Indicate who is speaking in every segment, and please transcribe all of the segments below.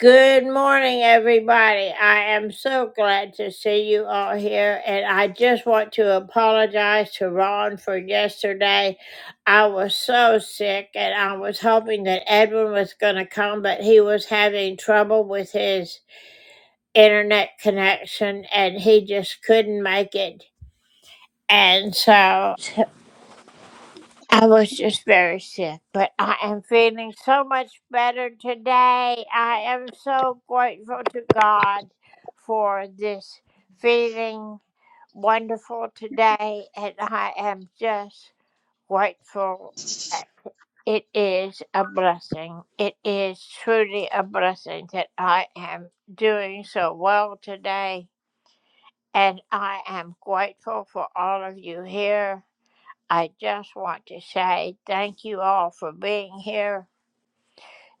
Speaker 1: Good morning, everybody. I am so glad to see you all here, and I just want to apologize to Ron for yesterday. I was so sick, and I was hoping that Edwin was going to come, but he was having trouble with his internet connection, and he just couldn't make it. And so I was just very sick, but I am feeling so much better today. I am so grateful to God for this feeling wonderful today, and I am just grateful that it is a blessing. It is truly a blessing that I am doing so well today, and I am grateful for all of you here. I just want to say thank you all for being here.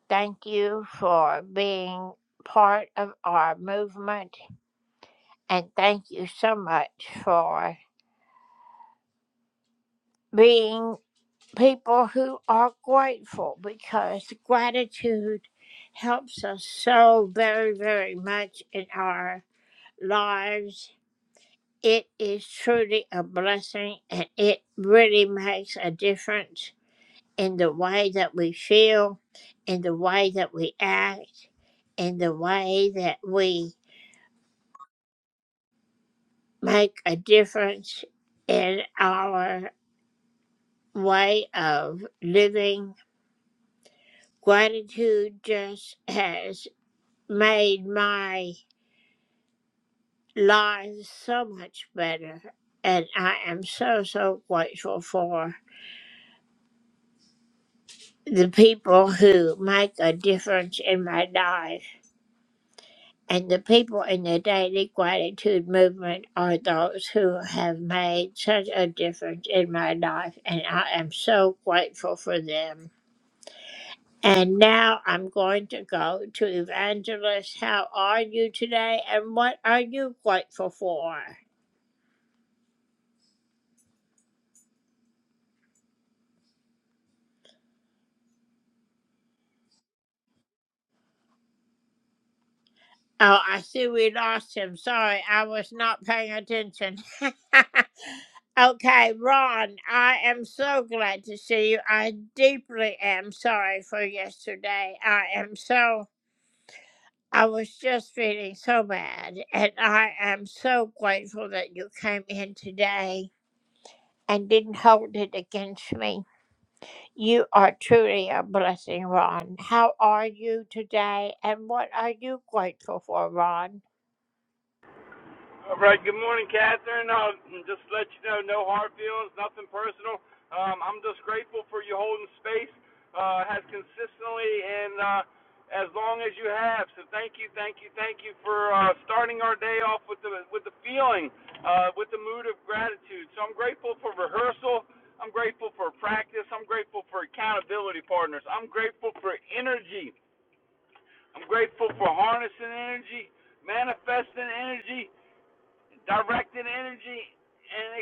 Speaker 1: Thank you for being part of our movement. And thank you so much for being people who are grateful because gratitude helps us so very, very much in our lives. It is truly a blessing and it really makes a difference. in the way that we feel, in the way that we act, in the way that we make a difference in our way of living. Gratitude just has made my life so much better, and I am so, so grateful for the people who make a difference in my life. And the people in the daily gratitude movement are those who have made such a difference in my life, and I am so grateful for them. And now I'm going to go to Evangelist. How are you today, and what are you grateful for? Oh, I see we lost him. Sorry, I was not paying attention. okay, Ron, I am so glad to see you. I deeply am sorry for yesterday. I am so, I was just feeling so bad, and I am so grateful that you came in today and didn't hold it against me. You are truly a blessing, Ron. How are you today, and what are you grateful for, Ron?
Speaker 2: All right. Good morning, Catherine. Uh, just let you know, no hard feelings, nothing personal. Um, I'm just grateful for you holding space, uh, has consistently and uh, as long as you have. So thank you, thank you, thank you for uh, starting our day off with the with the feeling, uh, with the mood of gratitude. So I'm grateful for rehearsal. I'm grateful for practice. I'm grateful for accountability partners. I'm grateful for energy. I'm grateful for harnessing energy, manifesting energy directing energy and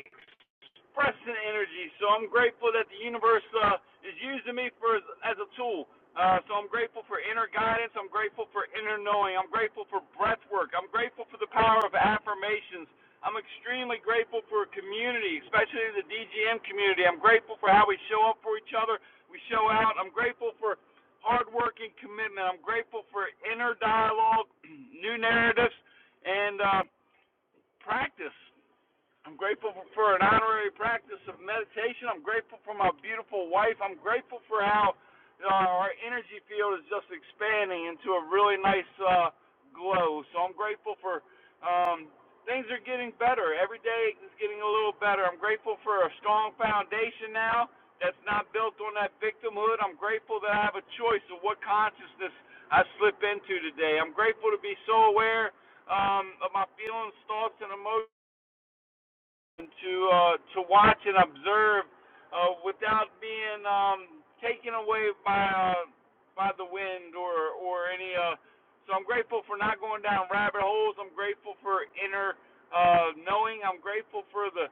Speaker 2: expressing energy. So I'm grateful that the universe uh, is using me for as a tool. Uh, so I'm grateful for inner guidance. I'm grateful for inner knowing. I'm grateful for breath work. I'm grateful for the power of affirmations. I'm extremely grateful for community, especially the DGM community. I'm grateful for how we show up for each other. We show out. I'm grateful for hard work and commitment. I'm grateful for inner dialogue, new narratives, and uh, practice. I'm grateful for, for an honorary practice of meditation. I'm grateful for my beautiful wife. I'm grateful for how uh, our energy field is just expanding into a really nice uh, glow. So I'm grateful for um, things are getting better. Every day it's getting a little better. I'm grateful for a strong foundation now that's not built on that victimhood. I'm grateful that I have a choice of what consciousness I slip into today. I'm grateful to be so aware um, of my feelings, thoughts, and emotions to uh, to watch and observe uh, without being um, taken away by uh, by the wind or or any. Uh, so I'm grateful for not going down rabbit holes. I'm grateful for inner uh, knowing. I'm grateful for the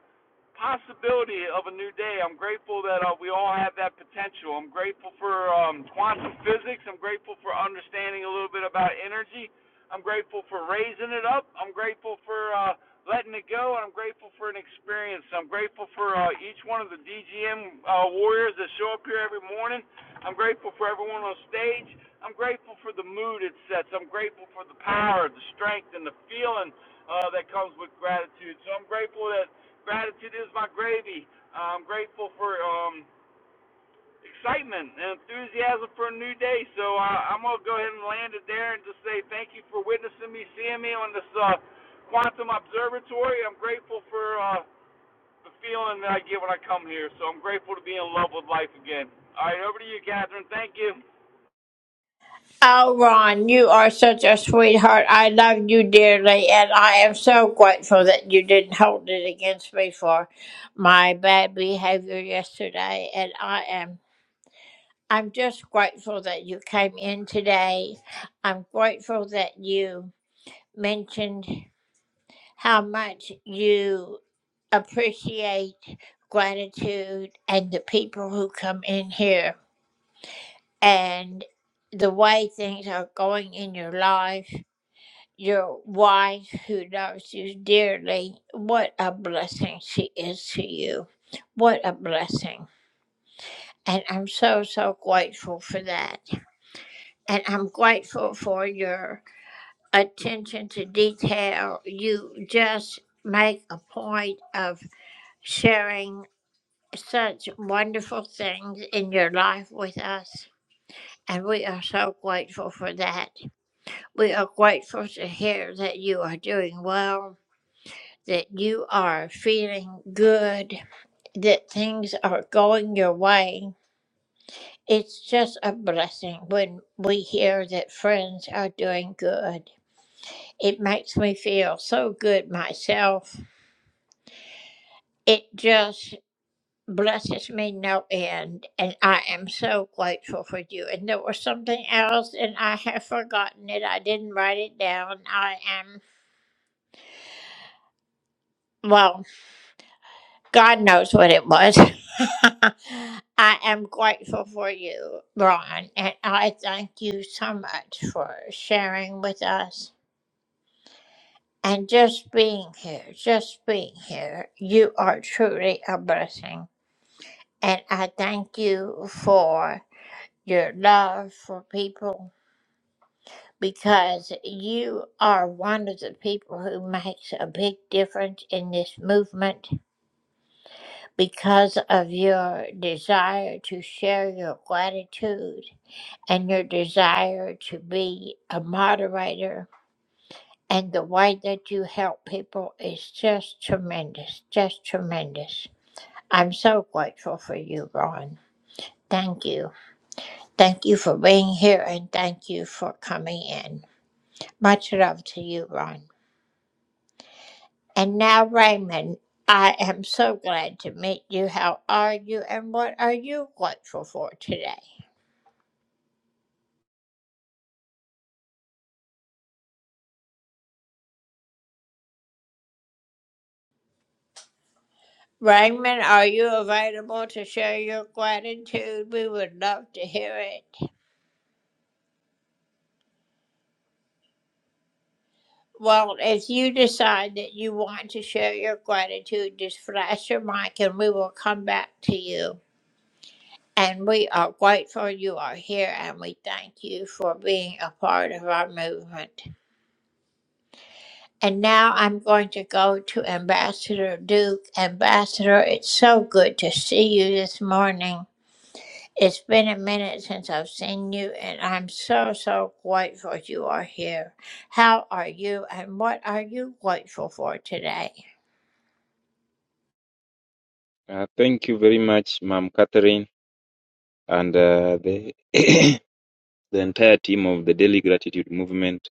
Speaker 2: possibility of a new day. I'm grateful that uh, we all have that potential. I'm grateful for um, quantum physics. I'm grateful for understanding a little bit about energy. I'm grateful for raising it up. I'm grateful for uh, letting it go, and I'm grateful for an experience. I'm grateful for uh, each one of the DGM uh, warriors that show up here every morning. I'm grateful for everyone on stage. I'm grateful for the mood it sets. I'm grateful for the power, the strength, and the feeling uh, that comes with gratitude. So I'm grateful that gratitude is my gravy. Uh, I'm grateful for um, excitement and enthusiasm for a new day. So uh, I'm gonna go ahead and land it there and just say thank you for witnessing me, seeing me on this uh, quantum observatory. I'm grateful for uh, the feeling that I get when I come here. So I'm grateful to be in love with life again. All right, over to you, Catherine. Thank you.
Speaker 1: Oh, Ron, you are such a sweetheart. I love you dearly, and I am so grateful that you didn't hold it against me for my bad behavior yesterday. And I am, I'm just grateful that you came in today. I'm grateful that you mentioned how much you appreciate gratitude and the people who come in here and the way things are going in your life your wife who loves you dearly. What a blessing she is to you. What a blessing. And I'm so, so grateful for that. And I'm grateful for your attention to detail. You just make a point of sharing such wonderful things in your life with us. And we are so grateful for that. We are grateful to hear that you are doing well that you are feeling good, that things are going your way. It's just a blessing when we hear that friends are doing good. It makes me feel so good myself. It just blesses me no end, and I am so grateful for you. And there was something else, and I have forgotten it. I didn't write it down. I am, well. God knows what it was. I am grateful for you, Ron, and I thank you so much for sharing with us and just being here, just being here. You are truly a blessing, and I thank you for your love for people because you are one of the people who makes a big difference in this movement because of your desire to share your gratitude and your desire to be a moderator. And the way that you help people is just tremendous, just tremendous. I'm so grateful for you, Ron. Thank you. Thank you for being here and thank you for coming in. Much love to you, Ron. And now, Raymond, I am so glad to meet you. How are you and what are you grateful for today? Raymond, are you available to share your gratitude? We would love to hear it. Well, if you decide that you want to share your gratitude, just flash your mic and we will come back to you. And we are grateful you are here and we thank you for being a part of our movement. And now I'm going to go to Ambassador Duke. Ambassador, it's so good to see you this morning. It's been a minute since I've seen you, and I'm so, so grateful you are here. How are you, and what are you grateful for today?
Speaker 3: Uh, thank you very much, Ma'am Catherine, and uh, the the entire team of the Daily Gratitude Movement.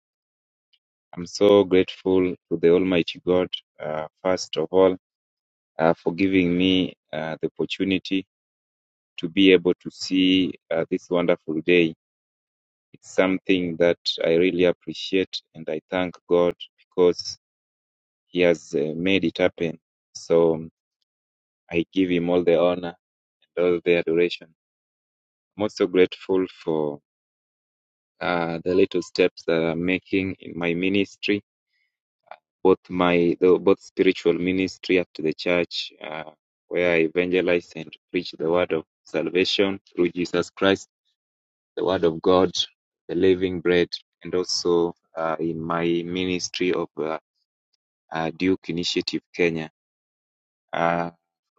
Speaker 3: I'm so grateful to the Almighty God, uh, first of all, uh, for giving me uh, the opportunity to be able to see uh, this wonderful day. It's something that I really appreciate, and I thank God because He has uh, made it happen. So I give Him all the honor and all the adoration. I'm also grateful for uh, the little steps that I'm making in my ministry, both my the, both spiritual ministry at the church, uh, where I evangelize and preach the word of salvation through Jesus Christ, the word of God, the living bread, and also uh, in my ministry of uh, uh, Duke Initiative Kenya. Uh,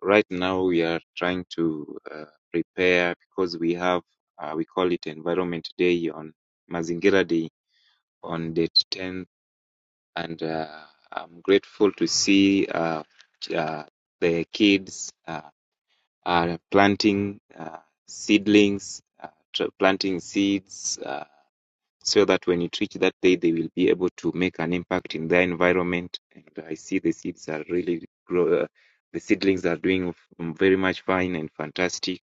Speaker 3: right now, we are trying to uh, prepare because we have uh, we call it Environment Day on Mazingira Day on date 10th and uh, I'm grateful to see uh, uh, the kids uh, are planting uh, seedlings, uh, tr- planting seeds, uh, so that when it reaches that day, they will be able to make an impact in their environment. And I see the seeds are really grow. Uh, the seedlings are doing f- very much fine and fantastic,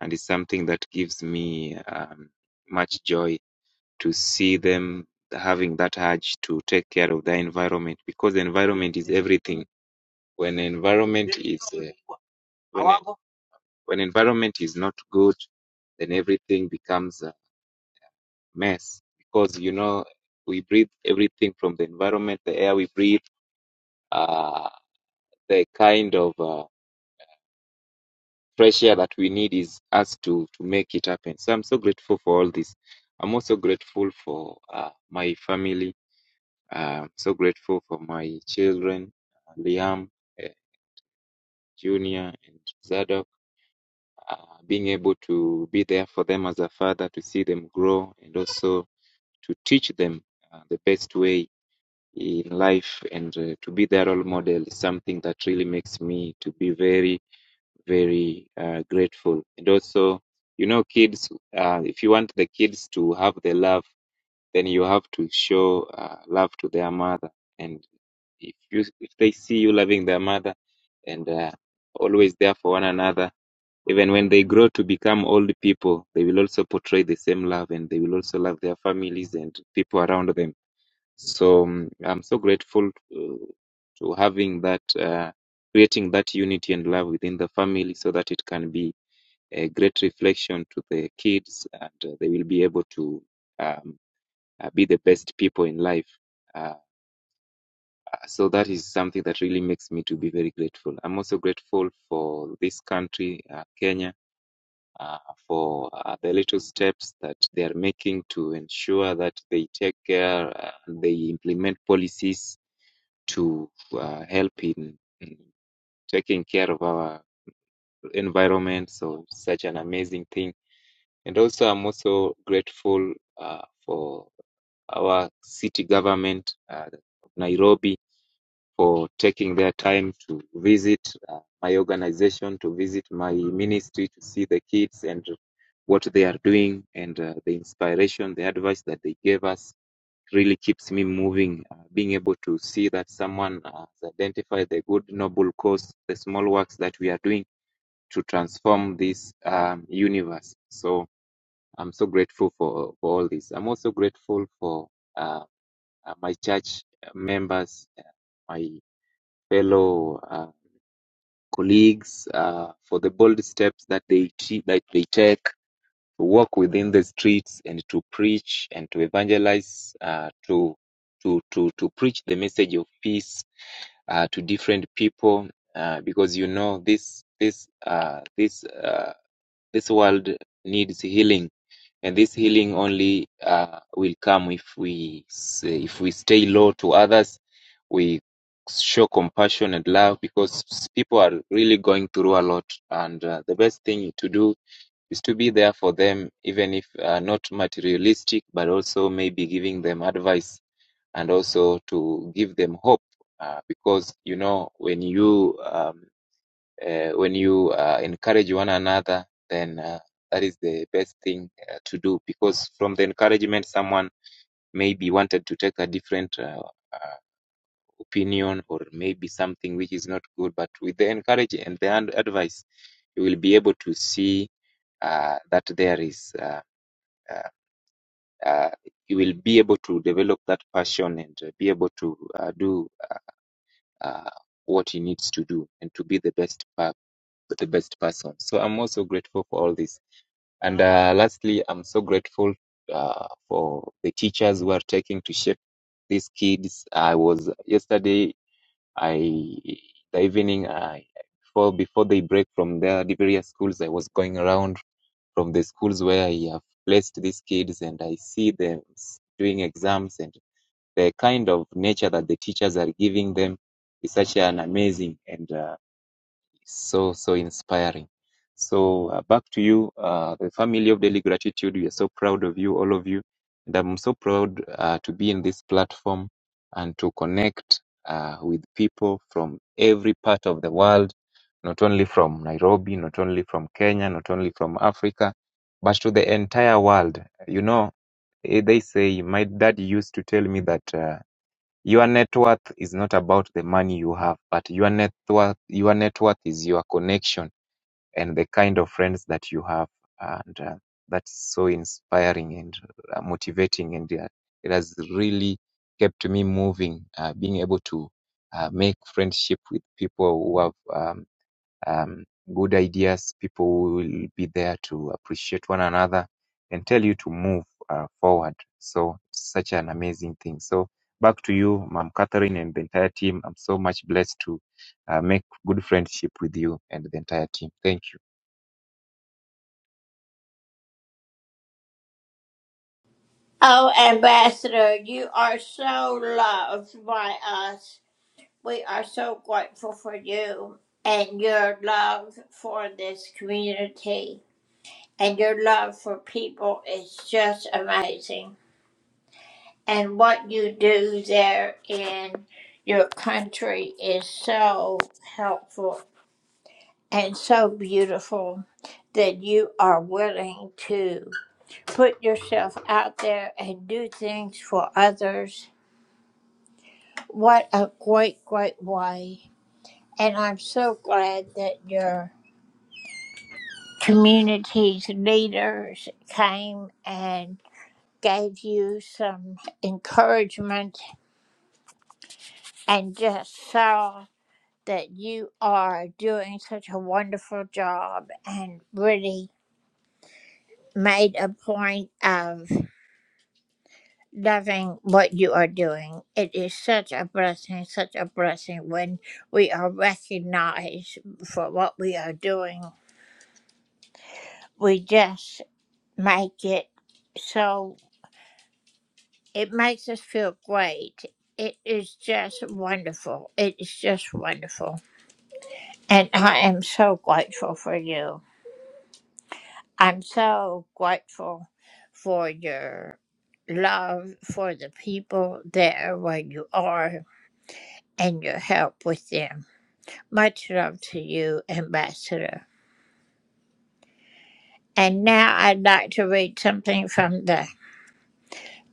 Speaker 3: and it's something that gives me um, much joy to see them having that urge to take care of their environment because the environment is everything. When environment is uh, when, when environment is not good, then everything becomes a mess because you know we breathe everything from the environment, the air we breathe, uh, the kind of uh, fresh air that we need is us to to make it happen. So I'm so grateful for all this. I'm also grateful for uh, my family Uh, I'm so grateful for my children, uh, Liam uh, Junior and Zadok, uh, being able to be there for them as a father, to see them grow, and also to teach them uh, the best way in life, and uh, to be their role model is something that really makes me to be very, very uh, grateful. And also, you know, kids, uh, if you want the kids to have the love then you have to show uh, love to their mother and if you if they see you loving their mother and uh, always there for one another even when they grow to become old people they will also portray the same love and they will also love their families and people around them so um, i'm so grateful to, to having that uh, creating that unity and love within the family so that it can be a great reflection to the kids and uh, they will be able to um, uh, be the best people in life. Uh, so that is something that really makes me to be very grateful. I'm also grateful for this country, uh, Kenya, uh, for uh, the little steps that they are making to ensure that they take care, uh, they implement policies to uh, help in, in taking care of our environment. So such an amazing thing. And also, I'm also grateful uh, for our city government, uh, Nairobi for taking their time to visit uh, my organization, to visit my ministry, to see the kids and what they are doing, and uh, the inspiration, the advice that they gave us really keeps me moving. Uh, being able to see that someone has identified the good, noble cause, the small works that we are doing to transform this um, universe. So I'm so grateful for, for all this. I'm also grateful for uh, uh, my church members, uh, my fellow. uh, colleagues uh, for the bold steps that they t- that they take to walk within the streets and to preach and to evangelize, uh, to to to to preach the message of peace uh, to different people, uh, because you know this this uh, this uh, this world needs healing and this healing only uh, will come if we s- if we stay low to others we show compassion and love because s- people are really going through a lot and uh, the best thing to do is to be there for them even if uh, not materialistic but also maybe giving them advice and also to give them hope uh, because you know when you um, uh, when you uh, encourage one another, then uh, that is the best thing uh, to do because from the encouragement, someone maybe wanted to take a different uh, uh, opinion or maybe something which is not good. But with the encouragement and the advice, you will be able to see uh, that there is. Uh, uh, uh, you will be able to develop that passion and uh, be able to uh, do uh, uh, what he needs to do and to be the best the best person. So I'm also grateful for all this. And uh, lastly, I'm so grateful uh, for the teachers who are taking to shape these kids. I was yesterday, I the evening, I before before they break from their various schools, I was going around from the schools where I have placed these kids, and I see them s- doing exams and the kind of nature that the teachers are giving them is such an amazing. and. uh, so so inspiring so uh, back to you uh, the family of daily gratitude we are so proud of you all of you and i'm so proud uh, to be in this platform and to connect uh, with people from every part of the world not only from nairobi not only from kenya not only from africa but to the entire world you know eh, they say my dad used to tell me that uh, your net worth is not about the money you have, but your net worth, your net worth is your connection and the kind of friends that you have. And uh, that's so inspiring and uh, motivating. And uh, it has really kept me moving, uh, being able to uh, make friendship with people who have um, um, good ideas. People will be there to appreciate one another and tell you to move uh, forward. So it's such an amazing thing. So back to you, Mom Catherine, and the entire team. I'm so much blessed to uh, make good friendship with you and the entire team. Thank you.
Speaker 1: Oh, Ambassador, you are so loved by us. We are so grateful for you and your love for this community, and your love for people is just amazing. And what you do there in your country is so helpful and so beautiful that you are willing to put yourself out there and do things for others. What a great, great way. And I'm so glad that your community's leaders came and gave you some encouragement and just saw that you are doing such a wonderful job and really made a point of loving what you are doing. It is such a blessing, such a blessing when we are recognized for what we are doing. We just make it so it makes us feel great. It is just wonderful. It is just wonderful. And I am so grateful for you. I'm so grateful for your love for the people there where you are and your help with them. Much love to you, Ambassador. And now I'd like to read something from the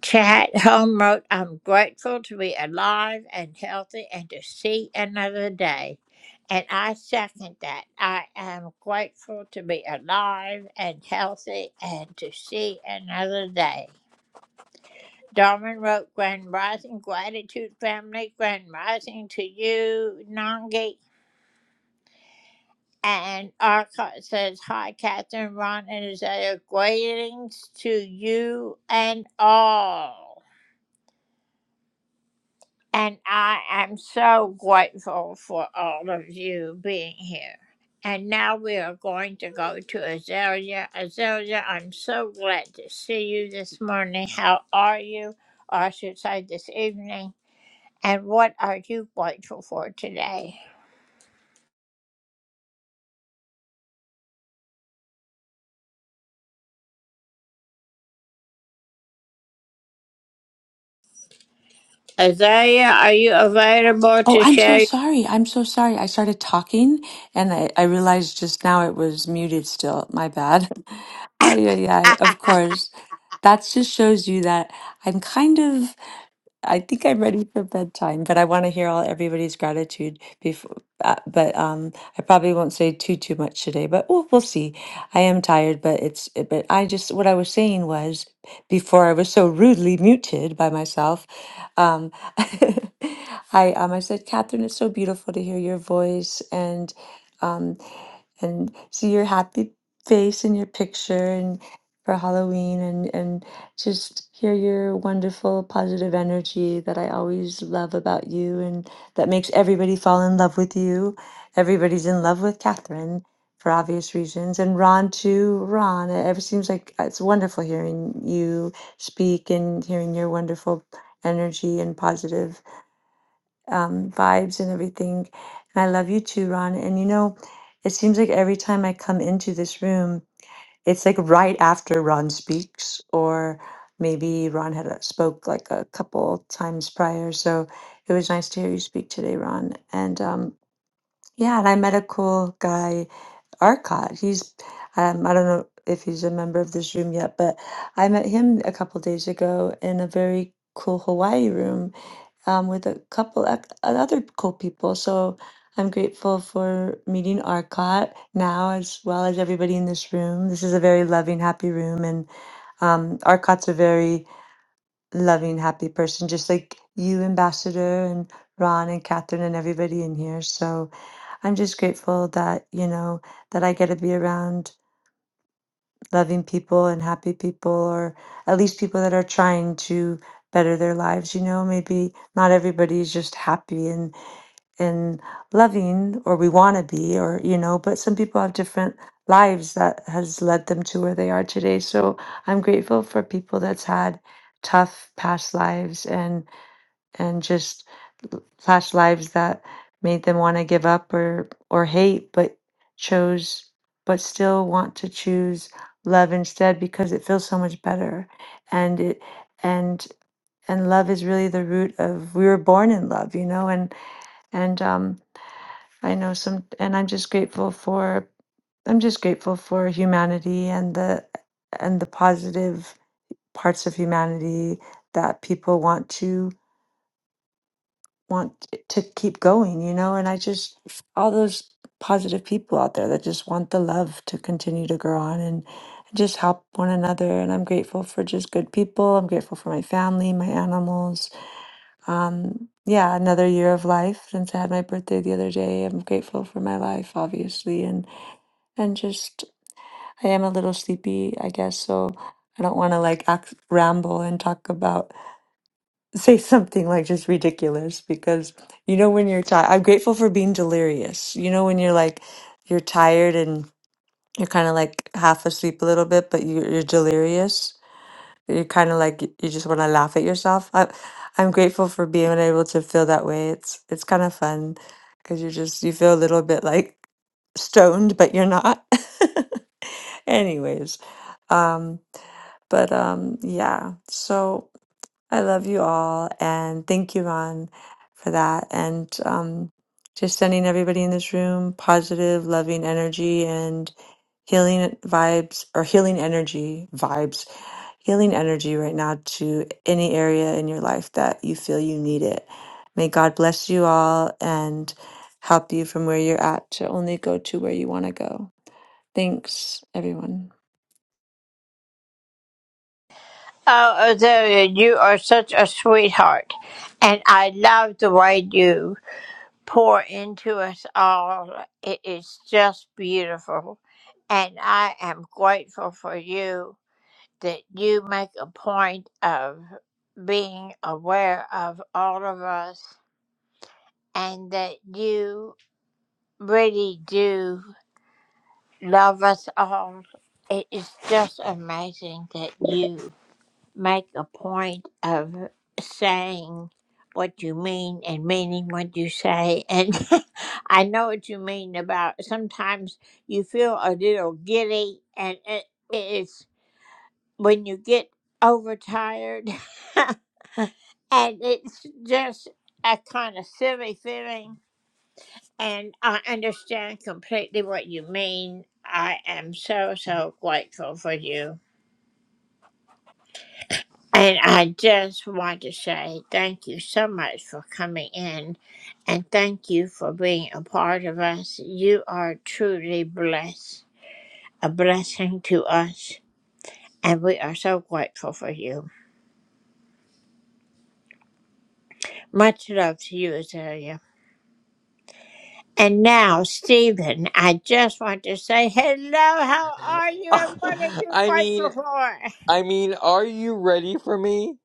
Speaker 1: chat. Home wrote, I'm grateful to be alive and healthy and to see another day. And I second that. I am grateful to be alive and healthy and to see another day. Darwin wrote, Grand Rising Gratitude Family, Grand Rising to you, Nangi. And Arcot says, Hi, Catherine, Ron, and Isaiah. Greetings to you and all. And I am so grateful for all of you being here. And now we are going to go to Azalea. Azalea, I'm so glad to see you this morning. How are you? Or I should say this evening. And what are you grateful for today? Azalea, are you available
Speaker 4: Oh,
Speaker 1: to
Speaker 4: I'm so
Speaker 1: share?
Speaker 4: sorry. I'm so sorry. I started talking and I, I realized just now it was muted still. My bad. Ay, ay, ay. Of course. That just shows you that I'm kind of. I think I'm ready for bedtime, but I want to hear all everybody's gratitude before. Uh, but um, I probably won't say too too much today, but we'll, we'll see. I am tired, but it's uh, but I just what I was saying was before I was so rudely muted by myself. Um, I um I said, Catherine, it's so beautiful to hear your voice and. um and see your happy face in your picture and for Halloween and and just hear your wonderful positive energy that I always love about you and that makes everybody fall in love with you. Everybody's in love with Catherine for obvious reasons and Ron too. Ron, it ever seems like uh, it's wonderful hearing you speak and hearing your wonderful energy and positive um, vibes and everything. And I love you too, Ron. And you know, it seems like every time I come into this room, it's like right after Ron speaks, or maybe Ron had a, spoke like a couple times prior. So it was nice to hear you speak today, Ron. And um, yeah, and I met a cool guy, Arcot. He's um, I don't know if he's a member of this room yet, but I met him a couple days ago in a very cool Hawaii room um, with a couple ec- other cool people. So I'm grateful for meeting Arcot now, as well as everybody in this room. This is a very loving, happy room, and um, Arcot's a very loving, happy person, just like you, Ambassador, and Ron and Catherine and everybody in here. So I'm just grateful that you know that I get to be around loving people and happy people, or at least people that are trying to better their lives. You know, maybe not everybody is just happy and and loving or we want to be or you know but some people have different lives that has led them to where they are today so i'm grateful for people that's had tough past lives and and just l- past lives that made them want to give up or or hate but chose but still want to choose love instead because it feels so much better and it and and love is really the root of we were born in love you know and and um I know some, and I'm just grateful for I'm just grateful for humanity and the and the positive parts of humanity that people want to want to keep going, you know, and I just all those positive people out there that just want the love to continue to grow on and just help one another and I'm grateful for just good people. I'm grateful for my family, my animals. Um yeah, another year of life since I had my birthday the other day. I'm grateful for my life obviously and just I am a little sleepy, I guess, so I don't want to like act, ramble and talk about say something like just ridiculous because you know when you're tired, I'm grateful for being delirious. You know when you're like you're tired and you're kind of like half asleep a little bit, but you, you're delirious. You're kind of like you just want to laugh at yourself. I, I'm grateful for being able to feel that way. It's it's kind of fun because you're just you feel a little bit like stoned, but you're not. Anyways, um, but um, yeah, so I love you all and thank you, Ron, for that. And um, just sending everybody in this room positive, loving energy and healing vibes or healing energy vibes, healing energy right now to any area in your life that you feel you need it. May God bless you all and help you from where you're at to only go to where you want to go. Thanks, everyone.
Speaker 1: Oh, Azalea, you are such a sweetheart. And I love the way you pour into us all. It is just beautiful. And I am grateful for you that you make a point of being aware of all of us and that you really do love us all. It is just amazing that you make a point of saying what you mean and meaning what you say. And I know what you mean about sometimes you feel a little giddy, and it, it's when you get overtired, and it's just a kind of silly feeling. And I understand completely what you mean. I am so, so grateful for you. And I just want to say thank you so much for coming in and thank you for being a part of us. You are truly blessed, a blessing to us, and we are so grateful for you. Much love to you, Azalea. And now, Stephen, I just want to say hello. How are you and what are you
Speaker 5: I mean,
Speaker 1: grateful for?
Speaker 5: I mean, are you ready for me?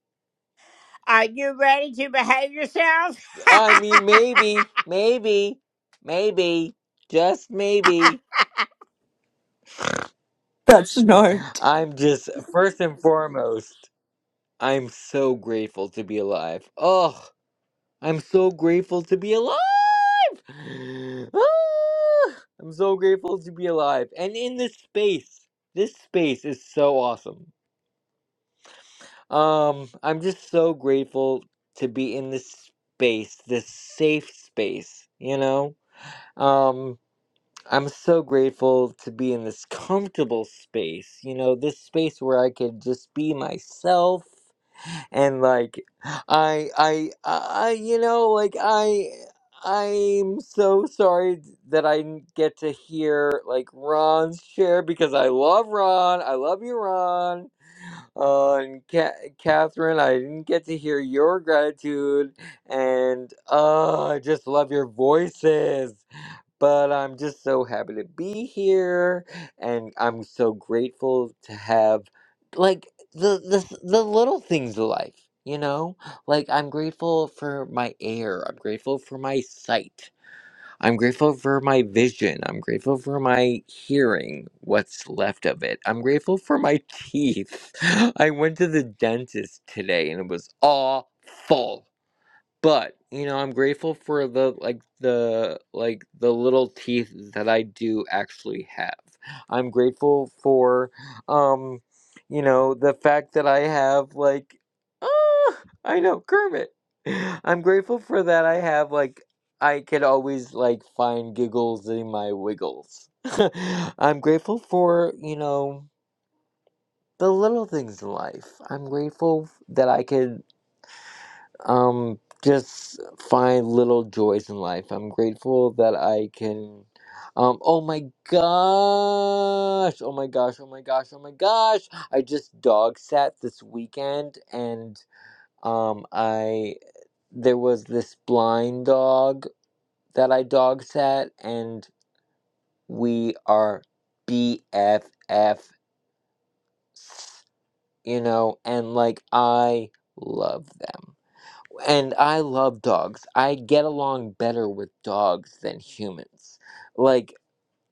Speaker 1: Are you ready to behave yourself?
Speaker 5: I mean, maybe, maybe, maybe, just maybe.
Speaker 4: That's not.
Speaker 5: I'm just, first and foremost, I'm so grateful to be alive. Oh, I'm so grateful to be alive. Ah, I'm so grateful to be alive. And in this space, this space is so awesome. Um, I'm just so grateful to be in this space, this safe space, you know? Um, I'm so grateful to be in this comfortable space, you know, this space where I could just be myself and like I I I you know like I I'm so sorry that I didn't get to hear like Ron's share because I love Ron. I love you, Ron. Uh, and Ca- Catherine, I didn't get to hear your gratitude, and uh, I just love your voices but I'm just so happy to be here, and I'm so grateful to have like the the s- the little things of life, you know. Like I'm grateful for my air. I'm grateful for my sight. I'm grateful for my vision. I'm grateful for my hearing, what's left of it. I'm grateful for my teeth. I went to the dentist today, and it was awful. But, you know, I'm grateful for the like the like the little teeth that I do actually have. I'm grateful for um you know, the fact that I have like ah, I know Kermit. I'm grateful for that I have like I could always like find giggles in my wiggles. I'm grateful for, you know, the little things in life. I'm grateful that I could um just find little joys in life i'm grateful that i can um oh my gosh oh my gosh oh my gosh oh my gosh i just dog sat this weekend and um i there was this blind dog that i dog sat and we are bff you know and like i love them And I love dogs. I get along better with dogs than humans. Like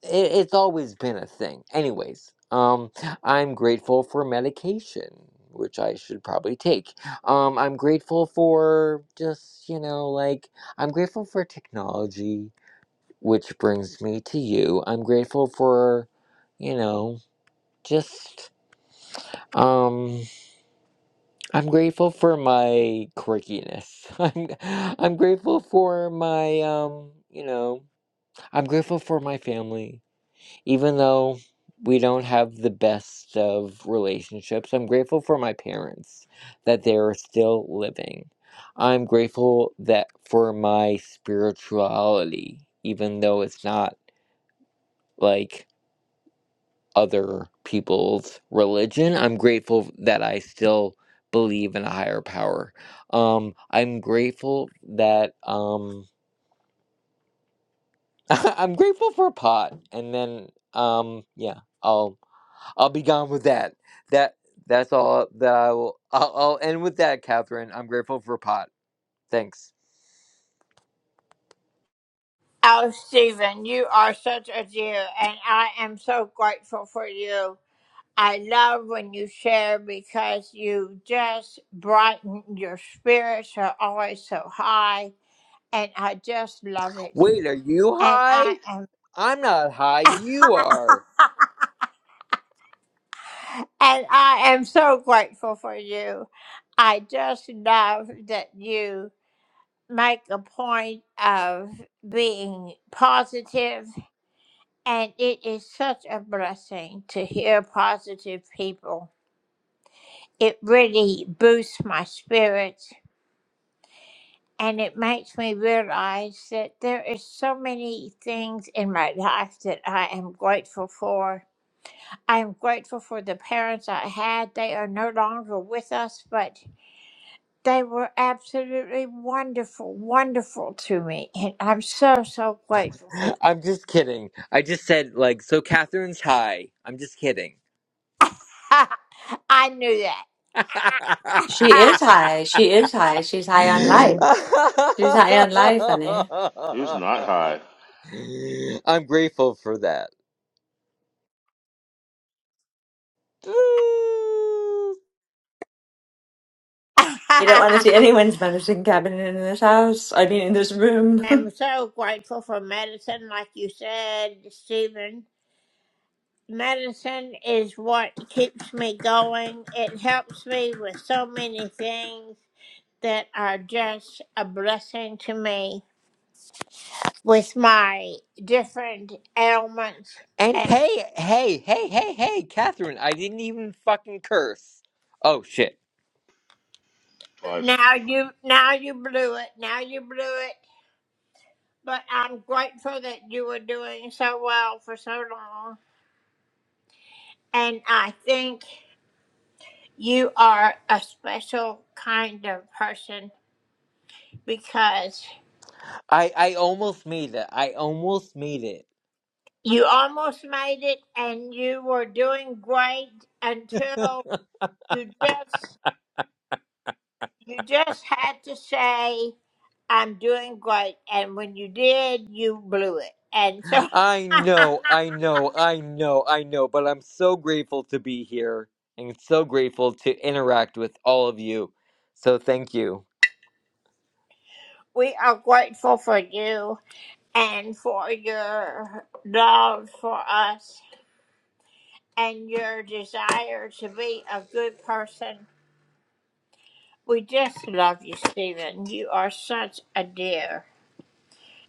Speaker 5: it, it's always been a thing. Anyways, um, I'm grateful for medication, which I should probably take. Um, I'm grateful for just you know like I'm grateful for technology, which brings me to you. I'm grateful for, you know, just um. I'm grateful for my quirkiness. I'm I'm grateful for my um, you know, I'm grateful for my family. Even though we don't have the best of relationships, I'm grateful for my parents that they are still living. I'm grateful that for my spirituality, even though it's not like other people's religion. I'm grateful that I still believe in a higher power. Um, I'm grateful that um, I'm grateful for a pot, and then um, yeah, I'll I'll be gone with that. That that's all that I will. I'll, I'll end with that, Catherine. I'm grateful for a pot. Thanks.
Speaker 1: Oh, Stephen, you are such a dear, and I am so grateful for you. I love when you share because you just brighten your spirits are always so high, and I just love it.
Speaker 5: Wait, are you
Speaker 1: And
Speaker 5: high?
Speaker 1: I am,
Speaker 5: I'm not high. You are.
Speaker 1: and I am so grateful for you. I just love that you make a point of being positive And it is such a blessing to hear positive people. It really boosts my spirits and it makes me realize that there is so many things in my life that I am grateful for. I am grateful for the parents I had. They are no longer with us, but they were absolutely wonderful, wonderful to me. And I'm so, so grateful for them.
Speaker 5: I'm just kidding. I just said like so. Catherine's high. I'm just kidding.
Speaker 1: I knew
Speaker 4: She
Speaker 1: that.
Speaker 4: is high. She is high. She's high on life. She's high on life, honey.
Speaker 6: Who's not high?
Speaker 5: I'm grateful for that.
Speaker 4: You don't want to see anyone's medicine cabinet in this house. I mean, in this
Speaker 1: I'm
Speaker 4: room.
Speaker 1: so grateful for medicine, like you said, Stephen. Medicine is what keeps me going. It helps me with so many things that are just a blessing to me with my different ailments.
Speaker 5: And
Speaker 1: And
Speaker 5: hey, hey, hey, hey, hey, Catherine, I didn't even fucking curse. Oh shit.
Speaker 6: Twice.
Speaker 1: now you, now you blew it. Now you blew it. But I'm grateful that you were doing so well for so long. And I think you are a special kind of person because
Speaker 5: I I almost made it. I almost made it.
Speaker 1: you almost made it and you were doing great until you just you just had to say i'm doing great and when you did you blew it and so
Speaker 5: I know, I know, I know, I know, but I'm so grateful to be here and so grateful to interact with all of you. So thank you.
Speaker 1: we are grateful for you and for your love for us and your desire to be a good person we just love you stephen you are such a dear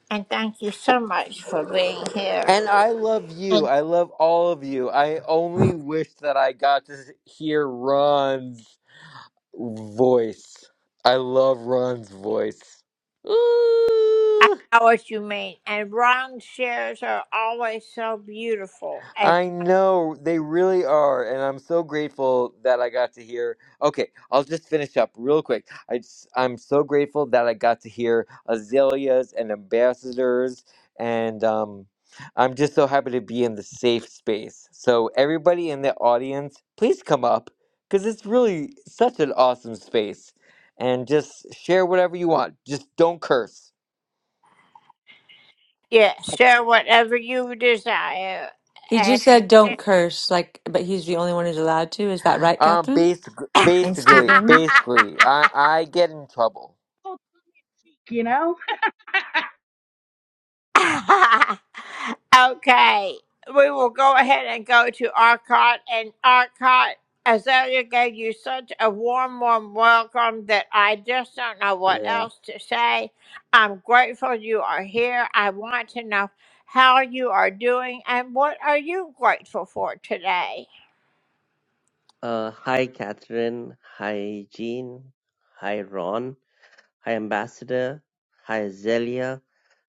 Speaker 1: And thank you so much for being here.
Speaker 5: And I love you.
Speaker 1: And
Speaker 5: I love all of you. I only wish that I got to hear Ron's voice. I love Ron's voice.
Speaker 1: I
Speaker 5: Ooh.
Speaker 1: know what you mean. And round shares are always so beautiful. And
Speaker 5: I know they really are, and I'm so grateful that I got to hear. Okay, I'll just finish up real quick. I just, I'm so grateful that I got to hear azaleas and ambassadors, and um, I'm just so happy to be in the safe space. So everybody in the audience, please come up because it's really such an awesome space, and just share whatever you want. Just don't curse.
Speaker 1: yeah, share whatever you desire.
Speaker 4: he
Speaker 1: And
Speaker 4: just said, "Don't curse." Like, but he's the only one who's allowed to. Is that right,
Speaker 5: Um,
Speaker 4: Catherine
Speaker 5: basically,
Speaker 4: and
Speaker 5: basically,
Speaker 4: Stephen?
Speaker 5: basically, I I get in trouble.
Speaker 7: Oh, you know,
Speaker 1: okay, we will go ahead and go to Arcot. And Arcot, Azalea gave you such a warm, warm welcome that I just don't know what
Speaker 8: Yeah.
Speaker 1: else to say. I'm grateful you are here. I want to know how you are doing and what are you grateful for today.
Speaker 8: Uh, hi, Catherine. Hi, Jean. Hi, Ron. Hi, Ambassador. Hi, Zelia.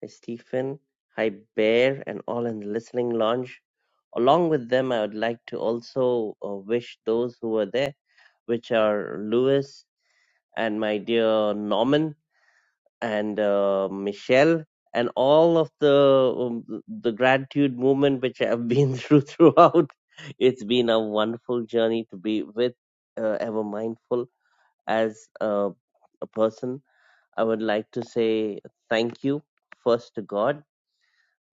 Speaker 8: Hi, Stephen. Hi, Bear, and all in the listening lounge. Along with them, I would like to also uh, wish those who were there, which are Lewis and my dear Norman. and uh, Michelle and all of the um, the gratitude movement which I've been through throughout. It's been a wonderful journey to be with uh, Ever Mindful as a, a person. I would like to say thank you first to God.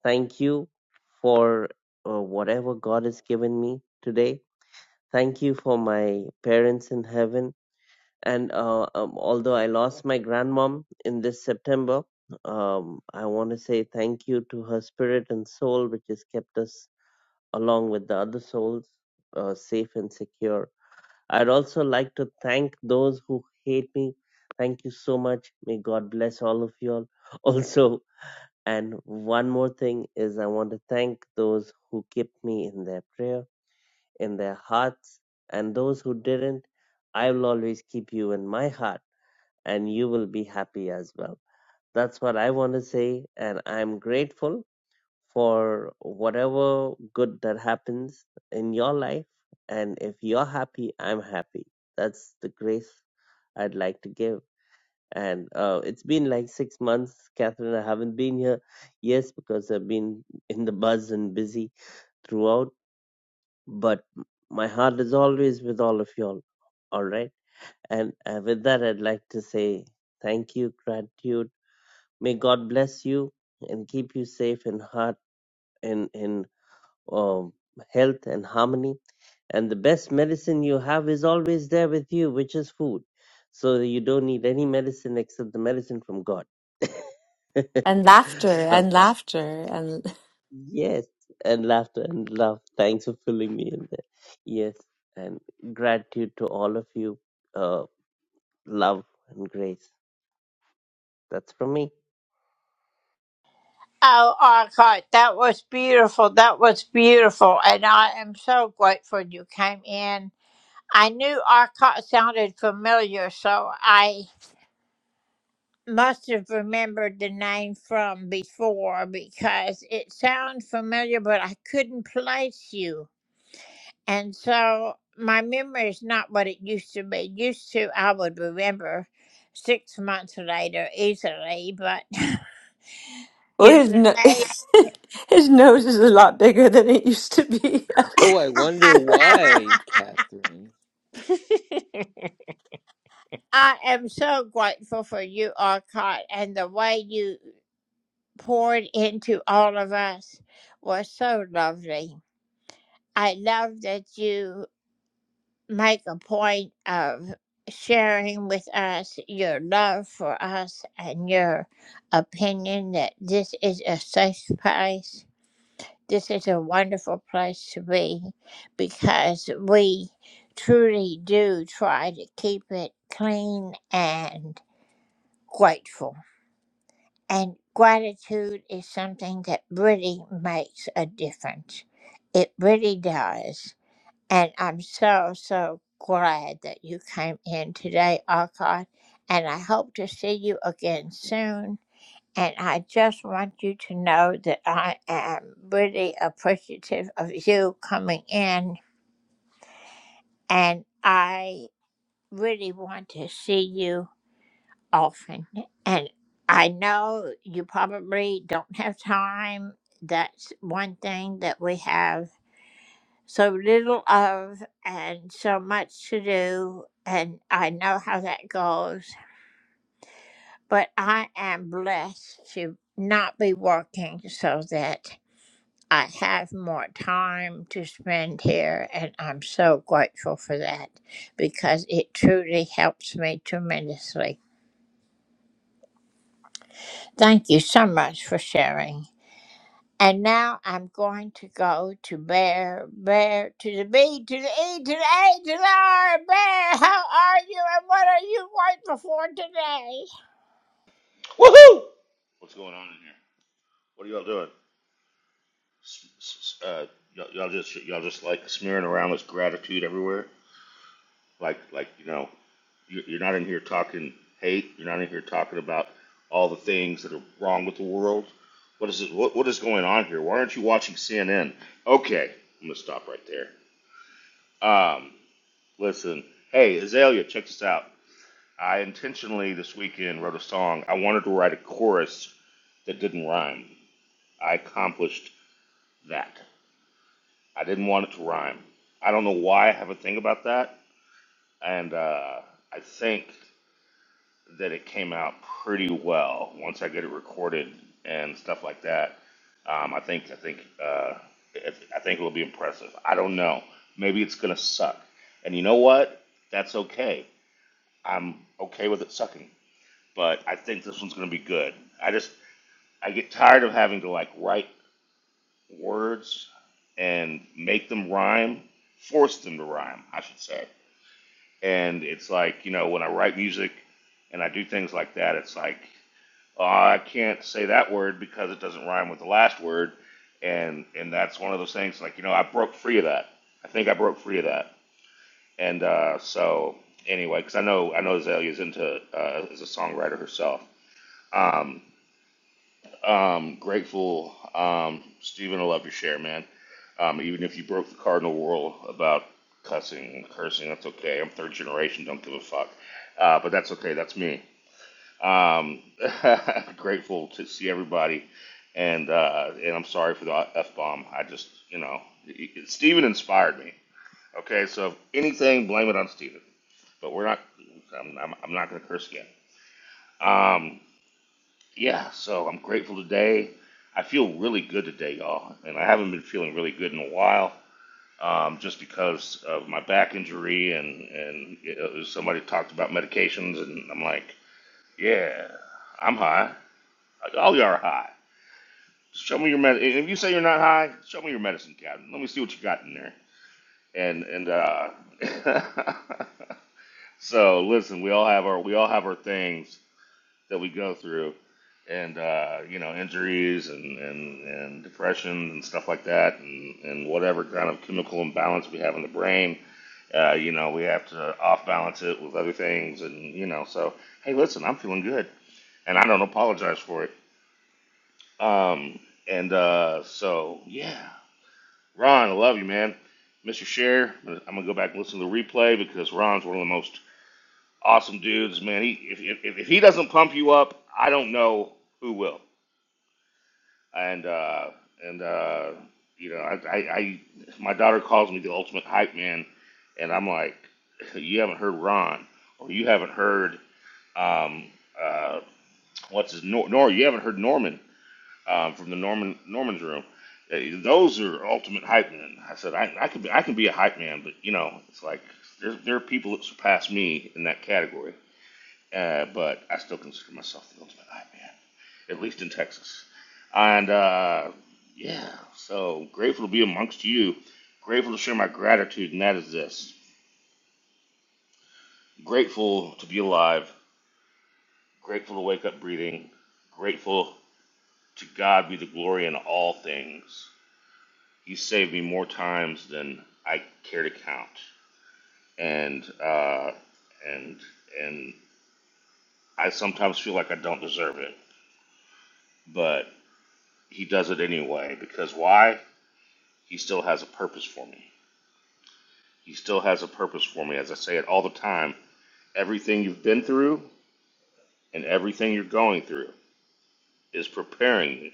Speaker 8: Thank you for uh, whatever God has given me today. Thank you for my parents in heaven and uh, um, although I lost my grandmom in this September, um, I want to say thank you to her spirit and soul, which has kept us along with the other souls uh, safe and secure. I'd also like to thank those who hate me. Thank you so much. May God bless all of you all. Also, and one more thing is I want to thank those who kept me in their prayer, in their hearts, and those who didn't. I will always keep you in my heart and you will be happy as well. That's what I want to say, and I'm grateful for whatever good that happens in your life. And if you're happy, I'm happy. That's the grace I'd like to give. And uh, it's been like six months, Catherine. I haven't been here. Yes, because I've been in the buzz and busy throughout. But my heart is always with all of y'all. All right. And uh, with that, I'd like to say thank you, gratitude May God bless you and keep you safe in heart and in um, health and harmony. And the best medicine you have is always there with you, which is food. So you don't need any medicine except the medicine from God.
Speaker 4: And laughter
Speaker 8: so
Speaker 4: and laughter and
Speaker 8: yes, and laughter and love. Thanks for filling me in there. Yes, and gratitude to all of you. Uh, love and grace. That's from me.
Speaker 1: Oh, Arcot, that was beautiful. That was beautiful. And I am so grateful you came in. I knew Arcot sounded familiar, so I must have remembered the name from before because it sounded familiar, but I couldn't place you. And so my memory is not what it used to be. Used to, I would remember six months later easily, but
Speaker 4: well,
Speaker 1: you know,
Speaker 4: his no-
Speaker 1: I,
Speaker 4: his nose is a lot bigger than it used to be.
Speaker 5: Oh, I wonder why, Catherine.
Speaker 1: I am so grateful for you, Arcot, and the way you. poured into all of us was so lovely. I love that you make a point of sharing with us your love for us and your opinion that this is a safe place. This is a wonderful place to be because we truly do try to keep it clean and grateful. And gratitude is something that really makes a difference. It really does. And I'm so, so glad that you came in today, Arcot. And I hope to see you again soon. And I just want you to know that I am really appreciative of you coming in. And I really want to see you often. And I know you probably don't have time. That's one thing that we have so little of and so much to do. And I know how that goes. But I am blessed to not be working so that I have more time to spend here. And I'm so grateful for that because it truly helps me tremendously. Thank you so much for sharing. And now I'm going to go to Bear, Bear, to the B, to the E, to the A, to the R. Bear, how are you and what are you grateful for today?
Speaker 6: Woohoo! What's going on in here? What are y'all doing? Uh, y'all, just y'all just like smearing around this gratitude everywhere. Like like you know you're not in here talking hate. You're not in here talking about all the things that are wrong with the world. What is it? What what is going on here? Why aren't you watching CNN? Okay, I'm gonna stop right there. Um, listen. Hey Azalea, check this out. I intentionally this weekend wrote a song. I wanted to write a chorus that didn't rhyme. I accomplished that. I didn't want it to rhyme. I don't know why I have a thing about that, and uh, I think that it came out pretty well once I get it recorded and stuff like that. Um, I think I think uh, it, I think it'll be impressive. I don't know. Maybe it's gonna suck, and you know what? That's okay. I'm okay with it sucking. but I think this one's going to be good. I just I get tired of having to like write words and make them rhyme, force them to rhyme, I should say. And it's like you know when I write music and I do things like that, it's like oh, I can't say that word because it doesn't rhyme with the last word, and and that's one of those things like you know I broke free of that. I think I broke free of that, and uh, so anyway, because I know I know Azalea's into uh, is a songwriter herself. Um, Um, grateful, um, Stephen. I love your share, man. Um, even if you broke the cardinal rule about cussing and cursing, that's okay. I'm third generation. Don't give a fuck. Uh, but that's okay. That's me. Um, grateful to see everybody, and uh, and I'm sorry for the f bomb. I just, you know, it, it- Stephen inspired me. Okay, so if anything, blame it on Stephen. But we're not. I'm, I'm, I'm not going to curse again. Um, yeah, so I'm grateful today. I feel really good today, y'all, and I haven't been feeling really good in a while, um, just because of my back injury and and you know, somebody talked about medications, and I'm like, yeah, I'm high. Like, all y'all are high. Show me your med. If you say you're not high, show me your medicine cabinet. Let me see what you got in there. And and uh, so listen, we all have our we all have our things that we go through, and uh, you know injuries and, and and depression and stuff like that, and and whatever kind of chemical imbalance we have in the brain. Uh, you know, we have to off balance it with other things, and you know, so hey, listen, I'm feeling good, and I don't apologize for it. Um, and uh, so yeah, Ron, I love you, man. Mr. Share, I'm gonna go back and listen to the replay because Ron's one of the most awesome dudes, man. He if if, if he doesn't pump you up, I don't know who will. and uh, and uh, you know, I, I, I my daughter calls me the ultimate hype man, and I'm like, you haven't heard Ron, or you haven't heard um, uh, what's his Nor, Nor you haven't heard Norman um, from the Norman Norman's room. Uh, Those are ultimate hype men. I said I, I could be, I can be a hype man, but you know, it's like there, there are people that surpass me in that category. Uh, but I still consider myself the ultimate hype man at least in Texas. And uh, yeah, so grateful to be amongst you. Grateful to share my gratitude, and that is this. Grateful to be alive. Grateful to wake up breathing. Grateful to God be the glory in all things. He saved me more times than I care to count. And uh, and and I sometimes feel like I don't deserve it, but He does it anyway because why? He still has a purpose for me. He still has a purpose for me. As I say it all the time, everything you've been through and everything you're going through is preparing you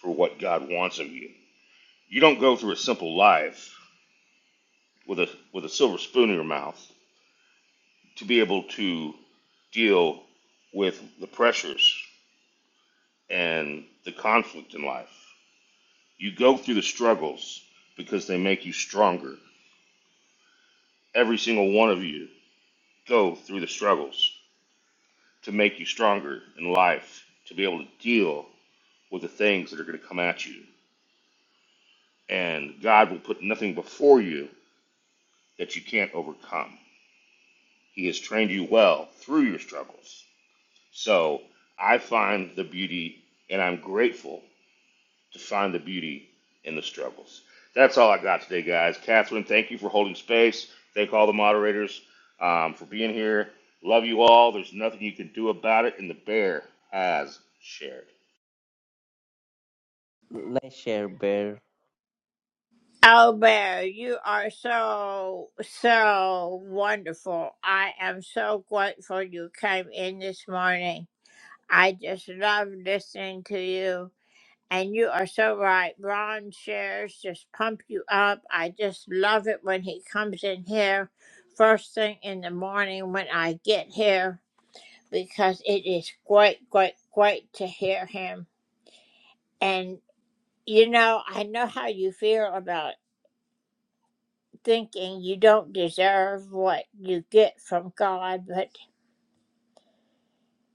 Speaker 6: for what God wants of you. You don't go through a simple life with a with a silver spoon in your mouth to be able to deal with the pressures and the conflict in life. You go through the struggles because they make you stronger. Every single one of you go through the struggles to make you stronger in life, to be able to deal with the things that are going to come at you. And God will put nothing before you that you can't overcome. He has trained you well through your struggles. So I find the beauty, and I'm grateful to find the beauty in the struggles. That's all I got today, guys. Catherine, thank you for holding space. Thank all the moderators um, for being here. Love you all. There's nothing you can do about it, and the bear has shared.
Speaker 8: Nice share, Bear.
Speaker 1: Oh, Bear, you are so, so wonderful. I am so grateful you came in this morning. I just love listening to you. And you are so right. Ron shares just pump you up. I just love it when he comes in here first thing in the morning when I get here because it is great, great, great to hear him. And you know, I know how you feel about thinking you don't deserve what you get from God, but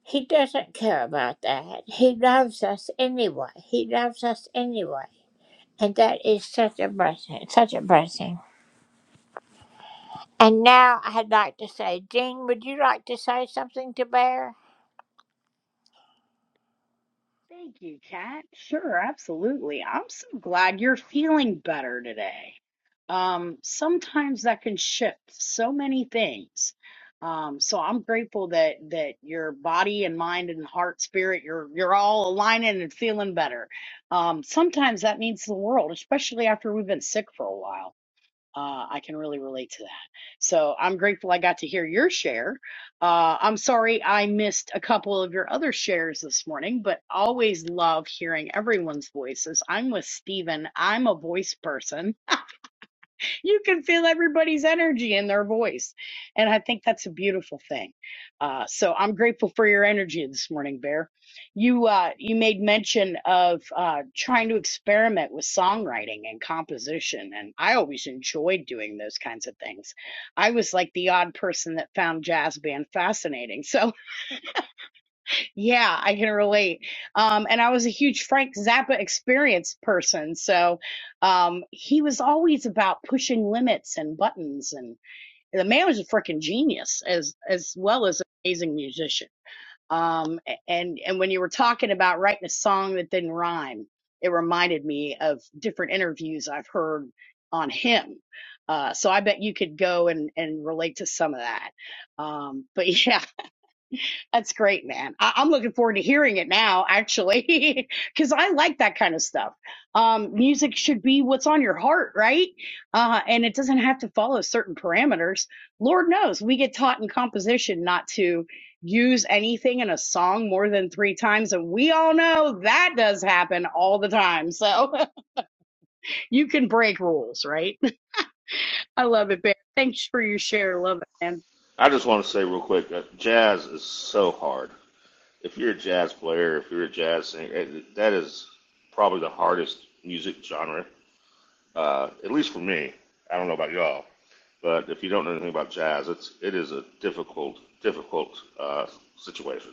Speaker 1: He doesn't care about that. He loves us anyway. He loves us anyway. And that is such a blessing, such a blessing. And now I'd like to say, Jean, would you like to say something to Bear?
Speaker 7: thank you, Kat. Sure, absolutely. I'm so glad you're feeling better today. Um, sometimes that can shift so many things. Um, so I'm grateful that that your body and mind and heart, spirit, you're you're all aligning and feeling better. Um, sometimes that means the world, especially after we've been sick for a while. uh, I can really relate to that. So I'm grateful I got to hear your share. Uh, I'm sorry I missed a couple of your other shares this morning, but always love hearing everyone's voices. I'm with Steven. I'm a voice person you can feel everybody's energy in their voice. And I think that's a beautiful thing. Uh, so I'm grateful for your energy this morning, Bear. You, uh, you made mention of, uh, trying to experiment with songwriting and composition. And I always enjoyed doing those kinds of things. I was like the odd person that found jazz band fascinating. So, yeah, I can relate. Um, and I was a huge Frank Zappa experience person. So um, he was always about pushing limits and buttons. And the man was a freaking genius as, as well as an amazing musician. Um, a- and, and when you were talking about writing a song that didn't rhyme, it reminded me of different interviews I've heard on him. Uh, so I bet you could go and, and relate to some of that. Um, but yeah, that's great, man. I- I'm looking forward to hearing it now, actually, because I like that kind of stuff. Um, music should be what's on your heart, right? Uh, and it doesn't have to follow certain parameters. Lord knows we get taught in composition not to use anything in a song more than three times. And we all know that does happen all the time. So you can break rules, right? I love it, Bear. Thanks for your share. Love it, man.
Speaker 6: I just want to say real quick, uh, jazz is so hard. if you're a jazz player, if you're a jazz singer, eh, that is probably the hardest music genre, uh, at least for me. I don't know about y'all, but if you don't know anything about jazz, it's it is a difficult, difficult uh, situation.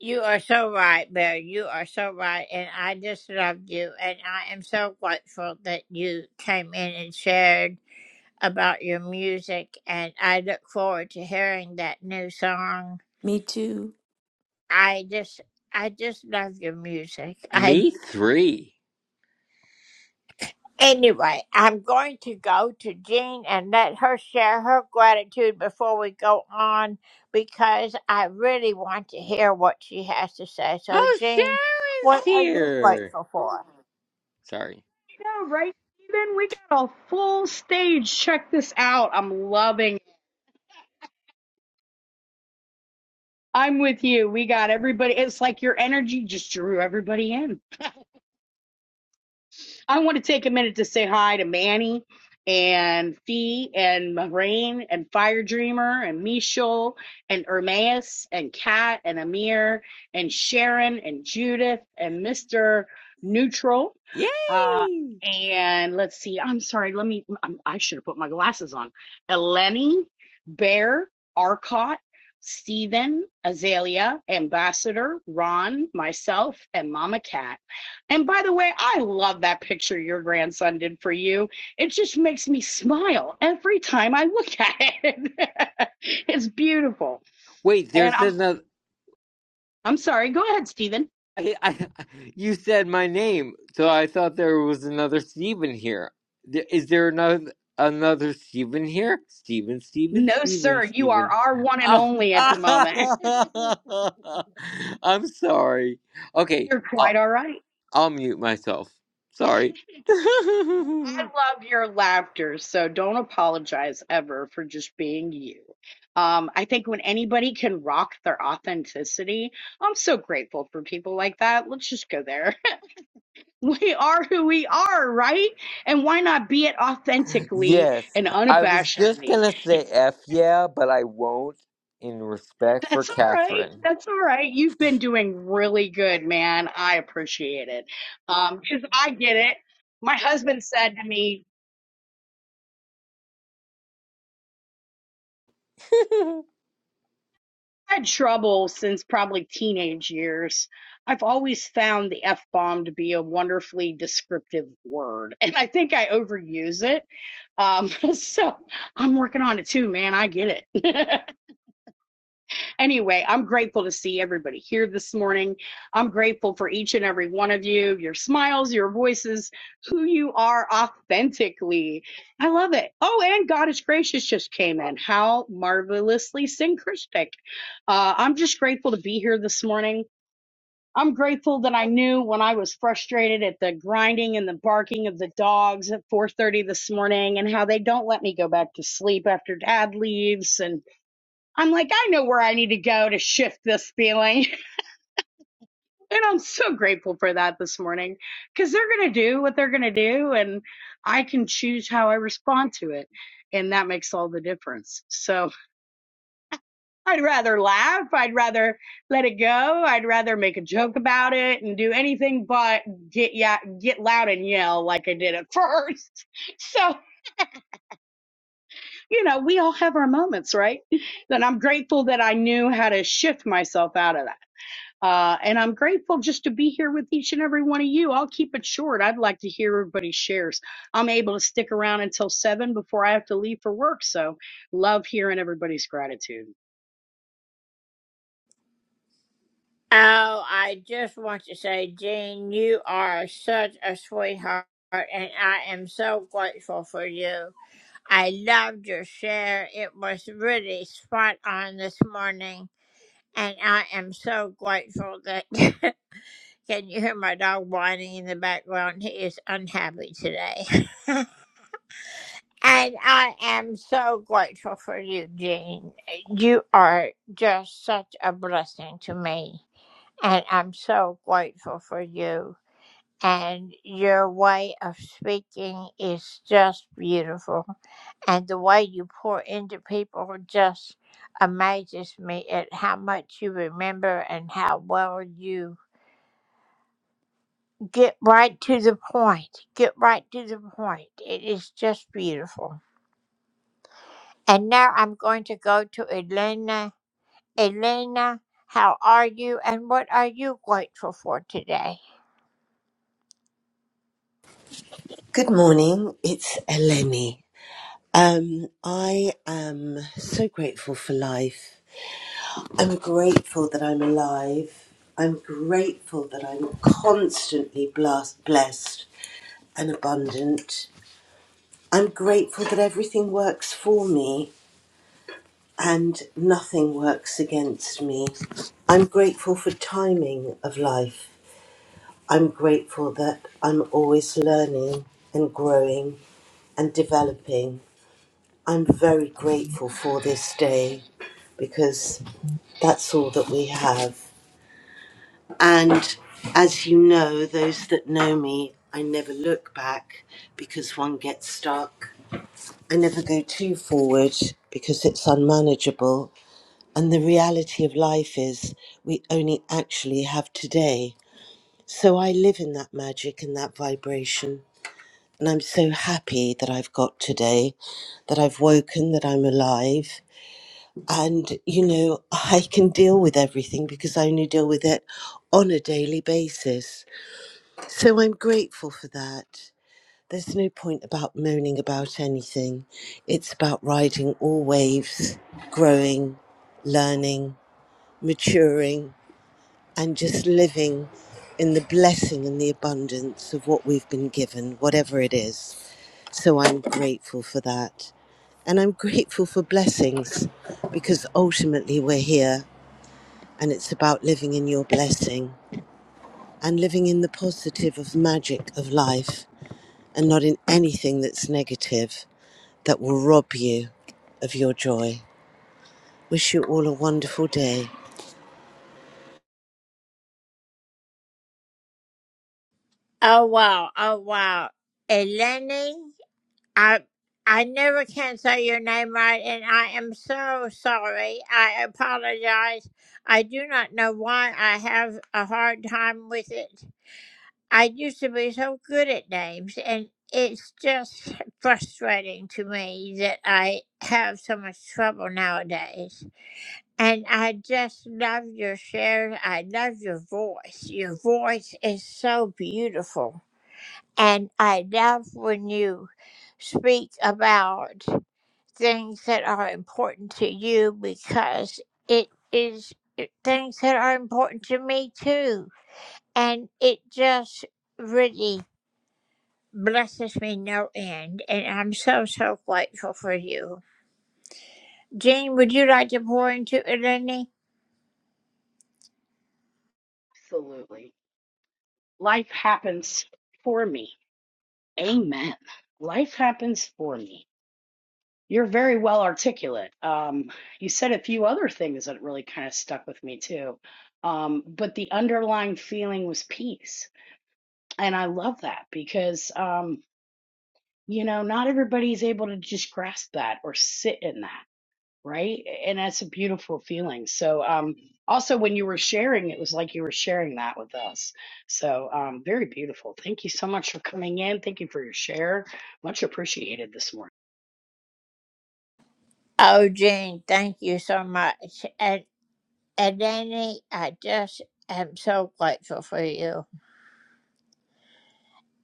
Speaker 1: You are so right, Bear. You are so right. And I just love you. And I am so grateful that you came in and shared about your music. And I look forward to hearing that new song.
Speaker 4: Me too.
Speaker 1: I just. I just love your music. I.
Speaker 5: Me three.
Speaker 1: Anyway, I'm going to go to Jean and let her share her gratitude before we go on because I really want to hear what she has to say. So,
Speaker 5: Oh,
Speaker 1: Jean,
Speaker 5: Sharon's
Speaker 1: what are you
Speaker 5: here.
Speaker 1: grateful for?
Speaker 5: Sorry.
Speaker 7: Yeah, right, Steven? We got a full stage. Check this out. I'm loving it. I'm with you. We got everybody. It's like your energy just drew everybody in. I want to take a minute to say hi to Manny and Fee and Moraine and Fire Dreamer and Michel and Ermaeus and Kat and Amir and Sharon and Judith and Mr. Neutral. Uh,
Speaker 5: Yay!
Speaker 7: and let's see, I'm sorry, let me, I'm, I should have put my glasses on. Eleni, Bear, Arcot, Stephen, Azalea, Ambassador, Ron, myself, and Mama Cat. And by the way, I love that picture your grandson did for you. It just makes me smile every time I look at it. it's beautiful.
Speaker 5: Wait,
Speaker 7: And
Speaker 5: there's
Speaker 7: I'm
Speaker 5: another.
Speaker 7: I'm sorry. Go ahead, Stephen.
Speaker 5: I, I, you said my name, so I thought there was another Steven here. Th- Is there another another Steven here? Steven, Steven,
Speaker 7: No,
Speaker 5: Steven,
Speaker 7: sir. You are
Speaker 5: Steven.
Speaker 7: our one and
Speaker 5: Oh,
Speaker 7: only at the moment.
Speaker 5: I'm sorry. Okay,
Speaker 7: You're quite
Speaker 5: I'll,
Speaker 7: all right.
Speaker 5: I'll mute myself. Sorry.
Speaker 7: I love your laughter, so don't apologize ever for just being you. Um, I think when anybody can rock their authenticity, I'm so grateful for people like that. Let's just go there. We are who we are, right? And why not be it authentically
Speaker 5: Yes,
Speaker 7: and
Speaker 5: I was just
Speaker 7: unabashedly?
Speaker 5: gonna say F yeah, but I won't in respect for
Speaker 7: That's all right.
Speaker 5: Catherine.
Speaker 7: That's all right. You've been doing really good, man. I appreciate it. Um, cause I get it. My husband said to me, I had trouble since probably teenage years. I've always found the F bomb to be a wonderfully descriptive word. And I think I overuse it. Um, so I'm working on it too, man. I get it. anyway, I'm grateful to see everybody here this morning. I'm grateful for each and every one of you, your smiles, your voices, who you are authentically. I love it. Oh, and God is gracious just came in. How marvelously synchristic. Uh, I'm just grateful to be here this morning. I'm grateful that I knew when I was frustrated at the grinding and the barking of the dogs at 4:30 this morning and how they don't let me go back to sleep after dad leaves and. I'm like, I know where I need to go to shift this feeling. And I'm so grateful for that this morning because they're going to do what they're going to do and I can choose how I respond to it. And that makes all the difference. So I'd rather laugh. I'd rather let it go. I'd rather make a joke about it and do anything but get, yeah, get loud and yell like I did at first. So, you know, we all have our moments, right? And I'm grateful that I knew how to shift myself out of that. Uh, and I'm grateful just to be here with each and every one of you. I'll keep it short. I'd like to hear everybody's shares. I'm able to stick around until seven before I have to leave for work. So love hearing everybody's gratitude.
Speaker 1: Oh, I just want to say, Jean, you are such a sweetheart, and I am so grateful for you. I loved your share. It was really spot on this morning, and I am so grateful that. Can you hear my dog whining in the background? He is unhappy today. and I am so grateful for you, Jean. You are just such a blessing to me. And I'm so grateful for you. And your way of speaking is just beautiful. And the way you pour into people just amazes me at how much you remember and how well you Get right to the point. Get right to the point. It is just beautiful. And now I'm going to go to Elena. Elena, how are you and what are you grateful for today?
Speaker 9: Good morning, it's Eleni. Um, I am so grateful for life. I'm grateful that I'm alive. I'm grateful that I'm constantly blast- blessed and abundant. I'm grateful that everything works for me and nothing works against me. I'm grateful for timing of life. I'm grateful that I'm always learning and growing and developing I'm very grateful for this day because that's all that we have. And as you know, those that know me, I never look back because one gets stuck. I never go too forward because it's unmanageable. And the reality of life is we only actually have today. So I live in that magic and that vibration. And I'm so happy that I've got today, that I've woken, that I'm alive, and you know i can deal with everything because i only deal with it on a daily basis so i'm grateful for that there's no point about moaning about anything it's about riding all waves growing learning maturing and just living in the blessing and the abundance of what we've been given whatever it is so i'm grateful for that and i'm grateful for blessings because ultimately we're here and it's about living in your blessing and living in the positive of magic of life and not in anything that's negative that will rob you of your joy. Wish you all a wonderful day.
Speaker 1: Oh wow, oh wow. Eleni, I I never can say your name right and I am so sorry. I apologize. I do not know why I have a hard time with it. I used to be so good at names, and it's just frustrating to me that I have so much trouble nowadays. And I just love your shares. I love your voice. Your voice is so beautiful. And I love when you speak about things that are important to you because it is things that are important to me too. And it just really blesses me no end, and I'm so, so grateful for you. Jean, would you like to pour into Eleni?
Speaker 7: Absolutely. Life happens for me. Amen. Life happens for me. You're very well articulate. Um, you said a few other things that really kind of stuck with me too. Um, but the underlying feeling was peace. And I love that because. Um, you know, not everybody's able to just grasp that or sit in that, right? And that's a beautiful feeling. So, um, also when you were sharing, it was like you were sharing that with us. So, um, very beautiful. Thank you so much for coming in. Thank you for your share. Much appreciated this morning.
Speaker 1: Oh, Jean, thank you so much. And Eleni, I just am so grateful for you.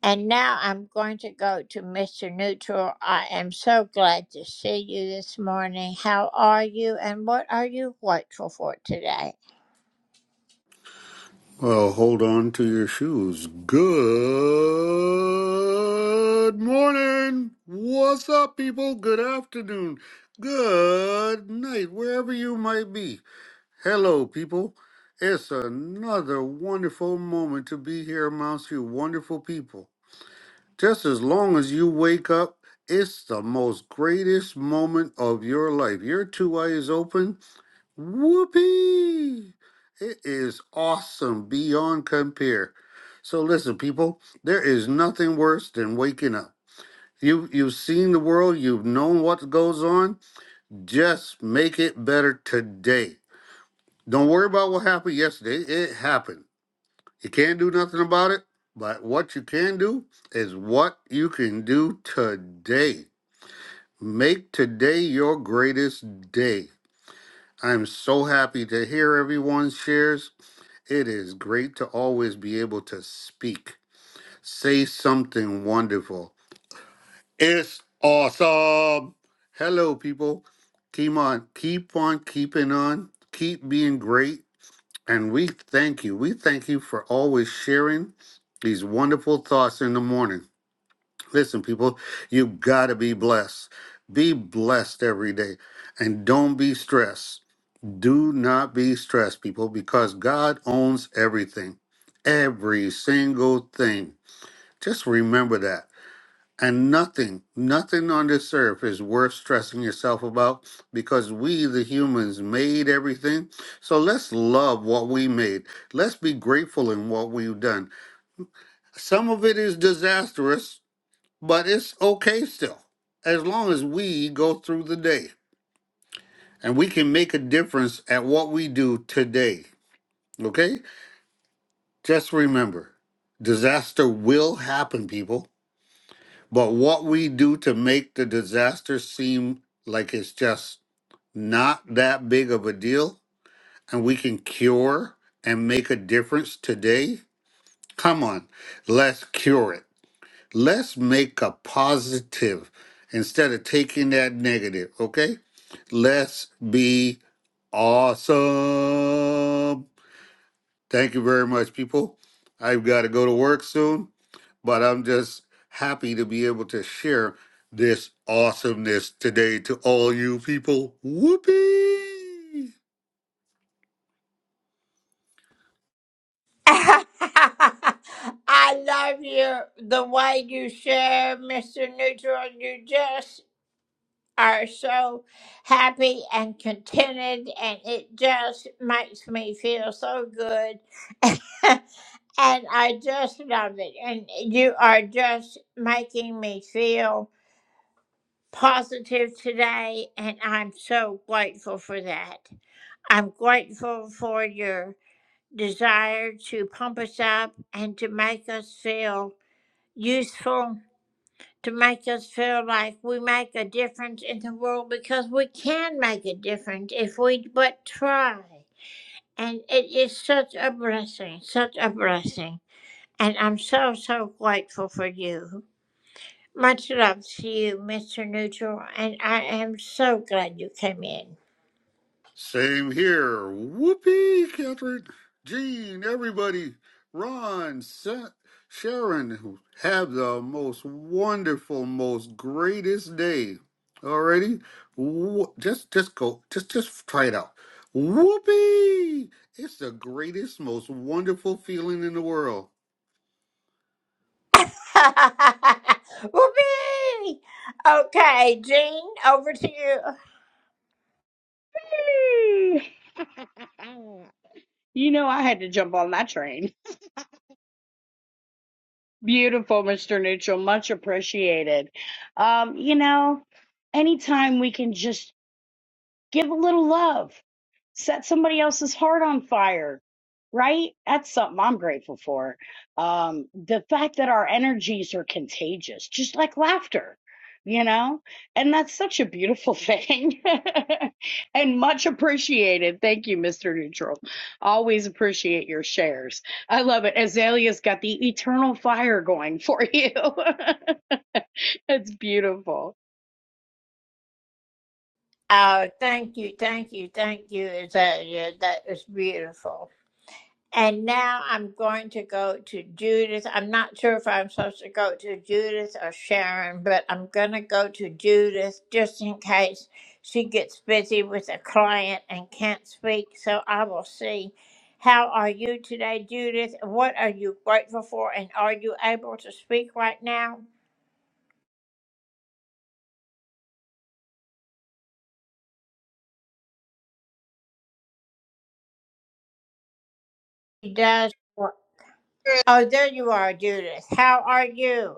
Speaker 1: And now I'm going to go to Mr. Neutral. I am so glad to see you this morning. How are you, and what are you grateful for today?
Speaker 10: Well, hold on to your shoes. Good morning. What's up, people? Good afternoon. Good night, wherever you might be. Hello, people. It's another wonderful moment to be here amongst you wonderful people. Just as long as you wake up, it's the most greatest moment of your life. Your two eyes open, Whoopee! It is awesome beyond compare. So listen, people, there is nothing worse than waking up. You you've seen the world, you've known what goes on. Just make it better today. Don't worry about what happened yesterday. It happened. You can't do nothing about it, but what you can do is what you can do today. Make today your greatest day. I'm so happy to hear everyone's shares. It is great to always be able to speak. Say something wonderful. It's awesome. Hello, people. Keep on, keep on keeping on. Keep being great. And we thank you. We thank you for always sharing these wonderful thoughts in the morning. Listen, people, you got to be blessed. Be blessed every day and don't be stressed. Do not be stressed, people, because God owns everything, every single thing. Just remember that. And nothing, nothing on this earth is worth stressing yourself about because we, the humans, made everything. So let's love what we made. Let's be grateful in what we've done. Some of it is disastrous, but it's okay still, as long as we go through the day and we can make a difference at what we do today. Okay? Just remember, disaster will happen, people. But what we do to make the disaster seem like it's just not that big of a deal and we can cure and make a difference today, come on, let's cure it. Let's make a positive instead of taking that negative, okay? Let's be awesome. Thank you very much, people. I've got to go to work soon. but I'm just happy to be able to share this awesomeness today to all you people. Whoopee!
Speaker 1: I love you the way you share, Mr. Neutral. You just are so happy and contented, and it just makes me feel so good. and I just love it. And you are just making me feel positive today, and I'm so grateful for that. I'm grateful for your desire to pump us up and to make us feel useful, to make us feel like we make a difference in the world because we can make a difference if we but try. And it is such a blessing, such a blessing. And I'm so, so grateful for you. Much love to you, Mr. Neutral, and I am so glad you came in.
Speaker 10: Same here. Whoopee, Catherine, Jean, everybody, Ron, Sa- Sharon, have the most wonderful, most greatest day. Already, just just go, just just try it out. Whoopee! It's the greatest, most wonderful feeling in the world.
Speaker 1: Whoopee! Okay, Jean, over to you.
Speaker 7: Woo! You know, I had to jump on that train. Beautiful, Mr. Neutral. Much appreciated. Um, you know, anytime we can just Give a little love. Set somebody else's heart on fire, right? That's something I'm grateful for. Um, the fact that our energies are contagious, just like laughter, you know? And that's such a beautiful thing and much appreciated. Thank you, Mr. Neutral. Always appreciate your shares. I love it. Azalea's got the eternal fire going for you. It's beautiful.
Speaker 1: Oh, thank you, thank you, thank you, Azalea. That was beautiful. And now I'm going to go to Judith. I'm not sure if I'm supposed to go to Judith or Sharon, but I'm going to go to Judith just in case she gets busy with a client and can't speak. So I will see. How are you today, Judith? What are you grateful for? And are you able to speak right now? She does.
Speaker 11: Good,
Speaker 1: Oh, there you are, Judith. How are you?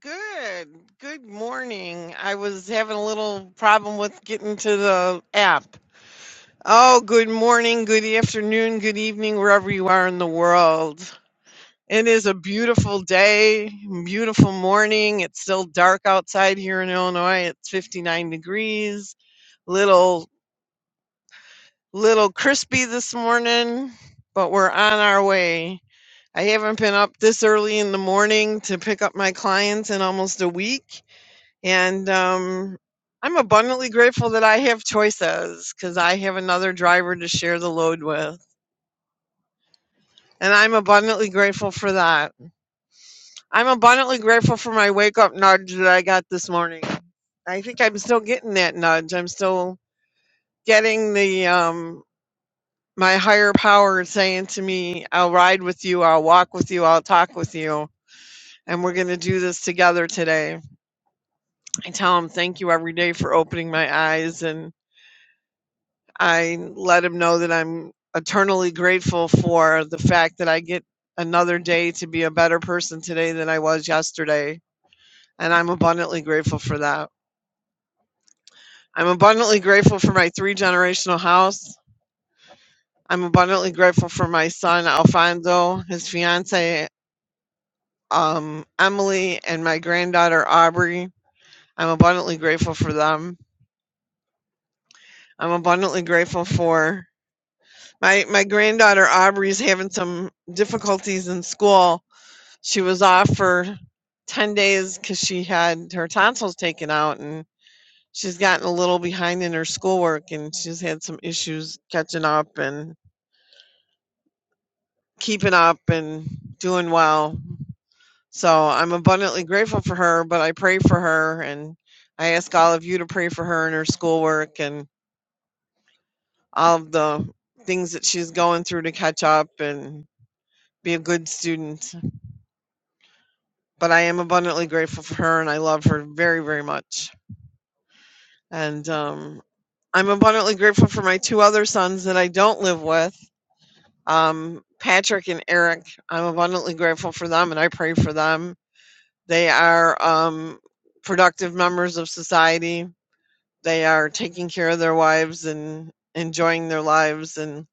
Speaker 11: good, good morning. I was having a little problem with getting to the app. Oh, good morning, good afternoon, good evening, wherever you are in the world. It is a beautiful day, beautiful morning. It's still dark outside here in Illinois. It's 59 degrees. Little little crispy this morning, but we're on our way. I haven't been up this early in the morning to pick up my clients in almost a week And um, I'm abundantly grateful that I have choices because I have another driver to share the load with. And I'm abundantly grateful for that. I'm abundantly grateful for my wake up nudge that I got this morning. I think I'm still getting that nudge. I'm still getting the um my higher power saying to me, I'll ride with you, I'll walk with you, I'll talk with you, and we're gonna do this together today. I tell him thank you every day for opening my eyes and I let him know that I'm eternally grateful for the fact that I get another day to be a better person today than I was yesterday. And I'm abundantly grateful for that. I'm abundantly grateful for my three generational house. I'm abundantly grateful for my son, Alfonso, his fiance, um, Emily, and my granddaughter, Aubrey. I'm abundantly grateful for them. I'm abundantly grateful for my, my granddaughter, Aubrey's having some difficulties in school she was off for 10 days because she had her tonsils taken out and she's gotten a little behind in her schoolwork and she's had some issues catching up and keeping up and doing well. So I'm abundantly grateful for her, but I pray for her and I ask all of you to pray for her and her schoolwork and all of the things that she's going through to catch up and be a good student. But I am abundantly grateful for her and I love her very, very much and um, I'm abundantly grateful for my two other sons that I don't live with, um, Patrick and Eric. I'm abundantly grateful for them and I pray for them. They are um, productive members of society. They are taking care of their wives and enjoying their lives and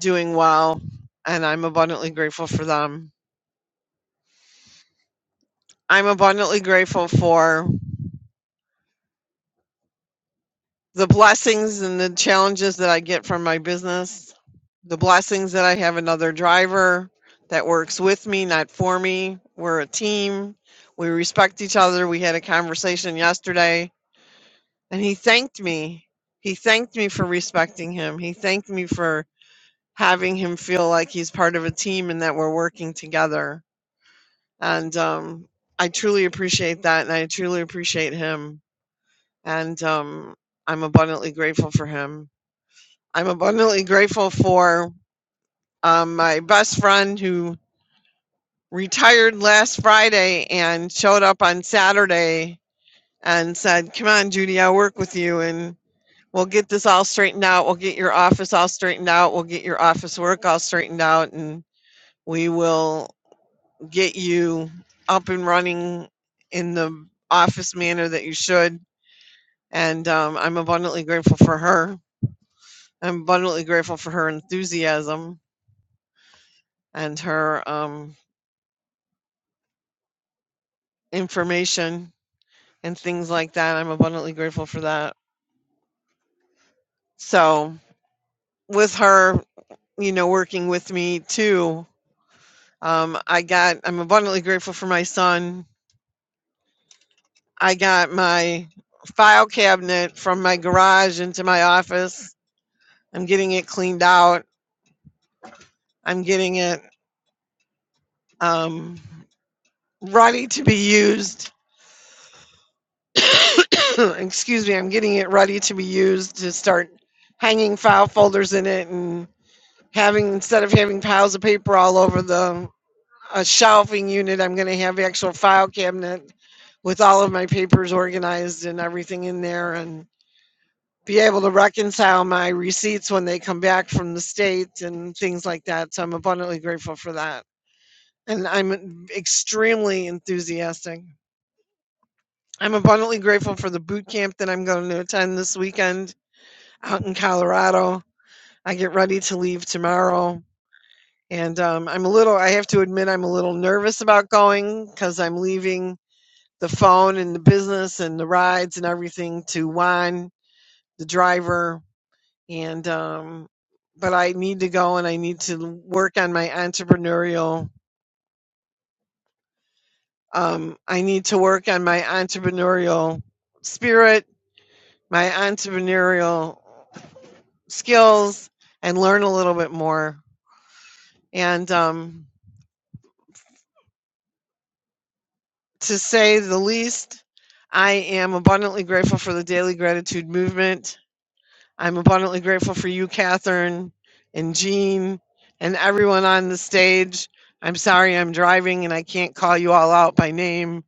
Speaker 11: doing well. And I'm abundantly grateful for them. I'm abundantly grateful for the blessings and the challenges that I get from my business, the blessings that I have another driver that works with me, not for me. We're a team. We respect each other. We had a conversation yesterday and he thanked me. He thanked me for respecting him. He thanked me for having him feel like he's part of a team and that we're working together. And um, I truly appreciate that. And I truly appreciate him. And um, I'm abundantly grateful for him I'm abundantly grateful for um, my best friend who retired last Friday and showed up on Saturday and said, Come on, Judy, I'll work with you and we'll get this all straightened out. We'll get your office all straightened out. We'll get your office work all straightened out and we will get you up and running in the office manner that you should. And um, I'm abundantly grateful for her. I'm abundantly grateful for her enthusiasm and her um, information and things like that. I'm abundantly grateful for that. So, with her, you know, working with me too, um, I got, I'm abundantly grateful for my son. I got my file cabinet from my garage into my office. I'm getting it cleaned out, I'm getting it um, ready to be used. Excuse me, I'm getting it ready to be used to start hanging file folders in it and having instead of having piles of paper all over the a shelving unit i'm going to have actual file cabinet with all of my papers organized and everything in there and be able to reconcile my receipts when they come back from the state and things like that so i'm abundantly grateful for that and i'm extremely enthusiastic i'm abundantly grateful for the boot camp that i'm going to attend this weekend out in colorado i get ready to leave tomorrow And um, I'm a little, I have to admit, I'm a little nervous about going because I'm leaving the phone and the business and the rides and everything to Juan, the driver. And, um, but I need to go and I need to work on my entrepreneurial, um, I need to work on my entrepreneurial spirit, my entrepreneurial skills, and learn a little bit more. And, um, to say the least. I am abundantly grateful for the daily gratitude movement. I'm abundantly grateful for you, Catherine and Jean and everyone on the stage. I'm sorry I'm driving and I can't call you all out by name,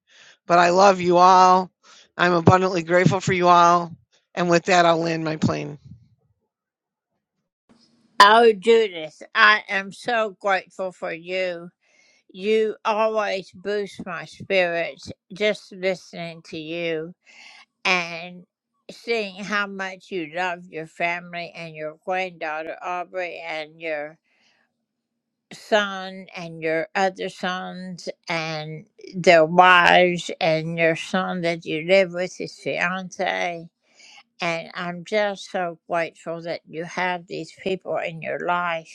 Speaker 11: but I love you all. I'm abundantly grateful for you all. And with that, I'll land my plane.
Speaker 1: Oh, Judith, I am so grateful for you. You always boost my spirits just listening to you and seeing how much you love your family and your granddaughter Aubrey and your son and your other sons and their wives and your son that you live with, his fiance. And I'm just so grateful that you have these people in your life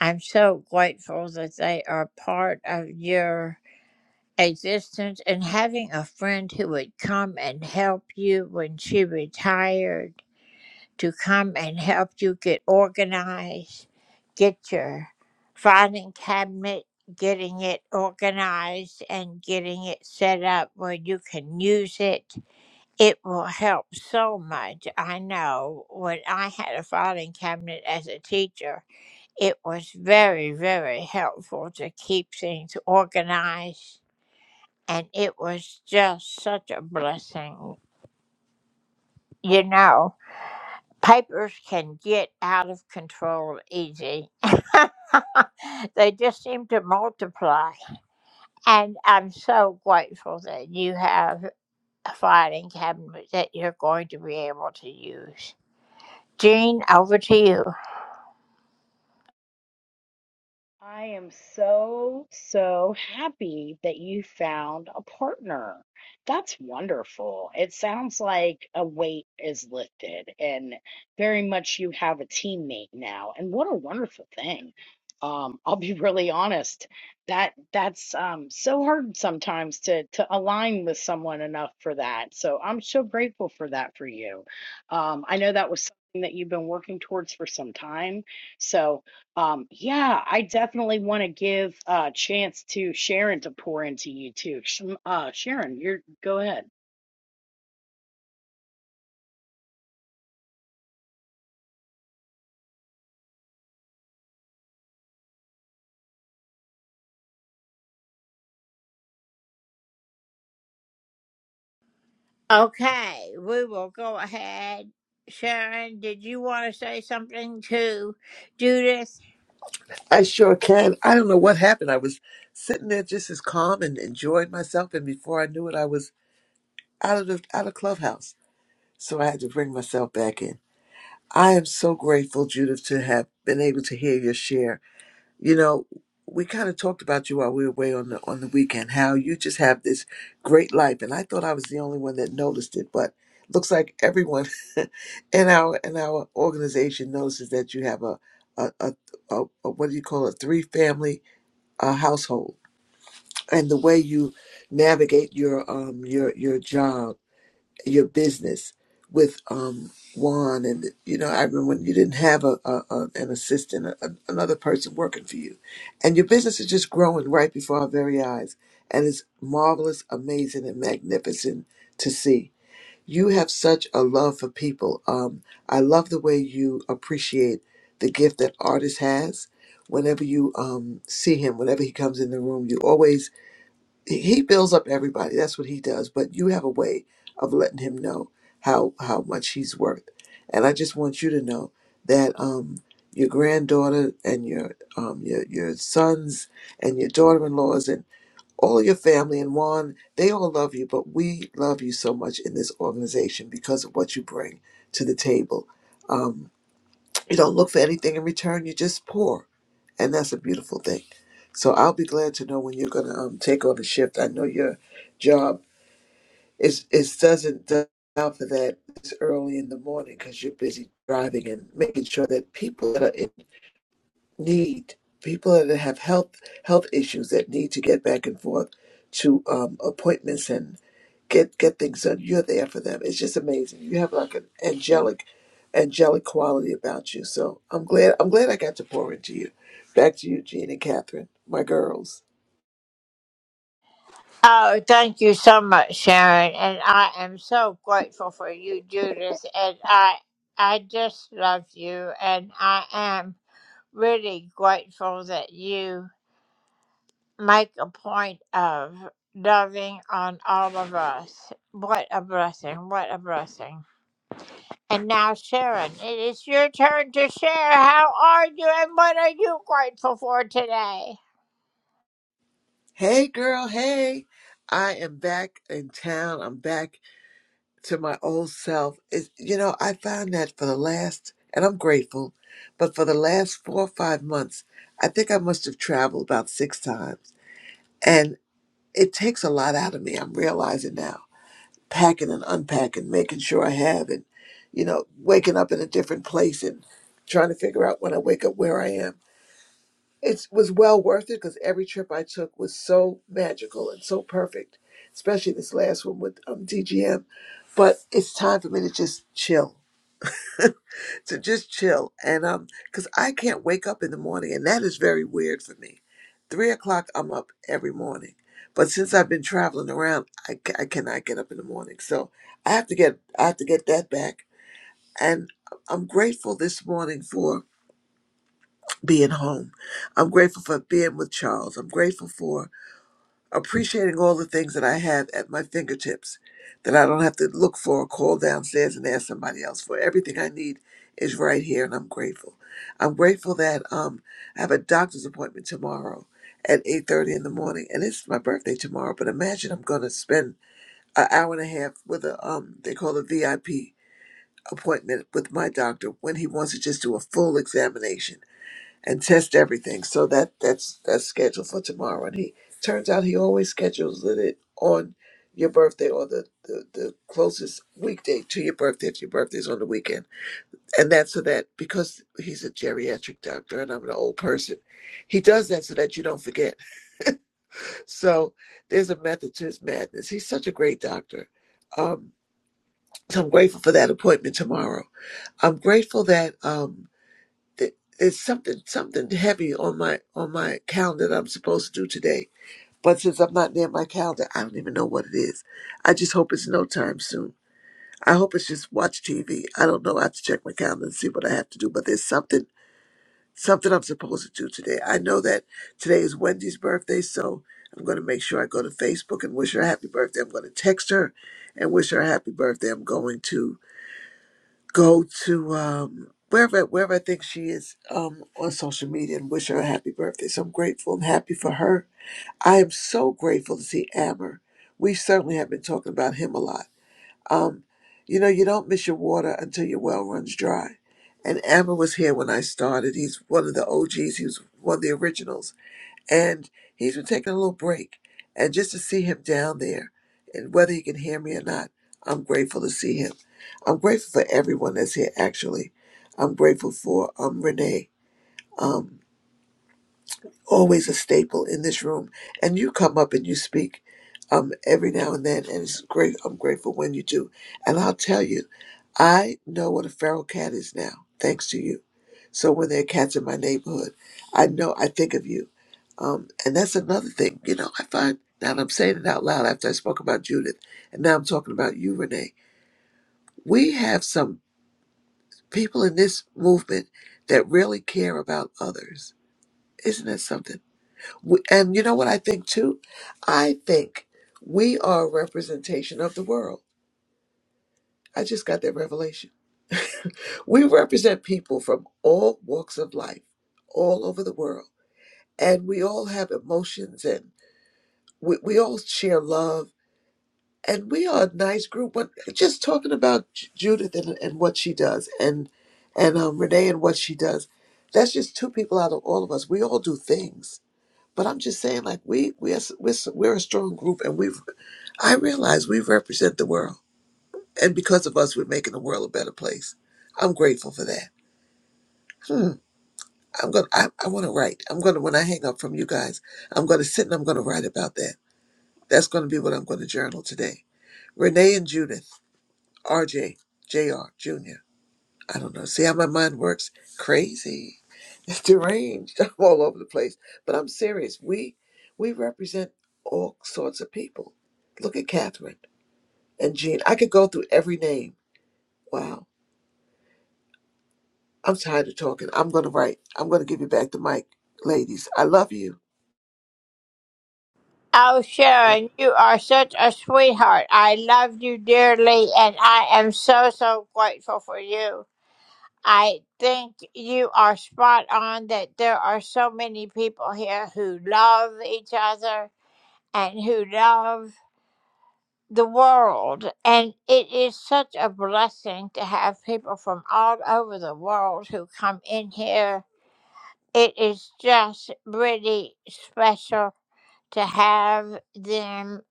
Speaker 1: I'm so grateful that they are part of your existence and having a friend who would come and help you when she retired to come and help you get organized, get your filing cabinet, getting it organized and getting it set up where you can use it. It will help so much. I know when I had a filing cabinet as a teacher, it was very, very helpful to keep things organized, and it was just such a blessing. You know, papers can get out of control easy. they just seem to multiply. And I'm so grateful that you have a filing cabinet that you're going to be able to use. Jean, over to you.
Speaker 7: I am so, so happy that you found a partner. That's wonderful. It sounds like a weight is lifted and very much you have a teammate now. And what a wonderful thing. Um, I'll be really honest. That that's um so hard sometimes to to align with someone enough for that. So I'm so grateful for that for you. Um, I know that was something that you've been working towards for some time. So um, yeah, I definitely want to give a chance to Sharon to pour into you too. Sh- Uh, Sharon, you're go ahead.
Speaker 1: Okay, we will go ahead. Sharon, did you want to say something to Judith?
Speaker 12: I sure can. I don't know what happened. I was sitting there just as calm and enjoying myself, and before I knew it, I was out of the out of clubhouse. So I had to bring myself back in. I am so grateful, Judith, to have been able to hear your share. You know, we kind of talked about you while we were away on the on the weekend, how you just have this great life, and I thought I was the only one that noticed it, but looks like everyone in our in our organization notices that you have a a, a, a, a what do you call it three family uh, household and the way you navigate your um your your job your business with um Juan and you know I remember when you didn't have a, a, a an assistant a, another person working for you and your business is just growing right before our very eyes and it's marvelous amazing and magnificent to see you have such a love for people. Um, I love the way you appreciate the gift that artist has. Whenever you um, see him, whenever he comes in the room, you always he he builds up everybody. That's what he does. But you have a way of letting him know how how much he's worth. And I just want you to know that um, your granddaughter and your um, your your sons and your daughter-in-laws and all your family and Juan, they all love you, but we love you so much in this organization because of what you bring to the table. Um, you don't look for anything in return, you just pour. And that's a beautiful thing. So I'll be glad to know when you're going to um, take on a shift. I know your job is is doesn't do- allow for that this early in the morning because you're busy driving and making sure that people that are in need people that have health health issues that need to get back and forth to um, appointments and get get things done. You're there for them. It's just amazing. You have like an angelic angelic quality about you. So I'm glad I'm glad I got to pour into you. Back to you, Jean and Catherine, my girls.
Speaker 1: Oh, thank you so much, Sharon, and I am so grateful for you, Judith, and I I just love you, and I am really grateful that you make a point of loving on all of us. What a blessing! What a blessing! And now, Sharon, it is your turn to share. How are you and what are you grateful for today?
Speaker 12: Hey girl, hey. I am back in town. I'm back to my old self is you know i found that for the last and i'm grateful but for the last four or five months i think i must have traveled about six times and it takes a lot out of me i'm realizing now packing and unpacking making sure i have and you know waking up in a different place and trying to figure out when i wake up where i am it was well worth it because every trip I took was so magical and so perfect, especially this last one with um, DGM. But it's time for me to just chill, to just chill, and um, because I can't wake up in the morning, and that is very weird for me. Three o'clock, I'm up every morning, but since I've been traveling around, I, ca- I cannot get up in the morning. So I have to get I have to get that back, and I'm grateful this morning for being home. I'm grateful for being with Charles. I'm grateful for appreciating all the things that I have at my fingertips that I don't have to look for or call downstairs and ask somebody else for. Everything I need is right here, and I'm grateful. I'm grateful that um, I have a doctor's appointment tomorrow at 8.30 in the morning, and it's my birthday tomorrow, but imagine I'm going to spend an hour and a half with a, um, they call it a VIP appointment with my doctor when he wants to just do a full examination and test everything. So that that's that's scheduled for tomorrow. And he turns out he always schedules it on your birthday or the, the, the closest weekday to your birthday if your birthday's on the weekend. And that's so that because he's a geriatric doctor and I'm an old person, he does that so that you don't forget. So there's a method to his madness. He's such a great doctor. Um, so I'm grateful for that appointment tomorrow. I'm grateful that um, th- it's something something heavy on my on my calendar that I'm supposed to do today. But since I'm not near my calendar, I don't even know what it is. I just hope it's no time soon. I hope it's just watch TV. I don't know. I have to check my calendar and see what I have to do. But there's something something I'm supposed to do today. I know that today is Wendy's birthday, so I'm going to make sure I go to Facebook and wish her a happy birthday. I'm going to text her and wish her a happy birthday. I'm going to go to um, wherever wherever I think she is um, on social media and wish her a happy birthday. So I'm grateful and happy for her. I am so grateful to see Amber. We certainly have been talking about him a lot. Um, you know, you don't miss your water until your well runs dry. And Amber was here when I started. He's one of the OGs. He was one of the originals and he's been taking a little break. And just to see him down there, and whether he can hear me or not, I'm grateful to see him. I'm grateful for everyone that's here. Actually, I'm grateful for um Renee. um always a staple in this room. And you come up and you speak um, every now and then, and it's great. I'm grateful when you do. And I'll tell you, I know what a feral cat is now, thanks to you. So when there are cats in my neighborhood, I know I think of you. Um, and that's another thing, you know, I find now that I'm saying it out loud after I spoke about Judith, and now I'm talking about you, Renee. We have some people in this movement that really care about others. Isn't that something? We- And you know what I think too? I think we are a representation of the world. I just got that revelation. We represent people from all walks of life, all over the world. And we all have emotions and we, we all share love. And we are a nice group. But just talking about J- Judith and, and what she does and, and um, Renee and what she does, that's just two people out of all of us. We all do things. But I'm just saying, like we we're we're, we're a strong group, and we I realize we represent the world, and because of us, we're making the world a better place. I'm grateful for that. Hmm. I'm gonna. I, I want to write. I'm gonna. When I hang up from you guys, I'm gonna sit and I'm gonna write about that. That's gonna be what I'm gonna journal today. Renee and Judith, R.J., J.R. Jr. I don't know. See how my mind works? Crazy. It's deranged. I'm all over the place. But I'm serious. We we represent all sorts of people. Look at Catherine and Jean. I could go through every name. Wow I'm tired of talking. I'm going to write. I'm going to give you back the mic, ladies. I love you.
Speaker 1: Oh, Sharon, you are such a sweetheart. I love you dearly and I am so, so grateful for you. I think you are spot on that there are so many people here who love each other and who love the world. And it is such a blessing to have people from all over the world who come in here It is just really special to have them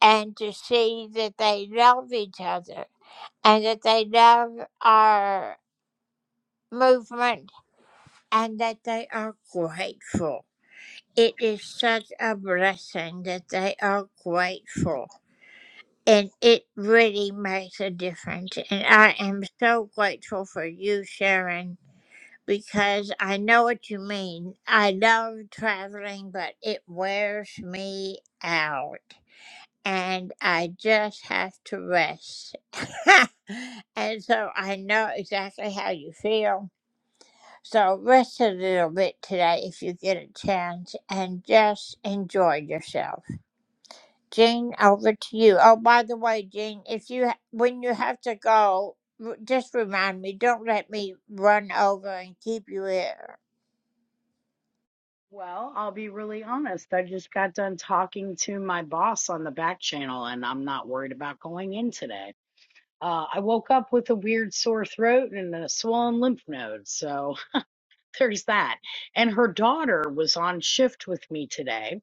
Speaker 1: and to see that they love each other and that they love our movement and that they are grateful. It is such a blessing that they are grateful. And it really makes a difference. And I am so grateful for you, Sharon because I know what you mean. I love traveling, but it wears me out. And I just have to rest. and so I know exactly how you feel. So rest a little bit today if you get a chance and just enjoy yourself. Jean, over to you. Oh, by the way, Jean, if you ha- when you have to go, r- just remind me. Don't let me run over and keep you here.
Speaker 7: Well, I'll be really honest. I just got done talking to my boss on the back channel, and I'm not worried about going in today. Uh, I woke up with a weird sore throat and a swollen lymph node, so there's that. And her daughter was on shift with me today,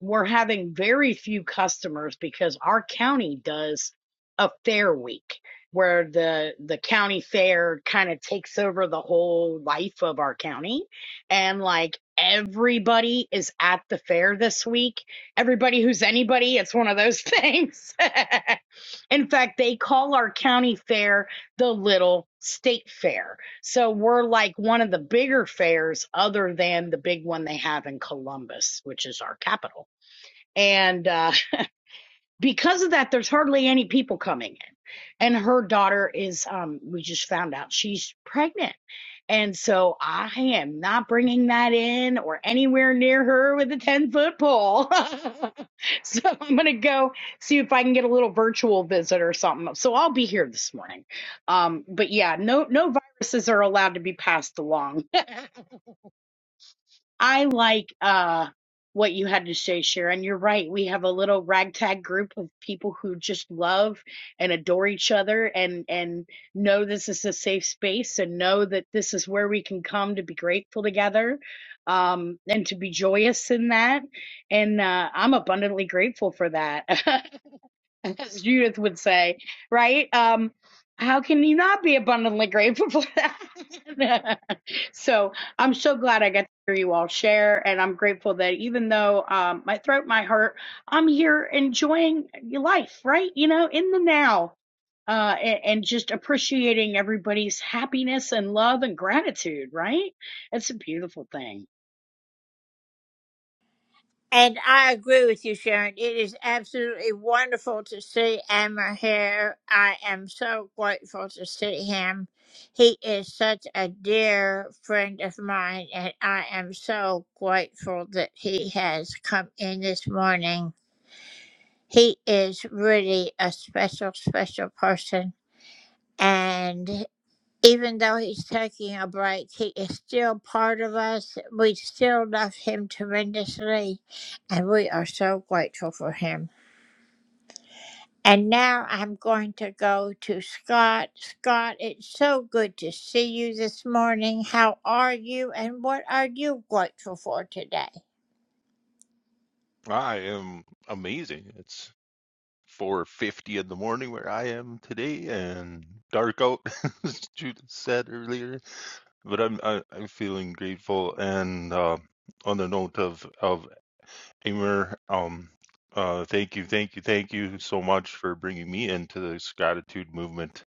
Speaker 7: we're having very few customers because our county does a fair week where the the county fair kind of takes over the whole life of our county and like everybody is at the fair this week everybody who's anybody it's one of those things in fact they call our county fair the little state fair so we're like one of the bigger fairs other than the big one they have in Columbus, which is our capital and uh, because of that, there's hardly any people coming in. And her daughter is, um, we just found out she's pregnant, and so I am not bringing that in or anywhere near her with a ten foot pole. so I'm gonna go see if I can get a little virtual visit or something. So I'll be here this morning. Um, but yeah, no, no viruses are allowed to be passed along I like uh what you had to say, Sharon. You're right. We have a little ragtag group of people who just love and adore each other and and know this is a safe space and know that this is where we can come to be grateful together um and to be joyous in that. And uh I'm abundantly grateful for that. as Judith would say, right? Um, how can you not be abundantly grateful for that? so I'm so glad I got to hear you all share, and I'm grateful that even though um, my throat might hurt, I'm here enjoying your life, right? You know, in the now, uh, and, and just appreciating everybody's happiness and love and gratitude, right? It's a beautiful thing.
Speaker 1: And I agree with you, Sharon. It is absolutely wonderful to see Amber here. I am so grateful to see him. He is such a dear friend of mine, and I am so grateful that he has come in this morning. He is really a special, special person. Even though he's taking a break, he is still part of us. We still love him tremendously, and we are so grateful for him. And now I'm going to go to Scott. Scott, it's so good to see you this morning. How are you, and what are you grateful for today?
Speaker 13: I am amazing. It's 4:50 in the morning where I am today and dark out, as Judith said earlier. But I'm I, I'm feeling grateful and uh, on the note of of Amir, um, uh, thank you, thank you, thank you so much for bringing me into this gratitude movement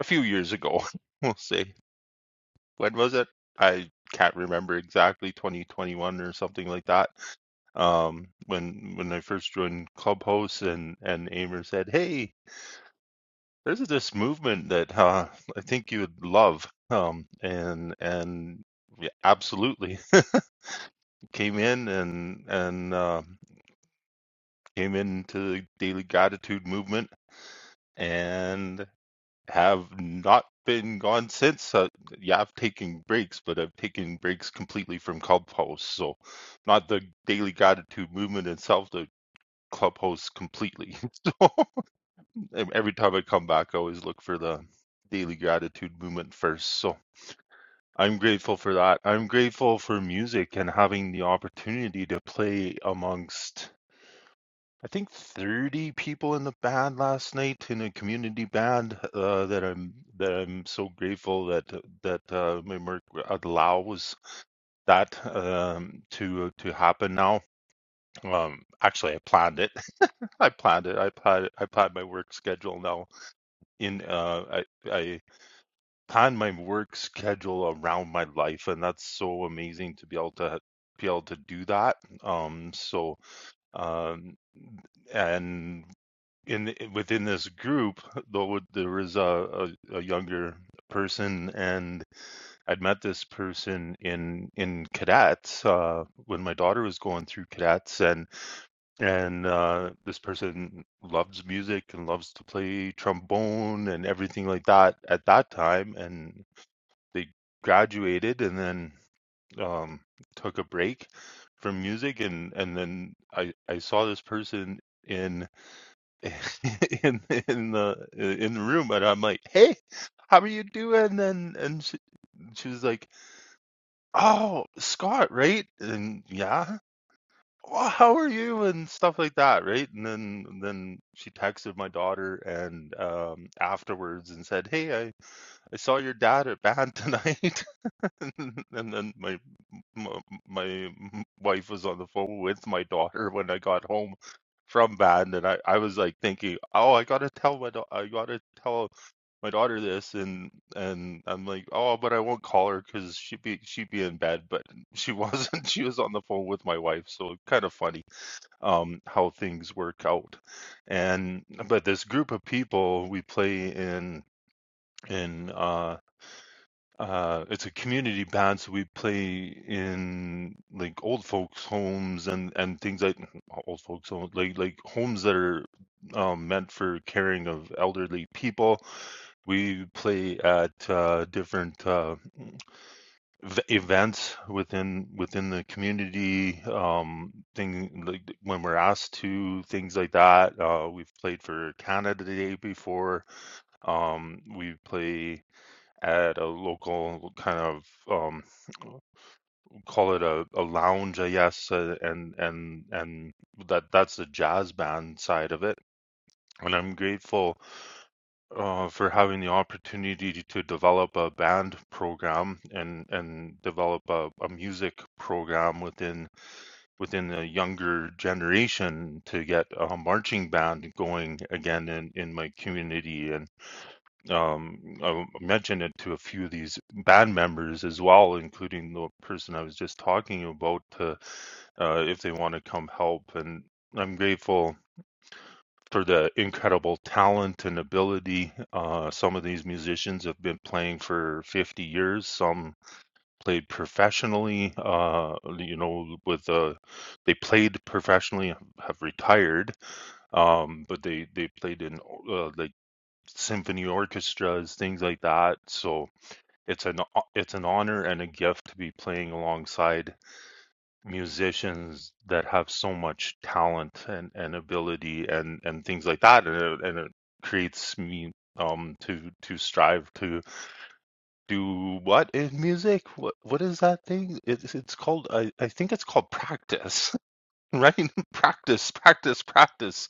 Speaker 13: a few years ago. We'll say when was it? I can't remember exactly, 2021 or something like that um, when when I first joined Clubhouse, and and Amer said, "Hey, there's this movement that uh, I think you would love," um, and and yeah, absolutely came in and and uh, came into the Daily Gratitude movement, and have not been gone since. Uh, yeah, I've taken breaks, but I've taken breaks completely from Clubhouse, so not the Daily Gratitude movement itself. The Clubhouse completely. every time I come back, I always look for the daily gratitude movement first. So I'm grateful for that. I'm grateful for music and having the opportunity to play amongst, I think, 30 people in the band last night in a community band uh, that I'm that I'm so grateful that that uh, my work allows that um, to to happen now. Um, actually, I planned it. I planned it. I planned I planned my work schedule now in uh I I plan my work schedule around my life, and that's so amazing to be able to be able to do that. Um, so um, and in within this group, though there is a, a, a younger person, and I'd met this person in in cadets uh, when my daughter was going through cadets, and and uh, this person loves music and loves to play trombone and everything like that at that time, and they graduated and then um, took a break from music and and then I I saw this person in in in the in the room and I'm like hey how are you doing and and she, she was like oh Scott right and yeah well, how are you and stuff like that right and then then she texted my daughter and um afterwards and said hey I I saw your dad at band tonight and then my M- my wife was on the phone with my daughter when I got home from band, and I, I was like thinking, oh, I gotta tell my da- I gotta tell my daughter this, and and I'm like, oh, but I won't call her because she'd be she'd be in bed, but she wasn't. She was on the phone with my wife, so kind of funny um how things work out, and but this group of people we play in in. uh uh it's a community band so we play in like old folks homes and and things like old folks home, like like homes that are um meant for caring of elderly people we play at uh different uh v- events within within the community um thing like when we're asked to things like that uh we've played for canada day before um we play at a local kind of um, call it a, a lounge, I guess, uh, and and and that that's the jazz band side of it. And I'm grateful uh, for having the opportunity to to develop a band program and and develop a, a music program within within the younger generation to get a marching band going again in, in my community and. Um, I w- mentioned it to a few of these band members as well, including the person I was just talking about, to, uh, if they want to come help. And I'm grateful for the incredible talent and ability. Uh, some of these musicians have been playing for 50 years. Some played professionally, uh, you know, with uh, they played professionally, have retired, um, but they they played in uh, like symphony orchestras, things like that. So it's an it's an honor and a gift to be playing alongside musicians that have so much talent and, and ability and, and things like that. And it, and it creates me um to to strive to do what in music? What what is that thing? It's it's called I, I think it's called practice. Right? Practice, practice, practice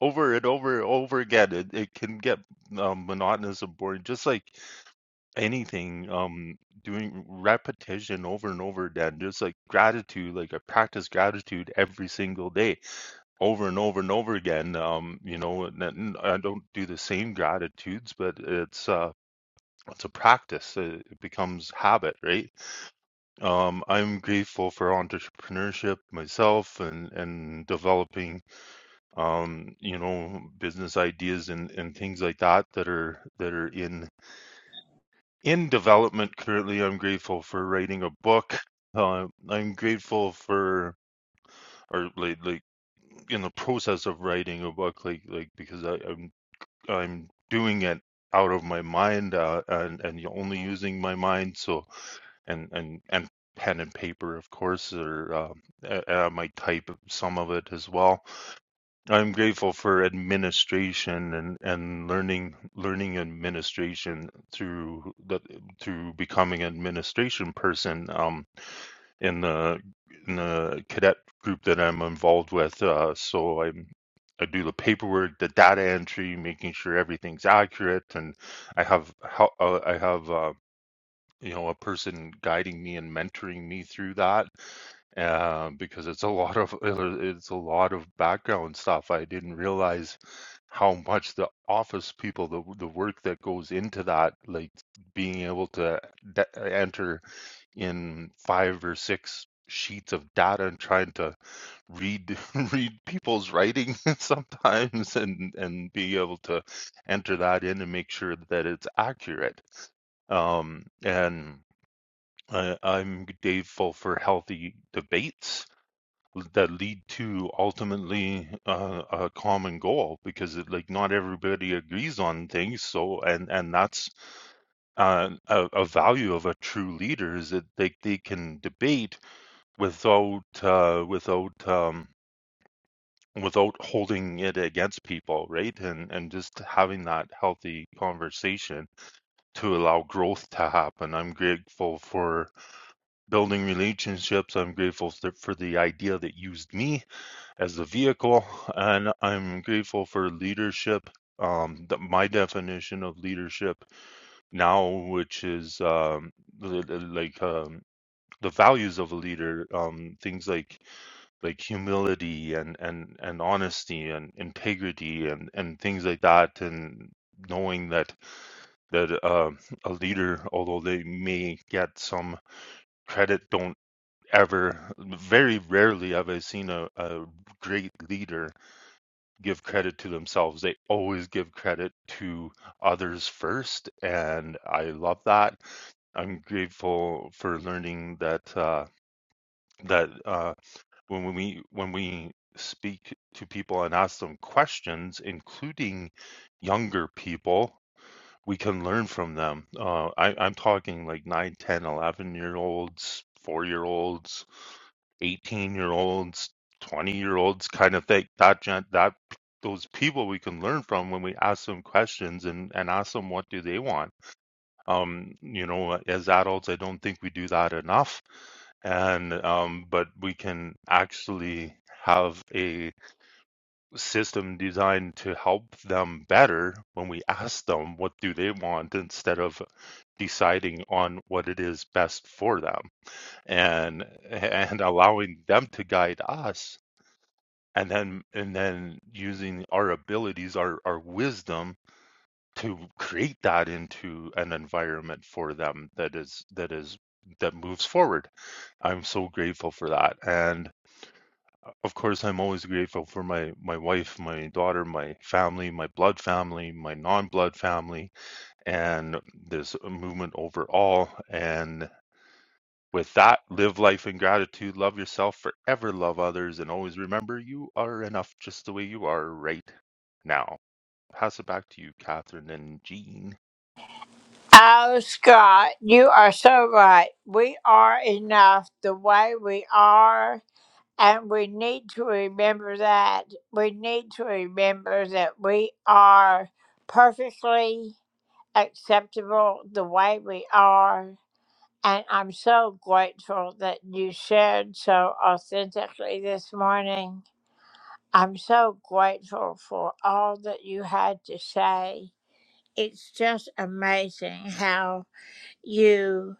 Speaker 13: over and over and over again. It it can get um, monotonous and boring, just like anything um doing repetition over and over again just like gratitude like i practice gratitude every single day over and over and over again um you know and then i don't do the same gratitudes but it's uh it's a practice uh, it becomes habit right um i'm grateful for entrepreneurship myself and and developing um you know business ideas and and things like that that are that are in in development currently i'm grateful for writing a book uh, i'm grateful for or like like in the process of writing a book like like because I, i'm i'm doing it out of my mind uh, and and only using my mind so and and and pen and paper of course or um, a- and i might type some of it as well I'm grateful for administration and, and learning learning administration through the through becoming an administration person um, in the in the cadet group that I'm involved with. Uh, so I'm I do the paperwork, the data entry, making sure everything's accurate, and I have help, uh, I have uh, you know, a person guiding me and mentoring me through that uh, because it's a lot of it's a lot of background stuff. I didn't realize how much the office people, the the work that goes into that, like being able to de- enter in five or six sheets of data and trying to read read people's writing sometimes and and be able to enter that in and make sure that it's accurate um, and uh, I'm grateful for healthy debates that lead to ultimately uh, a common goal because it, like not everybody agrees on things. So and and that's uh, a, a value of a true leader is that they, they can debate without uh, without um, without holding it against people, right? And and just having that healthy conversation to allow growth to happen. I'm grateful for building relationships. I'm grateful for the idea that used me as the vehicle, and I'm grateful for leadership. Um, the, my definition of leadership now, which is um, like um, the values of a leader, um, things like like humility and and and honesty and integrity and and things like that, and knowing that that uh, a leader, although they may get some credit, don't ever very rarely have i seen a, a great leader give credit to themselves they always give credit to others first and i love that i'm grateful for learning that uh, that uh, when when we when we speak to people and ask them questions including younger people we can learn from them. Uh, I, I'm talking like 9, 10, 11 year olds, four year olds, 18 year olds, 20 year olds kind of thing. That, gen- that, those people we can learn from when we ask them questions and, and ask them what do they want. Um, you know, as adults, I don't think we do that enough. And, um, but we can actually have a system designed to help them better when we ask them what do they want instead of deciding on what it is best for them and and allowing them to guide us and then and then using our abilities our our wisdom to create that into an environment for them that is that is that moves forward i'm so grateful for that and of course i'm always grateful for my my wife my daughter my family my blood family my non-blood family and this movement overall and With that, live life in gratitude, love yourself, forever love others, and always remember you are enough just the way you are right now. Pass it back to you, Catherine and Jean.
Speaker 1: Oh, Scott, you are so right. We are enough the way we are. And we need to remember that. We need to remember that we are perfectly acceptable the way we are. And I'm so grateful that you shared so authentically this morning. I'm so grateful for all that you had to say. It's just amazing how you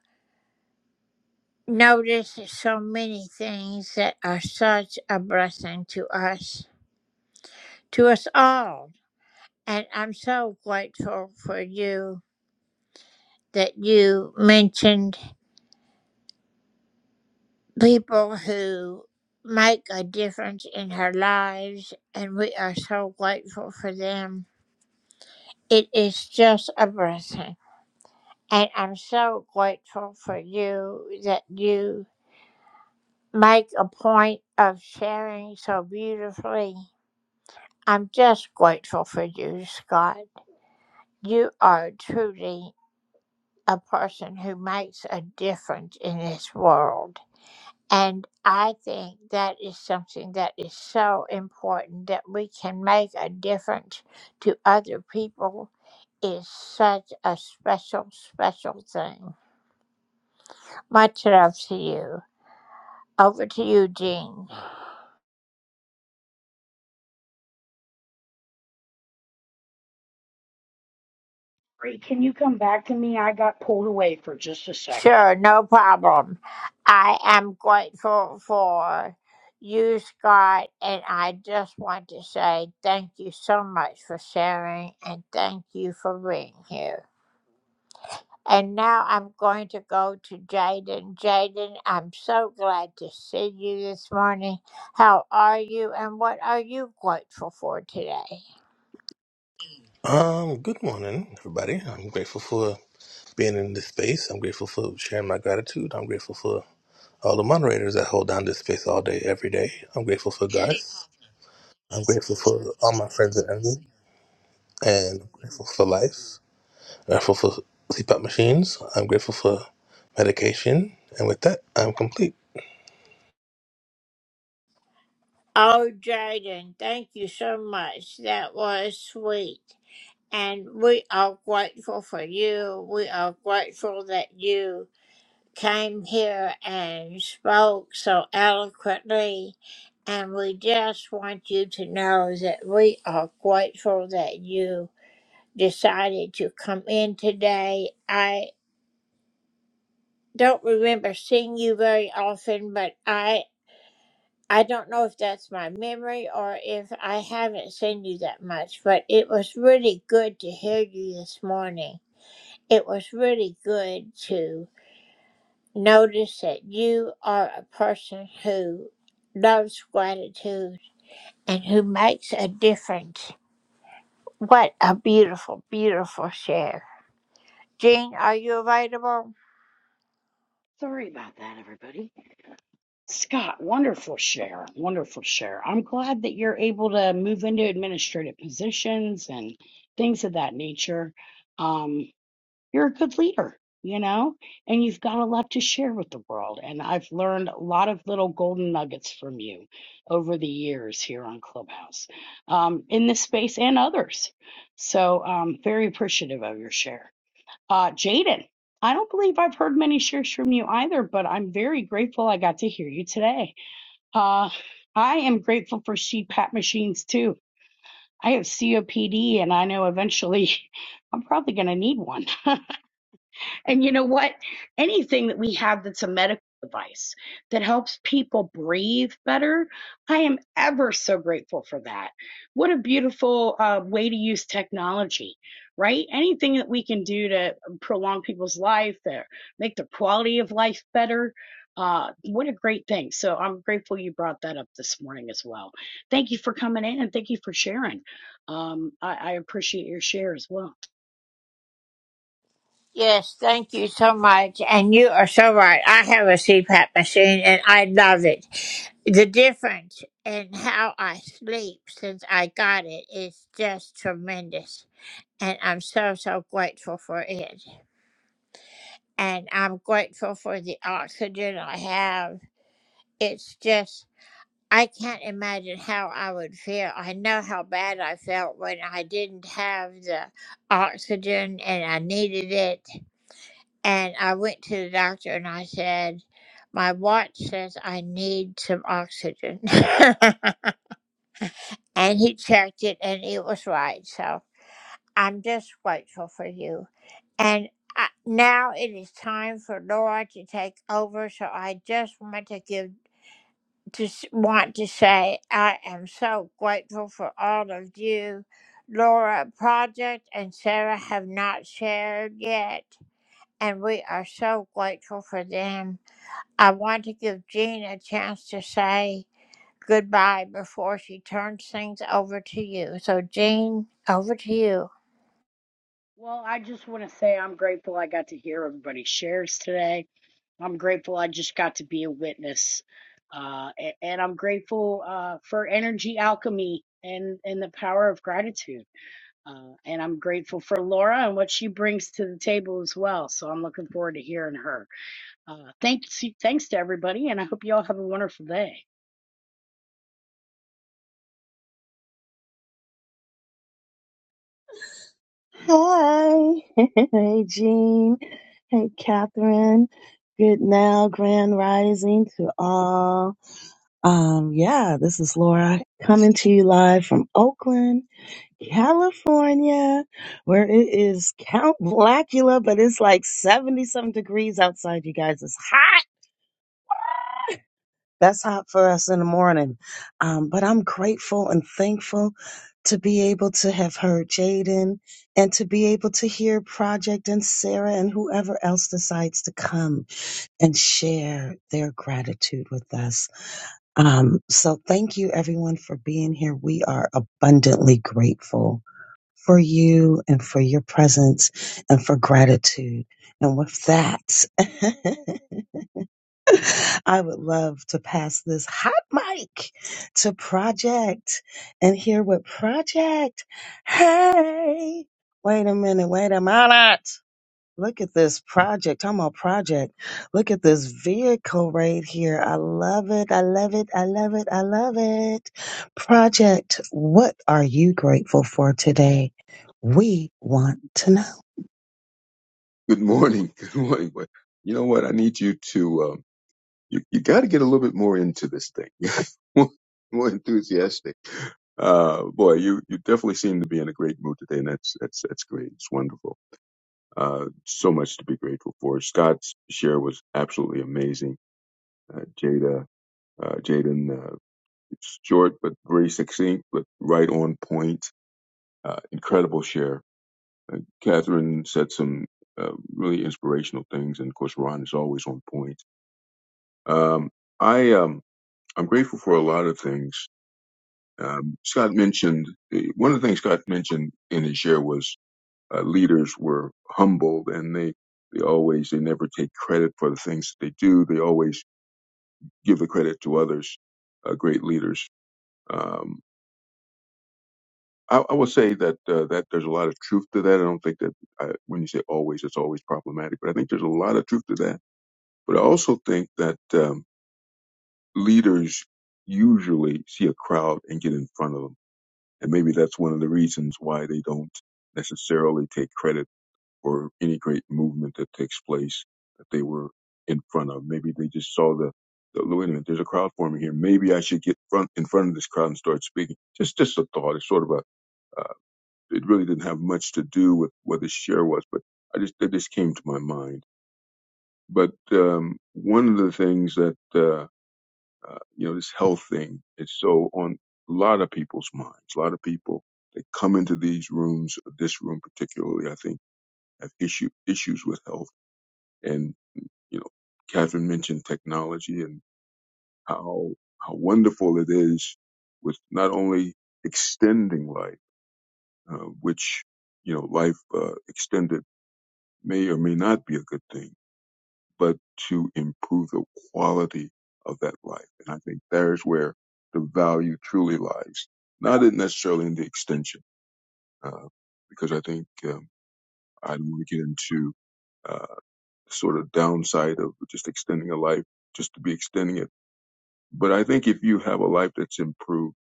Speaker 1: notice so many things that are such a blessing to us. to us all. And I'm so grateful for you that you mentioned people who make a difference in our lives, and we are so grateful for them. It is just a blessing. And I'm so grateful for you that you make a point of sharing so beautifully. I'm just grateful for you, Scott. You are truly a person who makes a difference in this world. And I think that is something that is so important that we can make a difference to other people is such a special, special thing. Much love to you. Over to you, Jean.
Speaker 7: Great. Can you come back to me? I got pulled away for just a second.
Speaker 1: Sure, no problem. I am grateful for you, Scott, and I just want to say thank you so much for sharing and thank you for being here. And now I'm going to go to Jaden. Jaden, I'm so glad to see you this morning. How are you and what are you grateful for today?
Speaker 14: Um, good morning, everybody. I'm grateful for being in this space. I'm grateful for sharing my gratitude. I'm grateful for all the moderators that hold down this space all day, every day. I'm grateful for God. I'm grateful for all my friends and envy. And I'm grateful for life. I'm grateful for CPAP machines. I'm grateful for medication. And with that, I'm complete.
Speaker 1: Oh, Jaden, thank you so much. That was sweet. And we are grateful for you. We are grateful that you came here and spoke so eloquently. And we just want you to know that we are grateful that you decided to come in today. I don't remember seeing you very often, but I. I don't know if that's my memory or if I haven't seen you that much, but it was really good to hear you this morning It was really good to notice that you are a person who loves gratitude and who makes a difference. What a beautiful, beautiful share. Jean, are you available?
Speaker 7: Sorry about that, everybody. Scott, wonderful share, wonderful share. I'm glad that you're able to move into administrative positions and things of that nature. Um, you're a good leader, you know, and you've got a lot to share with the world. And I've learned a lot of little golden nuggets from you over the years here on Clubhouse, um, in this space and others. So um, very appreciative of your share. Uh, Jaden, I don't believe I've heard many shares from you either, but I'm very grateful I got to hear you today. Uh, I am grateful for CPAP machines too. I have COPD and I know eventually I'm probably going to need one. And you know what? Anything that we have that's a medical device that helps people breathe better, I am ever so grateful for that. What a beautiful uh, way to use technology, right? Anything that we can do to prolong people's life, or make their quality of life better. Uh, what a great thing. So I'm grateful you brought that up this morning as well. Thank you for coming in and thank you for sharing. Um, I, I appreciate your share as well.
Speaker 1: Yes, thank you so much. And you are so right. I have a CPAP machine and I love it. The difference in how I sleep since I got it is just tremendous. And I'm so, so grateful for it. and I'm grateful for the oxygen I have. It's just, I can't imagine how I would feel. I know how bad I felt when I didn't have the oxygen and I needed it. And I went to the doctor and I said, My watch says I need some oxygen. and he checked it and it was right. So I'm just grateful for you. And I, now it is time for Laura to take over. So I just want to give, just want to say I am so grateful for all of you. Laura, Project, and Sarah have not shared yet, and we are so grateful for them. I want to give Jean a chance to say goodbye before she turns things over to you. So, Jean, over to you.
Speaker 7: Well, I just want to say I'm grateful I got to hear everybody's shares today. I'm grateful I just got to be a witness. Uh, a- and I'm grateful uh, for energy alchemy and, and the power of gratitude. Uh, and I'm grateful for Laura and what she brings to the table as well. So I'm looking forward to hearing her. Uh, thanks, thanks to everybody, and I hope you all have a wonderful day.
Speaker 15: Hi. hey, Jean. Hey, Catherine. Good now, grand rising to all. Um, yeah, this is Laura coming to you live from Oakland, California, where it is Count Blackula, but it's like 70 something degrees outside, you guys. It's hot. That's hot for us in the morning. Um, but I'm grateful and thankful to be able to have heard Jaden and to be able to hear Project and Sarah and whoever else decides to come and share their gratitude with us. Um, so thank you everyone for being here. We are abundantly grateful for you and for your presence and for gratitude. And with that, I would love to pass this hot mic to Project and hear what Project. Hey, wait a minute, wait a minute. Look at this project. I'm on project. Look at this vehicle right here. I love it. I love it. I love it. I love it. Project, what are you grateful for today? We want to know.
Speaker 16: Good morning. Good morning. But you know what? I need you to, um, you, you got to get a little bit more into this thing, more, more enthusiastic. Uh, boy, you, you definitely seem to be in a great mood today, and that's, that's, that's great. It's wonderful. Uh, so much to be grateful for. Scott's share was absolutely amazing. Uh, Jada, uh, Jaden, uh, it's short, but very succinct, but right on point. Uh, incredible share. Uh, Catherine said some uh, really inspirational things, and of course, Ron is always on point Um, I um, I'm grateful for a lot of things. Um, Scott mentioned eh, one of the things Scott mentioned in his share was uh, leaders were humbled and they they always they never take credit for the things that they do. They always give the credit to others. Uh, great leaders. Um, I, I will say that uh, that there's a lot of truth to that. I don't think that uh when you say always, it's always problematic, but I think there's a lot of truth to that. But I also think that um, leaders usually see a crowd and get in front of them And maybe that's one of the reasons why they don't necessarily take credit for any great movement that takes place that they were in front of. Maybe they just saw the, the wait a minute, there's a crowd forming here. Maybe I should get front in front of this crowd and start speaking. Just just a thought. It's sort of a uh, it really didn't have much to do with what the share was, but I just that just came to my mind. But um, one of the things that uh, uh, you know, this health thing is so on a lot of people's minds. A lot of people that come into these rooms, this room particularly, I think, have issue issues with health. And you know, Catherine mentioned technology and how how wonderful it is with not only extending life, uh, which you know, life uh, extended may or may not be a good thing but to improve the quality of that life. And I think there's where the value truly lies, not in necessarily in the extension, uh, because I think um, I don't want to get into uh, sort of downside of just extending a life just to be extending it. But I think if you have a life that's improved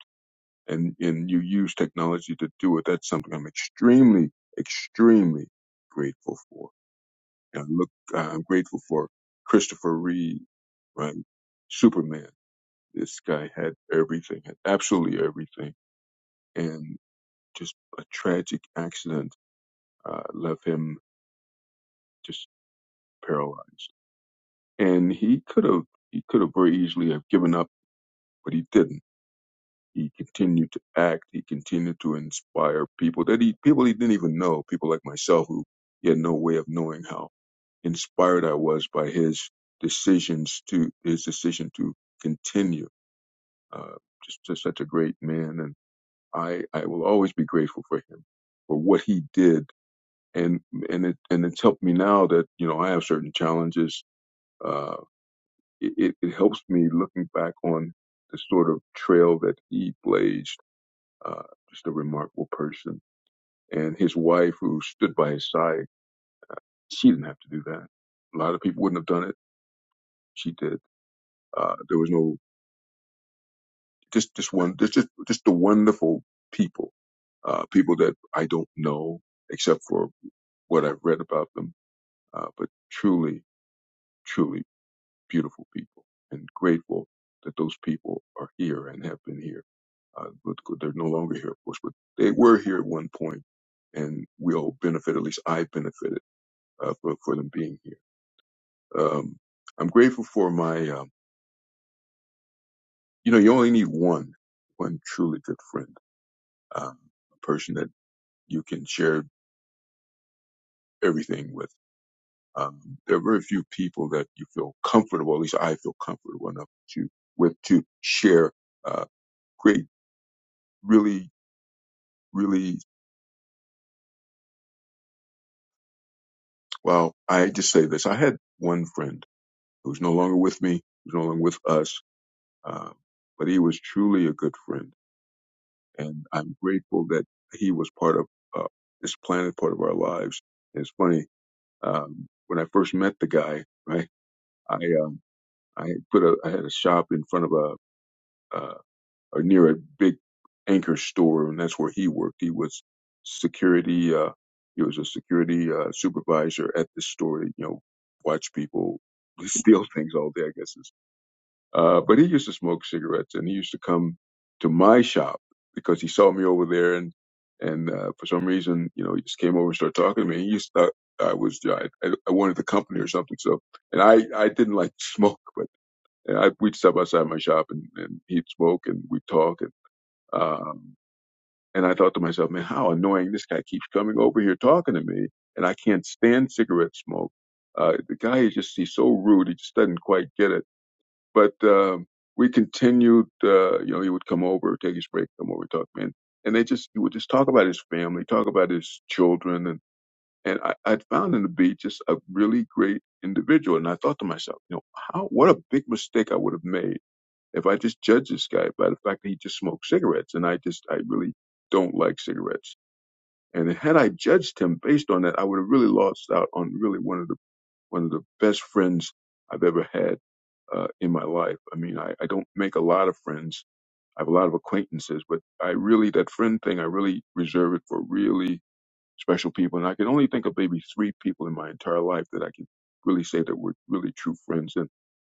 Speaker 16: and, and you use technology to do it, that's something I'm extremely, extremely grateful for. And I look, uh, I'm grateful for Christopher Reeve, right? Superman. This guy had everything, had absolutely everything, and just a tragic accident uh, left him just paralyzed. And he could have, he could have very easily have given up, but he didn't. He continued to act. He continued to inspire people that he, people he didn't even know, people like myself who he had no way of knowing how inspired I was by his decisions to his decision to continue. Uh, just, just such a great man, and I I will always be grateful for him for what he did, and and it and it's helped me now that you know I have certain challenges. Uh, it it it helps me looking back on the sort of trail that he blazed. Uh, just a remarkable person, and his wife who stood by his side. She didn't have to do that. A lot of people wouldn't have done it. She did uh, there was no just just one just just, just the wonderful people uh people that i don't know except for what i've read about them uh but truly truly beautiful people and grateful that those people are here and have been here uh but they're no longer here of course but they were here at one point and we all benefit at least i benefited uh for, for them being here um i'm grateful for my um you know you only need one one truly good friend um a person that you can share everything with. Um, there are very few people that you feel comfortable, at least I feel comfortable enough to, with to share, uh, great, really, really, well, I just say this. I had one friend who's no longer with me, who's no longer with us, um, but he was truly a good friend. And I'm grateful that he was part of, uh, this planet, part of our lives. And it's funny, um, when I first met the guy, right, I, um, I put a, I had a shop in front of a, or near a big anchor store, and that's where he worked. He was security. Uh, he was a security uh, supervisor at the store. You know, watch people steal things all day. I guess is. Uh, but he used to smoke cigarettes, and he used to come to my shop because he saw me over there, and and uh, for some reason, you know, he just came over and started talking to me. He used to thought I was I, I wanted the company or something. So, and I I didn't like to smoke, but and I, we'd stop outside my shop, and, and he'd smoke, and we'd talk, um, and I thought to myself, man, how annoying this guy keeps coming over here talking to me, and I can't stand cigarette smoke. Uh, the guy is just, he's so rude. He just doesn't quite get it. But, um, we continued, uh, you know, he would come over, take his break, come over, talk, man. And they just, he would just talk about his family, talk about his children. And, and I, I found him to be just a really great individual. And I thought to myself, you know, how, what a big mistake I would have made if I just judge this guy by the fact that he just smoked cigarettes, and I just I really don't like cigarettes. And had I judged him based on that, I would have really lost out on really one of the one of the best friends I've ever had uh, in my life. I mean, I, I don't make a lot of friends. I have a lot of acquaintances, but I really that friend thing I really reserve it for really special people. And I can only think of maybe three people in my entire life that I can really say that were really true friends. And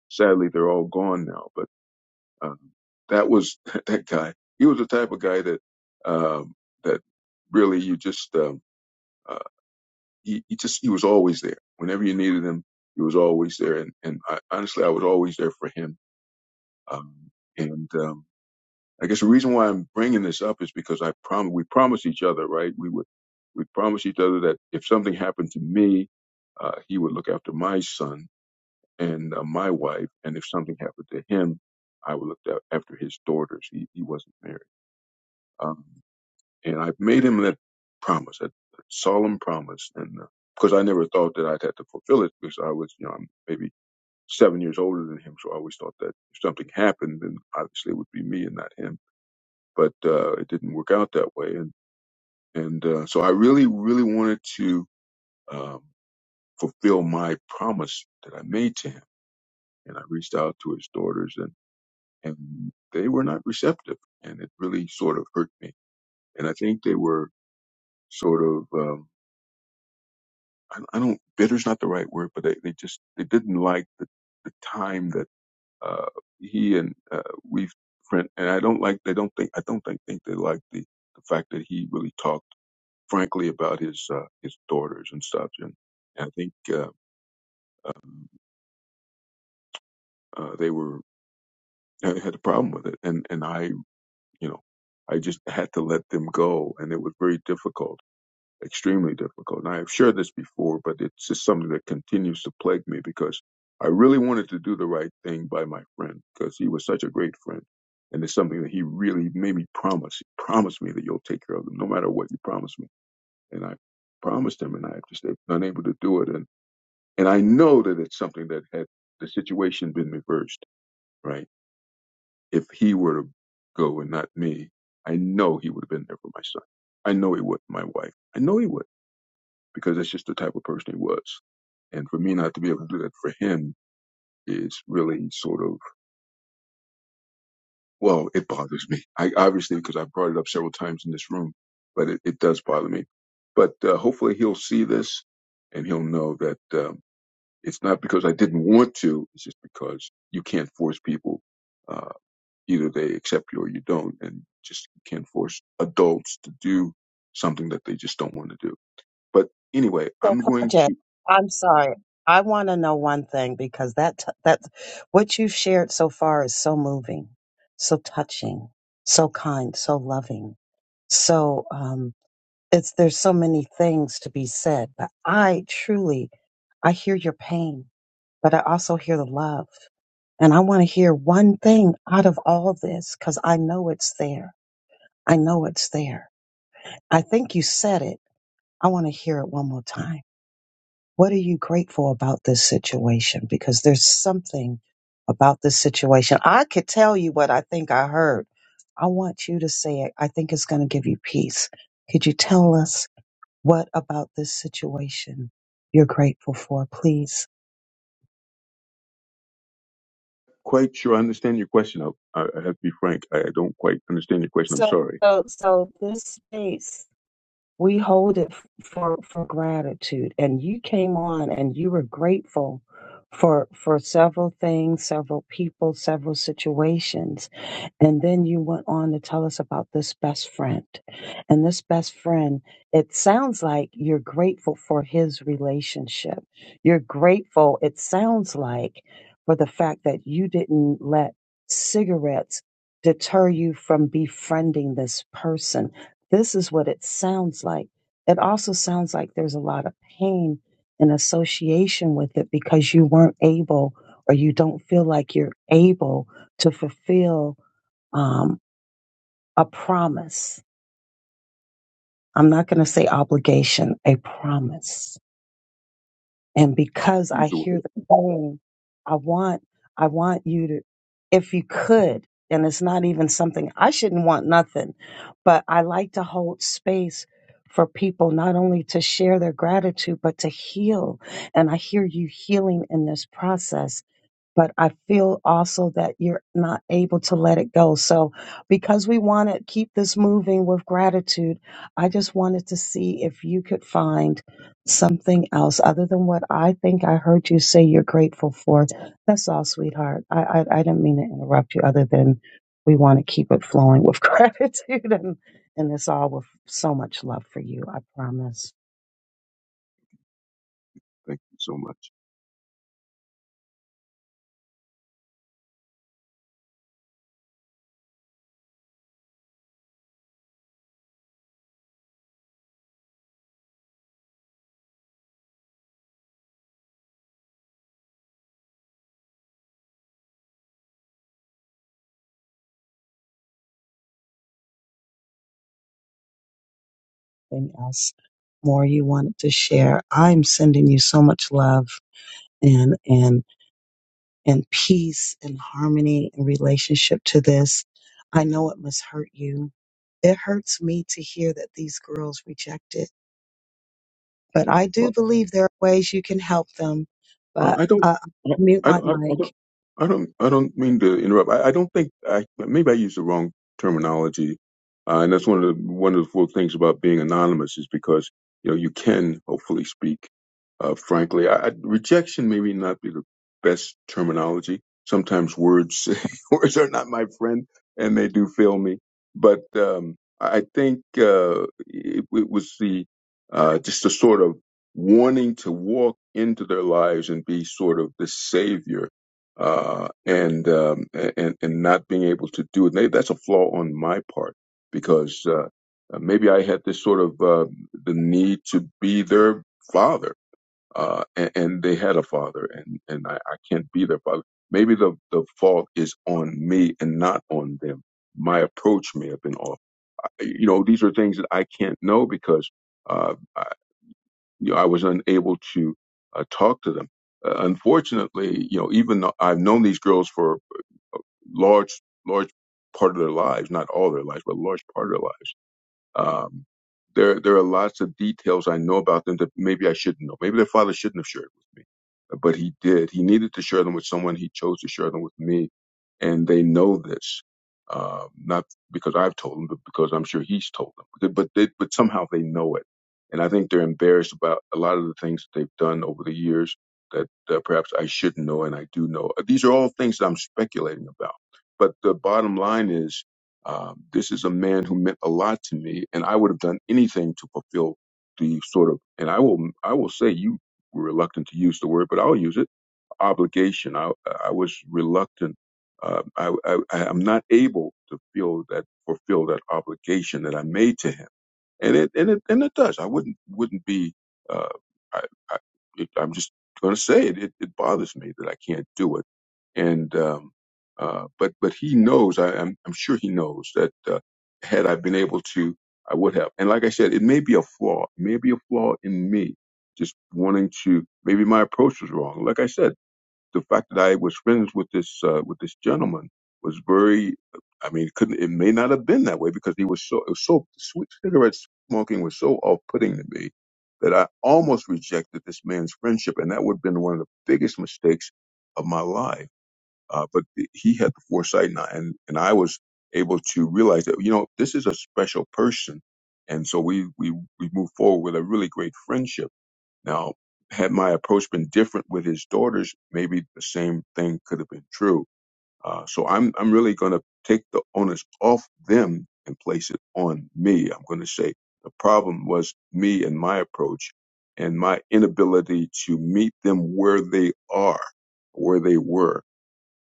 Speaker 16: sadly, they're all gone now. But um, that was that guy. He was the type of guy that um, that really you just um, uh, he, he just he was always there. Whenever you needed him, he was always there. And and I, honestly, I was always there for him. Um, and um, I guess the reason why I'm bringing this up is because I prom we promised each other, right? We would we promised each other that if something happened to me, uh, he would look after my son and uh, my wife, and if something happened to him, I would look a- after his daughters. He he wasn't married Um, and I made him that promise, that that solemn promise. And uh, of I never thought that I'd have to fulfill it because I was, you know, I'm maybe seven years older than him. So I always thought that if something happened, then obviously it would be me and not him. But uh, it didn't work out that way. And, and uh, so I really, really wanted to um, fulfill my promise that I made to him. And I reached out to his daughters, and, and they were not receptive. And it really sort of hurt me. And I think they were sort of. Um, I, I don't bitter's not the right word, but they, they just they didn't like the, the time that uh, he and uh, we've friend and I don't like they don't think I don't think think they like the the fact that he really talked frankly about his uh, his daughters and stuff and, and I think uh, uh, they were had had a problem with it and and I you know I just had to let them go and it was very difficult extremely difficult. And I have shared this before, but it's just something that continues to plague me because I really wanted to do the right thing by my friend because he was such a great friend. And it's something that he really made me promise. He promised me that you'll take care of them no matter what you promise me. And I promised him and I just have been unable to do it. And, and I know that it's something that had the situation been reversed, right? If he were to go and not me, I know he would have been there for my son. I know he would, my wife. I know he would because that's just the type of person he was. And for me not to be able to do that for him is really sort of, well, it bothers me. I obviously, because I've brought it up several times in this room, but it, it does bother me. But uh, hopefully he'll see this and he'll know that um, it's not because I didn't want to. It's just because you can't force people. Uh, either they accept you or you don't, and just you can't force adults to do something that they just don't want to do. But anyway,
Speaker 15: So,
Speaker 16: I'm going
Speaker 15: project,
Speaker 16: to.
Speaker 15: I'm sorry. I want to know one thing because that t- that what you've shared so far is so moving, so touching, so kind, so loving. So, um, it's there's so many things to be said, but I truly I hear your pain, but I also hear the love. And I want to hear one thing out of all this because I know it's there. I know it's there. I think you said it. I want to hear it one more time. What are you grateful about this situation? Because there's something about this situation. I could tell you what I think I heard. I want you to say it. I think it's going to give you peace. Could you tell us what about this situation you're grateful for, please?
Speaker 16: quite sure I understand your question. I, I I have to be frank. I don't quite understand your question. I'm
Speaker 15: So,
Speaker 16: sorry.
Speaker 15: so, so this space, we hold it f- for, for gratitude. And you came on and you were grateful for, for several things, several people, several situations And then you went on to tell us about this best friend. And this best friend, it sounds like you're grateful for his relationship. You're grateful, it sounds like, for the fact that you didn't let cigarettes deter you from befriending this person. This is what it sounds like. It also sounds like there's a lot of pain in association with it because you weren't able or you don't feel like you're able to fulfill um, a promise. I'm not going to say obligation, a promise. And because I
Speaker 16: Excuse the
Speaker 15: hear
Speaker 16: wait.
Speaker 15: the phone, I want, I want you to, if you could, and it's not even something I shouldn't want nothing, but I like to hold space for people not only to share their gratitude, but to heal. And I hear you healing in this process. but I feel also that you're not able to let it go. So, because we want to keep this moving with gratitude, I just wanted to see if you could find something else other than what I think I heard you say you're grateful for. That's all, sweetheart. I I, I didn't mean to interrupt you. Other than we want to keep it flowing with gratitude, and and it's all with so much love for you. I promise.
Speaker 16: Thank you so much.
Speaker 15: Anything else more you wanted to share? I'm sending you so much love. and and and peace and harmony in relationship to this. I know it must hurt you. It hurts me to hear that these girls reject it, but I do believe there are ways you can help them.
Speaker 16: I
Speaker 15: But
Speaker 16: I don't,
Speaker 15: uh,
Speaker 16: I,
Speaker 15: mute
Speaker 16: I, I I
Speaker 15: my mic.
Speaker 16: don't, I don't, I don't mean to interrupt. I, I don't think I maybe I used the wrong terminology, uh, and that's one of the one of the cool things about being anonymous is because you know you can hopefully speak uh, frankly. I, I, rejection maybe not be the best terminology. Sometimes words words are not my friend, and they do fail me. But um, I I think uh, it, it was the uh, just the sort of wanting to walk into their lives and be sort of the savior uh, and um, and and not being able to do it. Maybe that's a flaw on my part because uh, uh, maybe I had this sort of uh, the need to be their father, uh, and, and they had a father, and and I, I can't be their father. Maybe the the fault is on me and not on them. My approach may have been off. You know, these are things that I can't know because. Uh, you know, I was unable to uh, talk to them. Uh, unfortunately, you know, even though I've known these girls for large, large part of their lives, not all their lives, but a large part of their lives. Um, there, there are lots of details I know about them that maybe I shouldn't know. Maybe their father shouldn't have shared with me, uh, but he did. He needed to share them with someone. He chose to share them with me, and they know this. Um, not because I've told them, but because I'm sure he's told them. But they, but somehow they know it, and I think they're embarrassed about a lot of the things that they've done over the years that uh, perhaps I shouldn't know and I do know. These are all things that I'm speculating about. But the bottom line is um, this is a man who meant a lot to me, and I would have done anything to fulfill the sort of, and I will, I will say you were reluctant to use the word, but I'll use it, obligation. I, I was reluctant. Uh, I, I, I'm not able to feel that, fulfill that obligation that I made to him and it and it and it does. I wouldn't wouldn't be. Uh, I, I it, I'm just going to say it, it. It bothers me that I can't do it. And um, uh, but but he knows. I, I'm I'm sure he knows that uh, had I been able to, I would have. And like I said, it may be a flaw. It may be a flaw in me. Just wanting to. Maybe my approach was wrong. Like I said the fact that I was friends with this uh, with this gentleman was very. I mean, it couldn't it may not have been that way because he was so it was so sweet cigarette smoking was so off putting to me that I almost rejected this man's friendship, and that would have been one of the biggest mistakes of my life. Uh, but th- he had the foresight, and I, and, and I was able to realize that you know this is a special person, and so we we we moved forward with a really great friendship now, had my approach been different with his daughters, maybe the same thing could have been true. Uh, so I'm I'm really going to take the onus off them and place it on me. I'm going to say the problem was me and my approach and my inability to meet them where they are, where they were.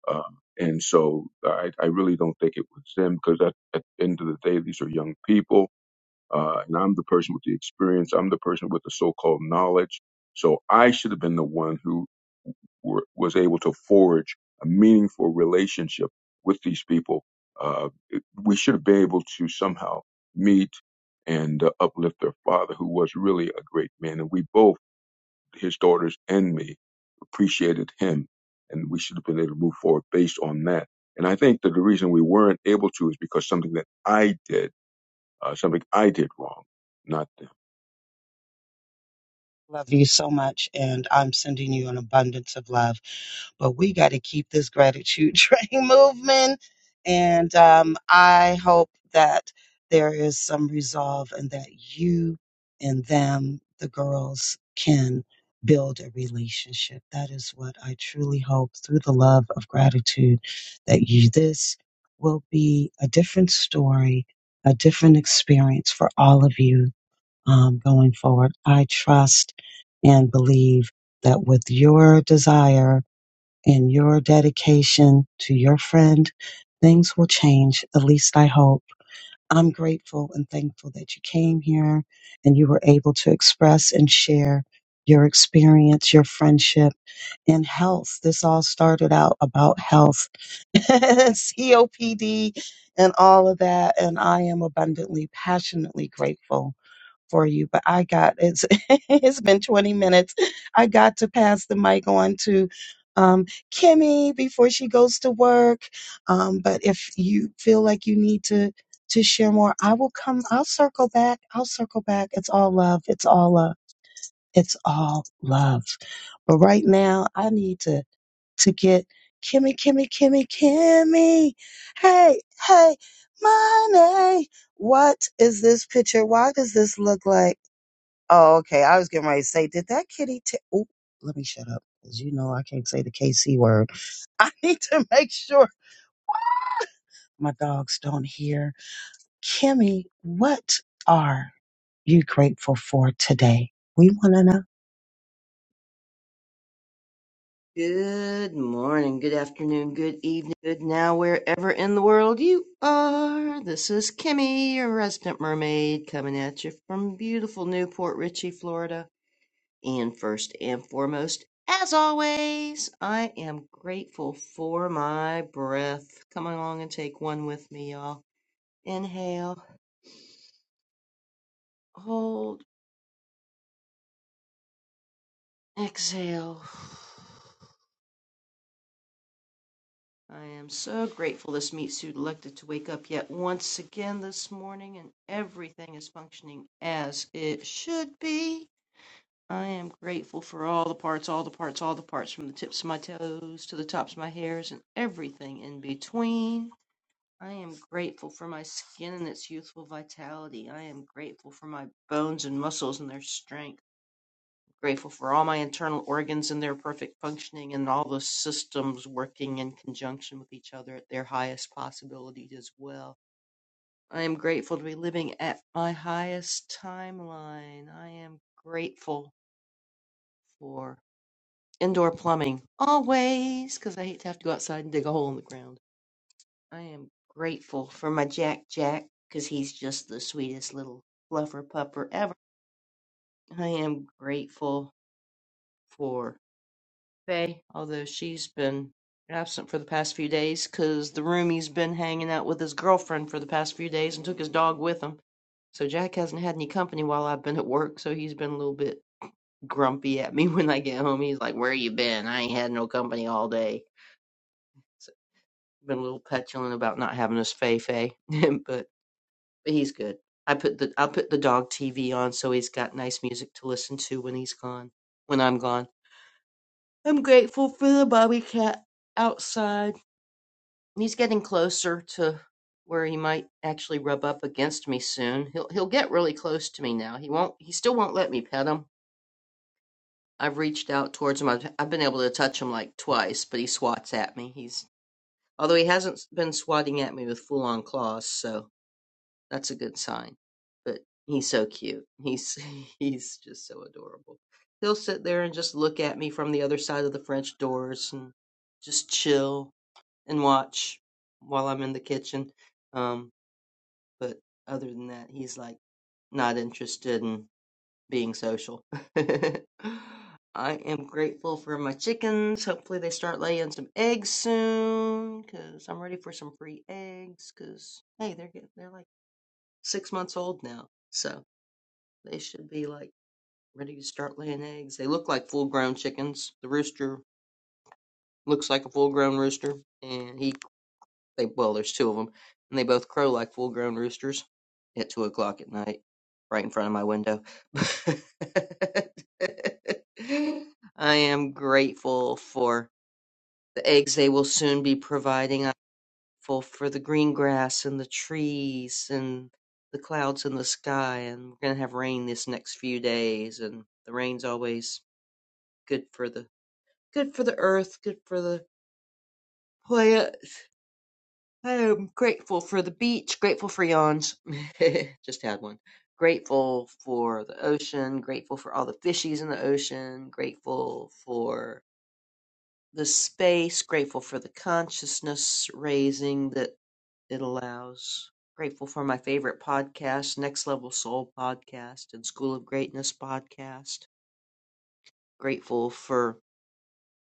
Speaker 16: Um, and so I, I really don't think it was them because at, at the end of the day, these are young people uh, and I'm the person with the experience. I'm the person with the so-called knowledge. So I should have been the one who were, was able to forge a meaningful relationship with these people. Uh, it- we should have been able to somehow meet and uh, uplift their father, who was really a great man. And we both, his daughters and me, appreciated him, and we should have been able to move forward based on that. And I think that the reason we weren't able to is because something that I did, uh, something I did wrong. Not
Speaker 15: Love you so much, and I'm sending you an abundance of love. But we got to keep this gratitude train moving. And um, I hope that there is some resolve and that you and them, the girls, can build a relationship. That is what I truly hope through the love of gratitude that you, this will be a different story, a different experience for all of you um, going forward. I trust and believe that with your desire and your dedication to your friend, things will change. At least I hope. I'm grateful and thankful that you came here and you were able to express and share your experience, your friendship, and health. This all started out about health, COPD, and all of that. And I am abundantly, passionately grateful for you, but I got it's it's been 20 minutes. I got to pass the mic on to um, Kimmy before she goes to work. Um, but if you feel like you need to to share more, I will come. I'll circle back. I'll circle back. It's all love. It's all love. It's all love. But right now, I need to to get Kimmy, Kimmy, Kimmy, Kimmy. Hey, hey, money. What is this picture? Why does this look like? Oh, okay. I was getting ready to say, did that kitty? T- Oop, let me shut up because you know I can't say the KC word. I need to make sure my dogs don't hear. Kimmy, what are you grateful for today? We want to know.
Speaker 17: Good morning, good afternoon, good evening, good now, wherever in the world you are. This is Kimmy, your resident mermaid, coming at you from beautiful Newport Richey, Florida. And first and foremost, as always, I am grateful for my breath. Come along and take one with me, y'all. Inhale, hold, exhale. I am so grateful this meat suit elected to wake up yet once again this morning and everything is functioning as it should be. I am grateful for all the parts, all the parts, all the parts, from the tips of my toes to the tops of my hairs and everything in between. I am grateful for my skin and its youthful vitality. I am grateful for my bones and muscles and their strength. Grateful for all my internal organs and their perfect functioning and all the systems working in conjunction with each other at their highest possibilities as well. I am grateful to be living at my highest timeline. I am grateful for indoor plumbing always, because I hate to have to go outside and dig a hole in the ground. I am grateful for my Jack Jack because he's just the sweetest little fluffer pupper ever. I am grateful for Faye, although she's been absent for the past few days, cause the roomie's been hanging out with his girlfriend for the past few days and took his dog with him. So Jack hasn't had any company while I've been at work, so he's been a little bit grumpy at me when I get home. He's like, "Where you been? I ain't had no company all day." So been a little petulant about not having us Fei Fei, but but he's good. I put the I put the dog TV on so he's got nice music to listen to when he's gone. When I'm gone, I'm grateful for the bobby cat outside He's getting closer to where he might actually rub up against me soon. He'll he'll get really close to me now. He won't. He still won't let me pet him. I've reached out towards him. I've, I've been able to touch him like twice, but he swats at me. He's although he hasn't been swatting at me with full on claws, so that's a good sign. But he's so cute. He's he's just so adorable. He'll sit there and just look at me from the other side of the French doors and just chill and watch while I'm in the kitchen. Um, But other than that, he's like not interested in being social. I am grateful for my chickens. Hopefully, they start laying some eggs soon because I'm ready for some free eggs. Because hey, they're getting, they're like six months old now, so they should be like ready to start laying eggs. They look like full grown chickens. The rooster looks like a full grown rooster, and he They well, there's two of them, and they both crow like full-grown roosters at two o'clock at night, right in front of my window. I am grateful for the eggs they will soon be providing. I'm grateful for the green grass and the trees and the clouds in the sky. And we're gonna have rain this next few days, and the rain's always good for the good for the earth, good for the plant I'm grateful for the beach, grateful for yawns. Just had one. Grateful for the ocean, grateful for all the fishies in the ocean, grateful for the space, grateful for the consciousness raising that it allows. Grateful for my favorite podcast, Next Level Soul podcast and School of Greatness podcast. Grateful for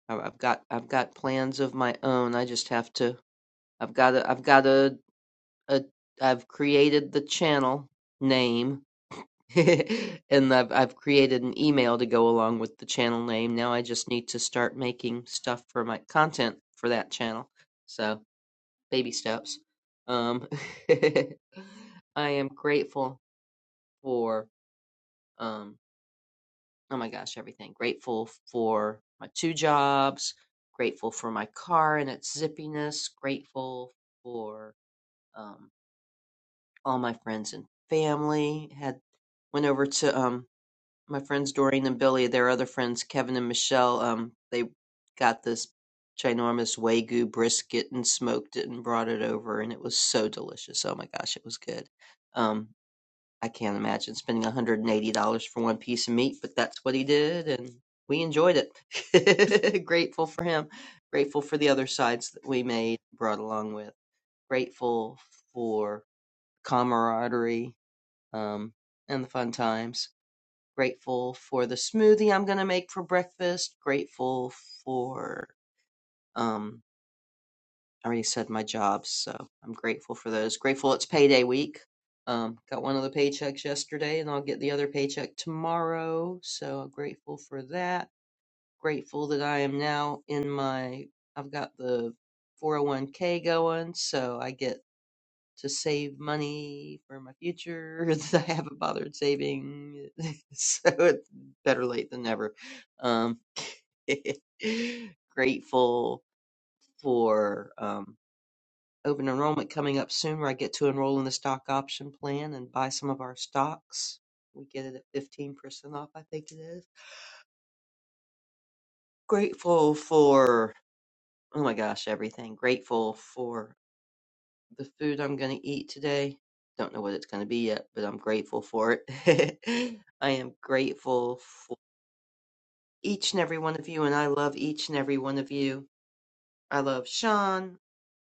Speaker 17: I- have got I've got plans of my own. I just have to I've got to I've got to uh, I've created the channel name and I've I've created an email to go along with the channel name. Now I just need to start making stuff for my content for that channel. So, baby steps. Um I am grateful for um oh my gosh, everything. Grateful for my two jobs, grateful for my car and its zippiness, grateful for um, all my friends and family. Had went over to um my friends Doreen and Billy, their other friends Kevin and Michelle. Um, they got this ginormous wagyu brisket and smoked it and brought it over, and it was so delicious. Oh my gosh, it was good. Um, I can't imagine spending one hundred and eighty dollars for one piece of meat, but that's what he did, and we enjoyed it. Grateful for him. Grateful for the other sides that we made brought along with. Grateful for camaraderie um, and the fun times. Grateful for the smoothie I'm going to make for breakfast. Grateful for, um, I already said my jobs, so I'm grateful for those. Grateful it's payday week. Um, got one of the paychecks yesterday, and I'll get the other paycheck tomorrow. So I'm grateful for that. Grateful that I am now in my, I've got the 401k going, so I get to save money for my future that I haven't bothered saving. so it's better late than never. Um, grateful for um, open enrollment coming up soon where I get to enroll in the stock option plan and buy some of our stocks. We get it at 15% off, I think it is. Grateful for, oh my gosh, everything. Grateful for the food I'm going to eat today. Don't know what it's going to be yet, but I'm grateful for it. I am grateful for each and every one of you, and I love each and every one of you. I love Sean.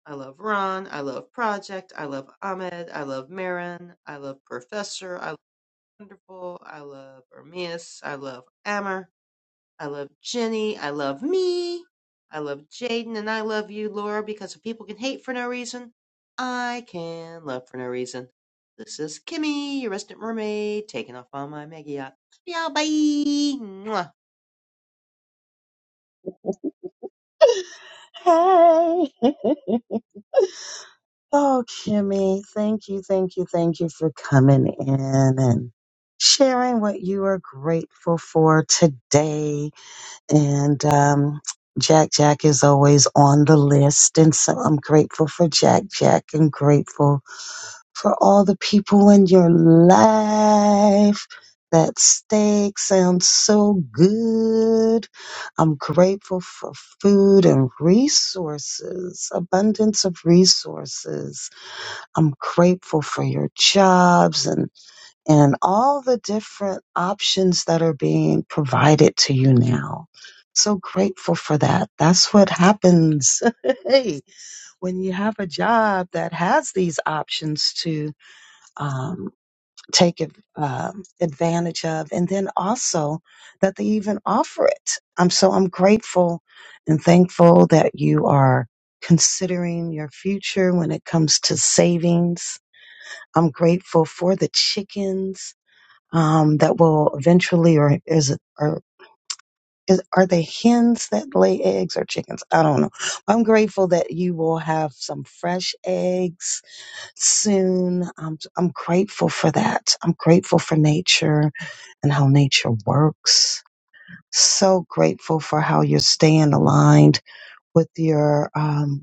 Speaker 17: I love Ron. I love Project. I love Ahmed. I love Marin. I love Professor. I love Wonderful. I love Ermias. I love Ammer. I love Jenny. I love me. I love Jaden. And I love you, Laura, because if people can hate for no reason, I can love for no reason. This is Kimmy, your resident mermaid, taking off on my mega yacht. Yeah, bye. Mwah.
Speaker 15: Hey. Oh, Kimmy, thank you, thank you, thank you for coming in and sharing what you are grateful for today. and um, Jack Jack is always on the list, and so I'm grateful for Jack Jack and grateful for all the people in your life. That steak sounds so good. I'm grateful for food and resources, abundance of resources. I'm grateful for your jobs and and all the different options that are being provided to you now. So grateful for that. That's what happens hey, when you have a job that has these options to um, take ad- um advantage of, and then also that they even offer it. I'm so I'm grateful and thankful that you are considering your future when it comes to savings. I'm grateful for the chickens um, that will eventually, or is it, or is, are they hens that lay eggs or chickens? I don't know. I'm grateful that you will have some fresh eggs soon. I'm, I'm grateful for that. I'm grateful for nature and how nature works. So grateful for how you're staying aligned with your, um,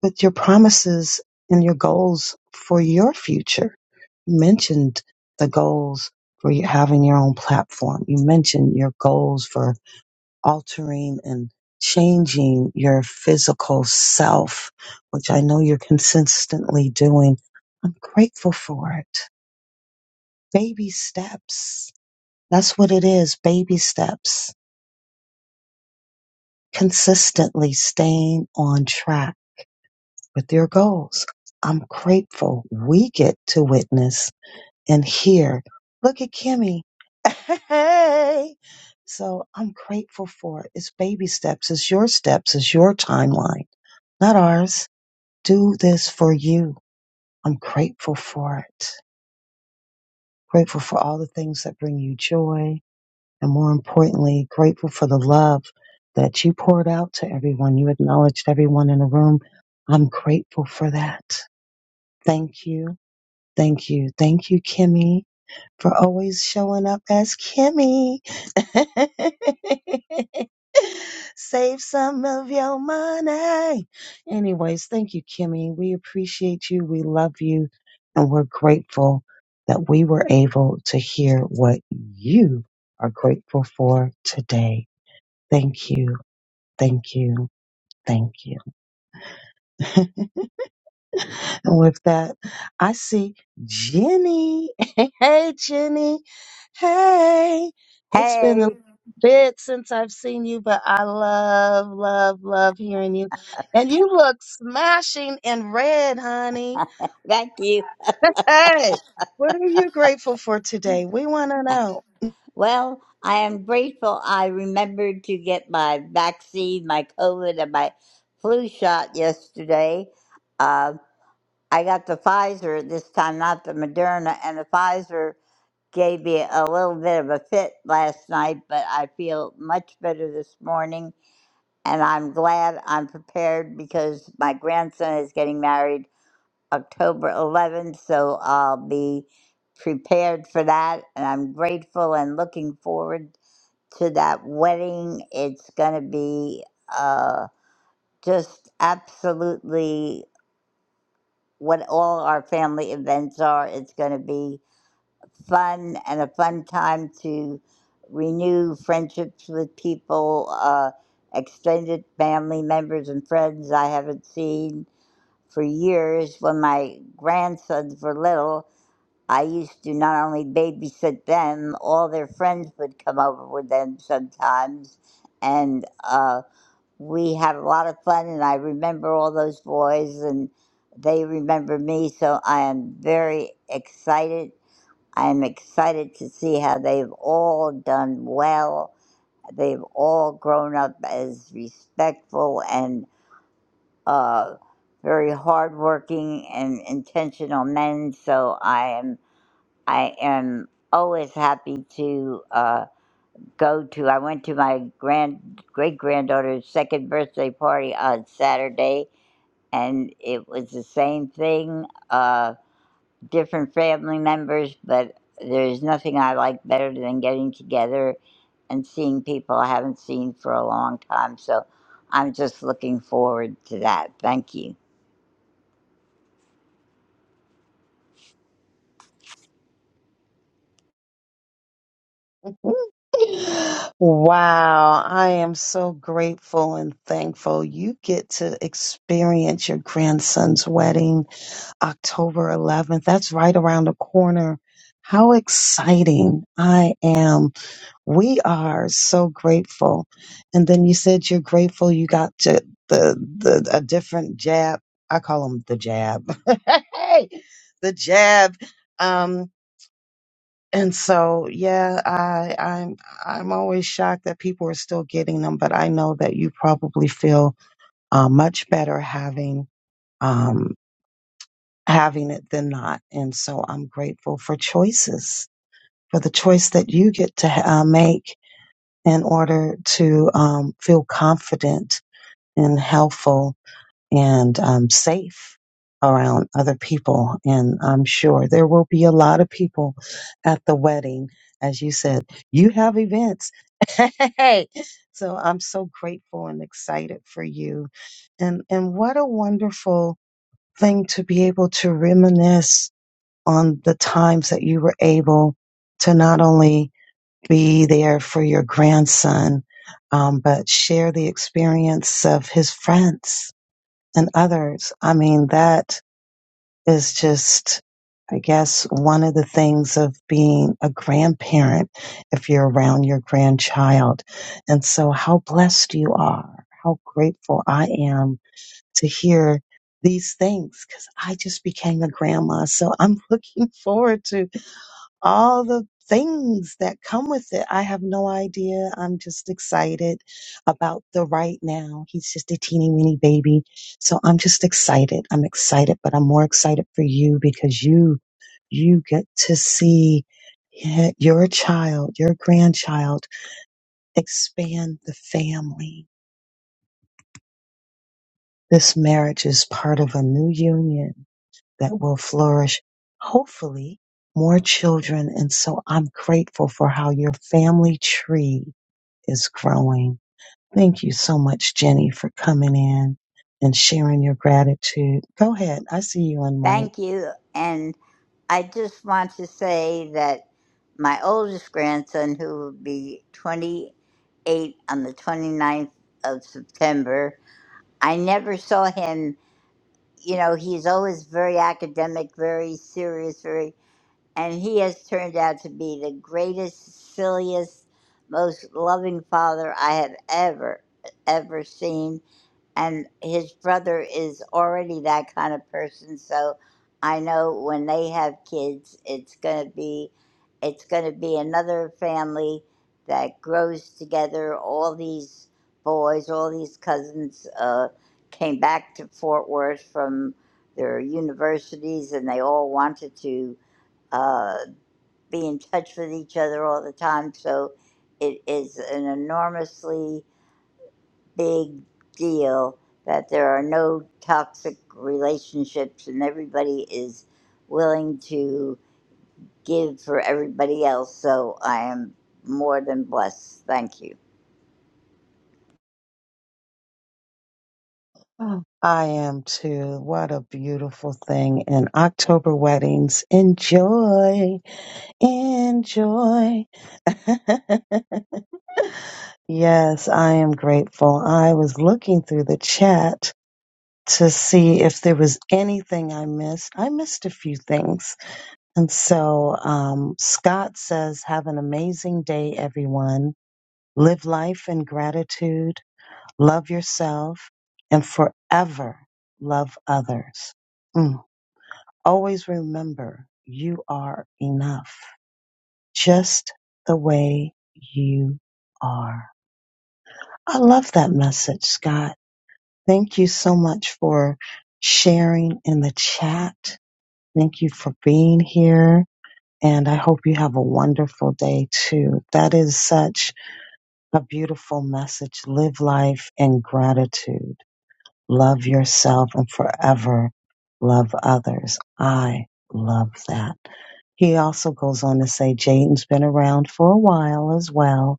Speaker 15: with your promises and your goals for your future. You mentioned the goals for you having your own platform. You mentioned your goals for altering and changing your physical self, which I know you're consistently doing. I'm grateful for it. Baby steps. That's what it is. Baby steps. Consistently staying on track with their goals. I'm grateful we get to witness and hear. Look at Kimmy. Hey. So I'm grateful for it. It's baby steps. It's your steps. It's your timeline, not ours. Do this for you. I'm grateful for it. Grateful for all the things that bring you joy. And more importantly, grateful for the love that you poured out to everyone. You acknowledged everyone in the room. I'm grateful for that. Thank you Thank you. Thank you, Kimmy, for always showing up as Kimmy. Save some of your money. Anyways, thank you, Kimmy. We appreciate you. We love you. And we're grateful that we were able to hear what you are grateful for today. Thank you. Thank you. Thank you. And with that, I see Jenny. Hey, Jenny. Hey, it's been a
Speaker 18: Hey,
Speaker 15: bit since I've seen you, but I love, love, love hearing you. And you look smashing in red, honey.
Speaker 18: thank you.
Speaker 15: Hey, what are you grateful for today? We want to know.
Speaker 18: Well, I am grateful I remembered to get my vaccine, my COVID, and my flu shot yesterday. Uh, I got the Pfizer this time, not the Moderna, and the Pfizer gave me a little bit of a fit last night, but I feel much better this morning, and I'm glad I'm prepared because my grandson is getting married October 11th, so I'll be prepared for that. And I'm grateful and looking forward to that wedding. It's going to be uh, just absolutely what all our family events are. It's going to be fun and a fun time to renew friendships with people, uh, extended family members, and friends I haven't seen for years when my grandsons were little I used to not only babysit them, all their friends would come over with them sometimes. And uh, we had a lot of fun, and I remember all those boys, and they remember me. So I am very excited. I am excited to see how they've all done well. They've all grown up as respectful and uh, very hardworking and intentional men. So I am. I am always happy to uh, go to. I went to my grand great granddaughter's second birthday party on Saturday, and it was the same thing. Uh, different family members, but there's nothing I like better than getting together and seeing people I haven't seen for a long time. So I'm just looking forward to that. Thank you.
Speaker 15: Wow, I am so grateful and thankful you get to experience your grandson's wedding October 11th. That's right around the corner. How exciting I am. We are so grateful. And then you said you're grateful you got to the, the a different jab. I call them the jab. hey, the jab. Um and so yeah, I I'm I'm always shocked that people are still getting them, but I know that you probably feel uh, much better having um, having it than not. And so I'm grateful for choices, for the choice that you get to uh, make in order to um, feel confident and helpful and um, safe around other people. And I'm sure there will be a lot of people at the wedding. As you said, you have events. Hey, so I'm so grateful and excited for you. And, and what a wonderful thing to be able to reminisce on the times that you were able to not only be there for your grandson, um, but share the experience of his friends and others. I mean, that is just, I guess, one of the things of being a grandparent if you're around your grandchild. And so, how blessed you are, how grateful I am to hear. These things, because I just became a grandma. So I'm looking forward to all the things that come with it. I have no idea. I'm just excited about the right now. He's just a teeny weeny baby. So I'm just excited. I'm excited, but I'm more excited for you because you, you get to see y- your child, your grandchild expand the family. This marriage is part of a new union that will flourish, hopefully, more children. And so I'm grateful for how your family tree is growing. Thank you so much, Jenny, for coming in and sharing your gratitude. Go ahead. I see you on mic.
Speaker 18: Thank you. And I just want to say that my oldest grandson, who will be 28 on the 29th of September, I never saw him. You know, he's always very academic, very serious, very, and he has turned out to be the greatest, silliest, most loving father I have ever, ever seen and his brother is already that kind of person so i know when they have kids it's going to be it's going to be another family that grows together all these boys all these cousins uh, came back to fort worth from their universities and they all wanted to uh, be in touch with each other all the time so it is an enormously big deal that there are no toxic relationships and everybody is willing to give for everybody else. So I am more than blessed. Thank you.
Speaker 15: Oh. I am too. What a beautiful thing. And October weddings. Enjoy. Enjoy. yes, I am grateful. I was looking through the chat to see if there was anything I missed. I missed a few things. And so um, Scott says, Have an amazing day, everyone. Live life in gratitude, love yourself, and forever love others. Mm. Always remember you are enough, just the way you are. I love that message, Scott. Thank you so much for sharing in the chat Thank you for being here. And I hope you have a wonderful day too. That is such a beautiful message. Live life in gratitude. Love yourself and forever love others. I love that. He also goes on to say Jaden's been around for a while as well.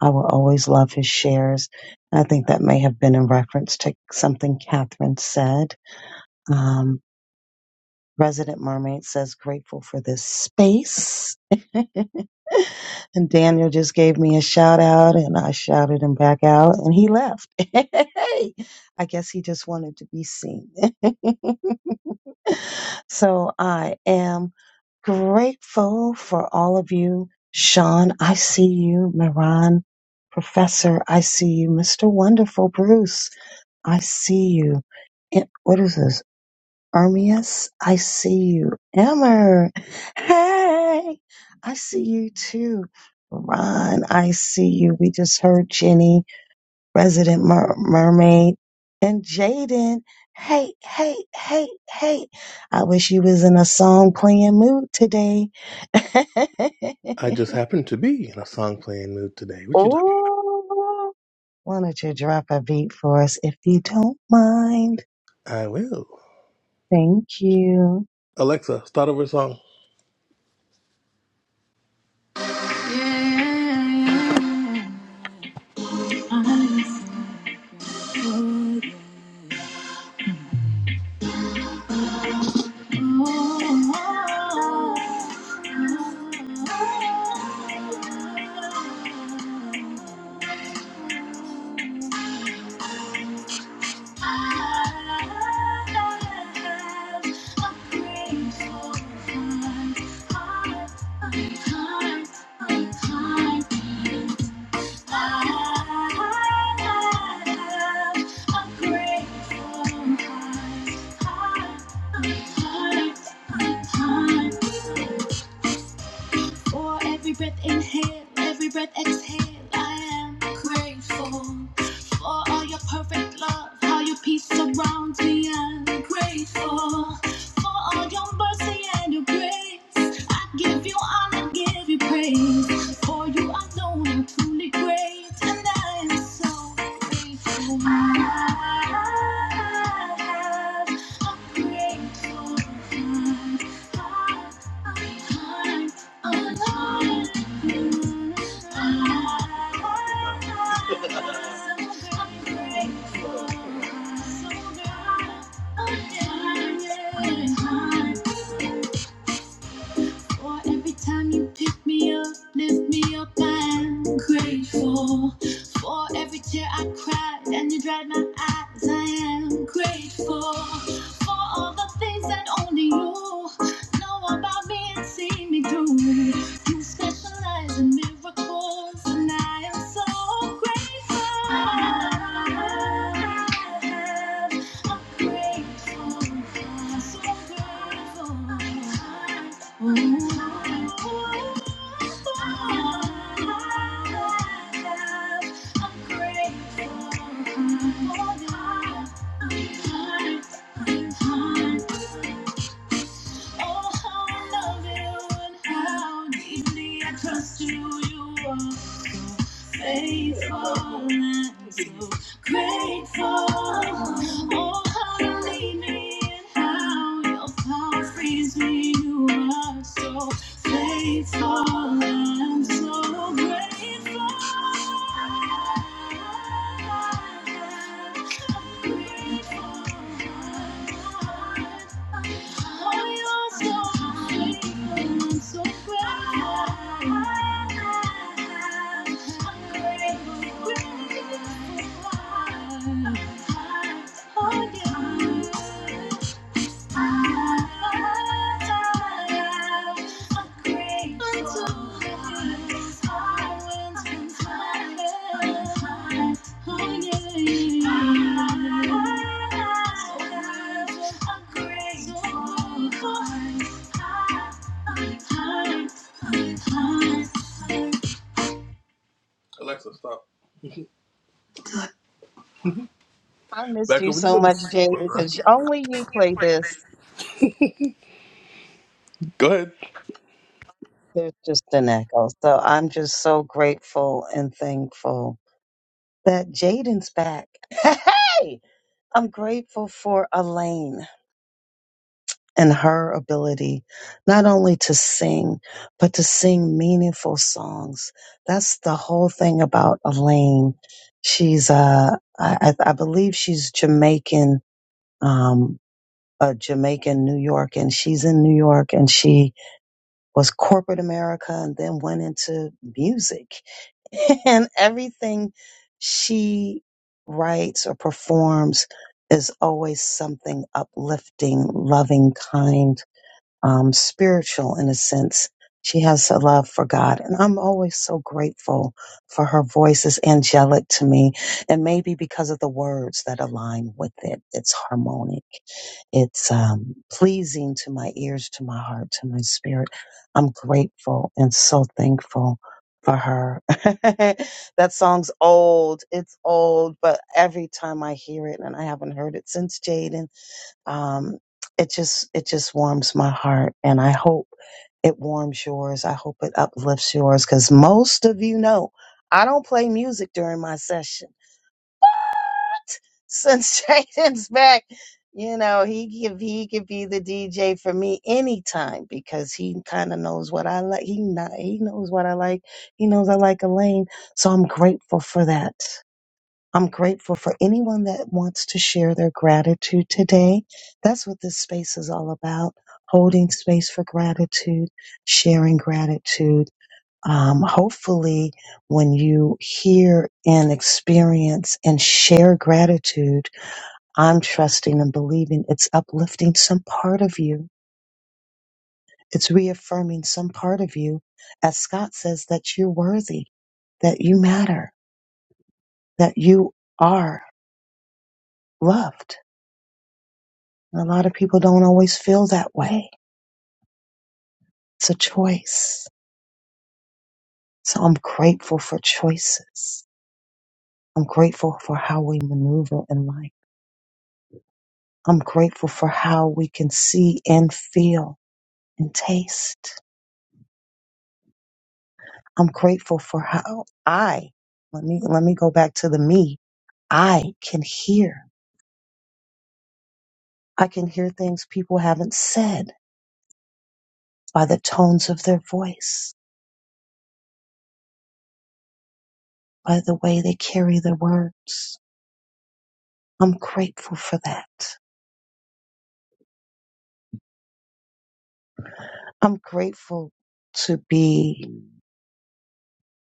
Speaker 15: I will always love his shares. I think that may have been in reference to something Catherine said. Um, Resident Mermaid says, grateful for this space. and Daniel just gave me a shout out, and I shouted him back out, and he left. I guess he just wanted to be seen. so I am grateful for all of you. Sean, I see you. Miran, Professor, I see you. Mr. Wonderful, Bruce, I see you. And what is this? Armias, I see you. Emmer, hey, I see you too. Ron, I see you. We just heard Jenny, resident mer- mermaid, and Jaden. Hey, hey, hey, hey. I wish you was in a song playing mood today.
Speaker 14: I just happened to be in a song playing mood today. What you talking?
Speaker 15: Ooh, why don't you drop a beat for us if you don't mind?
Speaker 14: I will.
Speaker 15: Thank you.
Speaker 14: Alexa, start over a song. I I Thank you. Thank you. Or every breath inhale, every breath exhale. I am grateful for all your perfect love, how your peace surrounds me. I'm grateful for all your mercy and your grace. I give you honor, give you praise. For you alone are truly great, and I am so grateful. I have a grateful heart. Thank you. For every time you pick me up, lift me up, I'm grateful. For every tear I cried and you dried my eyes, I am grateful. For all the things that only you know about me and see me through. You specialize in miracles, and I am so grateful. I'm hard, I'm hard, I'm hard. Oh, how I love you and how deeply I trust you. You are so faithful and so grateful. Oh, how you lead me and how your power frees me. You are so faithful and so grateful. Oh, yeah. Alexa, stop.
Speaker 15: I missed
Speaker 14: Back
Speaker 15: you
Speaker 14: over when
Speaker 15: so
Speaker 14: you
Speaker 15: much,
Speaker 14: Miss
Speaker 15: Jay,
Speaker 14: Cora.
Speaker 15: because only you play this.
Speaker 14: Go ahead.
Speaker 15: There's just an echo. So I'm just so grateful and thankful that Jaden's back. Hey! I'm grateful for Elaine and her ability not only to sing, but to sing meaningful songs. That's the whole thing about Elaine. She's, uh, I, I I believe she's Jamaican, um, a Jamaican New York, and she's in New York and she was corporate America and then went into music. and everything she writes or performs is always something uplifting, loving, kind um, spiritual in a sense. She has a love for God. And I'm always so grateful for her voice is angelic to me. And maybe because of the words that align with it, it's harmonic. It's um, pleasing to my ears, to my heart, to my spirit. I'm grateful and so thankful for her. that song's old. It's old, but every time I hear it, and I haven't heard it since Jaden um, it just it just warms my heart, and I hope it warms yours. I hope it uplifts yours because most of you know I don't play music during my session. Since Jaden's back, you know he could he could be the DJ for me anytime because he kind of knows what I like. He not he knows what I like. He knows I like Elaine, so I'm grateful for that. I'm grateful for anyone that wants to share their gratitude today. That's what this space is all about holding space for gratitude, sharing gratitude. Um, hopefully, when you hear and experience and share gratitude, I'm trusting and believing it's uplifting some part of you, it's reaffirming some part of you. As Scott says, that you're worthy, that you matter, that you are loved And a lot of people don't always feel that way. It's a choice. So I'm grateful for choices. I'm grateful for how we maneuver in life. I'm grateful for how we can see and feel and taste. I'm grateful for how I, let me, let me go back to the me. I can hear. I can hear things people haven't said by the tones of their voice, by the way they carry their words. I'm grateful for that. I'm grateful to be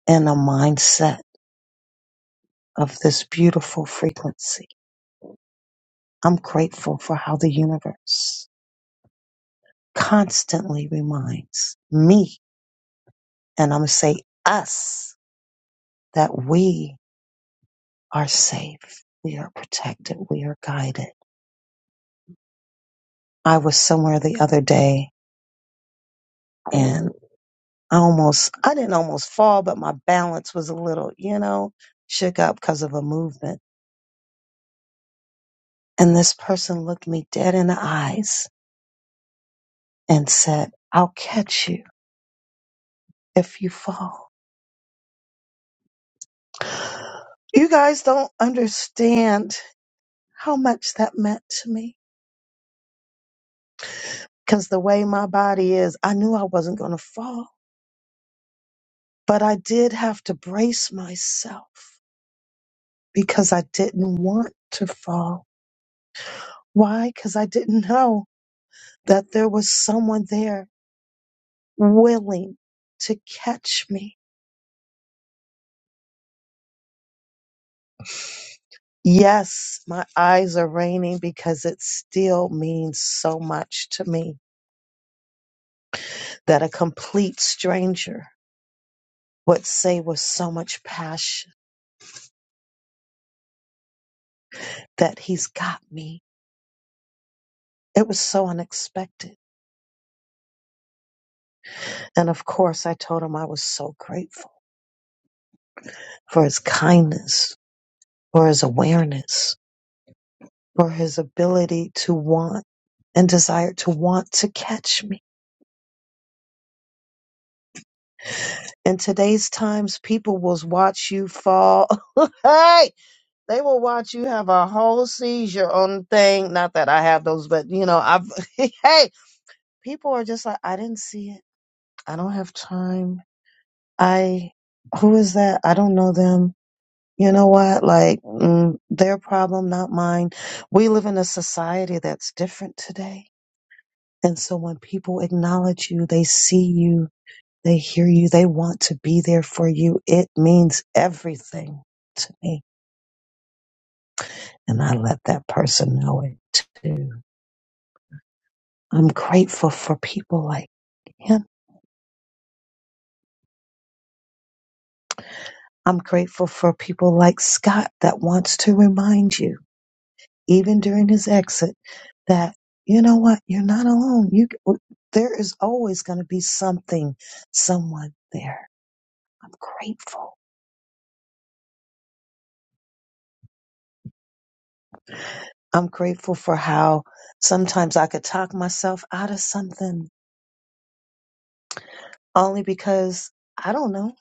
Speaker 15: in a mindset of this beautiful frequency. I'm grateful for how the universe constantly reminds me, and I'm going to say us, that we are safe. We are protected. We are guided. I was somewhere the other day and I almost, I didn't almost fall, but my balance was a little, you know, shook up because of a movement. And this person looked me dead in the eyes and said, I'll catch you if you fall. You guys don't understand how much that meant to me. Because the way my body is, I knew I wasn't going to fall, but I did have to brace myself because I didn't want to fall. Why? Because I didn't know that there was someone there willing to catch me. Yes, my eyes are raining because it still means so much to me that a complete stranger would say with so much passion that he's got me. It was so unexpected. And of course, I told him I was so grateful for his kindness, for his awareness, for his ability to want and desire to want to catch me. In today's times, people will watch you fall. hey, they will watch you have a whole seizure on the thing. Not that I have those, but you know, I've, hey, people are just like, I didn't see it. I don't have time. I, who is that? I don't know them. You know what? Like, mm, their problem, not mine. We live in a society that's different today. And so when people acknowledge you, they see you, they hear you, they want to be there for you. It means everything to me. And I let that person know it too. I'm grateful for people like him. I'm grateful for people like Scott that wants to remind you. even during his exit, that you know what, you're not alone. You there is always going to be something, someone there. I'm grateful. I'm grateful for how sometimes I could talk myself out of something only because I don't know.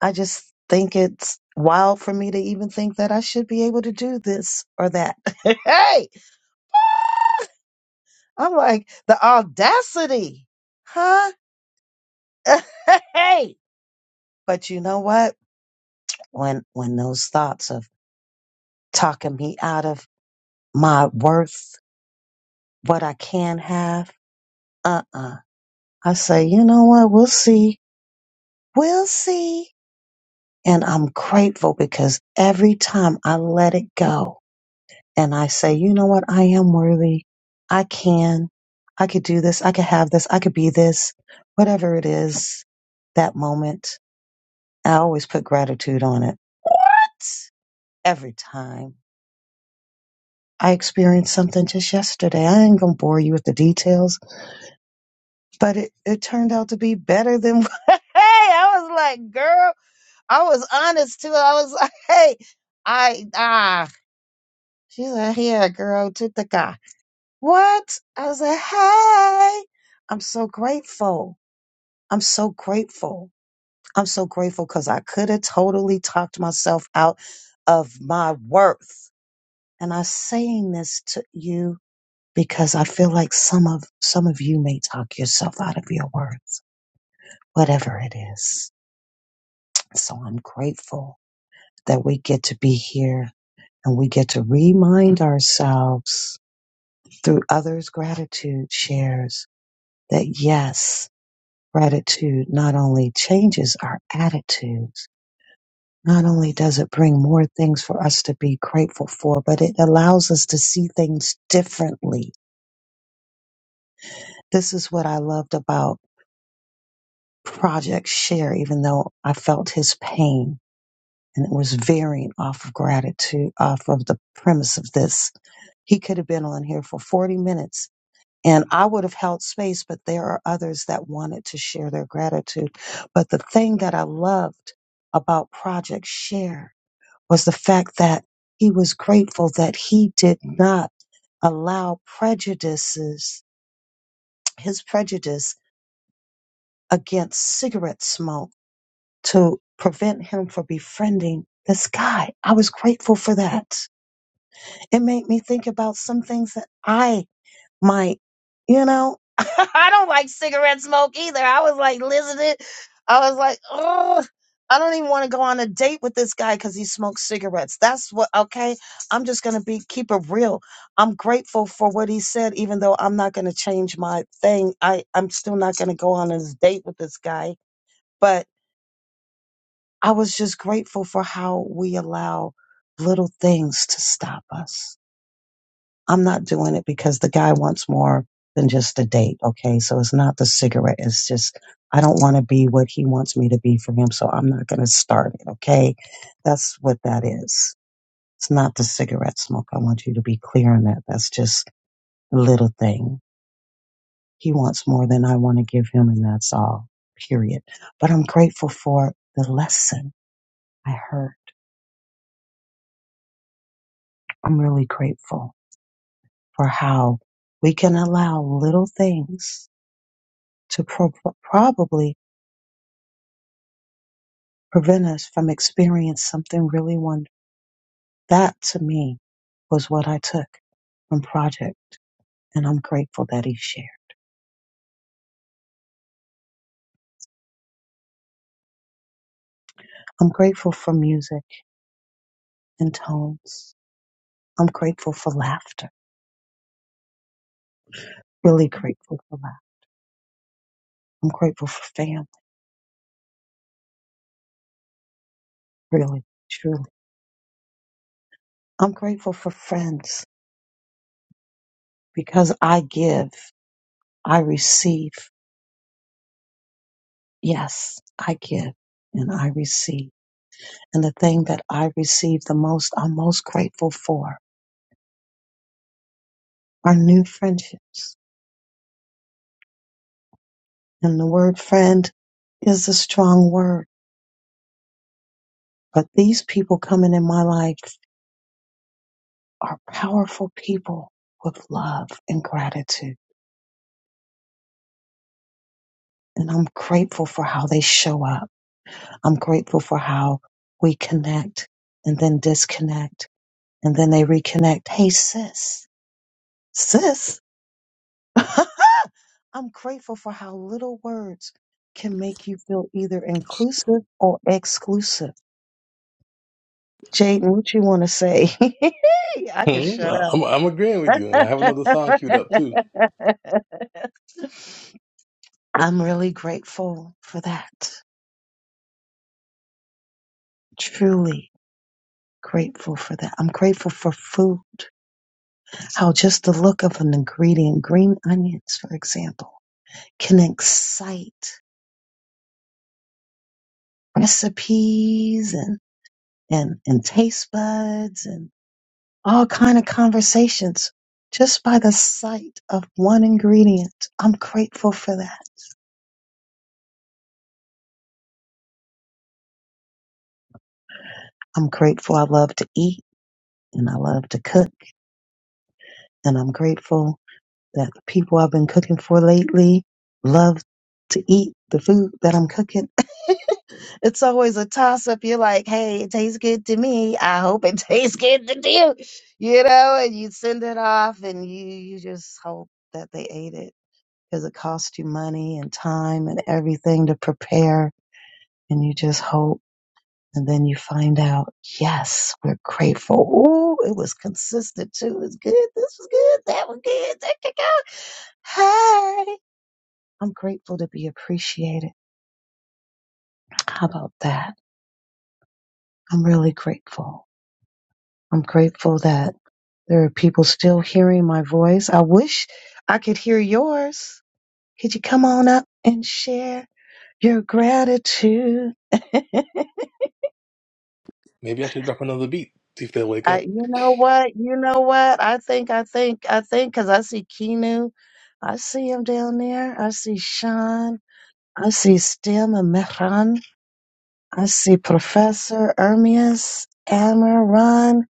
Speaker 15: I just think it's wild for me to even think that I should be able to do this or that. hey, I'm like the audacity, huh? hey, but you know what? when when those thoughts of talking me out of my worth, what I can have, uh-uh. I say, you know what, we'll see. We'll see. And I'm grateful because every time I let it go and I say, you know what, I am worthy. I can. I could do this. I could have this. I could be this. Whatever it is, that moment. I always put gratitude on it. What? Every time. I experienced something just yesterday. I ain't gonna bore you with the details, but it, it turned out to be better than. hey, I was like, girl, I was honest too. I was like, hey, I ah. She's like, yeah, girl, to the guy. What? I was like, hey, I'm so grateful. I'm so grateful. I'm so grateful because I could have totally talked myself out of my worth. And I'm saying this to you because I feel like some of some of you may talk yourself out of your words, whatever it is. So I'm grateful that we get to be here and we get to remind ourselves through others' gratitude shares that yes, gratitude not only changes our attitudes, not only does it bring more things for us to be grateful for, but it allows us to see things differently. This is what I loved about project share, even though I felt his pain and it was varying off of gratitude, off of the premise of this. He could have been on here for 40 minutes and I would have held space, but there are others that wanted to share their gratitude. But the thing that I loved about Project Share was the fact that he was grateful that he did not allow prejudices, his prejudice against cigarette smoke to prevent him from befriending this guy. I was grateful for that. It made me think about some things that I might, you know, I don't like cigarette smoke either. I was like listening. I was like, oh, I don't even want to go on a date with this guy because he smokes cigarettes. That's what, okay. I'm just going to be, keep it real. I'm grateful for what he said, even though I'm not going to change my thing. I, I'm still not going to go on this date with this guy. But I was just grateful for how we allow little things to stop us. I'm not doing it because the guy wants more than just a date. Okay. So it's not the cigarette. It's just, I don't want to be what he wants me to be for him. So I'm not going to start it. Okay. That's what that is. It's not the cigarette smoke. I want you to be clear on that. That's just a little thing. He wants more than I want to give him. And that's all period. But I'm grateful for the lesson I heard. I'm really grateful. for how we can allow little things to pro- probably prevent us from experiencing something really wonderful. That to me was what I took from Project, and I'm grateful that he shared. I'm grateful for music and tones. I'm grateful for laughter, really grateful for laughter. I'm grateful for family, really, truly. I'm grateful for friends because I give, I receive. Yes, I give and I receive. And the thing that I receive the most, I'm most grateful for are new friendships. And the word friend is a strong word, but these people coming in my life are powerful people with love and gratitude. And I'm grateful for how they show up. I'm grateful for how we connect and then disconnect and then they reconnect. Hey, sis, sis. I'm grateful for how little words can make you feel either inclusive or exclusive. Jaden, what you want to say? I can
Speaker 14: Hmm,
Speaker 15: shut up.
Speaker 14: I'm, I'm agreeing with you, and I have another song queued up too.
Speaker 15: I'm really grateful for that. Truly grateful for that. I'm grateful for food. How just the look of an ingredient, green onions, for example, can excite recipes and, and, and taste buds and. all kind of conversations just by the sight of one ingredient. I'm grateful for that. I'm grateful I love to eat and I love to cook and I'm grateful that the people I've been cooking for lately love to eat the food that I'm cooking. it's always a toss up. You're like, hey, it tastes good to me. I hope it tastes good to you. You know, and you send it off and you, you just hope that they ate it because it costs you money and time and everything to prepare. And you just hope. And then you find out, yes, we're grateful. Ooh, it was consistent too. It's good. This was good. That was good. That could go. Hey, I'm grateful to be appreciated. How about that? I'm really grateful. I'm grateful that there are people still hearing my voice. I wish I could hear yours. Could you come on up and share your gratitude?
Speaker 14: Maybe I should drop another beat, see if they'll wake
Speaker 15: I,
Speaker 14: up.
Speaker 15: you know what? You know what? I think, I think, I think, because I see Keenu. I see him down there. I see Sean. I see Stem and Mehran. I see Professor Ermias, Amaran.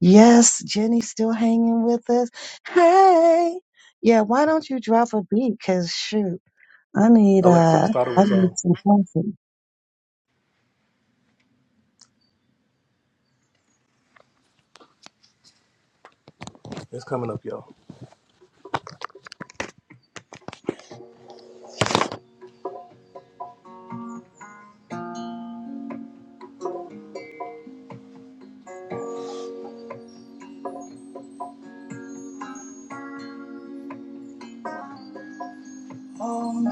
Speaker 15: Yes, Jenny's still hanging with us. Hey, yeah, why don't you drop a beat? Because shoot, I need,
Speaker 14: Alexa,
Speaker 15: uh,
Speaker 14: start
Speaker 15: I
Speaker 14: over song.
Speaker 15: need some coffee.
Speaker 14: It's coming up, y'all.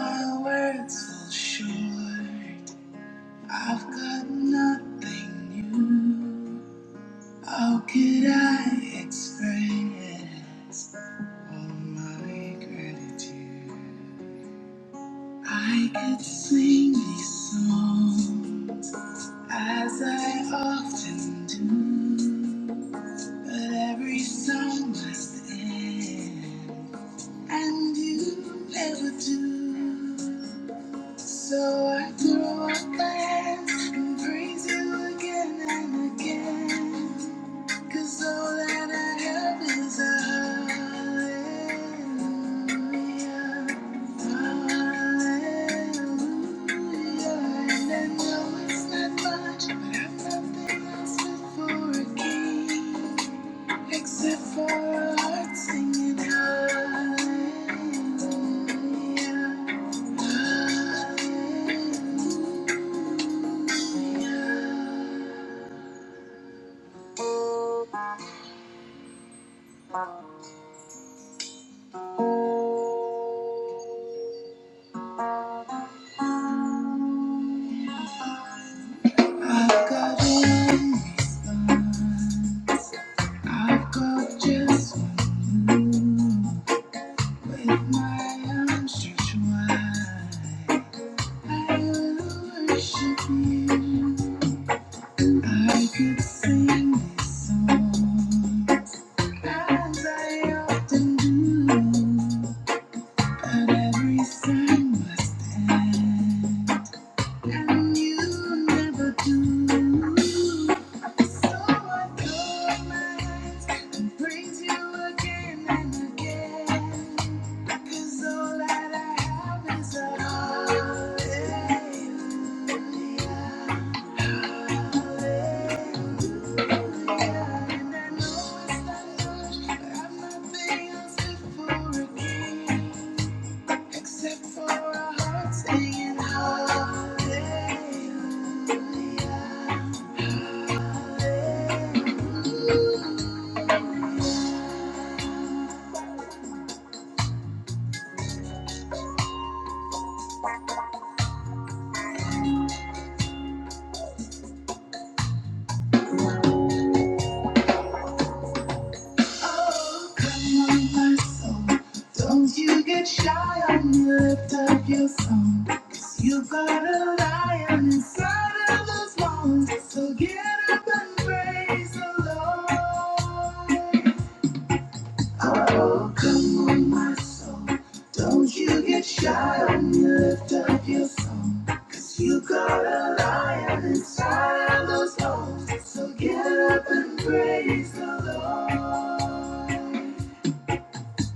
Speaker 14: My words fall short. I've got nothing new. How could I express all my gratitude? I could sing these songs as I often do, but every song must end. And you never do. So I throw up my hands and praise you again and again. 'Cause all that I have is a hallelujah. Hallelujah. And I know it's not much, but I've nothing else but for a king. Except for our hearts singing hallelujah. I've got one, I've got just one. you. With my arms stretched wide, I will worship you. I could sing this song as I often do, but every song must end. And you never do. So I call my praise you again and again. 'Cause all that I have is a hallelujah. And I know it's not much, but I've nothing else for a king except for a heart singing hallelujah. Oh, Come on, my soul. Don't you get shy when you Lift up your song. 'Cause you got a lion inside of those lungs. So get up and praise the Lord. Oh, come on, my soul. Don't you get shy when you Lift up your song. 'Cause you got a lion inside of those lungs. So get up and praise the Lord.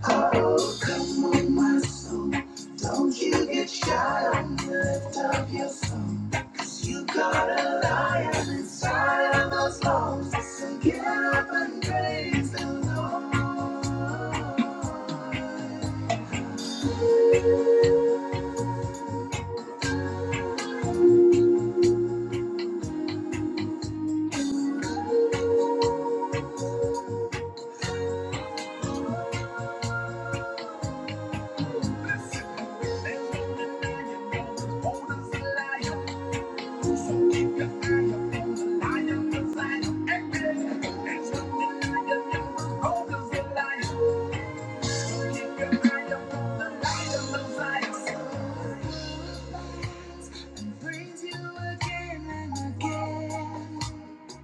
Speaker 14: Oh, come on, my soul. Don't you get shy on the lift of your song. Cause you got a lion inside of those bones. So get up and praise the Lord.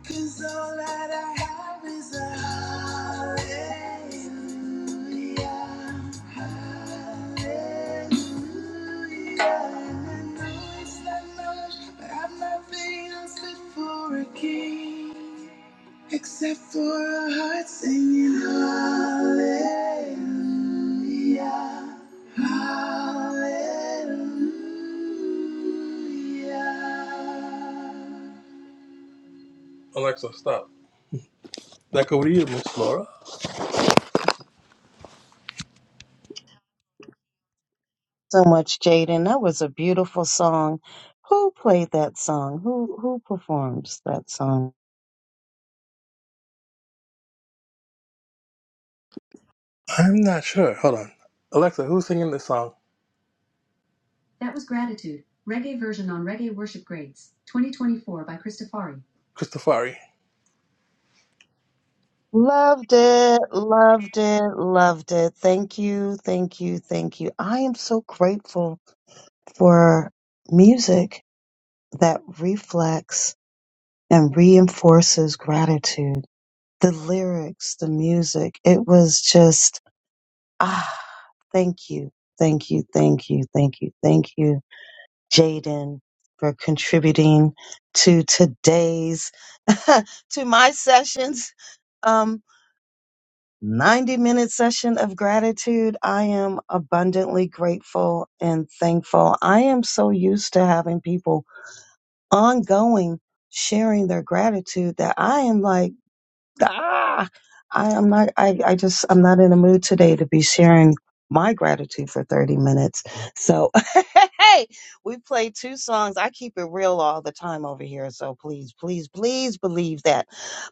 Speaker 14: Cause all that I have is a hallelujah. Hallelujah. I know it's not much, but I've nothing else fit for a king. Except for a heart singing hallelujah, hallelujah. Alexa, stop. That over to you, Miss Laura.
Speaker 15: So much, Jaden. That was a beautiful song. Who played that song? Who who performs that song?
Speaker 14: I'm not sure. Hold on. Alexa, who's singing this song? That was Gratitude, reggae version on Reggae Worship Grades, 2024 by Christofari. Christofari,
Speaker 15: Loved it, loved it, loved it. Thank you, thank you, thank you. I am so grateful for music that reflects and reinforces gratitude. The lyrics, the music, it was just, ah, thank you, thank you, thank you, thank you, thank you, Jaden, for contributing to today's, to my sessions. Um. 90 minute session of gratitude. I am abundantly grateful and thankful. I am so used to having people ongoing sharing their gratitude that I am like, Ah, I am not. I, I just I'm not in the mood today to be sharing my gratitude for 30 minutes. So hey, we play two songs. I keep it real all the time over here. So please, please, please believe that.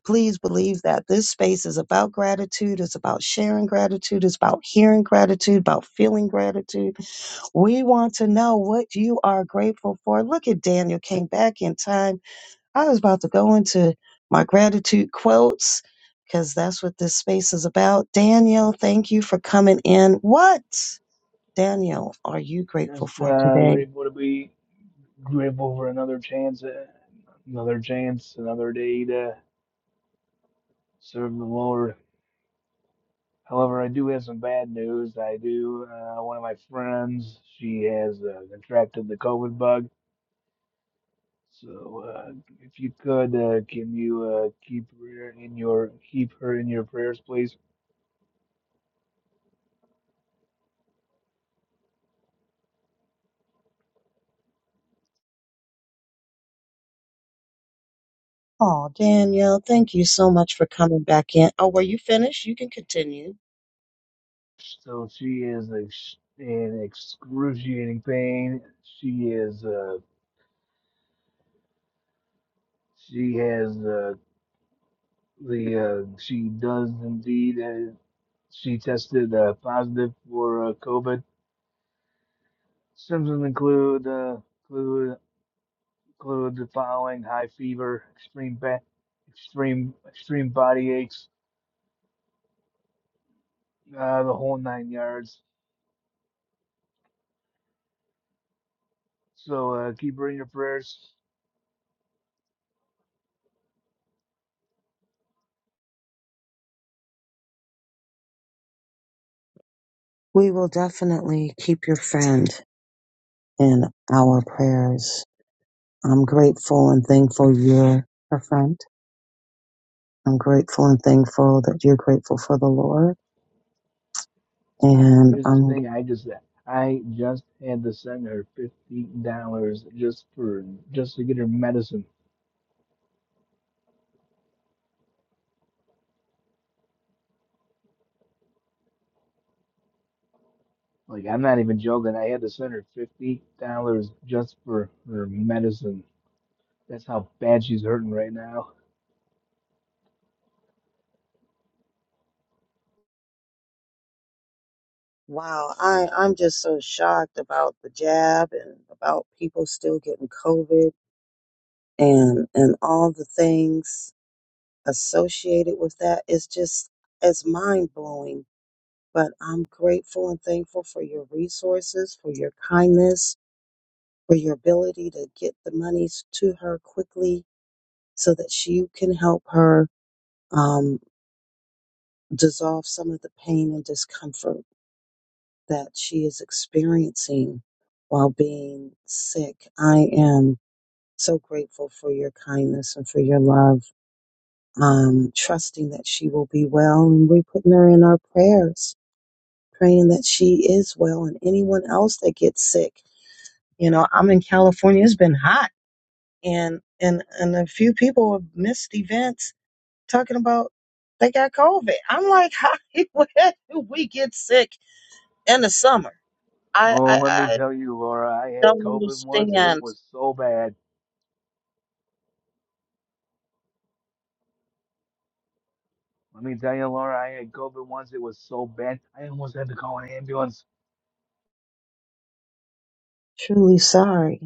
Speaker 15: Please believe that this space is about gratitude. It's about sharing gratitude. It's about hearing gratitude. About feeling gratitude. We want to know what you are grateful for. Look at Daniel came back in time I was about to go into my gratitude quotes because that's what this space is about. Daniel, thank you for coming in. What, Daniel, are you grateful
Speaker 19: Just
Speaker 15: for
Speaker 19: uh, we're
Speaker 15: today?
Speaker 19: able to be grateful for another chance, uh, another chance, another day to serve the Lord. However, I do have some bad news. I do. Uh, one of my friends, she has uh, contracted the COVID bug. So, uh, if you could, uh, can you uh, keep her in your keep her in your prayers, please?
Speaker 15: Oh, Daniel, thank you so much for coming back in. Oh, were you finished? You can continue.
Speaker 19: So she is ex- in excruciating pain. She is. Uh, she has. uh, The uh, she does indeed. Uh, she tested uh, positive for uh, COVID. Symptoms include uh, include, include the following: high fever, extreme ba- extreme extreme body aches, uh, the whole nine yards. So uh, keep her in your prayers.
Speaker 15: We will definitely keep your friend in our prayers. I'm grateful and thankful you're a friend. I'm grateful and thankful that you're grateful for the Lord. And
Speaker 19: Here's the
Speaker 15: I'm
Speaker 19: thing: I just I just had to send her fifty dollars just for just to get her medicine. Like I'm not even joking. I had to send her fifty dollars just for her medicine. That's how bad she's hurting right now.
Speaker 15: Wow, I, I'm just so shocked about the jab and about people still getting COVID and and all the things associated with that. It's just it's mind blowing. But I'm grateful and thankful for your resources, for your kindness, for your ability to get the monies to her quickly so that she can help her um, dissolve some of the pain and discomfort. that she is experiencing while being sick. I am so grateful for your kindness and for your love, um, trusting that she will be well. And we're putting her in our prayers, praying that she is well and anyone else that gets sick. You know, I'm in California, it's been hot, and, and, and a few people have missed events talking about they got COVID. I'm like, how do we get sick in the summer? I,
Speaker 19: Oh, let me
Speaker 15: I,
Speaker 19: tell you, Laura, I had
Speaker 15: don't
Speaker 19: COVID once and it
Speaker 15: understand.
Speaker 19: was so bad. Let me tell you, Laura, I had COVID once. It was so bad. I almost had to call an ambulance.
Speaker 15: truly sorry.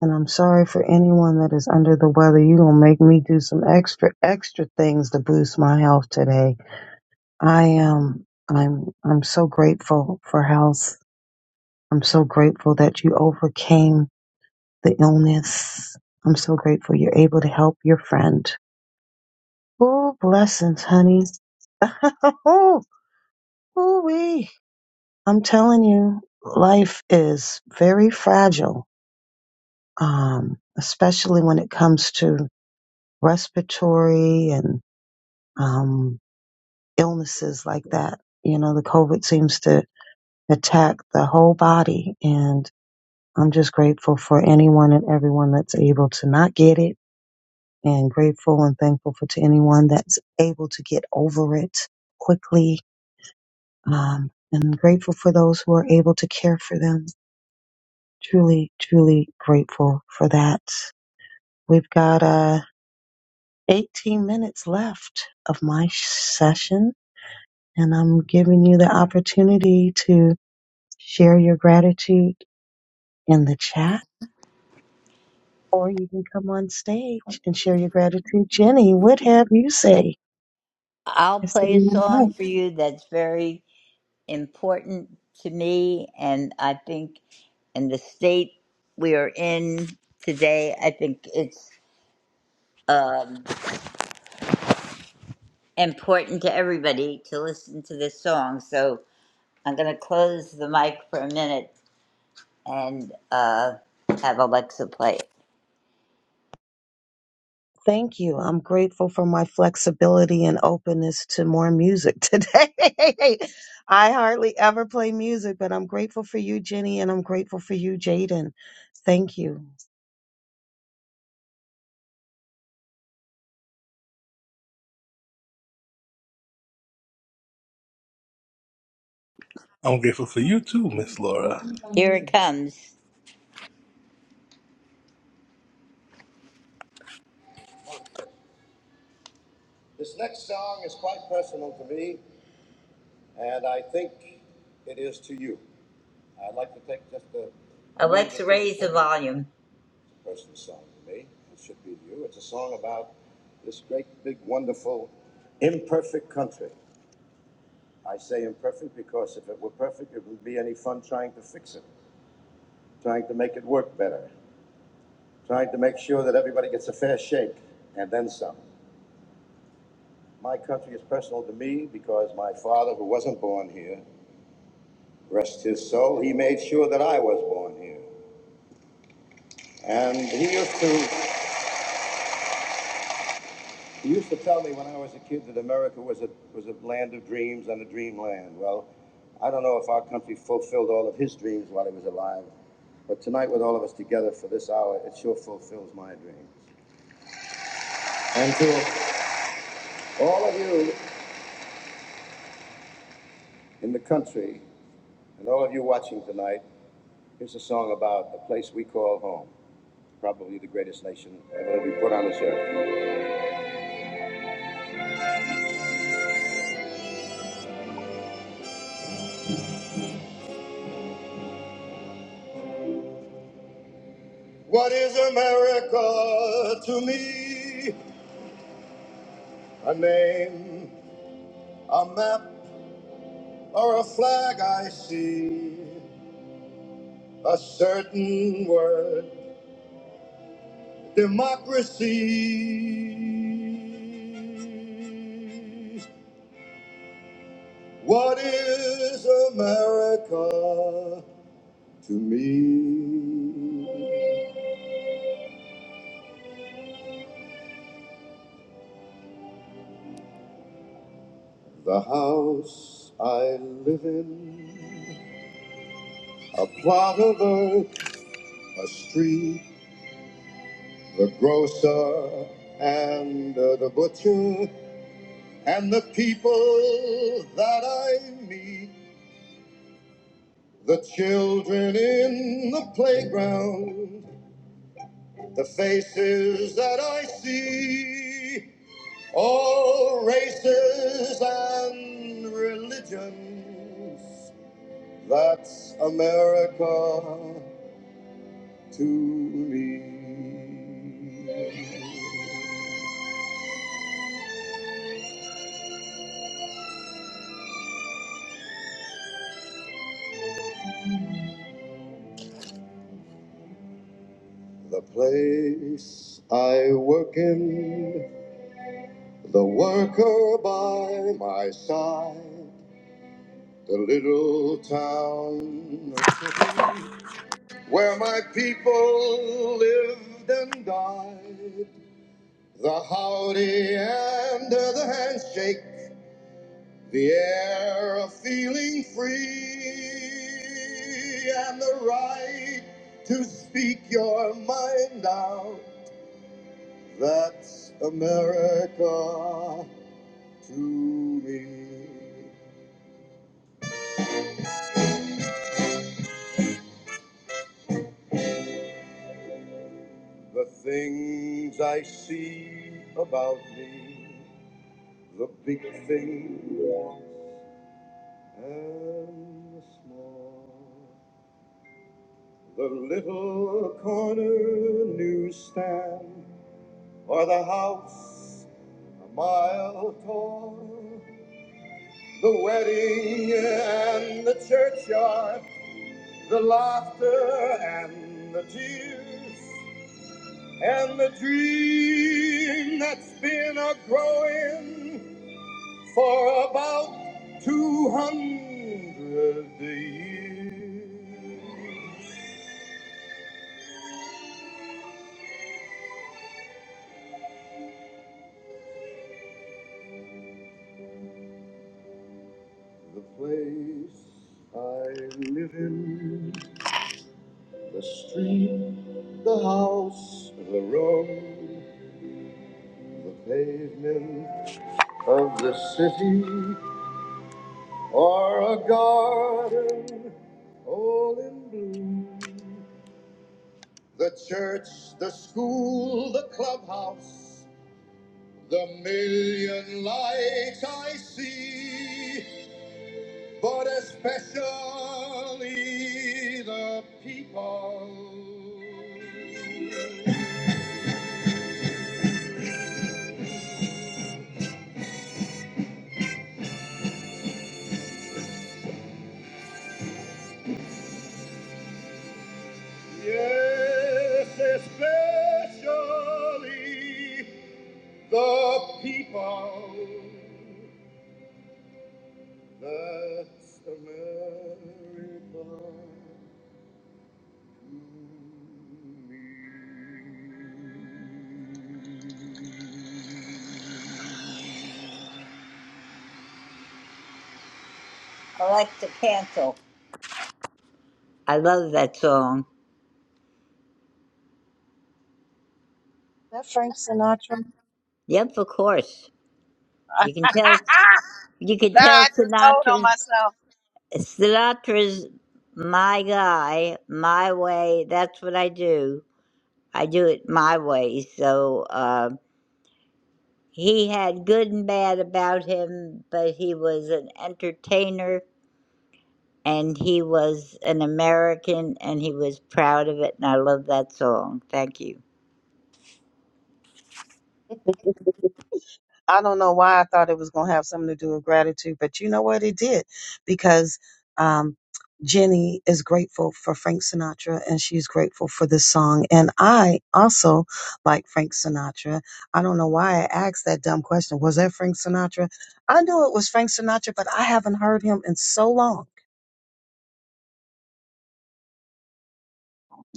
Speaker 15: And I'm sorry for anyone that is under the weather. You're going to make me do some extra, extra things to boost my health today. I am, I'm, I'm so grateful for health. I'm so grateful that you overcame the illness. I'm so grateful you're able to help your friend. Oh, blessings, honey. oh, wee. I'm telling you, life is very fragile um, especially when it comes to respiratory and um, illnesses like that. You know, the COVID seems to attack the whole body, and I'm just grateful for anyone and everyone that's able to not get it, and grateful and thankful for to anyone that's able to get over it quickly, um, and grateful for those who are able to care for them. Truly, truly grateful for that. We've got uh, 18 minutes left of my session, and I'm giving you the opportunity to share your gratitude in the chat, or you can come on stage and share your gratitude. Jenny, what have you say?
Speaker 18: I'll
Speaker 15: I see
Speaker 18: play a
Speaker 15: you
Speaker 18: song
Speaker 15: invite.
Speaker 18: for you that's very important to me. And I think in the state we are in today, I think it's um, important to everybody to listen to this song. So I'm going to close the mic for a minute and uh, have Alexa play it.
Speaker 15: Thank you. I'm grateful for my flexibility and openness to more music today. I hardly ever play music, but I'm grateful for you, Jenny, and I'm grateful for you, Jaden. Thank you. Is
Speaker 14: I'm grateful for you too, Miss Laura.
Speaker 18: Here it comes. This next song is quite personal to me, and I think it is to you. I'd like to take just a, Alexa, raise the volume. it's a personal song to me. It should be to you. It's a song about this great, big, wonderful, imperfect country. I say imperfect because if it were perfect, it wouldn't be any fun trying to fix it, trying to make it work better, trying to make sure that everybody gets a fair shake, and then some. My country is personal to me because my father, who wasn't born here, rest his soul, he made sure that I was born here. And he used to he used to tell me when I was a kid that America was a was a land of dreams and a dreamland. Well, I don't know if our country fulfilled all of his dreams while he was alive, but tonight with all of us together for this hour, it sure fulfills my dreams. And to all of you in the country and all of you watching tonight, here's a song about the place we call home. probably the greatest nation ever to be put on this earth. What is America to me? A name, a map, or a flag I see. A certain word, democracy. What is America to me? The house I live in a plot of earth, a street, the grocer, and uh, the butcher, and the people that I meet, the children in the playground, the faces that I see, all races and religions. That's America to me. The place I work in, the worker by my side, the little town of Tiffin, where my people lived and died. The howdy and the handshake, the air of feeling free, and the right to speak your mind out That's America to me. The things I see about me, the big things and the small. The little corner newsstand or the house a mile tall. The wedding and the churchyard the laughter and the tears and the dream that's been a growing for about 200 years. The place I live in, the street, the house, the room, the pavement of the city or a garden all in bloom. The church, the school, the clubhouse, the million lights I see, but especially the people. Yes, especially the people. That's America to me. I like the canto. I love that song.
Speaker 15: that Frank Sinatra?
Speaker 18: Yep, of course. You can tell. You can
Speaker 15: Nah,
Speaker 18: tell
Speaker 15: I just told on
Speaker 18: Sinatra's
Speaker 15: myself.
Speaker 18: Sinatra's my guy, my way. That's what I do. I do it my way. So uh, he had good and bad about him, but he was an entertainer and he was an American and he was proud of it and I love that song. Thank you.
Speaker 15: I don't know why I thought it was going to have something to do with gratitude, but you know what? It did because um, Jenny is grateful for Frank Sinatra and she's grateful for this song. And I also like Frank Sinatra. I don't know why I asked that dumb question. Was that Frank Sinatra? I knew it was Frank Sinatra, but I haven't heard him in so long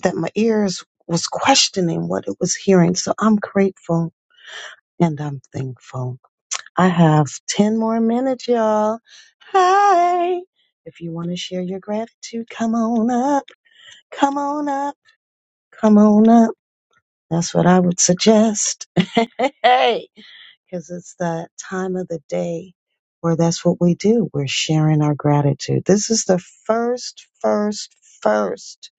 Speaker 15: that my ears was questioning what it was hearing. So I'm grateful and I'm thankful. I have 10 more minutes, y'all. Hi. If you want to share your gratitude, come on up. Come on up. Come on up. That's what I would suggest. Hey, because it's that time of the day where that's what we do. We're sharing our gratitude. This is the first, first, first.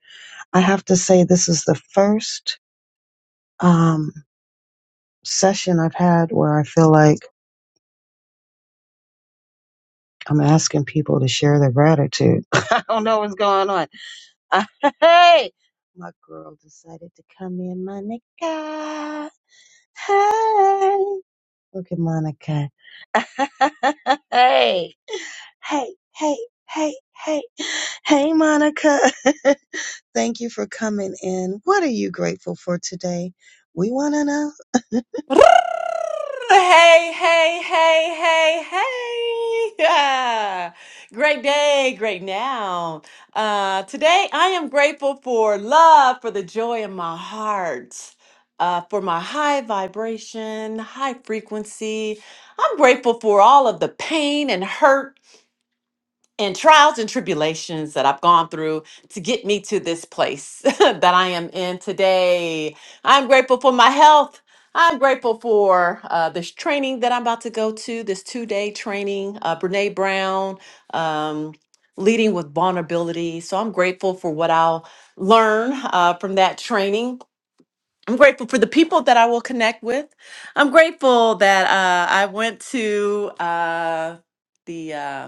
Speaker 15: I have to say, this is the first um, session I've had where I feel like I'm asking people to share their gratitude. I don't know what's going on. Hey, my girl decided to come in, Monica. Hey, look at Monica. hey, hey, hey, hey, hey, hey, Monica. Thank you for coming in. What are you grateful for today? We want to
Speaker 20: Hey, hey, hey, hey, hey. Yeah. Great day, great now. Uh, today, I am grateful for love, for the joy in my heart, uh, for my high vibration, high frequency. I'm grateful for all of the pain and hurt and trials and tribulations that I've gone through to get me to this place that I am in today. I'm grateful for my health. I'm grateful for uh, this training that I'm about to go to, this two day training, uh, Brene Brown, um, leading with vulnerability. So I'm grateful for what I'll learn uh, from that training. I'm grateful for the people that I will connect with. I'm grateful that uh, I went to uh, the uh,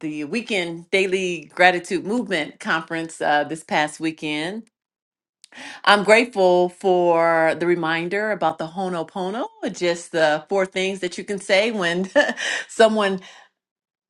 Speaker 20: the weekend daily gratitude movement conference uh, this past weekend. I'm grateful for the reminder about the Honopono, just the four things that you can say when someone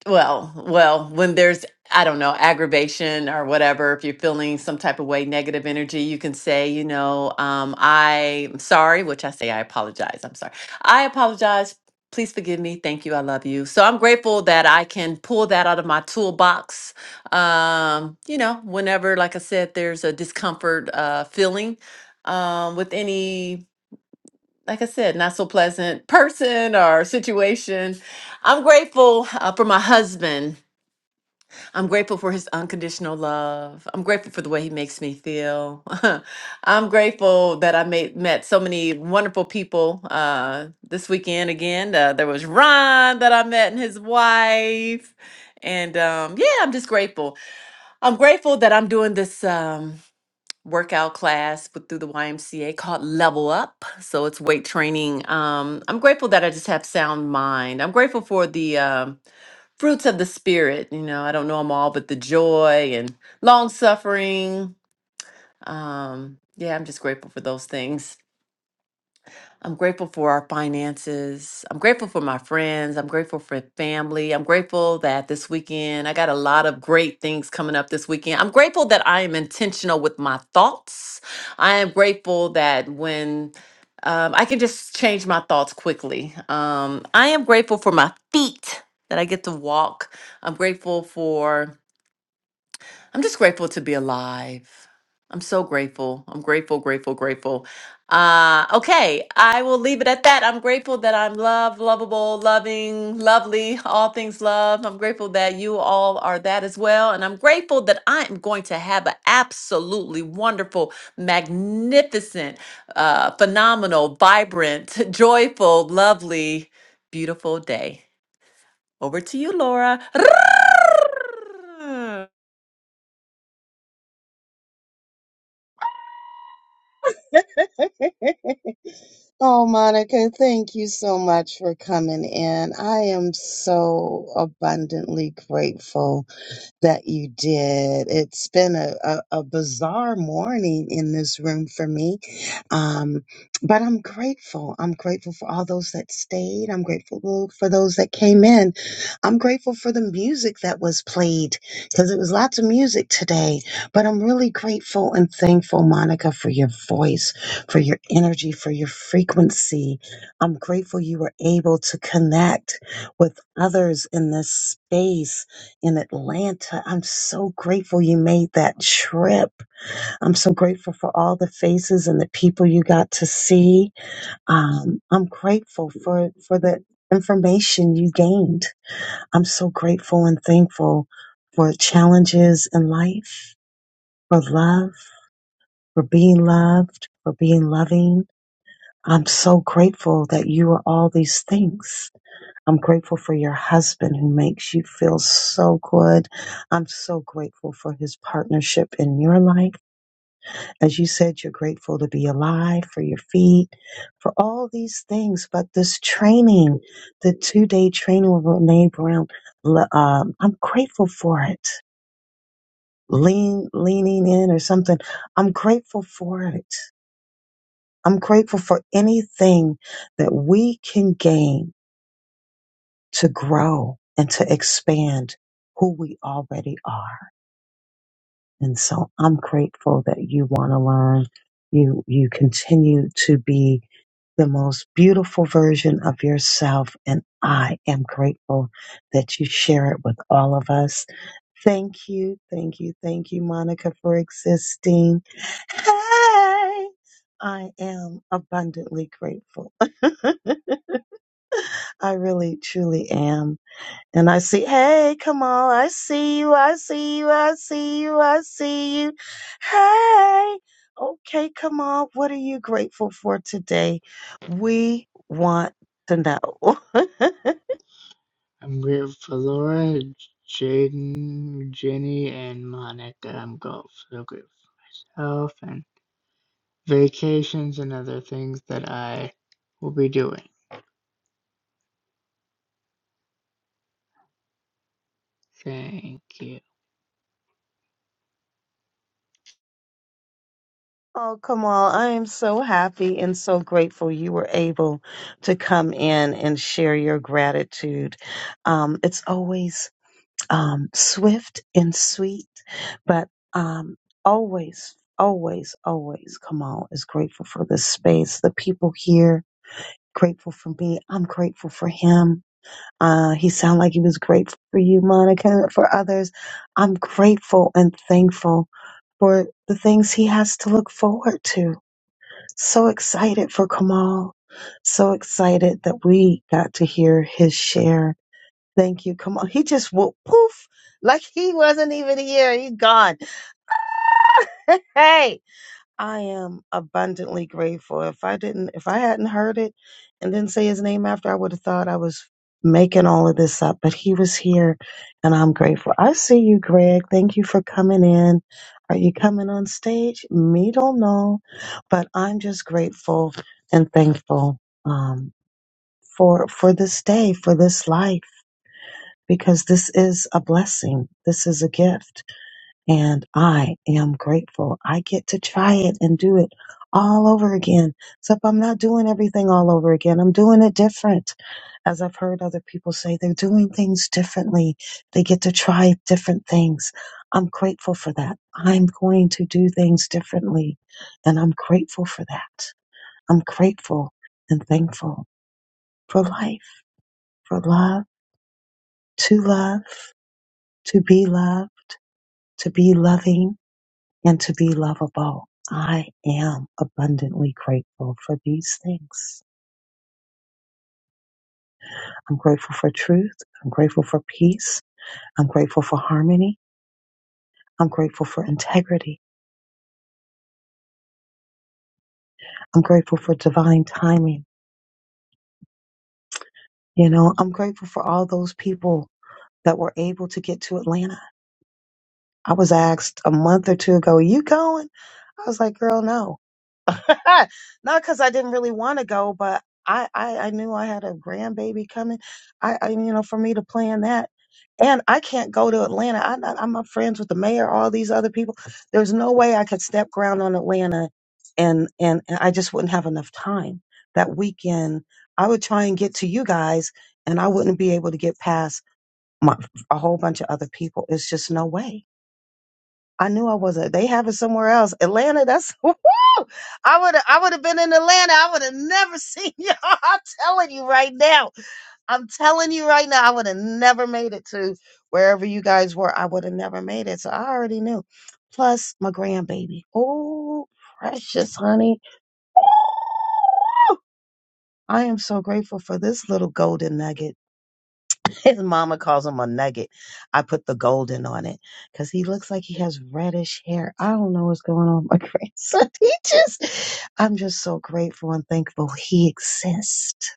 Speaker 20: well, well, when there's, I don't know, aggravation or whatever, if you're feeling some type of way, negative energy, you can say, you know, um, I'm sorry, which I say I apologize. I'm sorry. I apologize. Please forgive me. Thank you. I love you. So I'm grateful that I can pull that out of my toolbox. Um, you know, whenever, like I said, there's a discomfort uh, feeling um, with any, like I said, not so pleasant person or situation. I'm grateful uh, for my husband I'm grateful for his unconditional love. I'm grateful for the way he makes me feel. I'm grateful that I made, met so many wonderful people uh, this weekend again. Uh, there was Ron that I met and his wife. And um, yeah, I'm just grateful. I'm grateful that I'm doing this um, workout class with, through the YMCA called Level Up. So it's weight training. Um, I'm grateful that I just have sound mind. I'm grateful for the. um fruits of the spirit you know i don't know them all but the joy and long suffering um yeah i'm just grateful for those things I'm grateful for our finances. I'm grateful for my friends. I'm grateful for family. I'm grateful that this weekend I got a lot of great things coming up this weekend. I'm grateful that I am intentional with my thoughts. I am grateful that when um, I can just change my thoughts quickly. Um, I am grateful for my feet that I get to walk. I'm grateful for I'm just grateful to be alive. I'm so grateful. I'm grateful, grateful, grateful. Uh, okay, I will leave it at that. I'm grateful that I'm loved, lovable, loving, lovely, all things love. I'm grateful that you all are that as well. And I'm grateful that I am going to have an absolutely wonderful, magnificent, uh, phenomenal, vibrant, joyful, lovely, beautiful day. Over to you, Laura.
Speaker 15: know. Oh, Monica, thank you so much for coming in. I am so abundantly grateful that you did. It's been a, a, a bizarre morning in this room for me. Um, but I'm grateful. I'm grateful for all those that stayed. I'm grateful for those that came in. I'm grateful for the music that was played because it was lots of music today. But I'm really grateful and thankful, Monica, for your voice, for your energy, for your frequency. I'm grateful you were able to connect with others in this space in Atlanta. I'm so grateful you made that trip. I'm so grateful for all the faces and the people you got to see. Um, I'm grateful for, for the information you gained. I'm so grateful and thankful for challenges in life, for love, for being loved, for being loving. I'm so grateful that you are all these things. I'm grateful for your husband who makes you feel so good. I'm so grateful for his partnership in your life. As you said, you're grateful to be alive, for your feet, for all these things. But this training, the two day training with Renee Brown, le- um, I'm grateful for it. Lean, leaning in or something. I'm grateful for it. I'm grateful for anything that we can gain to grow and to expand who we already are. And so I'm grateful that you want to learn. You, you continue to be the most beautiful version of yourself. And I am grateful that you share it with all of us. Thank you. Thank you. Thank you, Monica, for existing. Hey, I am abundantly grateful. I really, truly am. And I see, hey, come on, I see you, I see you, I see you, I see you. Hey, okay, come on, what are you grateful for today? We want to know.
Speaker 21: I'm grateful for Laura, Jaden, Jenny, and Monica. I'm grateful, so grateful for myself and vacations and other things that I will be doing. Thank you.
Speaker 15: oh, come on, I am so happy and so grateful you were able to come in and share your gratitude. Um, it's always um, swift and sweet, but um, always, always, always, Kamal is grateful for this space, the people here, grateful for me. I'm grateful for him. Uh, he sounded like he was grateful for you, Monica, for others. I'm grateful and thankful for the things he has to look forward to. So excited for Kamal. So excited that we got to hear his share Thank you. Come on. He just whoop poof. Like he wasn't even here. He gone. hey. I am abundantly grateful. If I didn't if I hadn't heard it and didn't say his name after, I would have thought I was making all of this up. But he was here and I'm grateful. I see you, Greg. Thank you for coming in. Are you coming on stage? Me don't know. But I'm just grateful and thankful um for for this day, for this life because this is a blessing. This is a gift. And I am grateful. I get to try it and do it all over again. Except I'm not doing everything all over again. I'm doing it different. As I've heard other people say, they're doing things differently. They get to try different things. I'm grateful for that. I'm going to do things differently. And I'm grateful for that. I'm grateful and thankful for life, for love, to love, to be loved to be loving and to be lovable. I am abundantly grateful for these things. I'm grateful for truth. I'm grateful for peace. I'm grateful for harmony. I'm grateful for integrity. I'm grateful for divine timing. You know, I'm grateful for all those people that were able to get to Atlanta I was asked a month or two ago, you going? I was like, girl, no. Not because I didn't really want to go, but I, I, I knew I had a grandbaby coming. I, I, you know, for me to plan that. And I can't go to Atlanta. I, I, I'm not friends with the mayor, all these other people. There's no way I could step ground on Atlanta and, and, and I just wouldn't have enough time. That weekend, I would try and get to you guys and I wouldn't be able to get past my, a whole bunch of other people. It's just no way. I knew I wasn't. They have it somewhere else. Atlanta, that's woo! I would I would have been in Atlanta. I would have never seen y'all. I'm telling you right now. I'm telling you right now, I would have never made it to wherever you guys were. I would have never made it. So I already knew. Plus my grandbaby. Oh, precious honey. I am so grateful for this little golden nugget. His mama calls him a nugget. I put the golden on it because he looks like he has reddish hair. I don't know what's going on with my grandson. He just, I'm just so grateful and thankful he exists.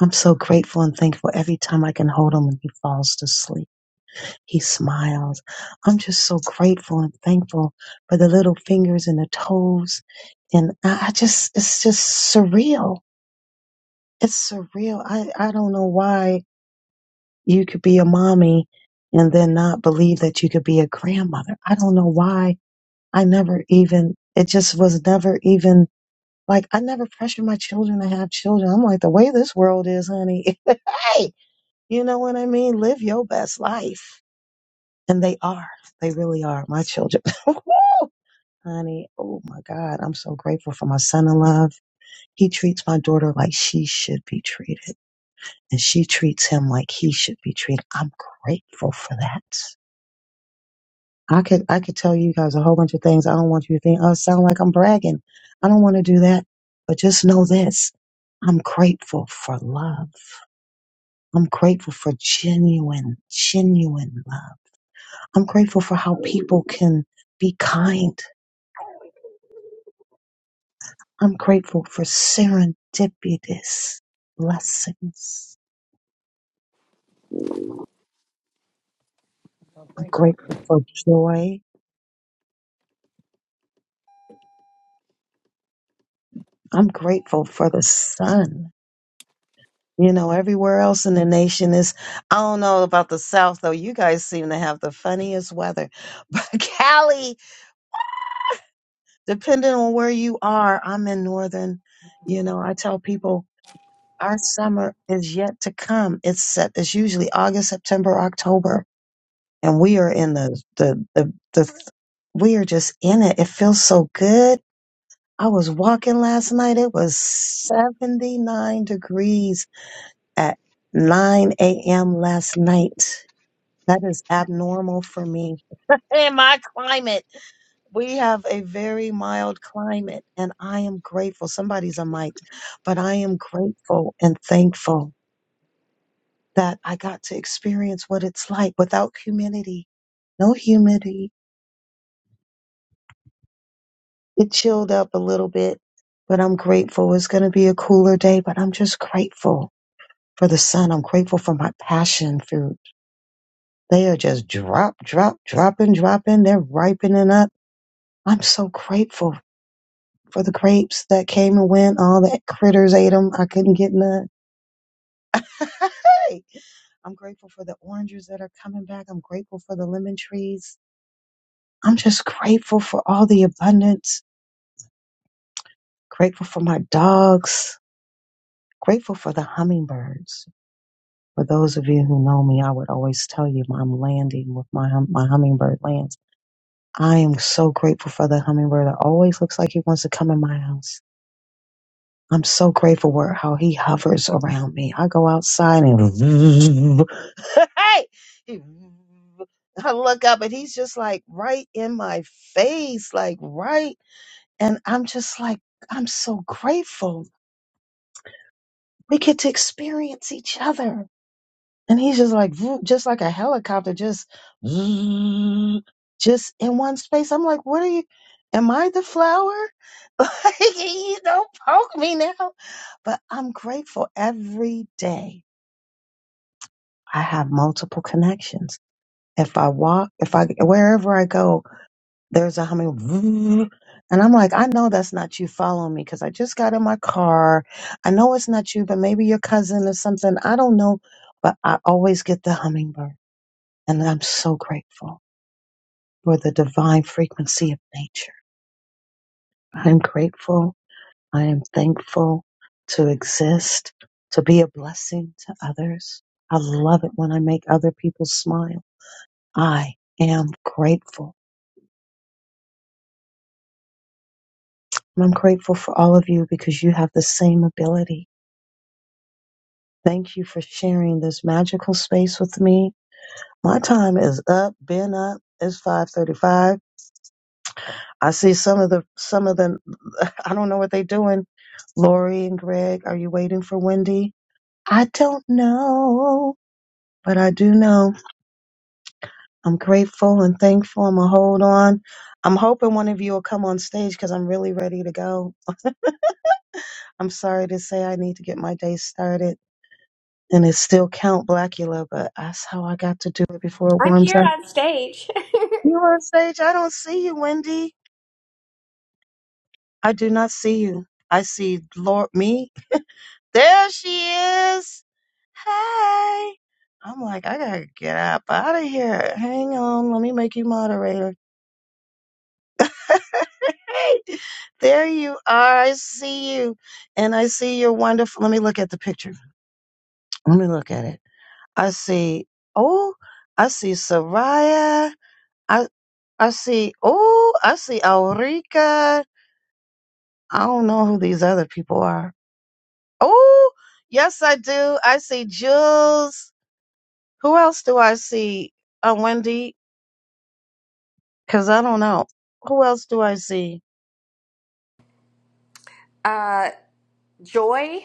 Speaker 15: I'm so grateful and thankful every time I can hold him and he falls to sleep. He smiles. I'm just so grateful and thankful for the little fingers and the toes. And I I just, it's just surreal. It's surreal. I, I don't know why you could be a mommy and then not believe that you could be a grandmother. I don't know why. I never even, it just was never even like, I never pressured my children to have children. I'm like, the way this world is, honey, hey, you know what I mean? Live your best life. And they are, they really are my children. Woo! Honey, oh my God, I'm so grateful for my son in love. He treats my daughter like she should be treated, and she treats him like he should be treated. I'm grateful for that. I could I could tell you guys a whole bunch of things. I don't want you to think I sound like I'm bragging. I don't want to do that. But just know this. I'm grateful for love. I'm grateful for genuine, genuine love. I'm grateful for how people can be kind. I'm grateful for serendipitous blessings. I'm grateful for joy. I'm grateful for the sun. You know, everywhere else in the nation is, I don't know about the South though. You guys seem to have the funniest weather. But Cali, depending on where you are, I'm in Northern, you know, I tell people our summer is yet to come. It's set, it's usually August, September, October. And we are in the, the, the, the, we are just in it. It feels so good. I was walking last night. It was 79 degrees at 9 a.m. last night That is abnormal for me. In my climate, we have a very mild climate, and I am grateful. Somebody's a mite, but I am grateful and thankful that I got to experience what it's like without humidity. No humidity. It chilled up a little bit, but I'm grateful. It's going to be a cooler day, but I'm just grateful for the sun. I'm grateful for my passion fruit. They are just drop, drop, dropping, dropping. They're ripening up. I'm so grateful for the crepes that came and went. All the critters ate them. I couldn't get none. hey, I'm grateful for the oranges that are coming back. I'm grateful for the lemon trees. I'm just grateful for all the abundance. Grateful for my dogs. Grateful for the hummingbirds. For those of you who know me, I would always tell you I'm landing with my hum- my hummingbird lands. I am so grateful for the hummingbird that always looks like he wants to come in my house. I'm so grateful for how he hovers around me. I go outside and hey, He- I look up and he's just like right in my face, like right. And I'm just like, I'm so grateful we get to experience each other. And he's just like, vroom, just like a helicopter, just, vroom, just in one space. I'm like, what are you? Am I the flower? Like, you don't poke me now. But I'm grateful every day. I have multiple connections. If I walk, if I, wherever I go, there's a humming. vroom. And I'm like, I know that's not you following me because I just got in my car. I know it's not you, but maybe your cousin or something. I don't know. But I always get the hummingbird. And I'm so grateful for the divine frequency of nature. I'm grateful. I am thankful to exist, to be a blessing to others. I love it when I make other people smile. I am grateful. And I'm grateful for all of you because you have the same ability. Thank you for sharing this magical space with me. My time is up, been up. It's 535. I see some of the some of the I don't know what they're doing. Lori and Greg, are you waiting for Wendy? I don't know, but I do know. I'm grateful and thankful. I'm gonna hold on. I'm hoping one of you will come on stage because I'm really ready to go. I'm sorry to say I need to get my day started, and it's still Count Blackula, but that's how I got to do it before it
Speaker 22: I'm
Speaker 15: warms
Speaker 22: here
Speaker 15: up.
Speaker 22: on stage.
Speaker 15: You on stage? I don't see you, Wendy. I do not see you. I see Lord me There she is. Hey. I'm like, I gotta get up out of here. Hang on, let me make you moderator. Hey, there you are. I see you. And I see your wonderful. Let me look at the picture. Let me look at it. I see, oh, I see Soraya. I, I see, oh, I see Aurica. I don't know who these other people are. Oh, yes, I do. I see Jules. Who else do I see? Uh, Wendy, because I don't know. Who else do I see?
Speaker 22: Uh, Joy,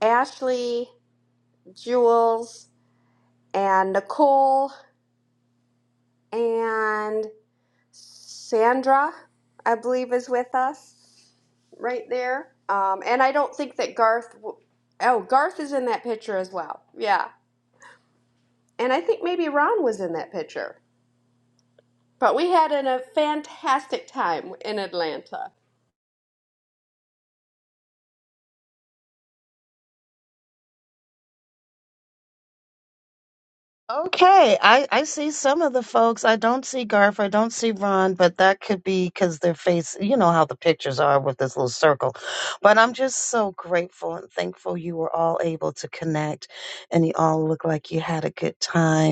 Speaker 22: Ashley, Jules, and Nicole, and Sandra, I believe, is with us right there. Um, and I don't think that Garth. W- oh, Garth is in that picture as well. Yeah. And I think maybe Ron was in that picture. But we had an, a fantastic time in Atlanta.
Speaker 15: Okay, I, I see some of the folks. I don't see Garf. I don't see Ron, but that could be because their face, you know how the pictures are with this little circle. But I'm just so grateful and thankful you were all able to connect and you all look like you had a good time.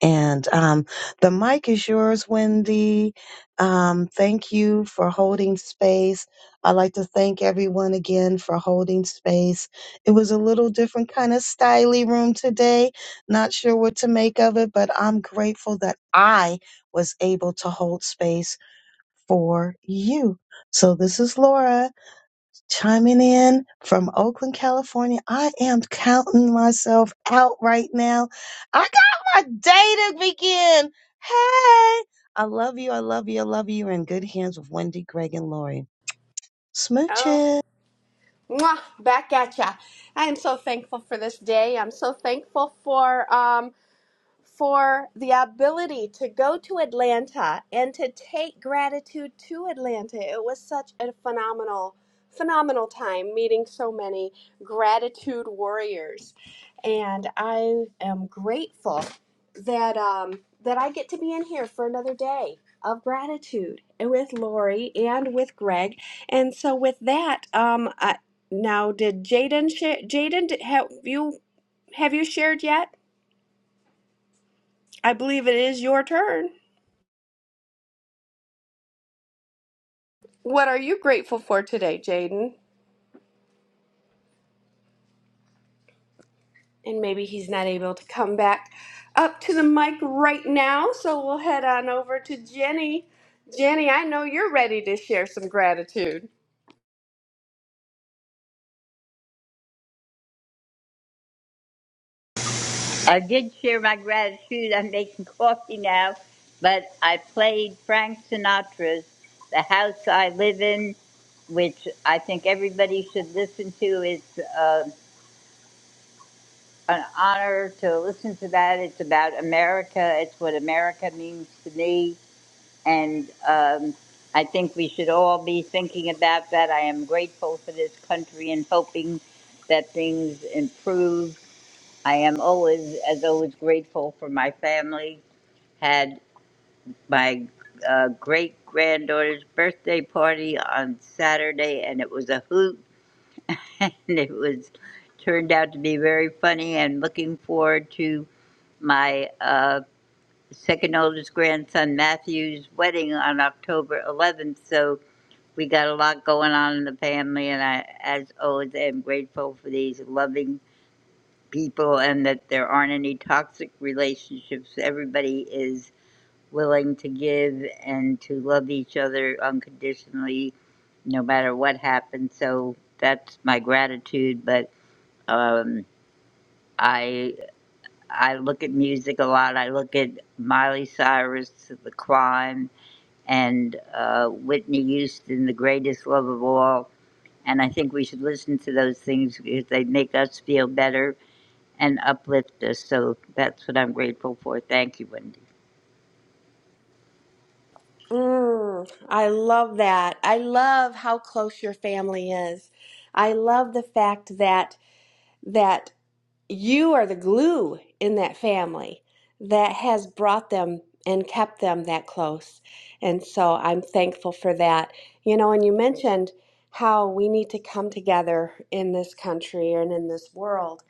Speaker 15: And um, the mic is yours, Wendy. Um, thank you for holding space. I'd like to thank everyone again for holding space. It was a little different kind of styly room today. Not sure what to make of it, but I'm grateful that I was able to hold space for you. So this is Laura chiming in from Oakland, California. I am counting myself out right now. I got my day to begin. Hey, I love you. I love you. I love you. You're in good hands with Wendy, Greg, and Lori.
Speaker 22: Oh.
Speaker 15: Smooches.
Speaker 22: Mwah, back at ya. I am so thankful for this day. I'm so thankful for. um. for the ability to go to Atlanta and to take gratitude to Atlanta. It was such a phenomenal, phenomenal time meeting so many gratitude warriors. And I am grateful that um, that I get to be in here for another day of gratitude and with Lori and with Greg. And so with that, um, I, now did Jaden share? Jaden, did- have you have you shared yet? I believe it is your turn. What are you grateful for today, Jaden? And maybe he's not able to come back up to the mic right now, so we'll head on over to Jenny. Jenny, I know you're ready to share some gratitude.
Speaker 18: I did share my gratitude. I'm making coffee now, but I played Frank Sinatra's The House I Live In, which I think everybody should listen to. It's uh, an honor to listen to that. It's about America, it's what America means to me. And um, I think we should all be thinking about that. I am grateful for this country and hoping that things improve. I am always, as always, grateful for my family. Had my uh, great granddaughter's birthday party on Saturday, and it was a hoot, and it was turned out to be very funny. And looking forward to my uh, second oldest grandson Matthew's wedding on October 11th. So We got a lot going on in the family, and I, as always, am grateful for these loving people and that there aren't any toxic relationships. Everybody is willing to give and to love each other unconditionally, no matter what happens. So that's my gratitude. But um, I I look at music a lot. I look at Miley Cyrus, The Climb and uh, Whitney Houston, The Greatest Love of All. And I think we should listen to those things because they make us feel better and uplift us. So that's what I'm grateful for. Thank you, Wendy.
Speaker 22: Mm, I love that. I love how close your family is. I love the fact that that you are the glue in that family that has brought them and kept them that close. And so I'm thankful for that. You know, and you mentioned how we need to come together in this country and in this world.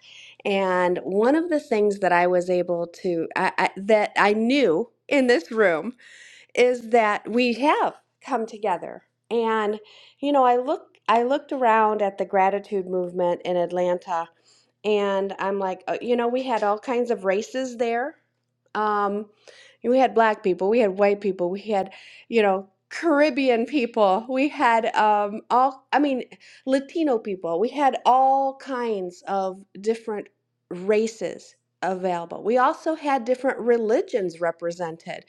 Speaker 22: And one of the things that I was able to, I, I, that I knew in this room is that we have come together. And, you know, I look, I looked around at the gratitude movement in Atlanta and I'm like, uh, you know, we had all kinds of races there. Um, we had black people, we had white people, we had, you know, Caribbean people, we had um, all, I mean, Latino people, we had all kinds of different races available. We also had different religions represented.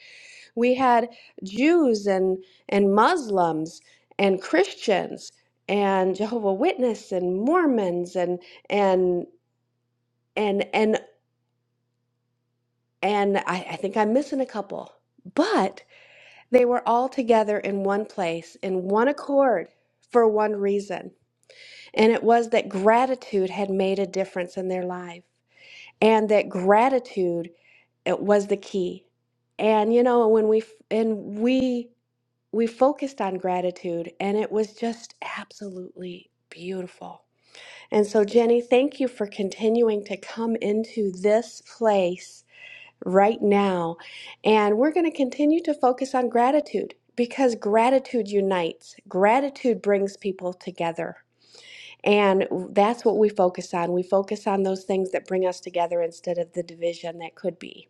Speaker 22: We had Jews and and Muslims and Christians and Jehovah Witness and Mormons and and and and and I, I think I'm missing a couple, but they were all together in one place in one accord for one reason, and it was that gratitude had made a difference in their life, and that gratitude it was the key. And you know, when we f- and we we focused on gratitude, and it was just absolutely beautiful. And so, Jenny, thank you for continuing to come into this place right now. And we're going to continue to focus on gratitude because gratitude unites, gratitude brings people together. And that's what we focus on. We focus on those things that bring us together instead of the division that could be.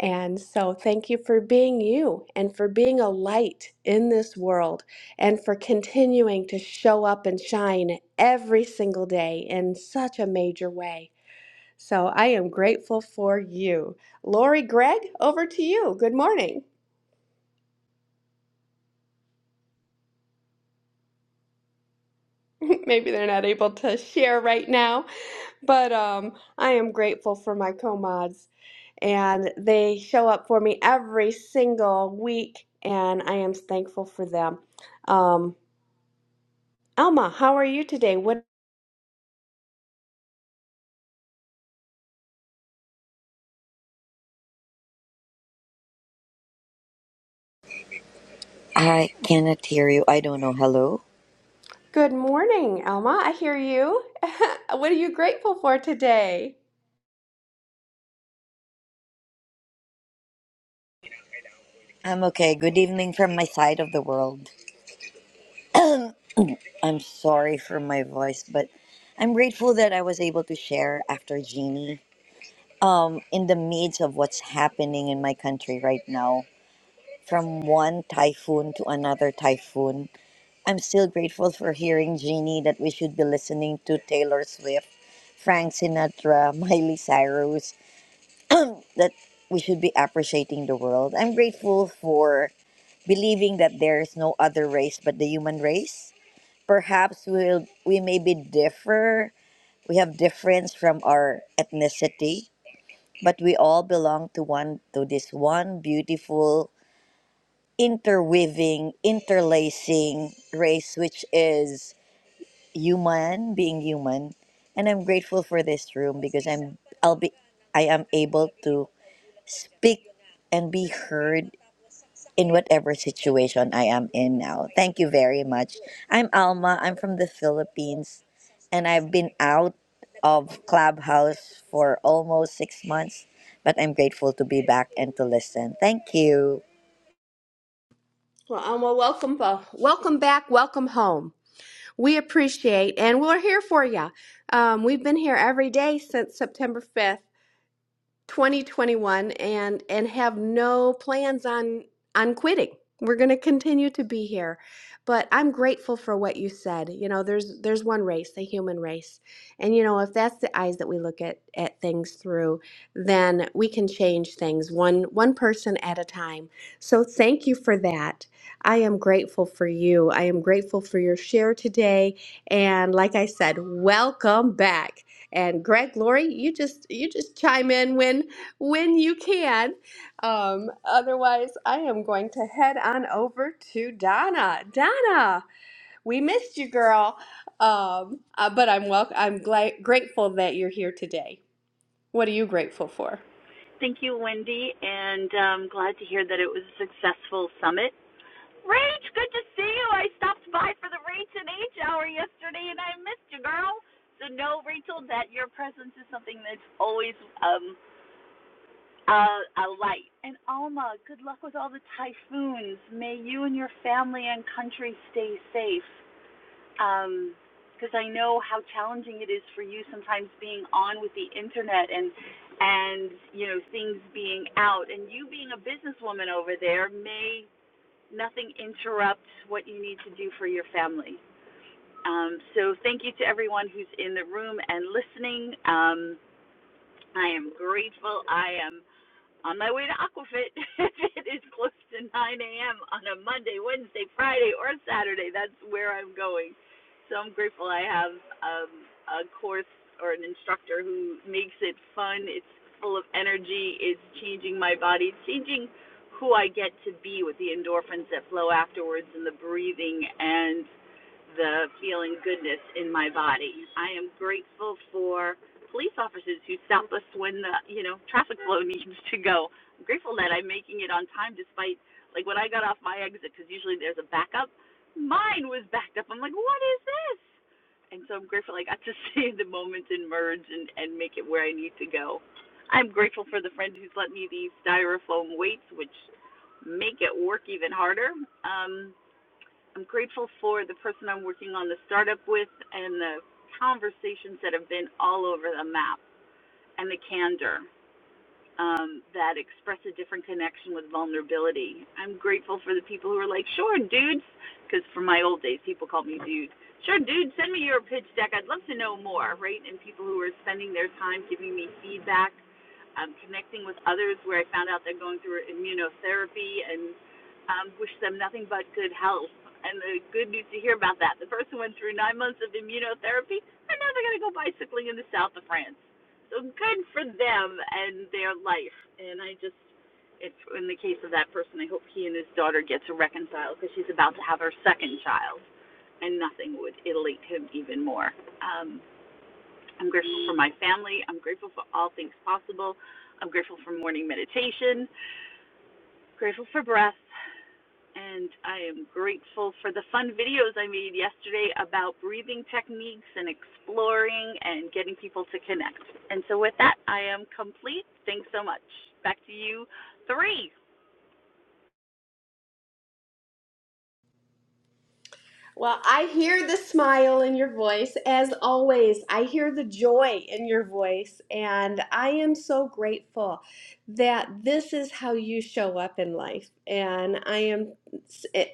Speaker 22: And so, thank you for being you and for being a light in this world and for continuing to show up and shine every single day in such a major way. So I am grateful for you. Lori Greg. over to you. Good morning. Maybe they're not able to share right now, but um, I am grateful for my co-mods and they show up for me every single week and I am thankful for them. Um, Elma, how are you today? What
Speaker 23: I cannot hear you. I don't know. Hello?
Speaker 22: Good morning, Alma. I hear you. what are you grateful for today?
Speaker 23: I'm okay. Good evening from my side of the world. I'm sorry for my voice, but I'm grateful that I was able to share after Jeannie um, in the midst of what's happening in my country right now. From one typhoon to another typhoon, I'm still grateful for hearing Jeannie that we should be listening to Taylor Swift, Frank Sinatra, Miley Cyrus, that we should be appreciating the world. I'm grateful for believing that there is no other race but the human race. Perhaps we'll, we may be differ, we have difference from our ethnicity, but we all belong to one to this one beautiful interweaving, interlacing race which is human, being human. And I'm grateful for this room because I'm I'll be I am able to speak and be heard in whatever situation I am in now. Thank you very much. I'm Alma. I'm from the Philippines, and I've been out of Clubhouse for almost six months, but I'm grateful to be back and to listen. Thank you.
Speaker 22: Well, Alma, welcome, uh, welcome back, welcome home. We appreciate, and we're here for you. Um, we've been here every day since September 5th. 2021 and and have no plans on on quitting. We're going to continue to be here. But I'm grateful for what you said. You know, there's there's one race, the human race. And you know, if that's the eyes that we look at at things through, then we can change things one one person at a time. So thank you for that. I am grateful for you. I am grateful for your share today and like I said, welcome back. And Greg, Lori, you just you just chime in when when you can. Um, otherwise, I am going to head on over to Donna. Donna, we missed you, girl. Um, uh, but I'm wel- I'm gla- grateful that you're here today. What are you grateful for?
Speaker 24: Thank you, Wendy, and um, glad to hear that it was a successful summit. Rach, good to see you. I stopped by for the Rach and H hour yesterday and I missed you, girl. So know, Rachel, that your presence is something that's always um a, a light. And Alma, good luck with all the typhoons. May you and your family and country stay safe um, because I know how challenging it is for you sometimes being on with the internet and and you know things being out and you being a businesswoman over there may nothing interrupt what you need to do for your family. Um, so thank you to everyone who's in the room and listening. Um, I am grateful. I am on my way to Aquafit if it is close to 9 a.m. on a Monday, Wednesday, Friday, or Saturday. That's where I'm going. So I'm grateful I have um, a course or an instructor who makes it fun. It's full of energy. It's changing my body, changing who I get to be with the endorphins that flow afterwards and the breathing and the feeling goodness in my body. I am grateful for police officers who stop us when the you know traffic flow needs to go. I'm grateful that I'm making it on time despite like when I got off my exit because usually there's a backup. Mine was backed up. I'm like, what is this? And so I'm grateful I got to see the moment and merge and and make it where I need to go. I'm grateful for the friend who's let me these styrofoam weights, which make it work even harder. Um, I'm grateful for the person I'm working on the startup with and the conversations that have been all over the map and the candor um, that express a different connection with vulnerability. I'm grateful for the people who are like, sure, dudes, because from my old days, people called me dude. Sure, dude, send me your pitch deck. I'd love to know more, right? And people who are spending their time giving me feedback, um, connecting with others where I found out they're going through immunotherapy and um, wish them nothing but good health. And the good news to hear about that, the person went through nine months of immunotherapy. and now they're going to go bicycling in the south of France so good for them and their life. And I just, it's in the case of that person, I hope he and his daughter get to reconcile because she's about to have her second child, and nothing would elate him even more. Um, I'm grateful for my family. I'm grateful for all things possible. I'm grateful for morning meditation. Grateful for breath and I am grateful for the fun videos I made yesterday about breathing techniques and exploring and getting people to connect. And so, with that, I am complete. Thanks so much. Back to you, three.
Speaker 22: Well, I hear the smile in your voice as always. I hear the joy in your voice. And I am so grateful that this is how you show up in life. And I am,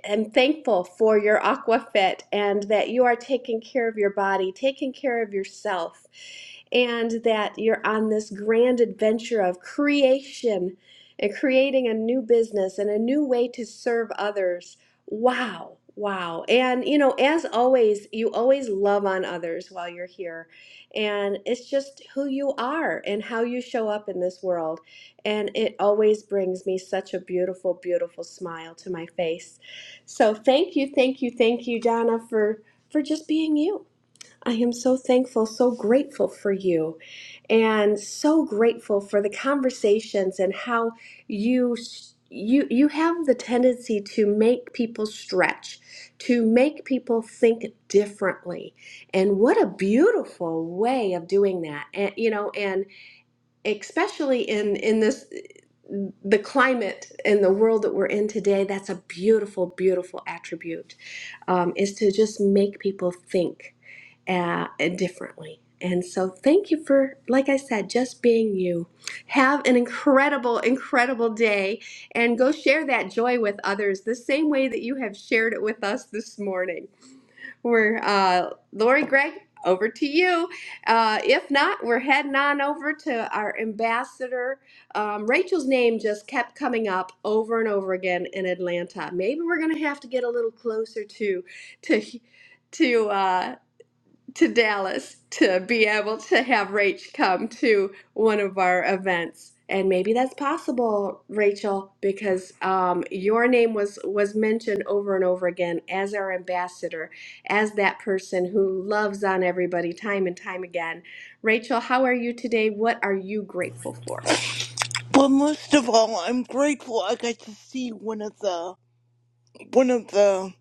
Speaker 22: am thankful for your AquaFit and that you are taking care of your body, taking care of yourself, and that you're on this grand adventure of creation and creating a new business and a new way to serve others Wow, wow. And you know, as always, you always love on others while you're here. And it's just who you are and how you show up in this world. And it always brings me such a beautiful, beautiful smile to my face. So thank you, thank you, thank you, Donna, for for just being you. I am so thankful, so grateful for you, and so grateful for the conversations and how you you you have the tendency to make people stretch, to make people think differently. And what a beautiful way of doing that. And you know, and especially in in this the climate and the world that we're in today, that's a beautiful, beautiful attribute um, is to just make people think uh, differently. And so, thank you for, like I said, just being you. Have an incredible, incredible day and go share that joy with others the same way that you have shared it with us this morning. We're, uh, Lori Gregg, over to you. Uh, if not, we're heading on over to our ambassador um, Rachel's name just kept coming up over and over again in Atlanta. Maybe we're gonna have to get a little closer to to to uh, to Dallas to be able to have Rach come to one of our events, and maybe that's possible, Rachel, because um, your name was was mentioned over and over again as our ambassador, as that person who loves on everybody time and time again. Rachel, how are you today? What are you grateful for?
Speaker 25: But most of all, I'm grateful I got to see one of the one of the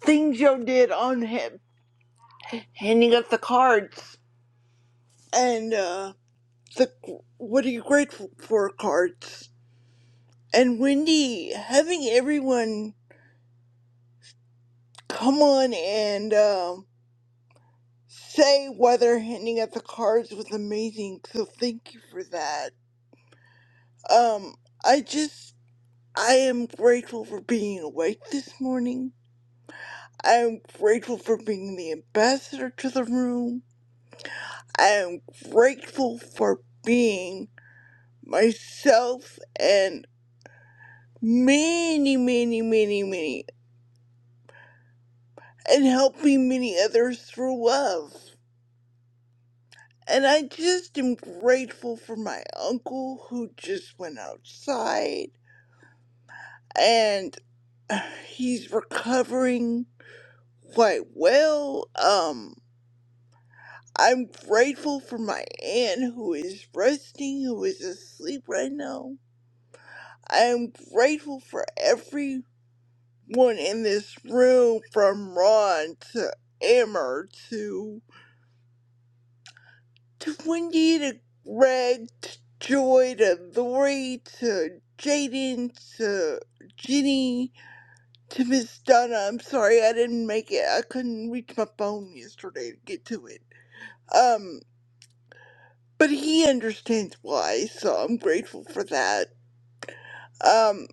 Speaker 25: things Joe did on him, handing out the cards and uh, the what are you grateful for cards. And Wendy having everyone come on and uh, say why they're handing out the cards was amazing. So thank you for that. Um, I just I am grateful for being awake this morning. I'm grateful for being the ambassador to the room. I am grateful for being myself and many, many, many, many, and helping many others through love. And I just am grateful for my uncle who just went outside and uh, he's recovering quite well. Um, I'm grateful for my aunt who is resting, who is asleep right now. I am grateful for everyone in this room, from Ron to Emmer to to Wendy to Greg to Joy to Lori to Jaden to Ginny to Miss Donna. I'm sorry I didn't make it. I couldn't reach my phone yesterday to get to it. Um. but he understands why, so I'm grateful for that. Um,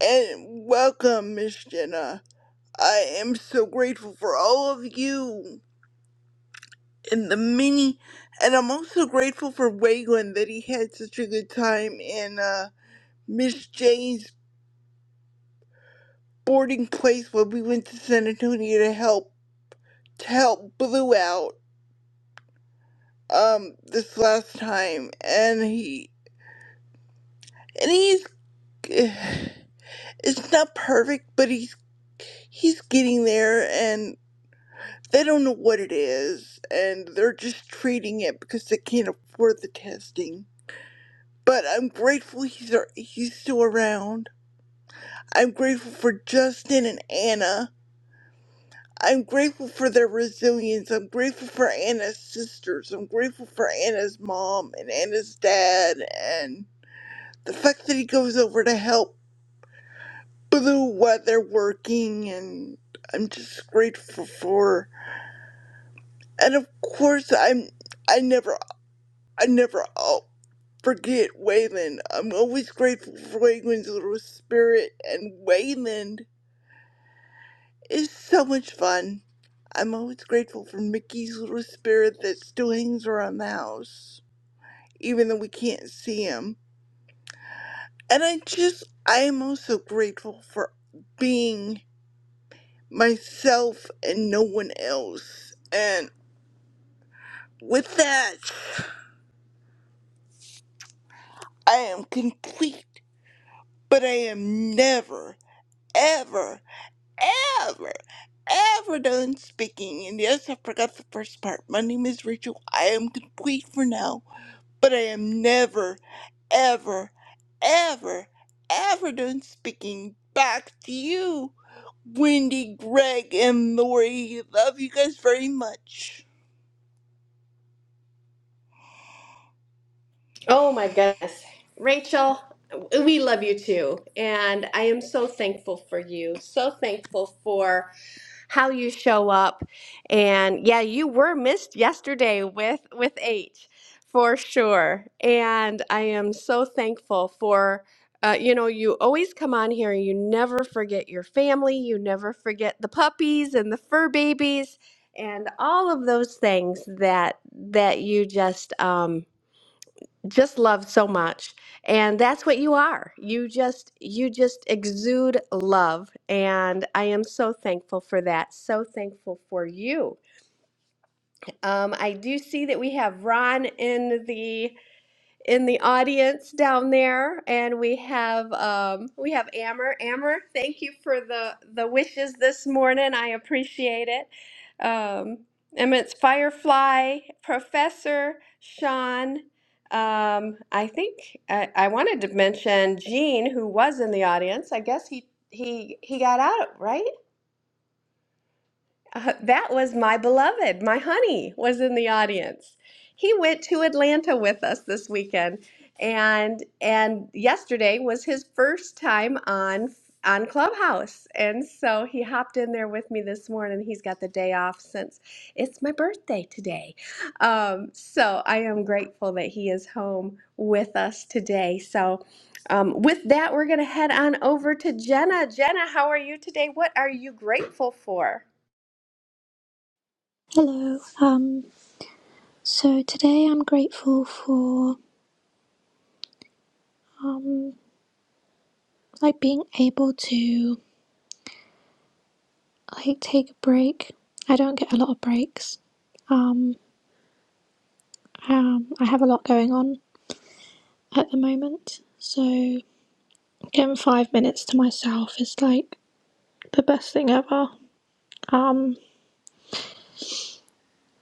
Speaker 25: and welcome, Miss Jenna. I am so grateful for all of you and the mini, and I'm also grateful for Waylon that he had such a good time in uh, Miss Jane's boarding place when we went to San Antonio to help to help Blue out um this last time, and he and he's. It's not perfect, but he's he's getting there and they don't know what it is and they're just treating it because they can't afford the testing. But I'm grateful he's ar- he's still around. I'm grateful for Justin and Anna. I'm grateful for their resilience. I'm grateful for Anna's sisters. I'm grateful for Anna's mom and Anna's dad and the fact that he goes over to help blue weather working and I'm just grateful for and of course I'm I never I never oh, forget Wayland. I'm always grateful for Wayland's little spirit and Wayland is so much fun. I'm always grateful for Mickey's little spirit that still hangs around the house, even though we can't see him. And I just I am also grateful for being myself and no one else. And With that, I am complete, but I am never, ever, ever, ever done speaking. And yes, I forgot the first part. My name is Rachel. I am complete for now, but I am never, ever, ever, ever done speaking. Back to you, Wendy, Greg, and Lori. Love you guys very much.
Speaker 22: Oh my goodness. Rachel, we love you too. And I am so thankful for you. So thankful for how you show up. And yeah, you were missed yesterday with with H for sure. And I am so thankful for uh, you know, you always come on here and you never forget your family, you never forget the puppies and the fur babies and all of those things that that you just um just love so much and that's what you are you just you just exude love and i am so thankful for that so thankful for you um, i do see that we have ron in the in the audience down there, and we have um, we have Amber. Amber, thank you for the the wishes this morning. I appreciate it. Um, Emmett's Firefly Professor Sean. Um, I think I, I wanted to mention Gene, who was in the audience. I guess he he he got out right. Uh, that was my beloved, my honey, was in the audience. He went to Atlanta with us this weekend, and and yesterday was his first time on on Clubhouse, and so he hopped in there with me this morning. He's got the day off since it's my birthday today, um, so I am grateful that he is home with us today. So. Um, with that, we're going to head on over to Jenna. Jenna, how are you today? What are you grateful for?
Speaker 26: Hello. Um, so today I'm grateful for um, like being able to like take a break. I don't get a lot of breaks. Um, um, I have a lot going on at the moment, so getting five minutes to myself is like the best thing ever. Um,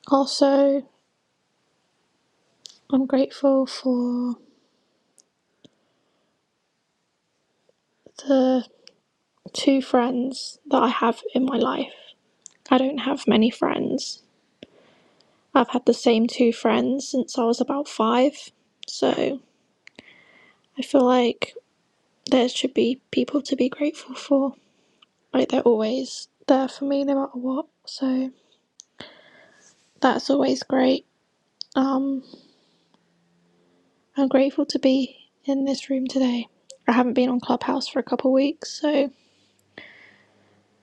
Speaker 26: also, I'm grateful for the two friends that I have in my life. I don't have many friends, I've had the same two friends since I was about five, so I feel like there should be people to be grateful for. Like they're always there for me no matter what, so that's always great. Um, I'm grateful to be in this room today. I haven't been on Clubhouse for a couple of weeks, so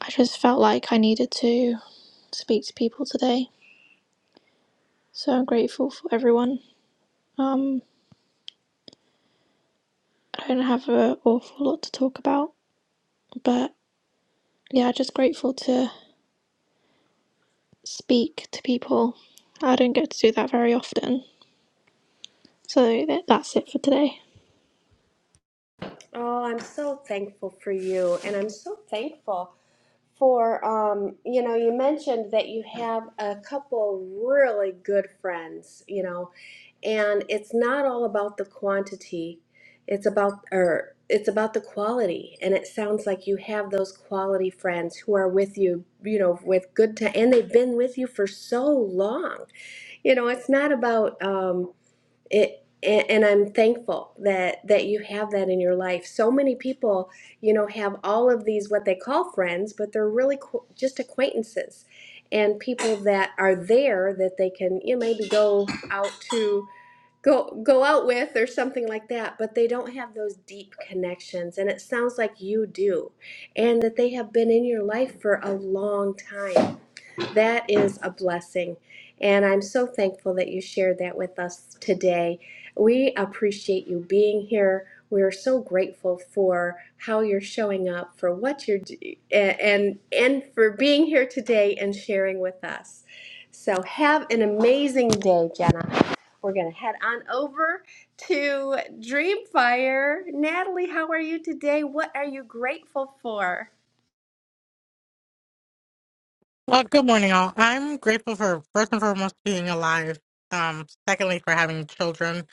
Speaker 26: I just felt like I needed to speak to people today. So I'm grateful for everyone. Um, I don't have an awful lot to talk about, but yeah, just grateful to speak to people. I don't get to do that very often. So that's it for today.
Speaker 22: Oh, I'm so thankful for you, and I'm so thankful for um, you know, you mentioned that you have a couple really good friends, you know, and it's not all about the quantity. It's about or it's about the quality. And it sounds like you have those quality friends who are with you, you know, with good time and they've been with you for so long. You know, it's not about um it and, I'm thankful that that you have that in your life. So many people, you know, have all of these what they call friends, but they're really qu- just acquaintances and people that are there that they can you know, maybe go out to go go out with or something like that, but they don't have those deep connections and it sounds like you do and that they have been in your life for a long time. That is a blessing. And I'm so thankful that you shared that with us today. We appreciate you being here. We're so grateful for how you're showing up, for what you're d- a- and and for being here today and sharing with us. So have an amazing day, Jenna. We're going to head on over to Dreamfire. Natalie, how are you today? What are you grateful for?
Speaker 27: Well, good morning, all. I'm grateful for first and foremost being alive. Um, secondly, for having children.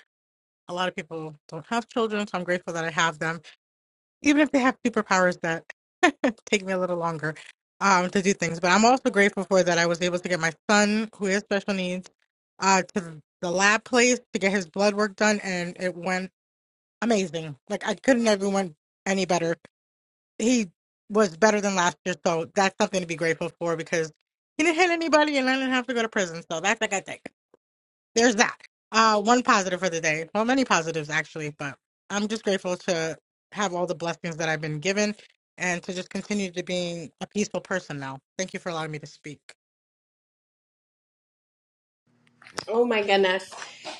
Speaker 27: A lot of people don't have children, so I'm grateful that I have them, even if they have superpowers that take me a little longer um, to do things. But I'm also grateful for that I was able to get my son, who is special needs, uh, to the lab place to get his blood work done, and it went amazing. Like I couldn't have went any better he was better than last year, so that's something to be grateful for because he didn't hit anybody and I didn't have to go to prison. So that's like I think. There's that. Uh, one positive for the day. Well, many positives actually, but I'm just grateful to have all the blessings that I've been given and to just continue to being a peaceful person now. Thank you for allowing me to speak.
Speaker 22: Oh my goodness.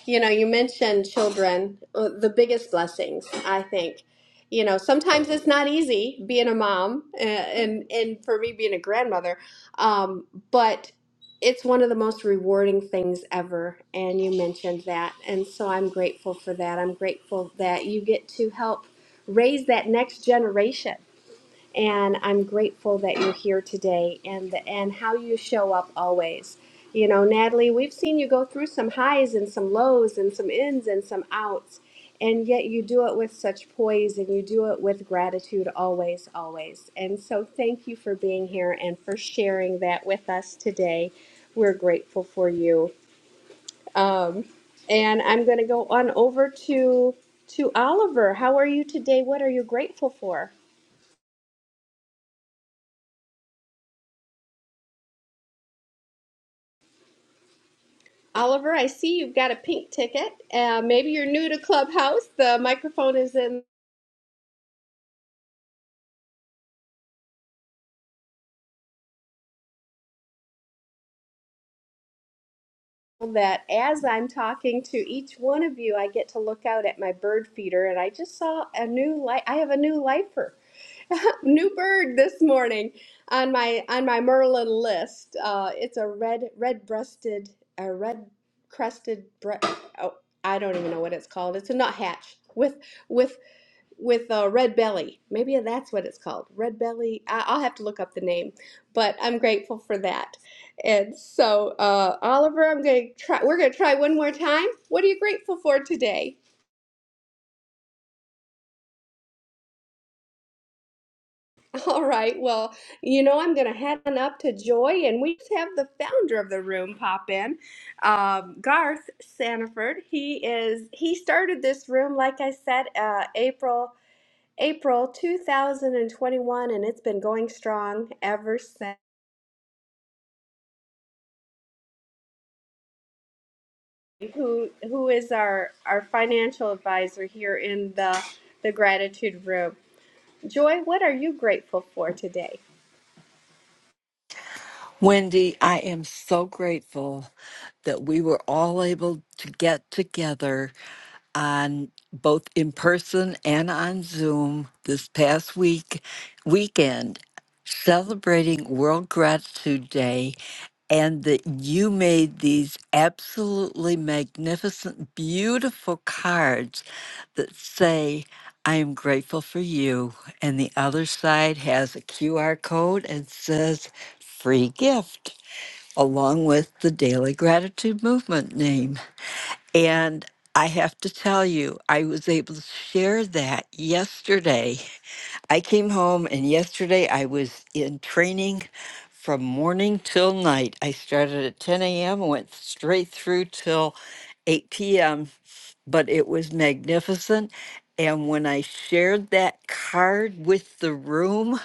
Speaker 22: You know, you mentioned children, uh, the biggest blessings, I think. You know, sometimes it's not easy being a mom uh, and and for me being a grandmother, um, but it's one of the most rewarding things ever. And you mentioned that. And so I'm grateful for that. I'm grateful that you get to help raise that next generation and I'm grateful that you're here today and the, and how you show up always. You know, Natalie, we've seen you go through some highs and some lows and some ins and some outs, and yet you do it with such poise and you do it with gratitude always, always. And so, thank you for being here and for sharing that with us today. We're grateful for you. Um, and I'm going to go on over to to Oliver. How are you today? What are you grateful for? Oliver, I see you've got a pink ticket. Uh, maybe you're new to Clubhouse. The microphone is in that. As I'm talking to each one of you, I get to look out at my bird feeder, and I just saw a new light. I have a new lifer, new bird this morning on my on my Merlin list. Uh, it's a red red breasted a red crested bre- oh I don't even know what it's called. It's a nuthatch with with with uh, red belly. Maybe that's what it's called. Red belly. I- I'll have to look up the name, but I'm grateful for that. And so, uh, Oliver, I'm going to try. We're going to try one more time. What are you grateful for today? All right. Well, you know, I'm going to head on up to Joy, and we have the founder of the room pop in, um, Garth Sanford. He is. He started this room, like I said, uh, April. April 2021, and it's been going strong ever since. who who is our our financial advisor here in the the gratitude room. Joy, what are you grateful for today?
Speaker 28: Wendy, I am so grateful that we were all able to get together on both in person and on Zoom this past week weekend celebrating World Gratitude Day and that you made these absolutely magnificent beautiful cards that say I am grateful for you and the other side has a QR code and says free gift along with the Daily Gratitude Movement name. And I have to tell you, I was able to share that yesterday. I came home, and yesterday I was in training from morning till night. I started at 10 a.m., went straight through till 8 p.m., but it was magnificent. And when I shared that card with the room,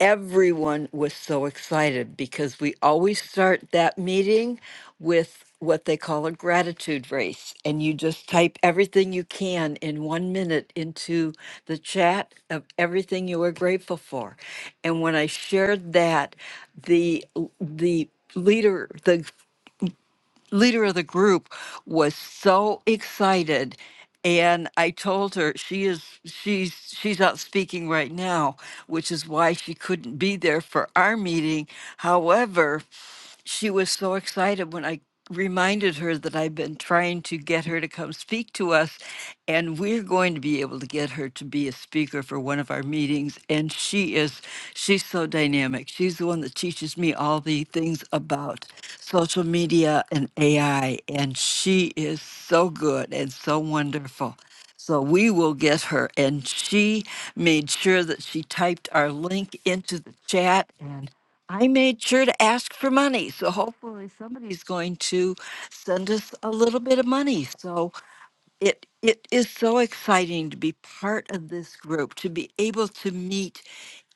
Speaker 28: everyone was so excited because we always start that meeting with what they call a gratitude race. And you just type everything you can in one minute into the chat of everything you are grateful for. And when I shared that, the the leader, the leader of the group was so excited and i told her she is she's she's out speaking right now which is why she couldn't be there for our meeting however she was so excited when i reminded her that i've been trying to get her to come speak to us and we're going to be able able to get her to be a speaker for one of our meetings. And she is, she's so dynamic. She's the one that teaches me all the things about social media and AI. And she is so good and so wonderful. So we will get her. And she made sure that she typed our link into the chat and I made sure to ask for money. So hopefully somebody's going to send us a little bit of money. So it it is so exciting to be part of this group to be able to meet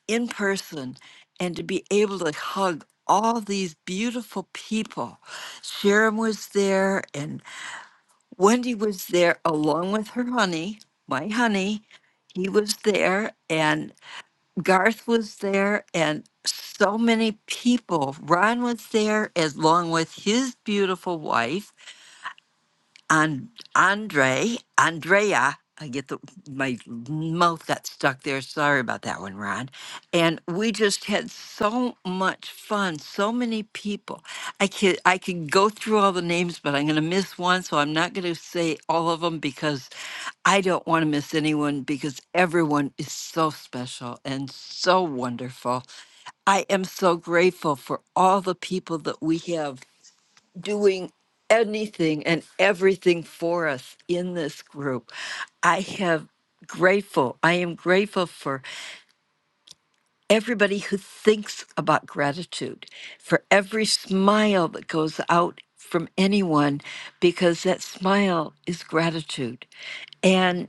Speaker 28: in person and to be able to hug all these beautiful people sharon was there and wendy was there along with her honey my honey he was there and garth was there and so many people ron was there as long with his beautiful wife and Andre, Andrea, I get the my mouth got stuck there. Sorry about that one, Ron. And we just had so much fun. So many people. I could I could go through all the names, but I'm going to miss one, so I'm not going to say all of them because I don't want to miss anyone because everyone is so special and so wonderful. I am so grateful for all the people that we have doing anything and everything for us in this group. I have grateful. I am grateful for everybody who thinks about gratitude, for every smile that goes out from anyone because that smile is gratitude. and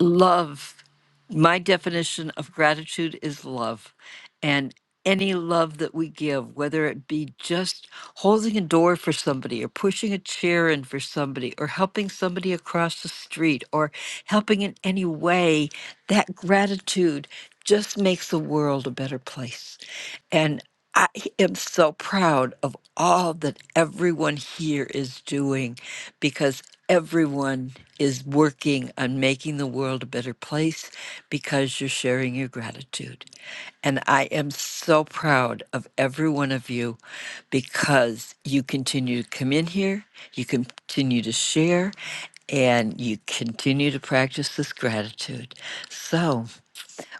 Speaker 28: love my definition of gratitude is love and any love that we give whether it be just holding a door for somebody or pushing a chair in for somebody or helping somebody across the street or helping in any way that gratitude just makes the world a better place and I am so proud of all that everyone here is doing because everyone is working on making the world a better place because you're sharing your gratitude. And I am so proud of every one of you because you continue to come in here, you continue to share, and you continue to practice this gratitude. So,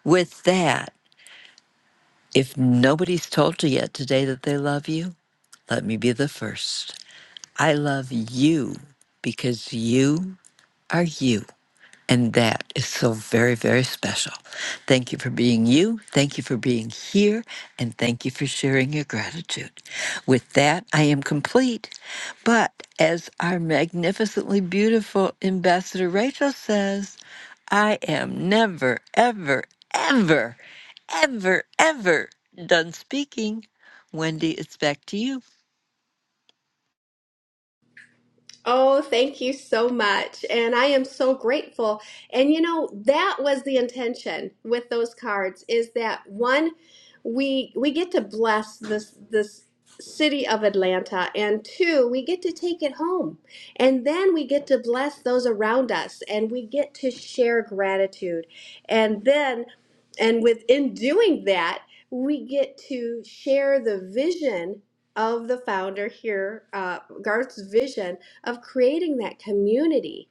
Speaker 28: with that, if nobody's told you yet today that they love you, let me be the first. I love you because you are you. And that is so very, very special. Thank you for being you. Thank you for being here. And thank you for sharing your gratitude. With that, I am complete. But as our magnificently beautiful Ambassador Rachel says, I am never, ever, ever, ever, ever done speaking. Wendy, it's back to you.
Speaker 22: Oh, thank you so much. And I am so grateful. And you know, that was the intention with those cards is that one we we get to bless this this city of Atlanta and two, we get to take it home. And then we get to bless those around us and we get to share gratitude. And then and within doing that, we get to share the vision of the founder here, uh, Garth's vision of creating that community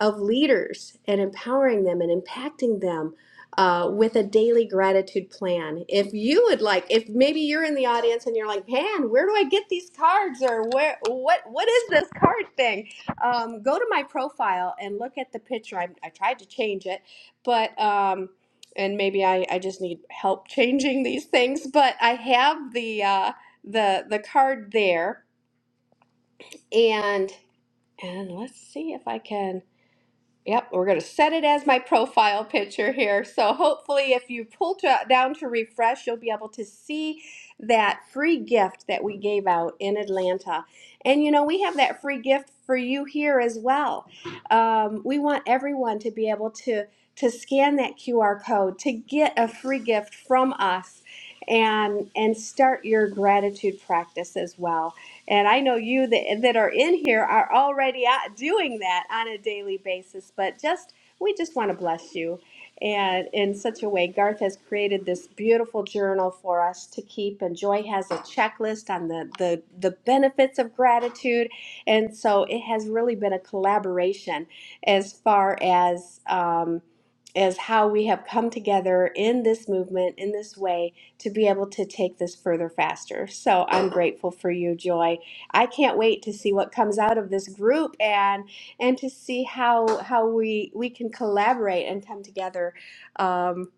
Speaker 22: of leaders and empowering them and impacting them uh, with a daily gratitude plan. If you would like, if maybe you're in the audience and you're like, man, where do I get these cards or where, what, what is this card thing? Um, go to my profile and look at the picture. I, I tried to change it, but, um, and maybe I, I just need help changing these things, but I have the, uh, the, the card there and. And let's see if I can. Yep, we're going to set it as my profile picture here. So hopefully, if you pull to, down to refresh, you'll be able to see that free gift that we gave out in Atlanta. And you know, we have that free gift for you here as well. Um, we want everyone to be able to to scan that QR code to get a free gift from us and and start your gratitude practice as well. And I know you that, that are in here are already out doing that on a daily basis, but just we just want to bless you. And in such a way, Garth has created this beautiful journal for us to keep. And Joy has a checklist on the, the, the benefits of gratitude. And so it has really been a collaboration as far as um, as how we have come together in this movement in this way to be able to take this further faster. So I'm grateful for you, Joy I can't wait to see what comes out of this group and and to see how how we we can collaborate and come together um,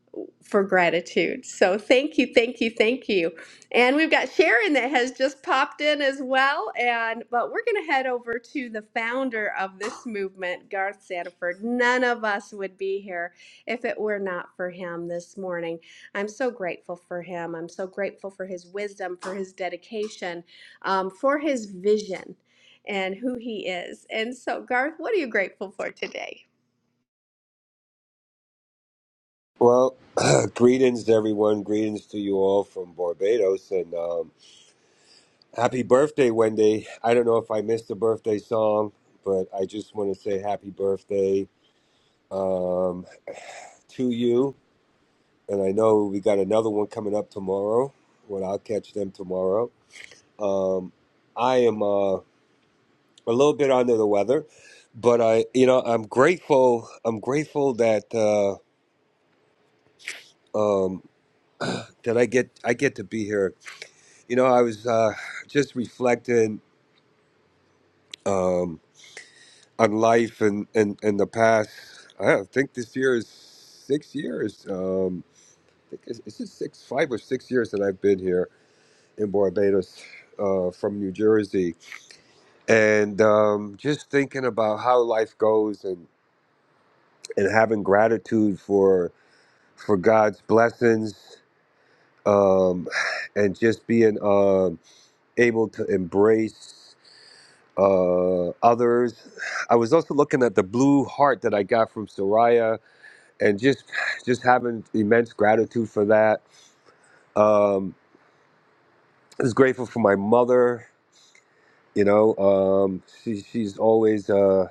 Speaker 22: for gratitude. So thank you, thank you, thank you. And we've got Sharon that has just popped in as well. And but we're gonna head over to the founder of this movement, Garth Sanford. None of us would be here if it were not for him this morning. I'm so grateful for him. I'm so grateful for his wisdom, for his dedication, um, for his vision and who he is. And so, Garth, what are you grateful for today?
Speaker 29: Well, greetings to everyone. Greetings to you all from Barbados, and um, happy birthday, Wendy. I don't know if I missed the birthday song, but I just want to say happy birthday um, to you. And I know we got another one coming up tomorrow. Well, I'll catch them tomorrow. Um, I am uh, a little bit under the weather, but I, you know, I'm grateful. I'm grateful that uh, um, that I get I get to be here You know, I was uh, just reflecting um, on life and, and, and the past. I don't think this year is six years. Um, I think it's, it's just six, five or six years that I've been here in Barbados uh, from New Jersey. And um, just thinking about how life goes and, and having gratitude for, for God's blessings um, and just being um, able to embrace. uh, others. I was also looking at the blue heart that I got from Soraya, and just just having immense gratitude for that. Um, I was grateful for my mother. You know, um, she she's always uh,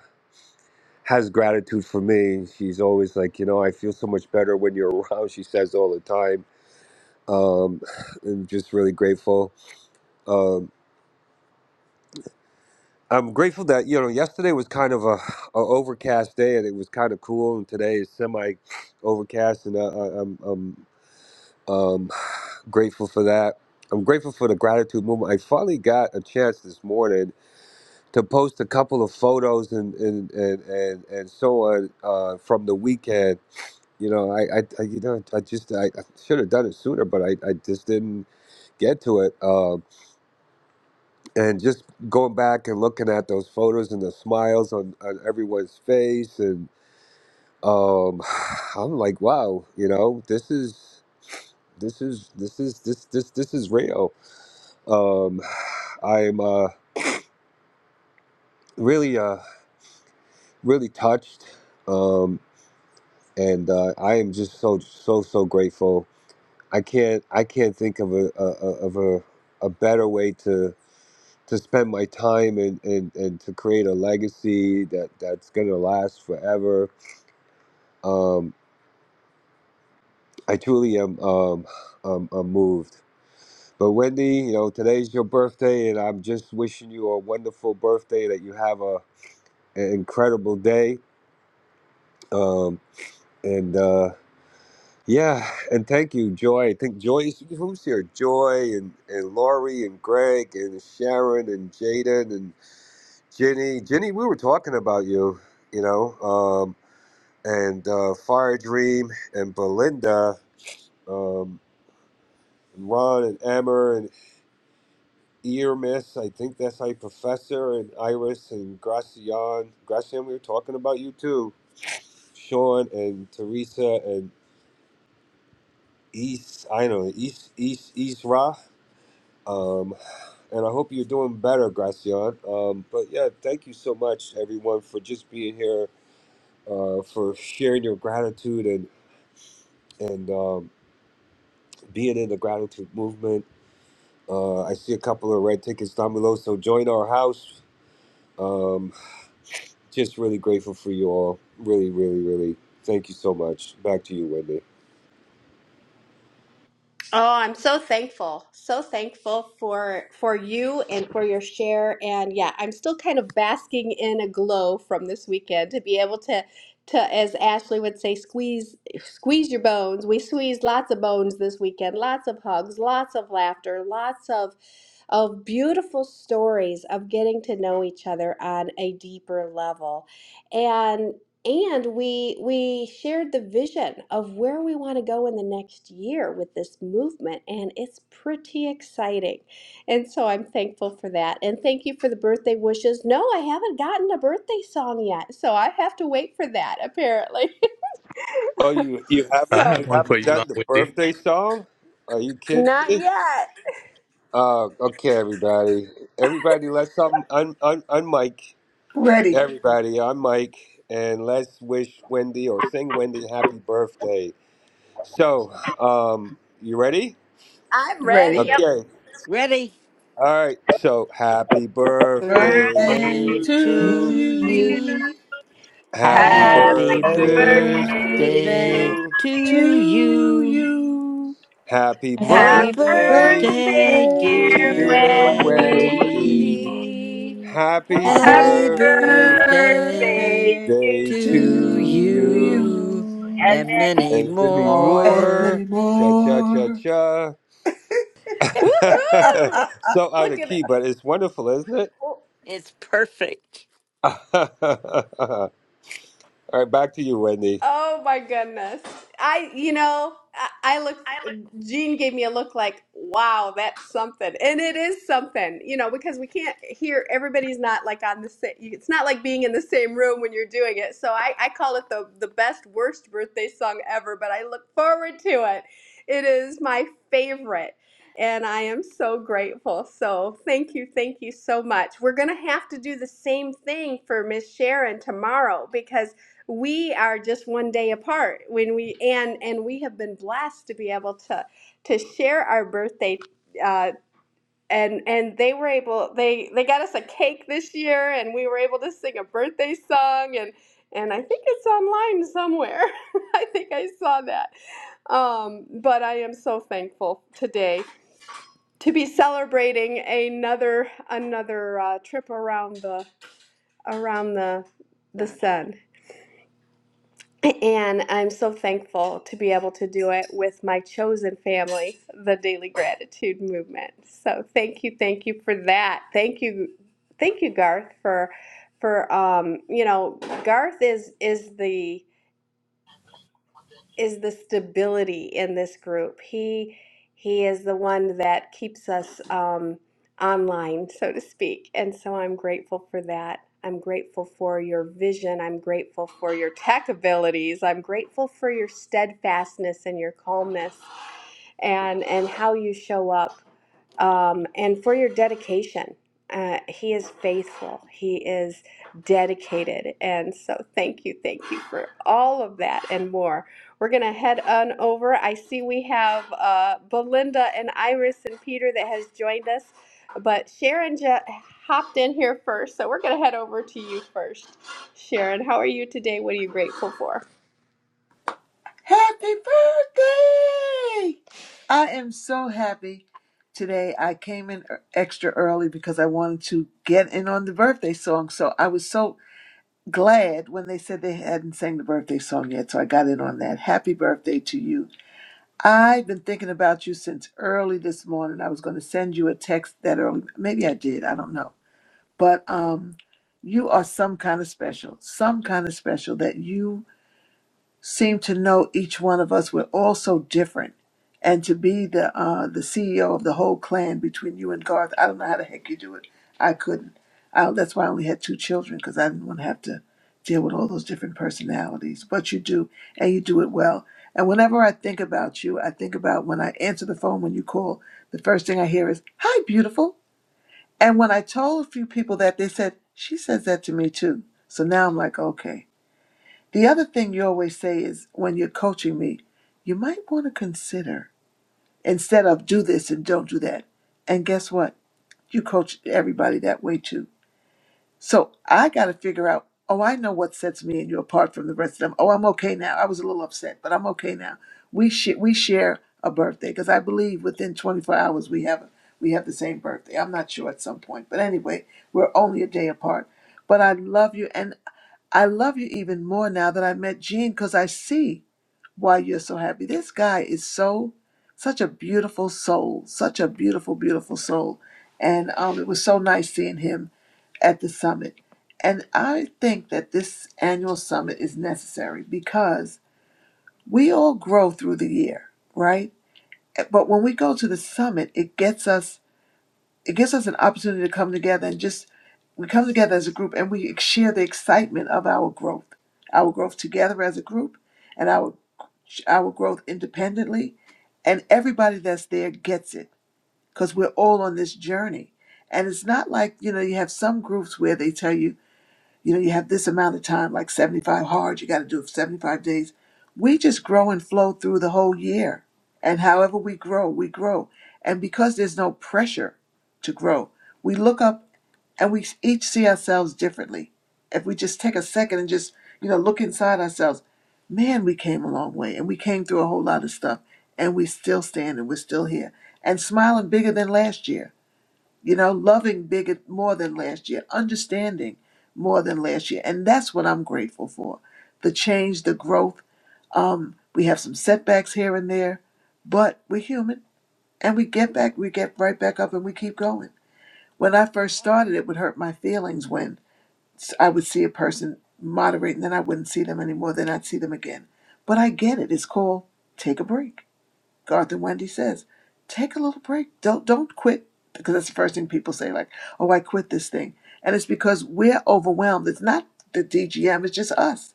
Speaker 29: has gratitude for me. She's always like, you know, I feel so much better when you're around. She says all the time. Um, I'm just really grateful. Um, I'm grateful that you know yesterday was kind of a, a overcast day and it was kind of cool, and today is semi overcast, and I, I, I'm I'm um, grateful for that. I'm grateful for the gratitude movement. I finally got a chance this morning to post a couple of photos and and and and, and so on uh, from the weekend. You know, I, I, I you know I just I, I should have done it sooner, but I, I just didn't get to it. Um, and just going back and looking at those photos and the smiles on, on everyone's face and um i'm like wow you know this is this is this is this this this is real um i'm uh really uh really touched um and uh i am just so so so grateful i can't i can't think of a, a, a of a a better way to to spend my time and, and, and to create a legacy that, that's going to last forever Um, I truly am um, um, um, moved. But Wendy, you know, today's your birthday, and I'm just wishing you a wonderful birthday. That you have a an incredible day. Um, and uh, yeah, and thank you, Joy. I think Joy who's here. Joy and and Lori and Greg and Sharon and Jaden and Ginny. Ginny, we were talking about you. You know, um, and uh, Fire Dream and Belinda. Um, Ron and Amber and. ERMIS, I think that's how you Professor and Iris and Gracian. Gracian, we were talking about you too. Sean and Teresa and East, I don't know, East, East, East Ra. Um, and I hope you're doing better, Gracian. Um, but yeah, thank you so much, everyone, for just being here, uh, for sharing your gratitude and, and um, being in the gratitude movement. Uh, I see a couple of red tickets down below, so join our house. Um. Just really grateful for you all. Really, really, really. Thank you so much. Back to you, Wendy.
Speaker 22: Oh, I'm so thankful. So thankful for for you and for your share and yeah, I'm still kind of basking in a glow from this weekend to be able to to as Ashley would say squeeze squeeze your bones. We squeezed lots of bones this weekend. Lots of hugs, lots of laughter, lots of of beautiful stories of getting to know each other on a deeper level and we we shared the vision of where we want to go in the next year with this movement and it's pretty exciting and so i'm thankful for that and thank you for the birthday wishes no i haven't gotten a birthday song yet so i have to wait for that apparently
Speaker 29: Oh, you you
Speaker 14: I
Speaker 22: so
Speaker 29: haven't you
Speaker 14: have one for
Speaker 29: haven't
Speaker 14: you, Long
Speaker 29: done the
Speaker 14: Wendy.
Speaker 29: birthday song? Are you kidding
Speaker 22: not
Speaker 29: me?
Speaker 22: yet
Speaker 29: Uh, okay, everybody. Everybody, let's um, un, un, un Mike.
Speaker 12: Ready,
Speaker 29: Everybody, I'm Mike, and let's wish Wendy or sing Wendy happy birthday. So, um, you ready?
Speaker 22: i'm
Speaker 12: ready.
Speaker 22: ready
Speaker 30: Yep.
Speaker 29: Okay.
Speaker 28: Ready?
Speaker 29: All right. So, happy birthday
Speaker 30: Birthday to
Speaker 12: Birthday
Speaker 30: you.
Speaker 28: Birthday
Speaker 29: to
Speaker 12: to
Speaker 29: you.
Speaker 18: You,
Speaker 28: to
Speaker 18: you,
Speaker 28: you.
Speaker 12: you.
Speaker 18: happy
Speaker 29: Happy
Speaker 30: Happy
Speaker 28: Happy
Speaker 12: Happy
Speaker 18: birthday,
Speaker 29: birthday
Speaker 30: birthday
Speaker 29: to
Speaker 30: to
Speaker 28: birthday
Speaker 12: birthday
Speaker 29: you.
Speaker 30: you.
Speaker 28: to
Speaker 12: to
Speaker 28: you.
Speaker 12: you.
Speaker 29: Happy
Speaker 28: Happy
Speaker 31: Happy
Speaker 30: Happy
Speaker 12: Happy
Speaker 29: birthday,
Speaker 28: birthday,
Speaker 30: birthday,
Speaker 31: birthday,
Speaker 12: birthday,
Speaker 29: eh,
Speaker 30: dear
Speaker 28: dear
Speaker 31: dear
Speaker 12: dear
Speaker 29: dear
Speaker 18: Wendy.
Speaker 30: Wendy.
Speaker 28: Wendy.
Speaker 29: Wendy.
Speaker 31: Wendy.
Speaker 12: Wendy.
Speaker 29: Happy
Speaker 18: Happy
Speaker 30: Happy
Speaker 28: Happy
Speaker 31: Happy
Speaker 12: Happy
Speaker 29: birthday
Speaker 28: birthday
Speaker 30: birthday
Speaker 31: birthday
Speaker 12: birthday
Speaker 30: to
Speaker 31: to
Speaker 28: to
Speaker 29: to
Speaker 12: to
Speaker 29: you.
Speaker 28: you
Speaker 31: you.
Speaker 12: you
Speaker 28: and
Speaker 18: birthday,
Speaker 30: Edmund.
Speaker 28: many
Speaker 29: And Demi
Speaker 18: Lord.
Speaker 12: and
Speaker 28: more.
Speaker 12: many
Speaker 29: Moore. Cha cha cha
Speaker 12: more.
Speaker 29: cha.
Speaker 22: woohoo
Speaker 29: so out
Speaker 22: look
Speaker 29: of
Speaker 22: at
Speaker 29: key, but it's wonderful, isn't it?
Speaker 22: it
Speaker 28: It's perfect.
Speaker 29: All right, back to you, Wendy.
Speaker 22: Oh my goodness. I, you know, I, I look, Jean gave me a look like, wow, that's something. And it is something, you know, because we can't hear, everybody's not like on the same, it's not like being in the same room when you're doing it. So I, I call it the, the best, worst birthday song ever, but I look forward to it. It is my favorite. And I am so grateful. So thank you, thank you so much. We're going to have to do the same thing for Miss Sharon tomorrow because we are just one day apart when we and and we have been blessed to be able to to share our birthday uh and and they were able they they got us a cake this year and we were able to sing a birthday song and and I think it's online somewhere. I think I saw that. Um, but I am so thankful today to be celebrating another another uh, trip around the around the the
Speaker 28: Son.
Speaker 22: sun. And I'm so thankful to be able to do it with my chosen family, the Daily Gratitude Movement. So thank you, thank you for that. Thank you, thank you, Garth, for for um, you know, Garth is is the is the stability in this group. He he is the one that keeps us um, online, so to speak. And so I'm grateful for that. I'm grateful for your vision. I'm grateful for your tech abilities. I'm grateful for your steadfastness and your calmness, and and how you show up, um, and for your dedication. Uh, he is faithful. He is dedicated, and so thank you, thank you for all of that and more. We're gonna head on over. I see we have uh, Belinda and Iris and Peter that has joined us, but Sharon ju- hopped in here first, so we're gonna head over to you first. Sharon, how are you today? What are you grateful for?
Speaker 12: Happy birthday! I am so happy today. I came in e- extra early because I wanted to get in on the birthday song. So I was so glad when they said they hadn't sang the birthday song yet. So I got in on that. Happy birthday to you. I've been thinking about you since early this morning. I was going to send you a text that early. Maybe I did. I don't know. But um, you are some kind of special, some kind of special that you Seem to know each one of us. We're all so different. And to be the uh, the CEO of the whole clan between you and Garth, I don't know how the heck you do it. I couldn't. I, that's why I only had two children because I didn't want to have to deal with all those different personalities. But you do, and you do it well. And whenever I think about you, I think about when I answer the phone when you call. The first thing I hear is "Hi, beautiful." And when I told a few people that, they said she says that to me too. So now I'm like, okay, the other thing you always say is when you're coaching me, you might want to consider instead of do this and don't do that. And guess what? You coach everybody that way too. So I got to figure out, oh, I know what sets me and you apart from the rest of them. Oh, I'm okay now. I was a little upset, but I'm okay now. We sh- we share a birthday because I believe within 24 hours we have a, we have the same birthday. I'm not sure at some point, but anyway, we're only a day apart. But I love you, and. I love you even more now that I met Gene because I see why you're so happy. This guy is so, such a beautiful soul, such a beautiful, beautiful soul. And um, it was so nice seeing him at the summit. And I think that this annual summit is necessary because we all grow through the year, right? But when we go to the summit, it gets us it gives us an opportunity to come together and just we come together as a group and we share the excitement of our growth our growth together as a group and our our growth independently and everybody that's there gets it because we're all on this journey and it's not like you know you have some groups where they tell you you know, you have this amount of time, like 75 hard, you got to do it for 75 days. We just grow and flow through the whole year. And however we grow, we grow. And because there's no pressure to grow, we look up and we each see ourselves differently. If we just take a second and just, you know, look inside ourselves, man, we came a long way and we came through a whole lot of stuff and we still standing, we're still here and smiling bigger than last year you know, loving bigger more than last year, understanding more than last year. And that's what I'm grateful for the change, the growth. Um, we have some setbacks here and there, but we're human and we get back, we get right back up and we keep going. When I first started, it would hurt my feelings when I would see a person moderate and then I wouldn't see them anymore, then I'd see them again. But I get it. It's called take a break Garth and Wendy says, take a little break. Don't don't quit because that's the first thing people say, like, oh, I quit this thing, and it's because we're overwhelmed. It's not the DGM; it's just us.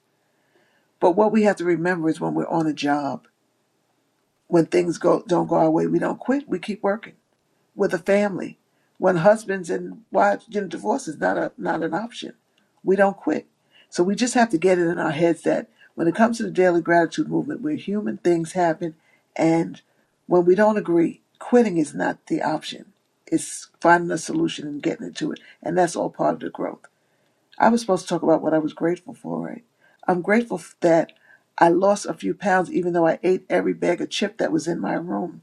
Speaker 12: But what we have to remember is when we're on a job, when things go don't go our way, we don't quit. We keep working with a family. When husbands and wives, get know, divorce is not a not an option. We don't quit. So we just have to get it in our heads that when it comes to the daily gratitude movement, we're human, things happen, and when we don't agree, quitting is not the option. It's finding a solution and getting into it, and that's all part of the growth. I was supposed to talk about what I was grateful for, right? I'm grateful that I lost a few pounds, even though I ate every bag of chip that was in my room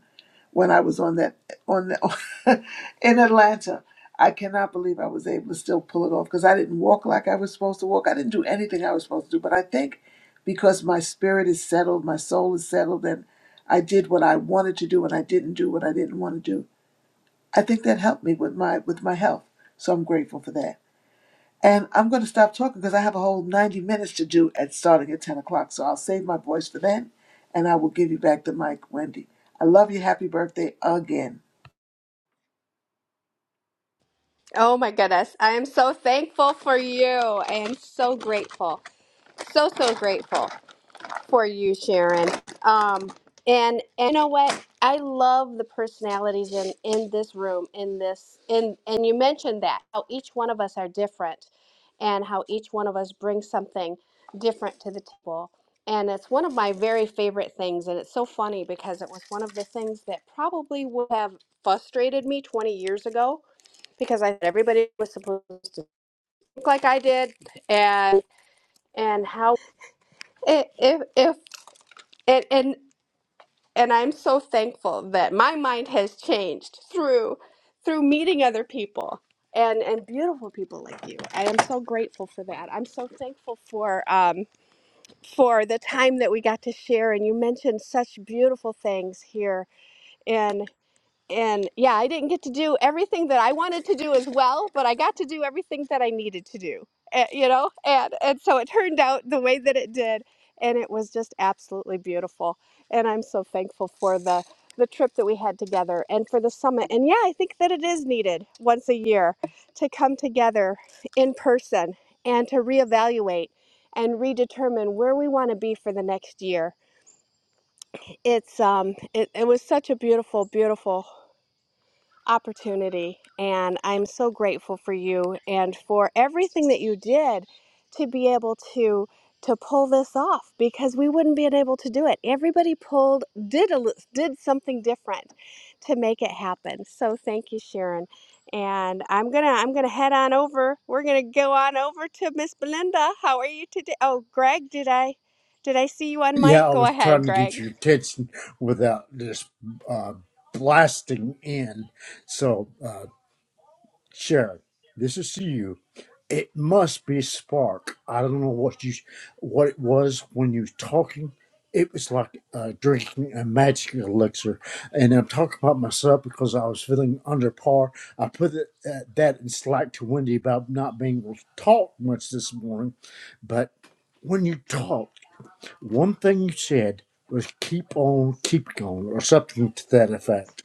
Speaker 12: when I was on that on the, in Atlanta. I cannot believe I was able to still pull it off because I didn't walk like I was supposed to walk. I didn't do anything I was supposed to do, but I think because my spirit is settled, my soul is settled, and I did what I wanted to do and I didn't do what I didn't want to do. I think that helped me with my with my health, so I'm grateful for that. And I'm going to stop talking because I have a whole 90 minutes to do at starting at 10 o'clock. So I'll save my voice for then, and I will give you back the mic, Wendy. I love you. Happy birthday again.
Speaker 22: Oh my goodness, I am so thankful for you. I am so grateful, so so grateful. for you, Sharon. Um, and, and you know what? I love the personalities in, in this room, in this, in, and you mentioned that how each one of us are different and how each one of us brings something different to the table. And it's one of my very favorite things. And it's so funny because it was one of the things that probably would have frustrated me 20 years ago because I thought everybody was supposed to look like I did and, and how if, if, if and, and and I'm so thankful that my mind has changed through through meeting other people and and beautiful people like you. I am so grateful for that. I'm so thankful for um, for the time that we got to share. And you mentioned such beautiful things here and yeah, I didn't get to do everything that I wanted to do as well, but I got to do everything that I needed to do. eh, you know, and and so it turned out the way that it did, and it was just absolutely beautiful. And I'm so thankful for the the trip that we had together and for the summit. And yeah, I think that it is needed once a year to come together in person and to reevaluate and redetermine where we want to be for the next year. It's um it, it was such a beautiful, beautiful opportunity. And I'm so grateful for you and for everything that you did to be able to to pull this off because we wouldn't been able to do it. Everybody pulled did a, li- did something different to make it happen. So thank you, Sharon. And I'm gonna I'm gonna head on over. We're gonna go on over to Miss Belinda. How are you today? Oh, Greg, did I did I see you on
Speaker 32: Yeah,
Speaker 22: mic?
Speaker 32: I
Speaker 22: Go
Speaker 32: was
Speaker 22: ahead,
Speaker 32: trying to
Speaker 22: Greg.
Speaker 32: get your attention without just uh, blasting in. So, uh, Sharon, this is to you. It must be spark. I don't know what you, what it was when you was talking. It was like uh, drinking a magic elixir, and I'm talking about myself because I was feeling under par. I put it, uh, that in slack to Wendy about not being able to talk much this morning, but when you talk. One thing you said was keep on, keep going, or something to that effect.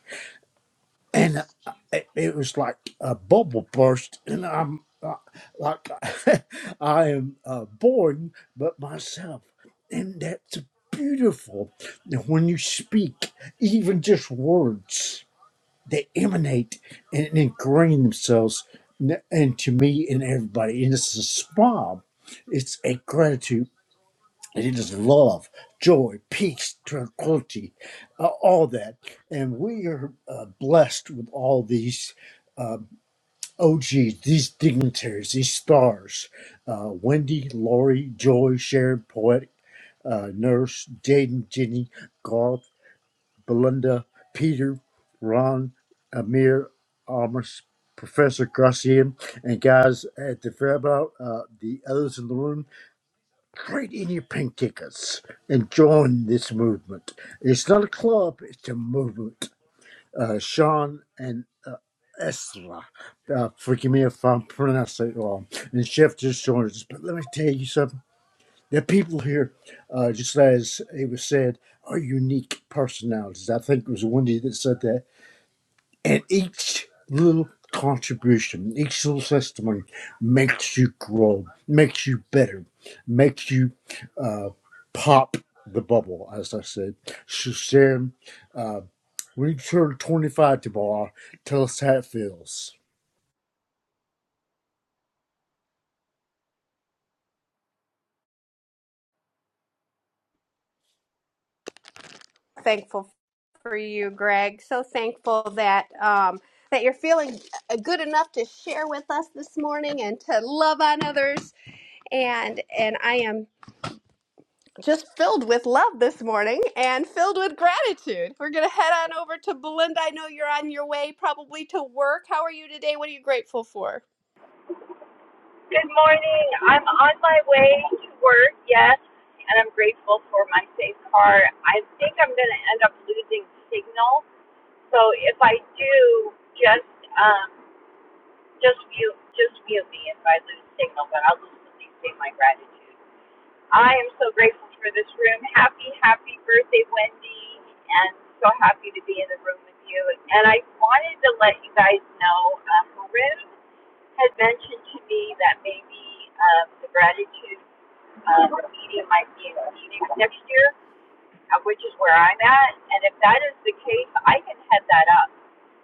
Speaker 32: And uh, it, it was like a bubble burst, and I'm uh, like, I am uh, boring, but myself. And that's beautiful when you speak, even just words, they emanate and ingrain themselves n- into me and everybody. And it's a spa, it's a gratitude it is love, joy, peace, tranquility, uh, all that. And we are uh, blessed with all these OGs, these dignitaries, these stars uh, Wendy, Lori, Joy, Sharon, Poetic, uh, Nurse, Jaden, Jenny, Garth, Belinda, Peter, Ron, Amir, Amos, Professor Garcia, and guys at the Fairbout, uh, the others in the room trade in your pink tickets and join this movement. It's not a club, it's a movement. Uh, Sean and uh, Esra, uh, forgive me if I'm pronouncing it wrong, and Chef just joined us. But let me tell you something. The people here, uh, just as it was said, are unique personalities. I think it was Wendy that said that and each little contribution, each little testimony makes you grow, makes you better, makes you uh, pop the bubble, as I said. So, Sharon, uh, when you turn 25 tomorrow, tell us how it feels.
Speaker 22: thankful for you, Greg. So thankful that um, that you're feeling uh, good enough to share with us this morning and to love on others. And and I am just filled with love this morning and filled with gratitude. We're gonna head on over to Belinda. I know you're on your way probably to work. How are you today? What are you grateful for?
Speaker 30: Good morning. I'm on my way to work, yes, and I'm grateful for my safe car. I think I'm going to end up losing signal. So if I do, just um, Just mute, just mute me if I lose signal, but I'll lose at least say my gratitude. I am so grateful for this room. Happy, happy birthday, Wendy, and so happy to be in the room with you. And I wanted to let you guys know, um, Haroon had mentioned to me that maybe um, the gratitude um, meeting might be in Phoenix next year uh, which is where I'm at. And if that is the case, I can head that up.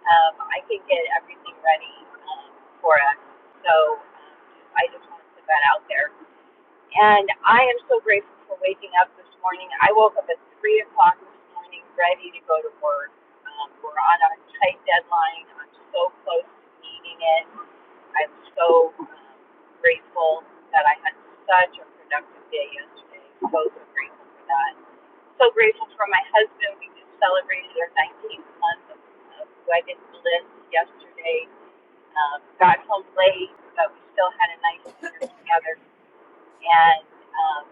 Speaker 30: Um, I can get everything ready um, for us. So um, I just want to put that out there. And I am so grateful for waking up this morning. I woke up at 3 o'clock this morning ready to go to work. Um, we're on a tight deadline. I'm so close to meeting it. I'm so um, grateful that I had such a productive day yesterday. So, so grateful for that. So grateful for my husband. We just celebrated our 19th month of, of wedded bliss yesterday. Um, got home late, but we still had a nice dinner together and um,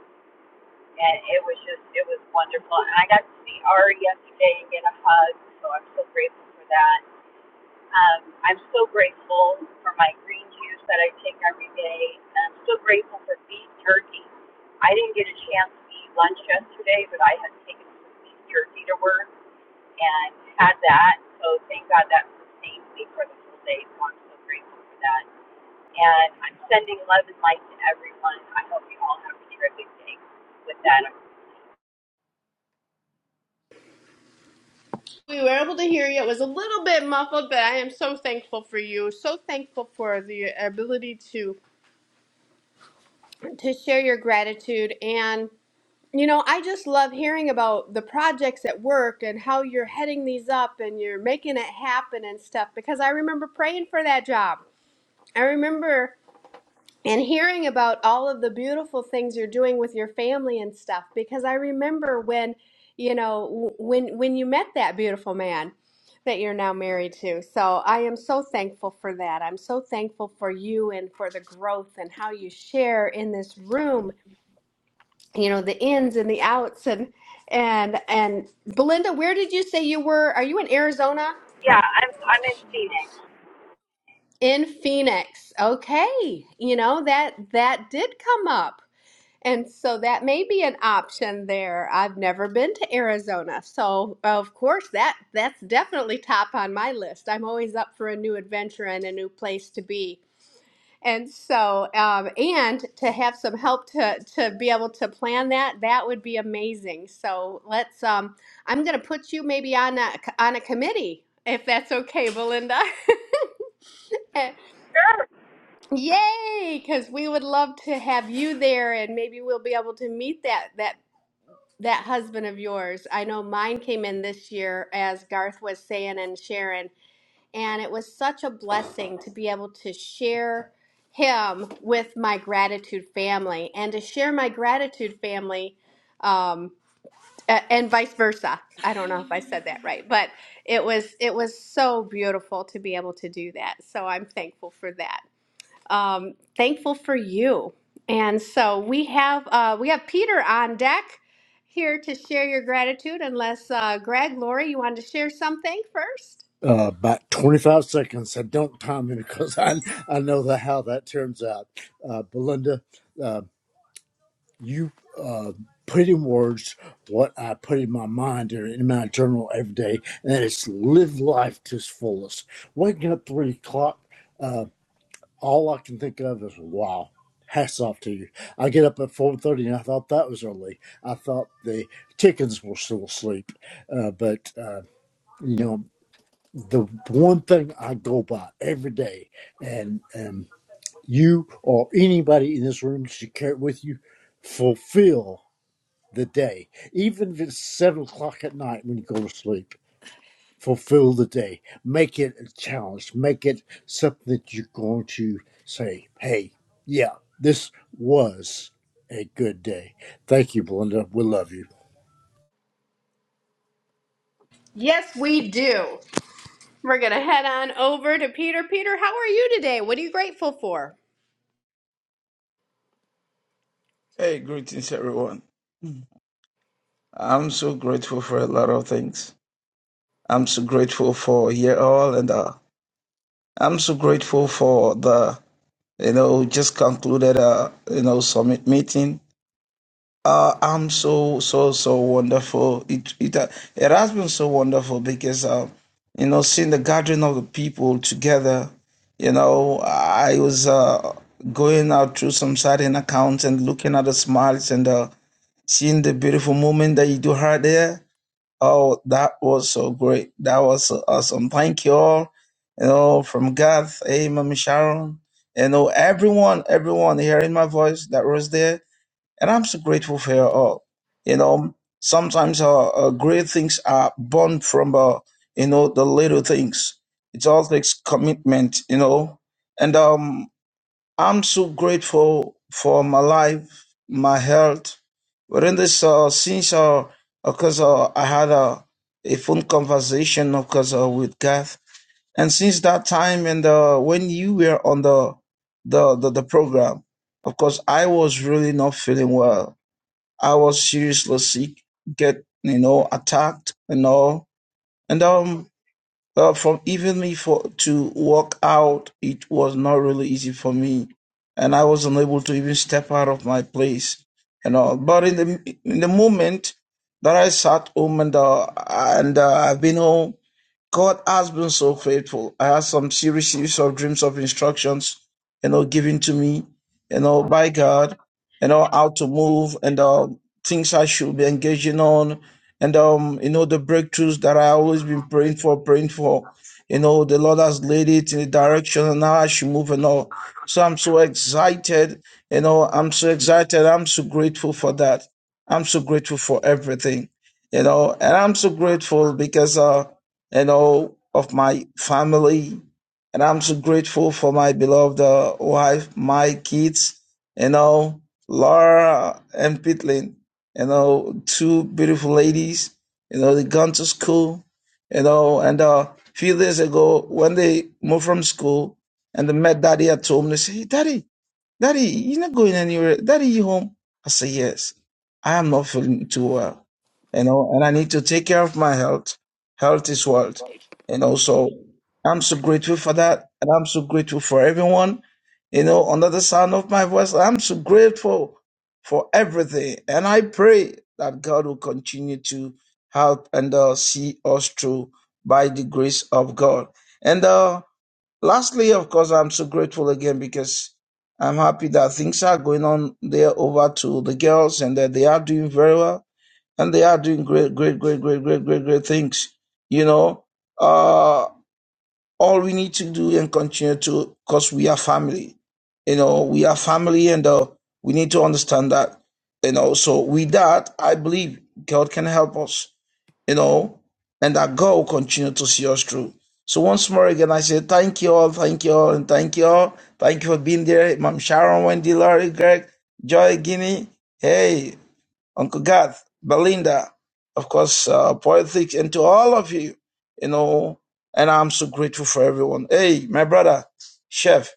Speaker 30: and it was just it was wonderful. And I got to see Ari yesterday and get a hug, so I'm so grateful for that. Um, I'm so grateful for my green juice that I take every day, and I'm so grateful for beef jerky. I didn't get a chance to eat lunch yesterday, but I had taken some beef jerky to work and had that. So thank God that sustained me for the full day. So I'm so grateful for that. And I'm sending love and light to everyone. I hope you all have a terrific day with that.
Speaker 22: We were able to hear you. It was a little bit muffled, but I am so thankful for you. So thankful for the ability to to share your gratitude and You know, I just love hearing about the projects at work and how you're heading these up and you're making it happen and stuff because I remember praying for that job. I remember and hearing about all of the beautiful things you're doing with your family and stuff because I remember when, you know, w- when when you met that beautiful man that you're now married to. So, I am so thankful for that. I'm so thankful for you and for the growth and how you share in this room you know the ins and the outs and and and Belinda, where did you say you were? Are you in Arizona?
Speaker 30: Yeah, I'm I'm in Phoenix.
Speaker 22: In Phoenix. Okay. You know that that did come up. And so that may be an option there. I've never been to Arizona. So, of course, that that's definitely top on my list. I'm always up for a new adventure and a new place to be. And so, um, and to have some help to to be able to plan that, that would be amazing. So let's. Um, I'm going to put you maybe on a on a committee if that's okay, Belinda.
Speaker 30: sure.
Speaker 22: Yay! Because we would love to have you there, and maybe we'll be able to meet that that that husband of yours. I know mine came in this year, as Garth was saying, and Sharon. and it was such a blessing to be able to share him with my gratitude family and to share my gratitude family um, a- and vice versa i don't know if i said that right but it was it was so beautiful to be able to do that so i'm thankful for that um, thankful for you and so we have uh, we have peter on deck here to share your gratitude unless uh, greg lori you wanted to share something first
Speaker 32: Uh, about 25 seconds. I don't time it because I, I know the, how that turns out. Uh, Belinda, uh, you uh, put in words what I put in my mind and in my journal every day, and that is live life to its fullest. Waking up three o'clock, uh, all I can think of is wow. Hats off to you. I get up at four thirty, and I thought that was early. I thought the chickens were still asleep, uh, but uh, you know the one thing I go by every day, and and you or anybody in this room should carry it with you, fulfill the day, even if it's seven o'clock at night when you go to sleep. Fulfill the day. Make it a challenge. Make it something that you're going to say, hey, yeah, this was a good day. Thank you, Belinda. We love you.
Speaker 22: Yes, we do. We're going to head on over to Peter. Peter, how are you today? What are you grateful for?
Speaker 33: Hey, greetings everyone. Mm. I'm so grateful for a lot of things. I'm so grateful for here all and uh, I'm so grateful for the you know just concluded uh you know summit meeting. Uh, I'm so so so wonderful. It it uh, it has been so wonderful because uh, you know seeing the gathering of the people together. You know I was uh going out through some certain accounts and looking at the smiles and uh Seeing the beautiful moment that you do have there. Oh, that was so great. That was so awesome. Thank you all. You know, from God, hey, Mama Sharon. You know, everyone, everyone hearing my voice that was there. And I'm so grateful for you all. You know, sometimes uh, uh, great things are born from, uh, you know, the little things. It all takes commitment, you know. And, um. I'm so grateful for my life, my health. Within this, uh, since uh, because uh, I had a, a phone conversation, of course, uh, with God, and since that time, and uh, when you were on the, the the the program, of course, I was really not feeling well. I was seriously sick, get you know attacked and all, and um, uh, from even me for to walk out, it was not really easy for me, and I was unable to even step out of my place, you know. But in the in the moment that I sat home and uh, and uh, I've been home God has been so faithful. I had some series of dreams of instructions, you know, given to me, you know, by God, you know, how to move and um, things I should be engaging on, and um, you know, the breakthroughs that I always been praying for, praying for. You know, the Lord has laid it in the direction, and now I should move and all. So I'm so excited. You know, I'm so excited. I'm so grateful for that. I'm so grateful for everything. You know, and I'm so grateful because uh and all of my family. And I'm so grateful for my beloved uh, wife, my kids, you know, Laura and Pitlin, you know, two beautiful ladies, you know, they gone to school, you know, and a uh, few days ago when they moved from school and they met daddy at home, they say, hey, daddy, Daddy, you're not going anywhere. Daddy, you home? I say, yes. I am not feeling too well, you know, and I need to take care of my health. Health is wealth, you know. So I'm so grateful for that, and I'm so grateful for everyone, you know, under the sound of my voice. I'm so grateful for everything, and I pray that God will continue to help and uh, see us through by the grace of God. And uh, Lastly, of course, I'm so grateful again because I'm happy that things are going on there over to the girls and that they are doing very well and they are doing great, great, great, great, great, great, great things. You know, uh, all we need to do and continue to because we are family you know we are family and uh, we need to understand that you know so with that i believe god can help us you know and that god will continue to see us through so once more again i say thank you all thank you all and thank you all thank you for being there mom sharon wendy laurie greg joy guinea hey Uncle Garth, Belinda, of course, uh, Poetic, and to all of you, you know, and I'm so grateful for everyone. Hey, my brother, Chef,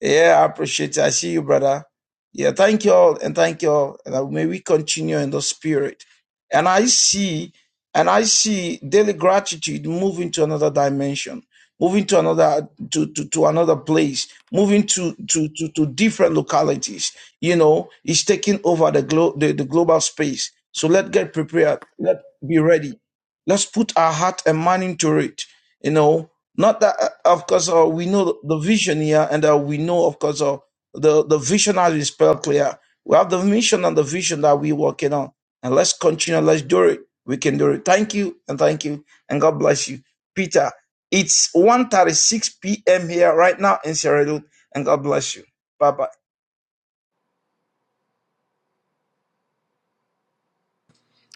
Speaker 33: yeah, I appreciate it. I see you, brother. Yeah, thank you all and thank you all. And uh, may we continue in the spirit. And I see, and I see daily gratitude moving to another dimension, moving to another to to, to another place, moving to, to to to different localities. You know, it's taking over the glo- the, the global space. So let's get prepared. Let's be ready. Let's put our heart and mind into it. You know, not that, uh, of course, uh, we know the vision here, and uh, we know, of course, uh, the, the vision has been spelled clear. We have the mission and the vision that we're working on. And let's continue, let's do it. We can do it. Thank you, and thank you, and God bless you. Peter, it's one thirty six p.m. here right now in Sierra Leone, and God bless you. Bye-bye.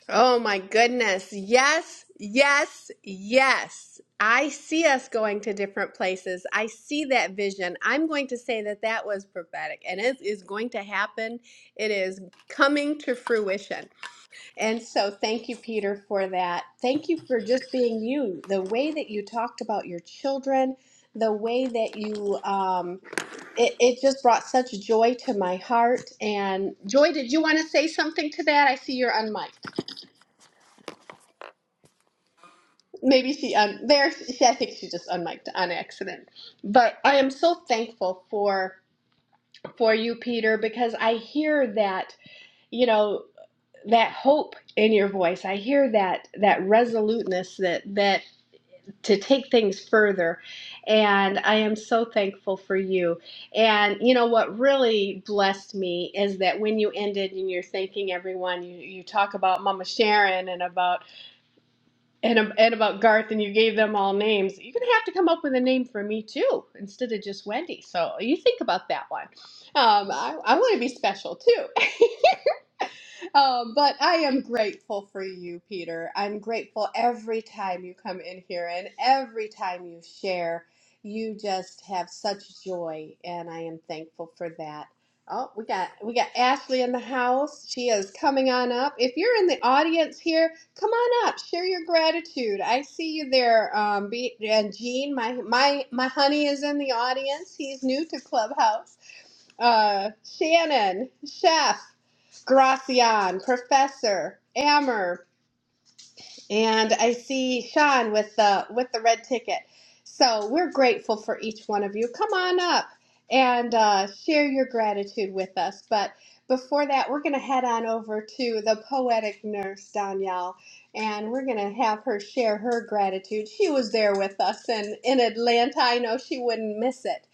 Speaker 22: Oh my goodness. Yes, yes, yes. I see us going to different places. I see that vision. I'm going to say that that was prophetic and it is going to happen. It is coming to fruition. And so thank you, Peter, for that. Thank you for just being you. The way that you talked about your children, the way that you, um, it, it just brought such joy to my heart. And Joy, did you want to say something to that? I see you're unmiked. Maybe she um there she, I think she just unmiked on accident. But I am so thankful for for you, Peter, because I hear that, you know, that hope in your voice. I hear that that resoluteness that that to take things further. And I am so thankful for you. And you know what really blessed me is that when you ended and you're thanking everyone, you, you talk about Mama Sharon and about and, and about Garth, and you gave them all names. You're gonna have to come up with a name for me too, instead of just Wendy. So you think about that one. Um, I, I want to be special too. Um, but I am grateful for you, Peter. I'm grateful every time you come in here and every time you share. You just have such joy, and I am thankful for that. Oh, we got we got Ashley in the house. She is coming on up. If you're in the audience here, come on up. Share your gratitude. I see you there. Um, be, and Gene, my my my honey is in the audience. He's new to Clubhouse uh, Shannon, Chef, Gracian, Professor, Ammer, and I see Sean with the with the red ticket. So we're grateful for each one of you. Come on up and uh, share your gratitude with us. But before that, we're going to head on over to the poetic nurse Danielle, and we're going to have her share her gratitude. She was there with us and in Atlanta. I know she wouldn't miss it.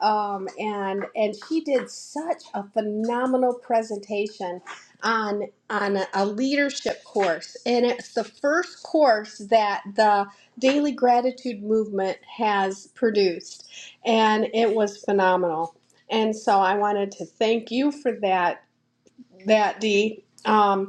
Speaker 22: Um, and and she did such a phenomenal presentation on on a, a leadership course, and it's the first course that the Daily Gratitude Movement has produced, and it was phenomenal. And so I wanted to thank you for that, that Dee. Um,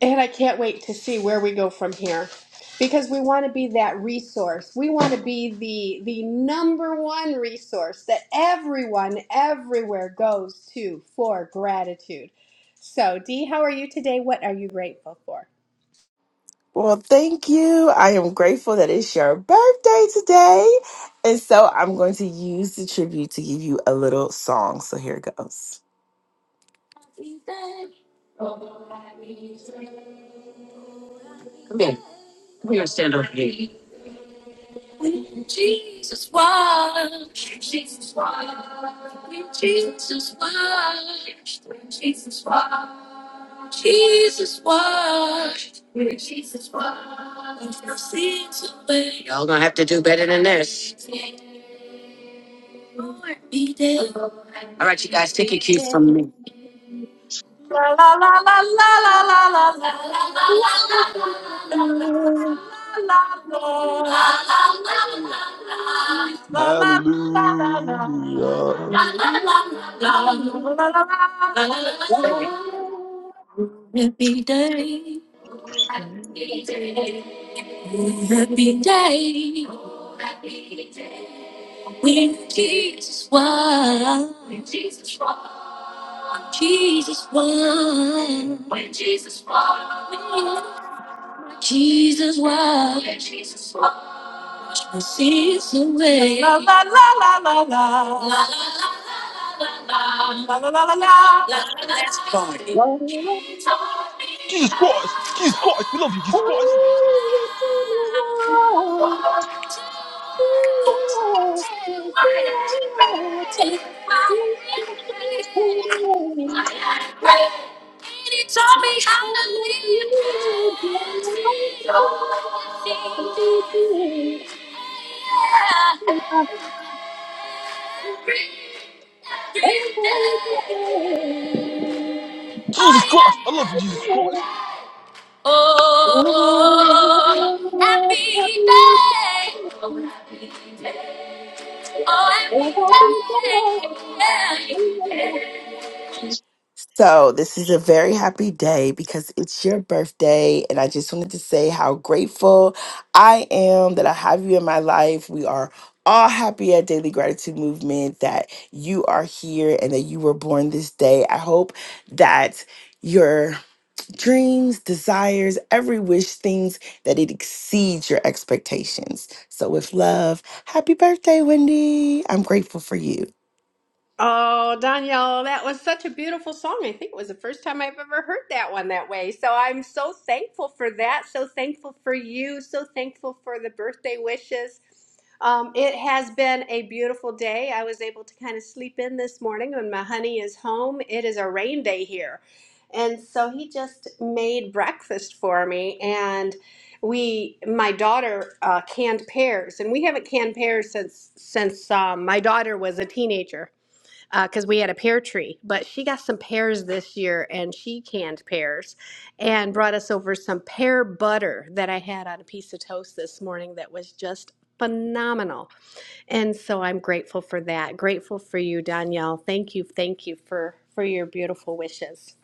Speaker 22: and I can't wait to see where we go from here because we want to be that resource. We want to be the the number one resource that everyone everywhere goes to for gratitude. So, Dee, how are you today? What are you grateful for?
Speaker 34: Well, thank you. I am grateful that it's your birthday today. And so I'm going to use the tribute to give you a little song. So here it goes. Come here. We're gonna stand over here. When Jesus washed, when Jesus washed, when Jesus washed, when Jesus washed, Jesus washed, when Jesus washed, your sins away. Y'all gonna have to do better than this. For me, All right, you guys, take your cues
Speaker 35: Thank
Speaker 34: from me. La la la la la la
Speaker 36: Hallelujah.
Speaker 35: you.
Speaker 34: la la Happy day, happy day, when Jesus was. Jesus won. When Jesus won. Jesus won. When Jesus won. The seas away. La, la, la, la, la, la, la, la, la. Let's party. He taught me
Speaker 36: Jesus Christ. Jesus Christ. We
Speaker 34: how.
Speaker 36: love you, Jesus Christ.
Speaker 34: He taught me how to live. Every,
Speaker 35: Good
Speaker 34: every day. Oh
Speaker 36: Jesus Christ. I love you, Jesus Christ.
Speaker 34: yeah. Oh, happy day. Oh, happy day. Oh, happy day. So, this is a very happy day because it's your birthday, and I just wanted to say how grateful I am that I have you in my life. We are all happy at Daily Gratitude Movement that you are here and that you were born this day. I hope that. your dreams, desires, every wish, things that it exceeds your expectations. So, with love, happy birthday, Wendy. I'm grateful for you.
Speaker 22: Oh, Danielle, that was such a beautiful song. I think it was the first time I've ever heard that one that way. So I'm so thankful for that. So thankful for you. So thankful for the birthday wishes. Um, it has been a beautiful day. I was able to kind of sleep in this morning when my honey is home. It is a rain day here. And so he just made breakfast for me and we my daughter uh, canned pears and we haven't canned pears since since um, my daughter was a teenager because uh, we had a pear tree. But she got some pears this year and she canned pears and brought us over some pear butter that I had on a piece of toast this morning that was just phenomenal. And so I'm grateful for that. Grateful for you, Danielle. Thank you. Thank you for for your beautiful wishes.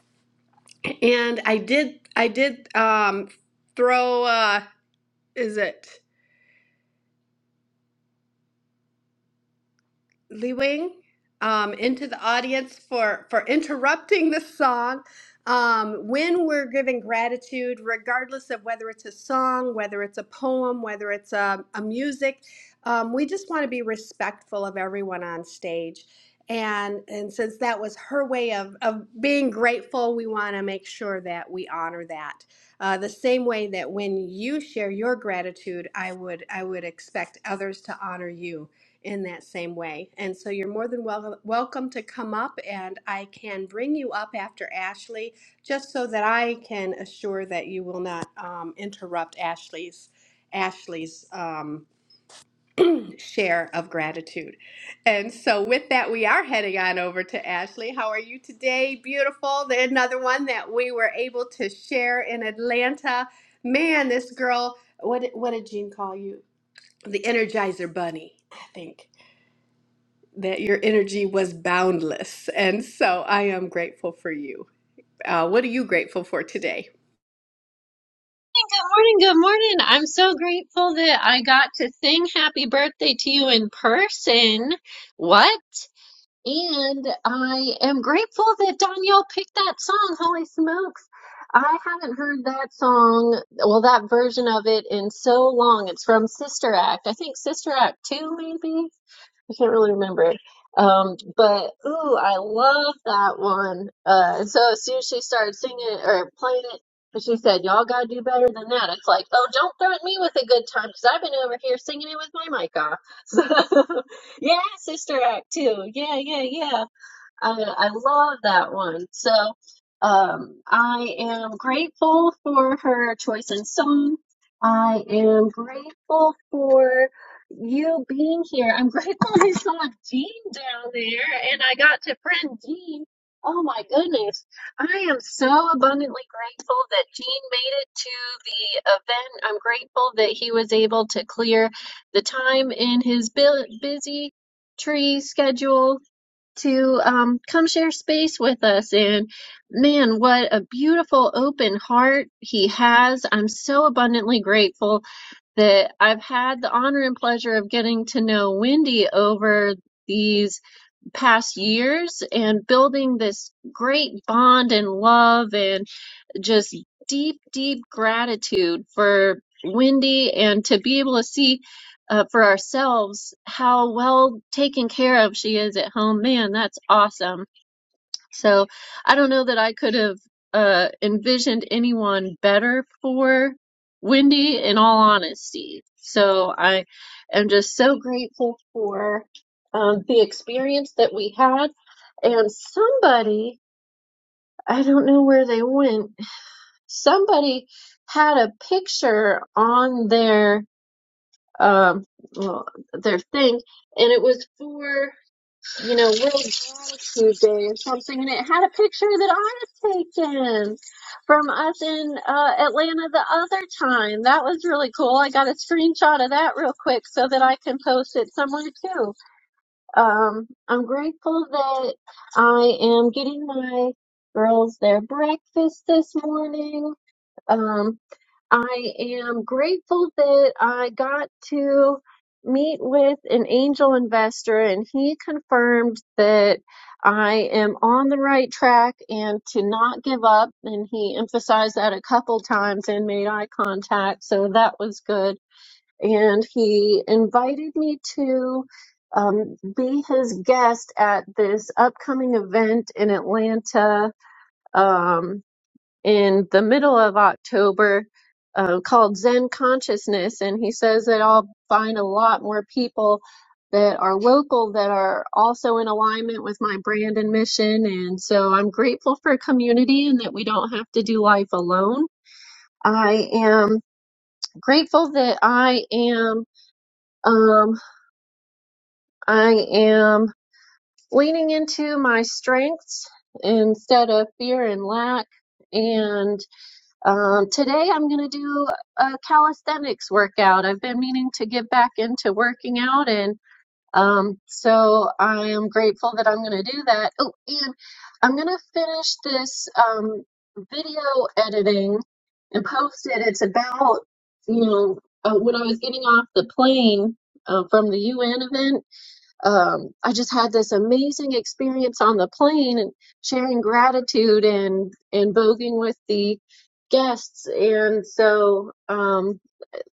Speaker 22: And I did I did um throw uh is it? Lee Wing um, into the audience for, for interrupting the song. Um, when we're giving gratitude, regardless of whether it's a song, whether it's a poem, whether it's a, a music, um, we just want to be respectful of everyone on stage. And, and since that was her way of, of being grateful, we want to make sure that we honor that. Uh, the same way that when you share your gratitude, I would I would expect others to honor you in that same way. And so you're more than welcome welcome to come up and I can bring you up after Ashley just so that I can assure that you will not um, interrupt Ashley's Ashley's um, share of gratitude. And so with that we are heading on over to Ashley. How are you today? Beautiful. There's Another one that we were able to share in Atlanta. Man, this girl what what did Jean call you? The Energizer Bunny, I think that your energy was boundless. And so I am grateful for you. Uh, what are you grateful for today?
Speaker 35: morning, good morning. I'm so grateful that I got to sing happy birthday to you in person. What? And I am grateful that Danielle picked that song. Holy smokes. I haven't heard that song, well, that version of it in so long. It's from Sister Act. I think Sister Act 2, maybe. I can't really remember. it. Um, but ooh, I love that one. Uh, and so as soon as she started singing it or playing it, and she said, "Y'all gotta do better than that." It's like, oh, don't threaten me with a good time because I've been over here singing it with my mic off. So, yeah, Sister Act too. Yeah, yeah, yeah. I, I love that one. So um, I am grateful for her choice in song. I am grateful for you being here. I'm grateful I saw Jean down there and I got to friend Jean. Oh my goodness. I am so abundantly grateful that Jean made it to the event. I'm grateful that he was able to clear the time in his bu- busy tree schedule to um, come share space with us. And man, what a beautiful open heart he has. I'm so abundantly grateful that I've had the honor and pleasure of getting to know Wendy over these past years and building this great bond and love. and just deep, deep gratitude for Wendy and to be able to see uh, for ourselves how well taken care of she is at home. Man, that's awesome. So I don't know that I could have uh, envisioned anyone better for Wendy, in all honesty. So I am just so grateful for um, the experience that we had. And somebody, I don't know where they went, somebody had a picture on their um well, their thing and it was for you know world gratitude day or something and it had a picture that i had taken from us in uh, atlanta the other time that was really cool i got a screenshot of that real quick so that i can post it somewhere too um, i'm grateful that i am getting my girls their breakfast this morning Um, I am grateful that I got to meet with an angel investor, and he confirmed that I am on the right track and to not give up. And he emphasized that a couple times and made eye contact, so that was good. And he invited me to um, be his guest at this upcoming event in Atlanta. Um, in the middle of October uh, called Zen Consciousness, and he says that I'll find a lot more people that are local that are also in alignment with my brand and mission. And so I'm grateful for community and that we don't have to do life alone. I am grateful that I am um, I am leaning into my strengths instead of fear and lack and. Um, today I'm going to do a calisthenics workout. I've been meaning to get back into working out, and um, so I am grateful that I'm going to do that. Oh, and I'm going to finish this um, video editing and post it. It's about, you know, uh, when I was getting off the plane uh, from the UN event um, I just had this amazing experience on the plane and sharing gratitude and and voguing with the guests. And so um,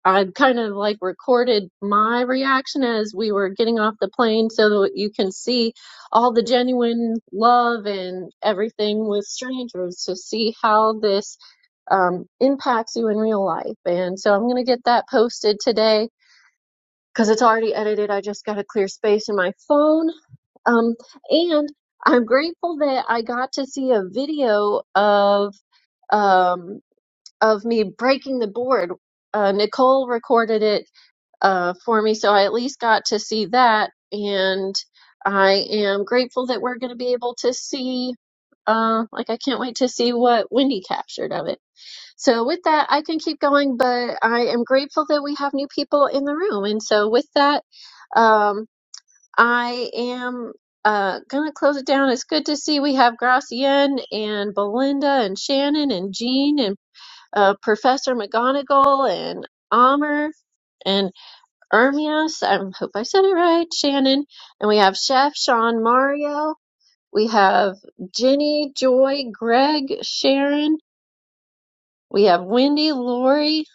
Speaker 35: I kind of like recorded my reaction as we were getting off the plane, so that you can see all the genuine love and everything with strangers to see how this um, impacts you in real life. And so I'm gonna get that posted today because it's already edited. I just got to clear space in my phone um, and I'm grateful that I got to see a video of um, of me breaking the board. Uh, Nicole recorded it uh, for me, so I at least got to see that. And I am grateful that we're going to be able to see. Uh, like I can't wait to see what Wendy captured of it. So with that, I can keep going, but I am grateful that we have new people in the room. And so with that, um, I am uh, gonna close it down. It's good to see we have Gracian and Belinda and Shannon and Jean and uh, Professor McGonagall and Amr and Ermias. I hope I said it right, Shannon. And we have Chef Sean Mario. We have Jenny, Joy, Greg, Sharon. We have Wendy, Lori.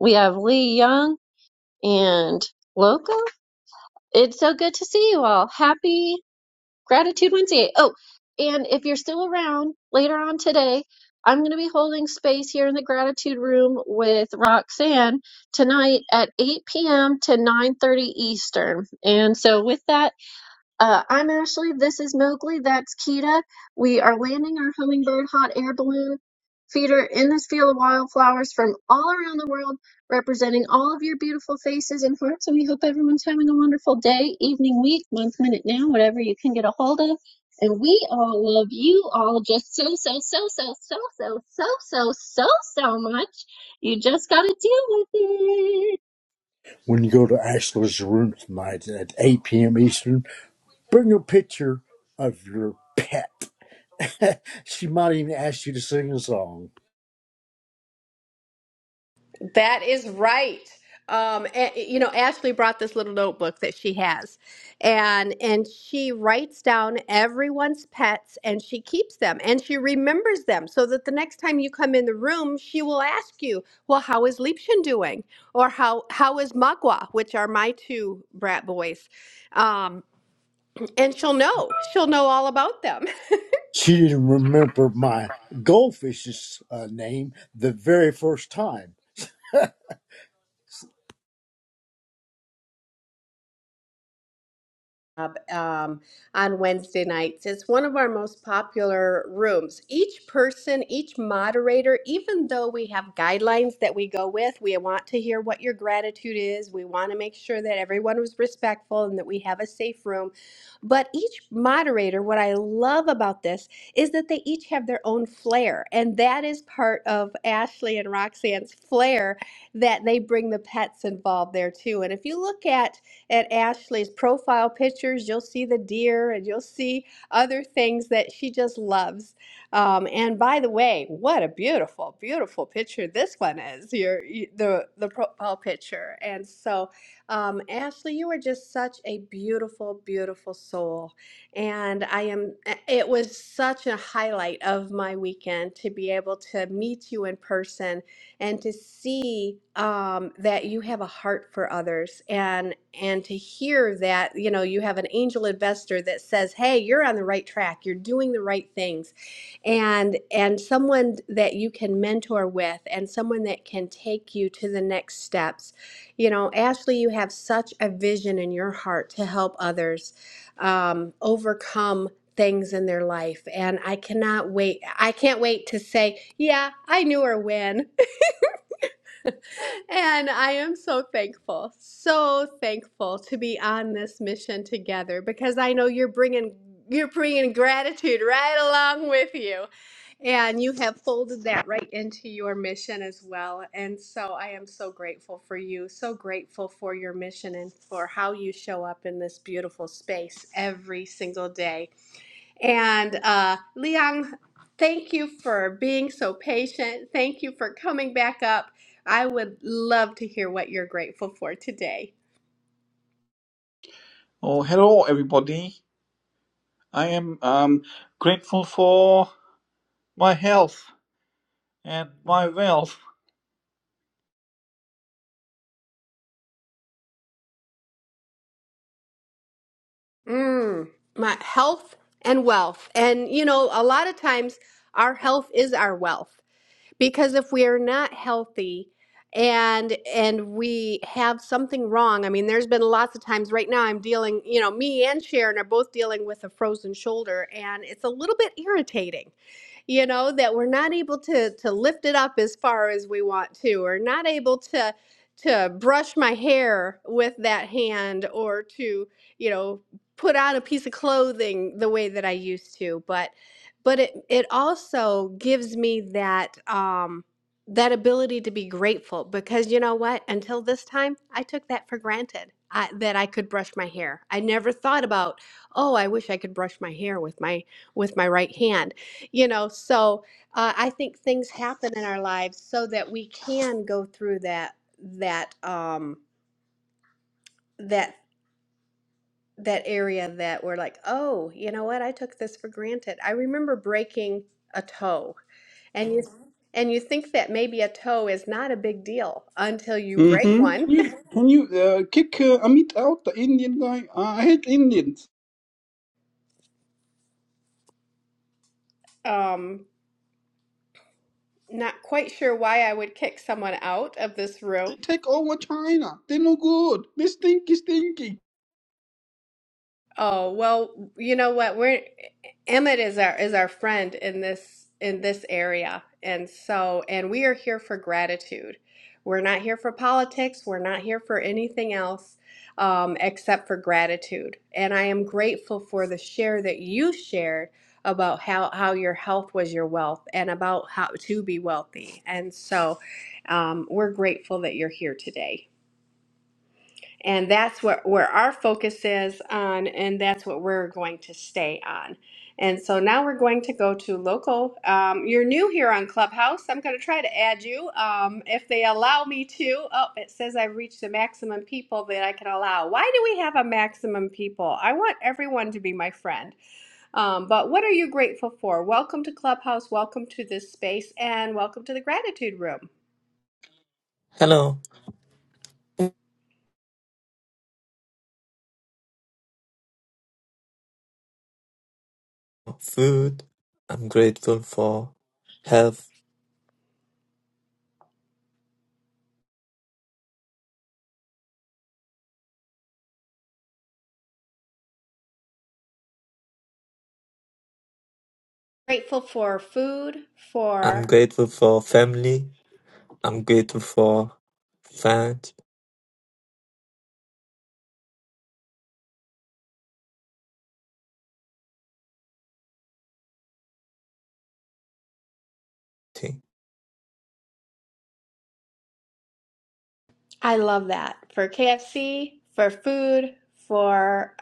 Speaker 35: We have Lee Young and Loco. It's so good to see you all. Happy Gratitude Wednesday. Oh, and if you're still around later on today, I'm going to be holding space here in the gratitude room with Roxanne tonight at 8 p.m. to 9:30 Eastern. And so with that, uh, I'm Ashley. This is Mowgli. That's Kita. We are landing our hummingbird hot air balloon feeder in this field of wildflowers from all around the world, representing all of your beautiful faces and hearts. And we hope everyone's having a wonderful day, evening, week, month, minute, now, whatever you can get a hold of. And we all love you all just so, so, so, so, so, so, so, so, so, so much. You just got to deal with it.
Speaker 32: When you go to Ashla's room tonight at 8 p.m. Eastern, bring a picture of your pet. she might even ask you to sing a song.
Speaker 22: That is right. Um, a- you know, Ashley brought this little notebook that she has, and and she writes down everyone's pets, and she keeps them, and she remembers them, so that the next time you come in the room, she will ask you, "Well, how is Liebchen doing?" or "How how is Magua?" which are my two brat boys, um, and she'll know. She'll know all about them.
Speaker 32: She didn't remember my goldfish's uh, name the very first time.
Speaker 22: up um, on Wednesday nights. It's one of our most popular rooms. Each person, each moderator, even though we have guidelines that we go with, we want to hear what your gratitude is. We want to make sure that everyone was respectful and that we have a safe room. But each moderator, what I love about this is that they each have their own flair. And that is part of Ashley and Roxanne's flair that they bring the pets involved there too. And if you look at at Ashley's profile pictures, you'll see the deer and you'll see other things that she just loves. Um, and by the way, what a beautiful, beautiful picture this one is, your you- the the profile picture. And so, um, Ashley, you are just such a beautiful, beautiful soul. And I am. It was such a highlight of my weekend to be able to meet you in person and to see um, that you have a heart for others and and to hear that you know you have an angel investor that says hey you're on the right track you're doing the right things and and someone that you can mentor with and someone that can take you to the next steps you know ashley you have such a vision in your heart to help others um, overcome things in their life and i cannot wait i can't wait to say yeah i knew her when and I am so thankful, so thankful to be on this mission together because I know you're bringing you're bringing gratitude right along with you. And you have folded that right into your mission as well. And so I am so grateful for you, so grateful for your mission and for how you show up in this beautiful space every single day. And uh, Leon, thank you for being so patient. Thank you for coming back up. I would love to hear what you're grateful for today.
Speaker 36: Oh, hello, everybody. I am um, grateful for my health and my wealth.
Speaker 22: Mm, my health and wealth. And, you know, a lot of times our health is our wealth because if we are not healthy, and and we have something wrong. I mean, there's been lots of times right now I'm dealing, you know, me and Sharon are both dealing with a frozen shoulder and it's a little bit irritating you know that we're not able to to lift it up as far as we want to or not able to to brush my hair with that hand or to you know put on a piece of clothing the way that I used to but but it it also gives me that um that ability to be grateful because you know what until this time I took that for granted I, that I could brush my hair I never thought about oh I wish I could brush my hair with my with my right hand you know so uh, i think things happen in our lives so that we can go through that that um that that area that we're like oh you know what i took this for granted i remember breaking a toe and you Mhm. and you think that maybe a toe is not a big deal until you break Mhm.
Speaker 36: Mm-hmm.
Speaker 22: one
Speaker 36: You, can you uh, kick uh, Amit out, the Indian guy? Uh, I hate Indians.
Speaker 22: um not quite sure why i would kick someone out of this room
Speaker 36: Take over China. They're no good. They stinky, stinky.
Speaker 22: Oh, well, you know what? We're Emmett is our is our friend in this in this area. And so and we are here for gratitude. We're not here for politics. We're not here for anything else um, except for gratitude. And I am grateful for the share that you shared about how, how your health was your wealth and about how to be wealthy. And so um, we're grateful that you're here today. And that's what where our focus is on, and that's what we're going to stay on. And so now we're going to go to local. Um, you're new here on Clubhouse. I'm going to try to add you um, if they allow me to. Oh, it says I've reached the maximum people that I can allow. Why do we have a maximum people? I want everyone to be my friend. Um, but what are you grateful for? Welcome to Clubhouse. Welcome to this space, and welcome to the Gratitude Room
Speaker 37: Hello. Food. I'm grateful for health.
Speaker 22: grateful for food,
Speaker 37: I'm
Speaker 22: for
Speaker 37: grateful for family. I'm grateful for fans. Thing.
Speaker 22: I love that for KFC, for food, for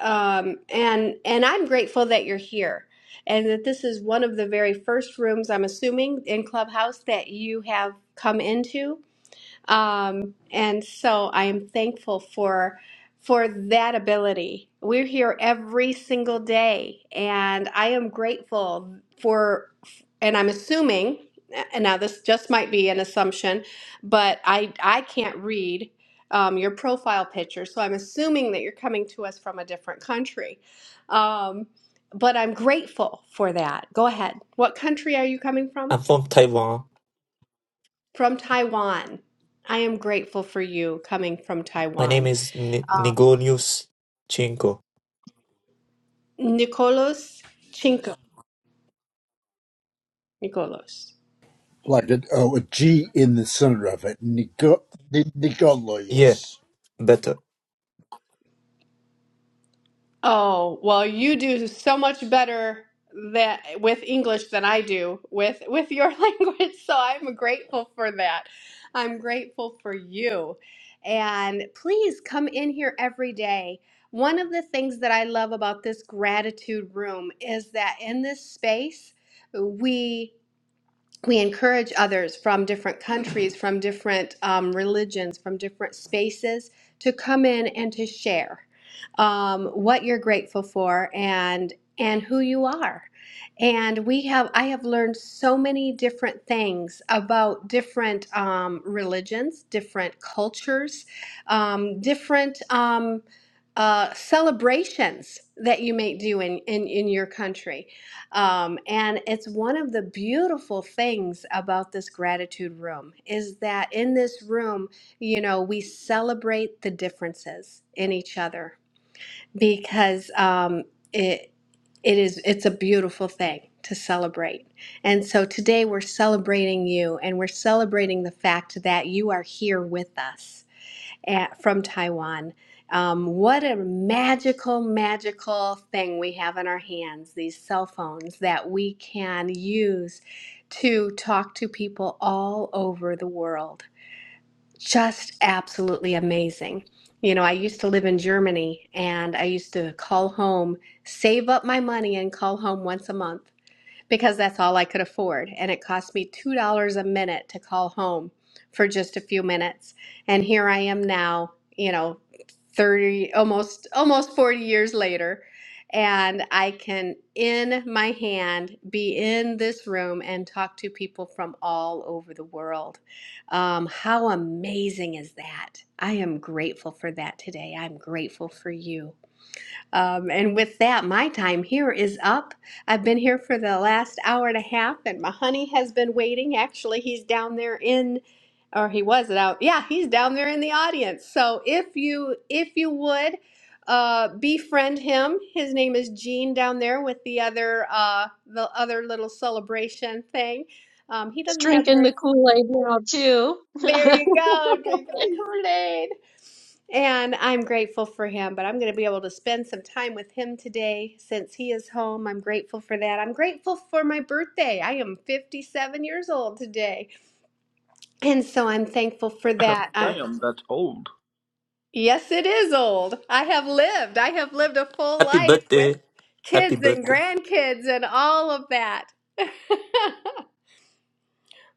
Speaker 22: um, and and I'm grateful that you're here and that this is one of the very first rooms I'm assuming in Clubhouse that you have come into um, and so I am thankful for for that ability. We're here every single day, and I am grateful for. And I'm assuming, and now this just might be an assumption, but I I can't read um, your profile picture, so I'm assuming that you're coming to us from a different country. Um, but I'm grateful for that. Go ahead. What country are you coming
Speaker 37: I'm
Speaker 22: from?
Speaker 37: from Taiwan.
Speaker 22: From Taiwan. I am grateful for you coming from
Speaker 37: My name
Speaker 22: Taiwan.
Speaker 37: is N-
Speaker 22: Um,
Speaker 37: Nigorius Chinko.
Speaker 22: Nicolos Chinko. Nicolos.
Speaker 32: like a, oh, a G in the center of it, Nico, Ni-
Speaker 37: Yeah,
Speaker 32: Nikolaos.
Speaker 37: better.
Speaker 22: Oh, well, you do so much better that with English than I do with with your language, so I'm grateful for that. I'm grateful for you. And please come in here every day. One of the things that I love about this gratitude room is that in this space, we we encourage others from different countries, from different um, religions, from different spaces to come in and to share um, what you're grateful for and and who you are. And we have I have learned so many different things about different um, religions, different cultures, um, different. Um, uh, celebrations that you may do in, in, in your country um, and it's one of the beautiful things about this gratitude room is that in this room, you know, we celebrate the differences in each other because um, it it is it's a beautiful thing to celebrate. And so today we're celebrating you and we're celebrating the fact that you are here with us at, from Taiwan. Um, what a magical, magical thing we have in our hands, these cell phones that we can use to talk to people all over the world. Just absolutely amazing. You know, I used to live in Germany and I used to call home, save up my money, and call home once a month because that's all I could afford. And it cost me $2 a minute to call home for just a few minutes. And here I am now, you know, 30, almost, almost 40 years later. And I can, in my hand, be in this room and talk to people from all over the world. Um, how amazing is that? I am grateful for that today. I'm grateful for you. Um, and with that, my time here is up. I've been here for the last hour and a half, and my honey has been waiting. Actually, he's down there in, or he was out. Yeah, he's down there in the audience. So if you if you would uh, befriend him, his name is Gene down there with the other uh, the other little celebration thing. Um, he
Speaker 35: Just
Speaker 22: doesn't have
Speaker 35: drinking
Speaker 22: very
Speaker 35: the Kool Aid now,
Speaker 22: there you
Speaker 35: too.
Speaker 22: go, drinking the Kool-Aid. And I'm grateful for him, but I'm going to be able to spend some time with him today since he is home. I'm grateful for that. I'm grateful for my birthday. I am 57 years old today. And so I'm thankful for that. I,
Speaker 36: Damn, that's old.
Speaker 22: yes, it is old. I have lived. I have lived a full
Speaker 37: Happy
Speaker 22: life with
Speaker 37: birthday. Happy
Speaker 22: kids and
Speaker 37: birthday.
Speaker 22: grandkids and all of that.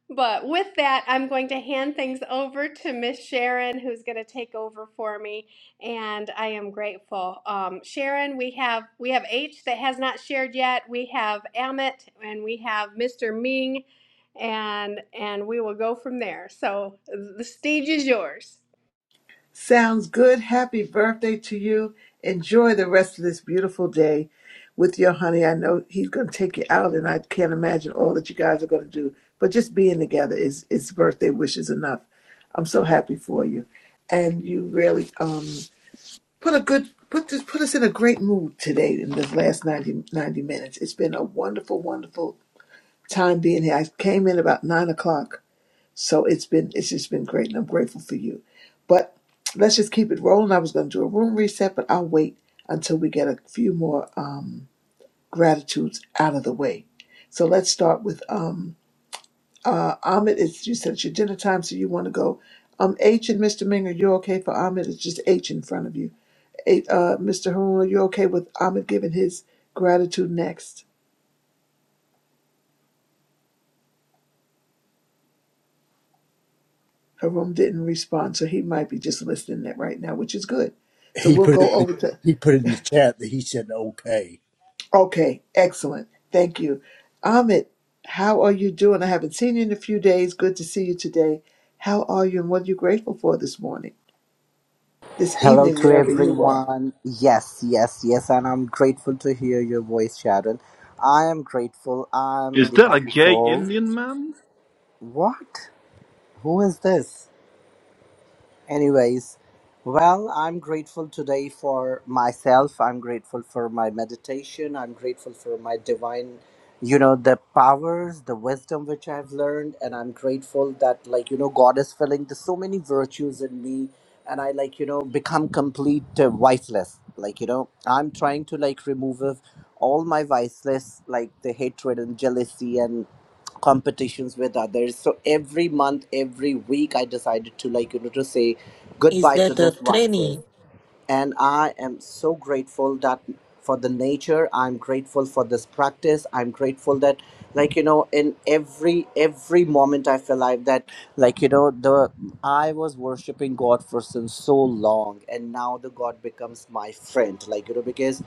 Speaker 22: But with that, I'm going to hand things over to Miss Sharon, who's going to take over for me, and I am grateful. Um, Sharon, we have we have H that has not shared yet. We have Amit, and we have Mr. Ming, and and we will go from there. So the stage is yours.
Speaker 12: Sounds good. Happy birthday to you. Enjoy the rest of this beautiful day with your honey. I know he's going to take you out, and I can't imagine all that you guys are going to do. But just being together is is birthday wishes enough. I'm so happy for you, and you really um put a good put this put us in a great mood today in this last 90 90 minutes. It's been a wonderful, wonderful time being here. I came in about nine o'clock so it's been it's just been great, and I'm grateful for you. But let's just keep it rolling. I was going to do a room reset, but I'll wait until we get a few more um, gratitudes out of the way. So let's start with um, uh, Ahmed. It's you said it's your dinner time, so you want to go. Um, H and Mr. Ming, are you okay for Ahmed? It's just H in front of you. H, uh, Mr. Haroon, are you okay with Ahmed giving his gratitude next? Haroon didn't respond, so he might be just listening right now, which is good. So
Speaker 32: He
Speaker 12: we'll
Speaker 32: put it in
Speaker 12: go
Speaker 32: the,
Speaker 12: over to
Speaker 32: he put it in the chat that he said okay.
Speaker 12: Okay, excellent. Thank you. Amit. how are you doing? I haven't seen you in a few days. Good to see you today. How are you and what are you grateful for this morning, this
Speaker 38: Hello
Speaker 12: evening,
Speaker 38: to
Speaker 12: wherever you are?
Speaker 38: everyone. Yes, yes, yes, and I'm grateful to hear your voice, Sharon. I am grateful. I'm
Speaker 36: Is
Speaker 38: the
Speaker 36: that a
Speaker 38: happy
Speaker 36: gay
Speaker 38: soul.
Speaker 36: Indian man?
Speaker 38: What? Who is this? Anyways, well, I'm grateful today for myself. I'm grateful for my meditation. I'm grateful for my divine, you know, the powers, the wisdom which I've learned. And I'm grateful that, like, you know, God is filling the, so many virtues in me. And I, like, you know, become complete uh, wifeless. Like, you know, I'm trying to, like, remove of all my viceless, like the hatred and jealousy and competitions with others so every month every week i decided to like you know to say
Speaker 37: Is
Speaker 38: goodbye to
Speaker 37: that a
Speaker 38: these
Speaker 37: tranny?
Speaker 38: vices and i am so grateful that for the nature i'm grateful for this practice i'm grateful that like you know in every every moment of your life that like you know the i was worshiping god for since so long and now the god becomes my friend like you know because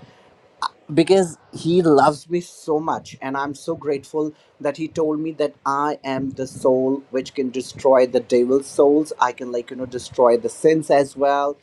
Speaker 38: because he loves me so much and i'm so grateful that he told me that i am the soul which can destroy the devil's souls i can like you know destroy the sins as well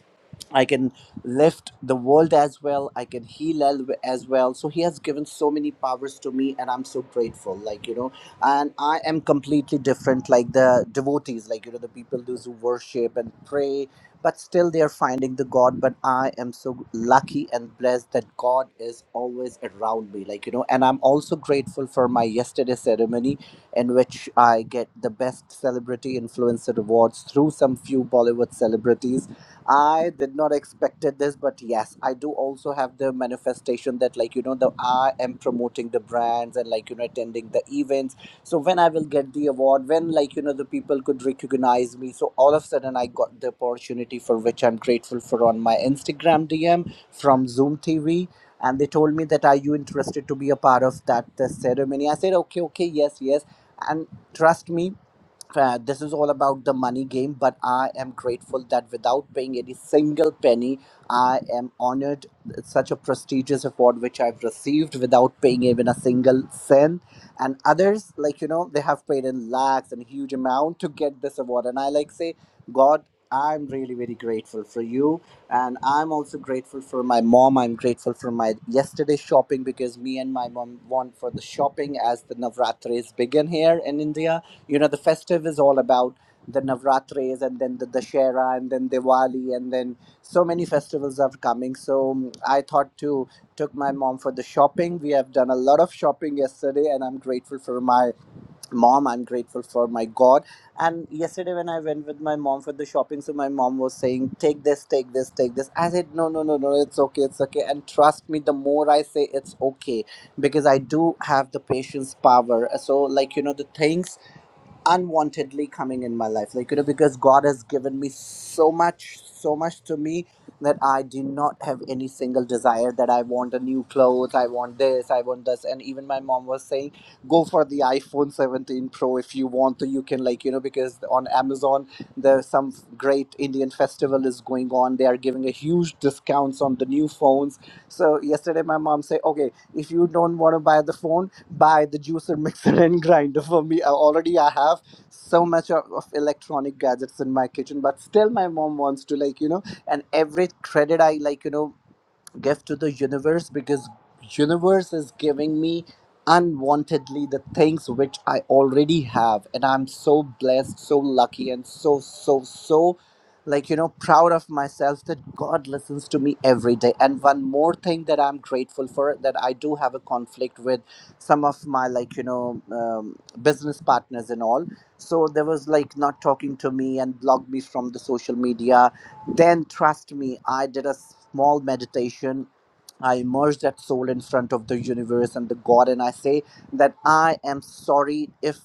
Speaker 38: I can lift the world as well. I can heal al- as well. So he has given so many powers to me, and I'm so grateful. Like you know, and I am completely different. Like the devotees, like you know, the people those who worship and pray, but still they are finding the God. But I am so lucky and blessed that God is always around me. Like you know, and I'm also grateful for my yesterday ceremony, in which I get the best celebrity influencer awards through some few Bollywood celebrities I did not expected this, but yes, I do also have the manifestation that like you know the I am promoting the brands and like you know attending the events. So when I will get the award, when like you know the people could recognize me, so all of a sudden I got the opportunity for which I'm grateful for on my Instagram DM from Zoom TV. And they told me that are you interested to be a part of that uh, ceremony? I said okay, okay, yes, yes. And trust me, uh, this is all about the money game but i am grateful that without paying any single penny i am honored such a prestigious award which i've received without paying even a single cent and others like you know they have paid in lakhs and huge amount to get this award and i like say god i'm really very grateful for you and i'm also grateful for my mom i'm grateful for my yesterday shopping because me and my mom went for the shopping as the navratris begin here in india you know the festive is all about the navratris and then the dashera and then diwali and then so many festivals are coming so mm, i thought to took my mom for the shopping we have done a lot of shopping yesterday and i'm grateful for my mom i'm grateful for my god and yesterday when i went with my mom for the shopping so my mom was saying take this take this take this i said no no no no it's okay it's okay and trust me the more i say it's okay because i do have the patience power so like you know the things unwantedly coming in my life like you know because god has given me so much so much to me that i do not have any single desire that i want a new clothes i want this i want this and even my mom was saying go for the iphone 17 pro if you want to you can like you know because on amazon there's some great indian festival is going on they are giving a huge discounts on the new phones so yesterday my mom said okay if you don't want to buy the phone buy the juicer mixer and grinder for me I already i have so much of, of electronic gadgets in my kitchen but still my mom wants to like you know and every credit i like you know give to the universe because universe is giving me unwantedly the things which i already have and i'm so blessed so lucky and so so so like you know proud of myself that god listens to me every day and one more thing that i'm grateful for that i do have a conflict with some of my like you know um, business partners and all so there was like not talking to me and blocked me from the social media then, trust me, I did a small meditation. I immersed that soul in front of the universe and the God, and I say that I am sorry if,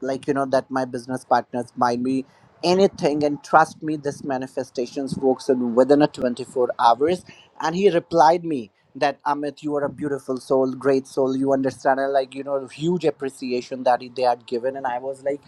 Speaker 38: like, you know, that my business partners mind me anything. And trust me, this manifestations works in within a 24 hours. And he replied me that Amit, you are a beautiful soul, great soul. You understand, and like, you know, huge appreciation that he, they had given. And I was like,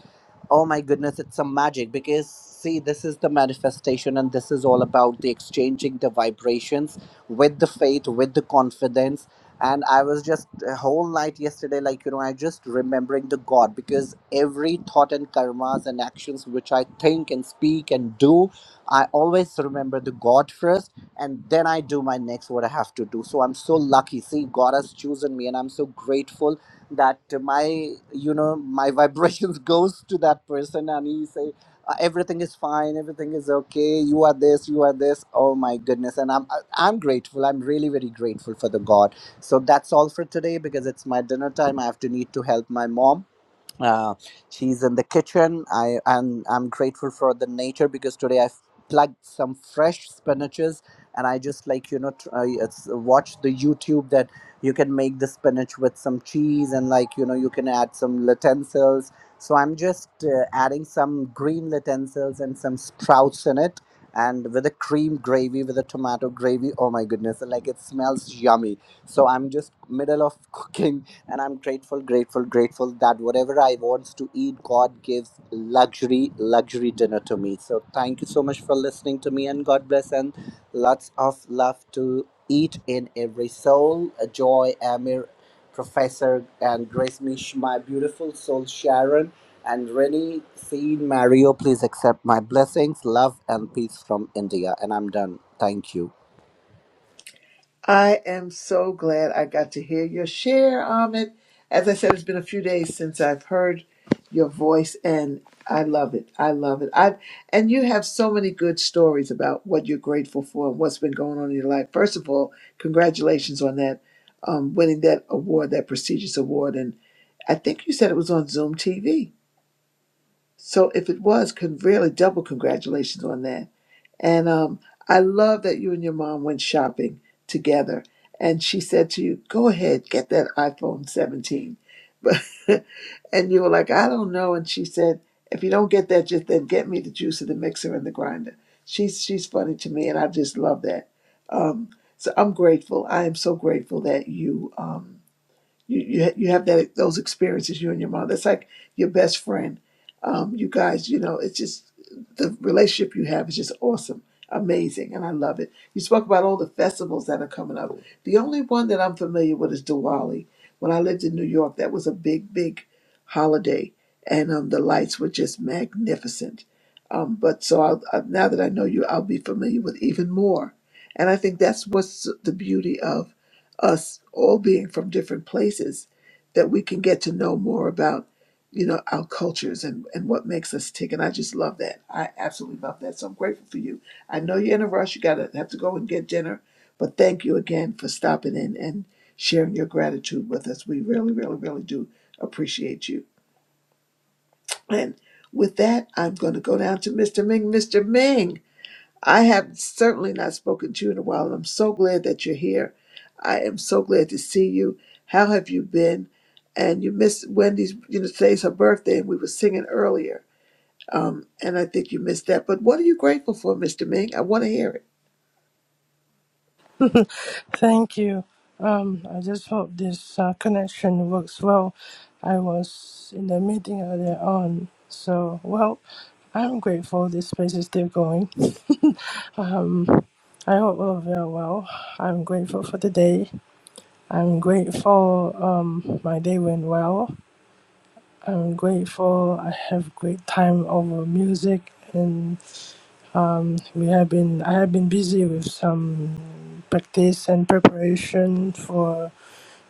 Speaker 38: Oh my goodness, it's some magic because see, this is the manifestation, and this is all about the exchanging the vibrations with the faith, with the confidence. And I was just a whole night yesterday, like you know, I just remembering the God because every thought and karmas and actions which I think and speak and do, I always remember the God first, and then I do my next what I have to do. So I'm so lucky. See, God has chosen me, and I'm so grateful that my you know my vibrations goes to that person and he say uh, everything is fine everything is okay you are this you are this oh my goodness and i'm I- i'm grateful i'm really very grateful for the god so that's all for today because it's my dinner time i have to need to help my mom uh, she's in the kitchen i and i'm grateful for the nature because today i plugged some fresh spinaches and i just like you know tr- uh, it's, uh, watch the youtube that you can make the spinach with some cheese and like you know you can add some utensils so i'm just uh, adding some green utensils and some sprouts in it and with a cream gravy with a tomato gravy oh my goodness like it smells yummy so i'm just middle of cooking and i'm grateful grateful grateful that whatever i want to eat god gives luxury luxury dinner to me so thank you so much for listening to me and god bless and lots of love to eat in every soul joy amir professor and grace mish my beautiful soul sharon and rennie Sean mario please accept my blessings love and peace from india and i'm done thank you
Speaker 12: I am so glad I got to hear your share, Ahmed. As I said, it's been a few days since I've heard your voice, and I love it. I love it. I and you have so many good stories about what you're grateful for and what's been going on in your life. First of all, congratulations on that um, winning that award, that prestigious award, and I think you said it was on Zoom TV. So if it was, could really double congratulations on that. And um, I love that you and your mom went shopping together. And she said to you, "Go ahead, get that iPhone 17." But and you were like, "I don't know." And she said, "If you don't get that, just then get me the juicer, the mixer, and the grinder." She's she's funny to me, and I just love that. Um, so I'm grateful. I am so grateful that you. Um, you you, ha- you have that those experiences you and your mom that's like your best friend um, you guys you know it's just the relationship you have is just awesome amazing and i love it you spoke about all the festivals that are coming up the only one that i'm familiar with is diwali when i lived in new york that was a big big holiday and um, the lights were just magnificent um, but so I'll, I, now that i know you i'll be familiar with even more and i think that's what's the beauty of us all being from different places that we can get to know more about you know our cultures and and what makes us tick and i just love that i absolutely love that so i'm grateful for you i know you're in a rush you gotta have to go and get dinner but thank you again for stopping in and sharing your gratitude with us we really really really do appreciate you and with that i'm going to go down to mr ming mr ming I have certainly not spoken to you in a while. I'm so glad that you're here. I am so glad to see you. How have you been? And you missed Wendy's, you know, today's her birthday, and we were singing earlier. Um, and I think you missed that. But what are you grateful for, Mr. Ming? I want to hear
Speaker 39: Thank you. Um, I just hope this uh, connection works well. I was in the meeting earlier on, so well, I'm grateful this place is still going. um, I hope all of you are well. I'm grateful for the day. I'm grateful um, my day went well. I'm grateful I have great time over music um, We have been I have been busy with some practice and preparation for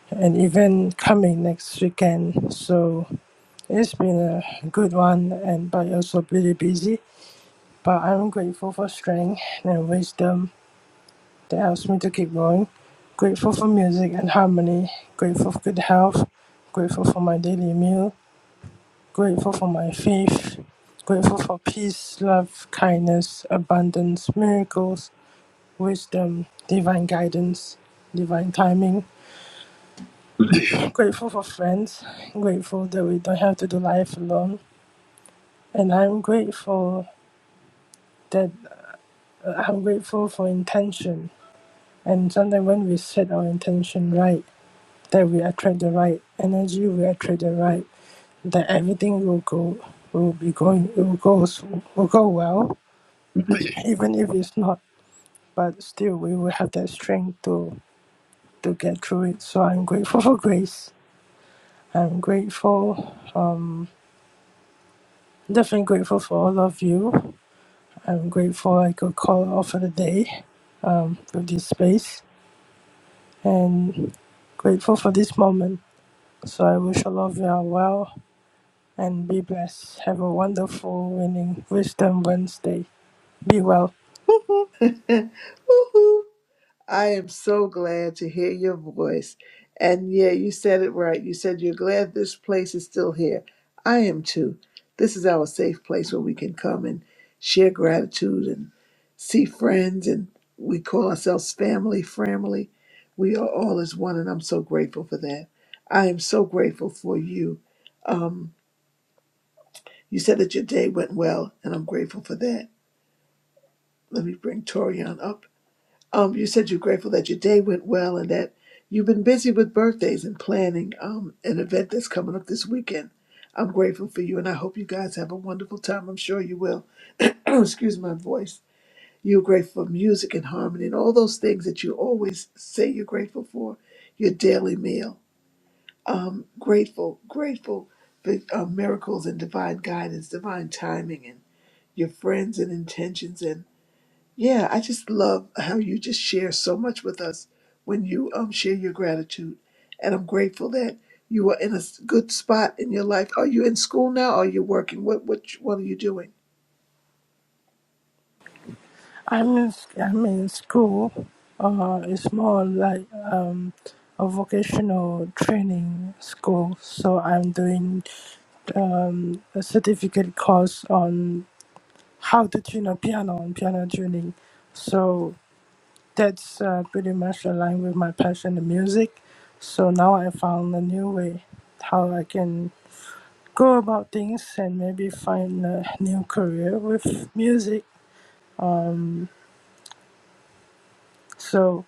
Speaker 39: an event coming next weekend. So it's been a good one and but also really busy. But I'm grateful for strength and wisdom that helps me to keep going. Grateful for music and harmony, grateful for good health, grateful for my daily meal, grateful for my faith, grateful for peace, love, kindness, abundance, miracles, wisdom, divine guidance, divine timing. Grateful for friends, grateful that we don't have to do life alone. And I'm grateful that uh, I'm grateful for intention. And sometimes when we set our intention right, that we attract the right energy, we attract the right, that everything will go will be going it will go s- will go well, even if it's not. But still we will have that strength to to get through it. So I'm grateful for grace. I'm grateful. Um, definitely grateful for all of you. I'm grateful I could call off for the day um, for this space and grateful for this moment. So I wish all of you are well and be blessed. Have a wonderful winning Wisdom Wednesday. Be well.
Speaker 12: it. Woohoo! I am so glad to hear your voice. And yeah, you said it right. You said you're glad this place is still here. I am too. This is our safe place where we can come and share gratitude and see friends. And we call ourselves family, family. We are all as one, and I'm so grateful for that. I am so grateful for you. Um, you said that your day went well, and I'm grateful for that. Let me bring Torian up. Um, you said you're grateful that your day went well and that you've been busy with birthdays and planning um, an event that's coming up this weekend. I'm grateful for you and I hope you guys have a wonderful time. I'm sure you will. Excuse my voice. You're grateful for music and harmony and all those things that you always say you're grateful for, your daily meal. Um, grateful, grateful for uh, miracles and divine guidance, divine timing, and your friends and intentions. and. Yeah, I just love how you just share so much with us when you um share your gratitude. And I'm grateful that you are in a s- good spot in your life. Are you in school now? Or are you working? What what you- what are you doing?
Speaker 39: I'm in, I'm in school. Uh, it's more like um, a vocational training school. So I'm doing um, a certificate course on how to tune a piano and piano tuning. So that's uh, pretty much aligned with my passion in music. So now I found a new way how I can go about things and maybe find a new career with music. So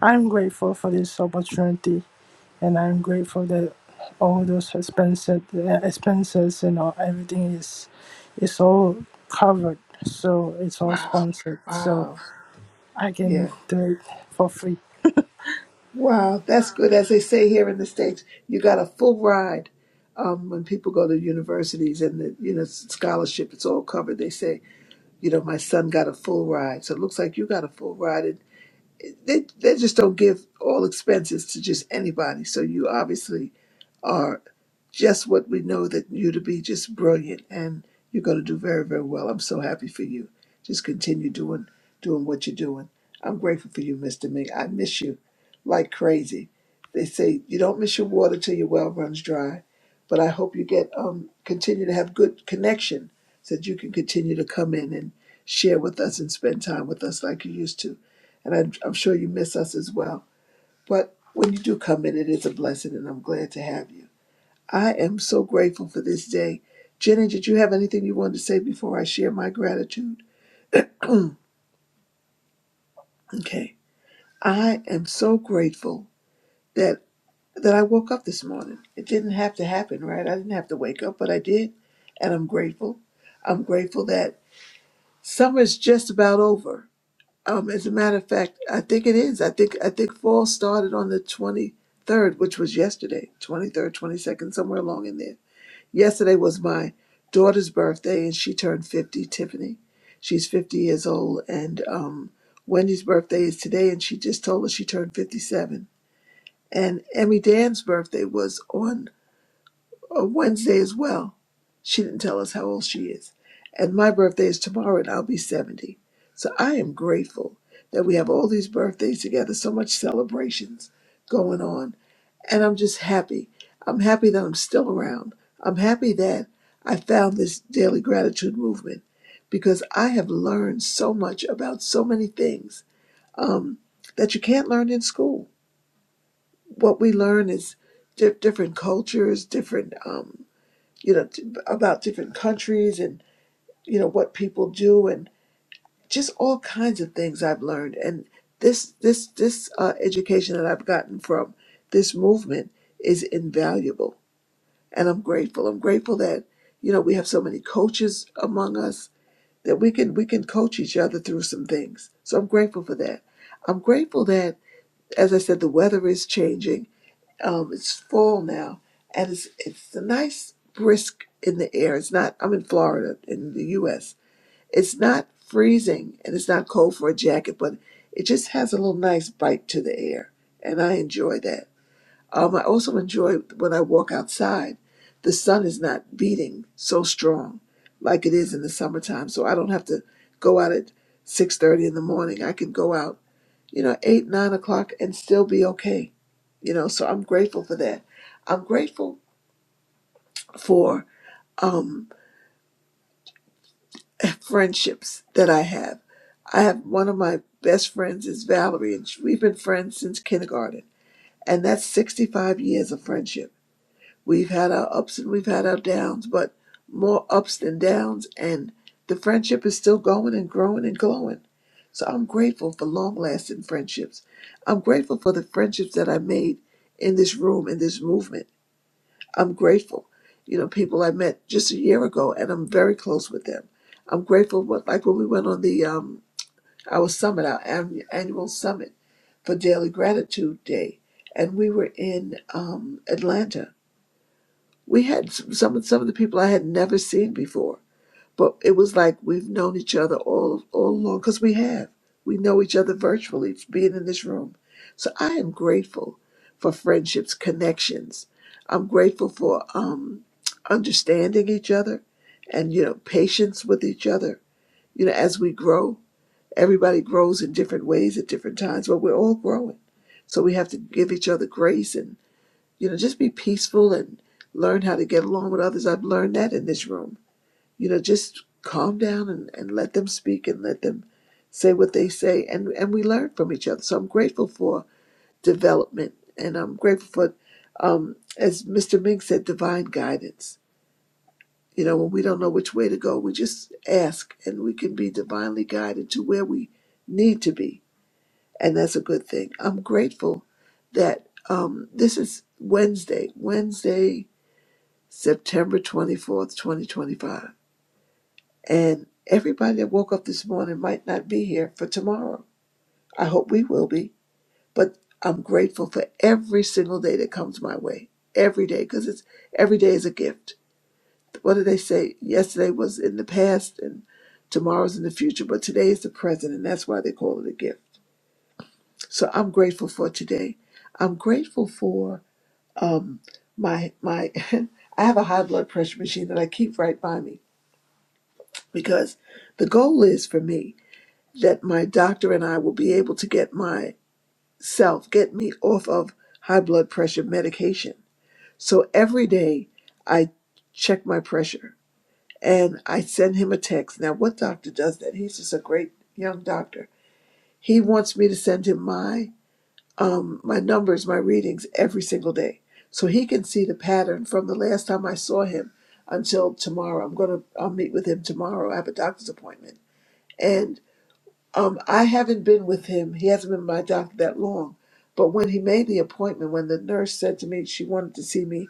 Speaker 39: I'm grateful for this opportunity. and I'm grateful that all those expenses, expenses, you know, everything is, is all covered. So it's all
Speaker 12: Wow.
Speaker 39: sponsored. So
Speaker 12: Wow.
Speaker 39: I can
Speaker 12: Yeah.
Speaker 39: do it for free.
Speaker 12: Wow, that's good. As they say here in the States, you got a full ride. Um, when people go to universities and the you know scholarship, it's all covered. They say, you know, my son got a full ride. So it looks like you got a full ride they they just don't give all expenses to just anybody. So you obviously are just what we know that you to be, just brilliant, and you're going to do very very well. I'm so happy for you. Just continue doing doing what you're doing. I'm grateful for you, Mister Ming. I miss you like crazy. They say you don't miss your water till your well runs dry, but I hope you get um continue to have good connection so that you can continue to come in and share with us and spend time with us like you used to and I'm, I'm sure you miss us as well. But when you do come in, it is a blessing, and I'm glad to have you. I am so grateful for this day. Jenny, did you have anything you wanted to say before I share my gratitude? okay. I am so grateful that that I woke up this morning. It didn't have to happen, right? I didn't have to wake up, but I did, and I'm grateful. I'm grateful that summer's just about over Um, as a matter of fact, I think it is. I think I think fall started on the twenty third, which was yesterday, twenty third, twenty second, somewhere along in there. Yesterday was my daughter's birthday, and she turned fifty. Tiffany, she's fifty years old, and um, Wendy's birthday is today, and she just told us she turned fifty seven. And Emmy Dan's birthday was on uh, Wednesday as well. She didn't tell us how old she is. And my birthday is tomorrow, and I'll be 70. So I am grateful that we have all these birthdays together, so much celebrations going on. And I'm just happy. I'm happy that I'm still around. I'm happy that I found this daily gratitude movement because I have learned so much about so many things um, that you can't learn in school. What we learn is di- different cultures, different. Um, you know, t- about different countries and you know what people do and just all kinds of things I've learned. And this this this uh, education that I've gotten from this movement is invaluable, and I'm grateful. I'm grateful that you know we have so many coaches among us that we can we can coach each other through some things. So I'm grateful for that. I'm grateful that, as I said, the weather is changing um, it's fall now, and it's it's a nice brisk in the air. It's not. I'm in Florida in the U.S. It's not freezing, and it's not cold for a jacket, but it just has a little nice bite to the air, and I enjoy that. Um, I also enjoy when I walk outside. The sun is not beating so strong like it is in the summertime, so I don't have to go out at six thirty in the morning. I can go out you know, eight, nine o'clock and still be okay. You know, so I'm grateful for that. I'm grateful for um friendships that I have. I have one of my best friends is Valerie, and she- we've been friends since kindergarten, and that's 65 years of friendship We've had our ups and we've had our downs, but more ups than downs. And the friendship is still going and growing and glowing. So I'm grateful for long lasting friendships. I'm grateful for the friendships that I made in this room, in this movement. I'm grateful. You know, people I met just a year ago and I'm very close with them. I'm grateful what like when we went on the um our summit, our an- annual summit for Daily Gratitude Day, and we were in um Atlanta we had some some of the people I had never seen before, but it was like we've known each other all all along because we have. We know each other virtually from being in this room. So I am grateful for friendships, connections. I'm grateful for um, understanding each other, and you know patience with each other. You know as we grow, everybody grows in different ways at different times, but we're all growing. So we have to give each other grace you know, just be peaceful and learn how to get along with others. I've learned that in this room. You know, just calm down and, and let them speak and let them say what they say. And, and we learn from each other. So I'm grateful for development and I'm grateful for, um, as Mr. Ming said, divine guidance. You know, when we don't know which way to go, we just ask and we can be divinely guided to where we need to be. And that's a good thing. I'm grateful that um, this is Wednesday. Wednesday September 24th, 2025. And everybody that woke up this morning might not be here for tomorrow. I hope we will be, but I'm grateful for every single day that comes my way. Every day, because it's every day is a gift. What do they say? Yesterday was in the past and tomorrow's in the future, but today is the present, and that's why they call it a gift. So I'm grateful for today. I'm grateful for um my my I have a high blood pressure machine that I keep right by me because the goal is for me that my doctor and I will be able to get myself, get me off of high blood pressure medication. So every day I check my pressure and I send him a text. Now, what doctor does that? He's just a great young doctor. He wants me to send him my um, my numbers, my readings every single day, so he can see the pattern from the last time I saw him until tomorrow. I'm gonna I'll meet with him tomorrow. I have a doctor's appointment, and Um, I haven't been with him. He hasn't been my doctor that long. But when he made the appointment, when the nurse said to me she wanted to see me,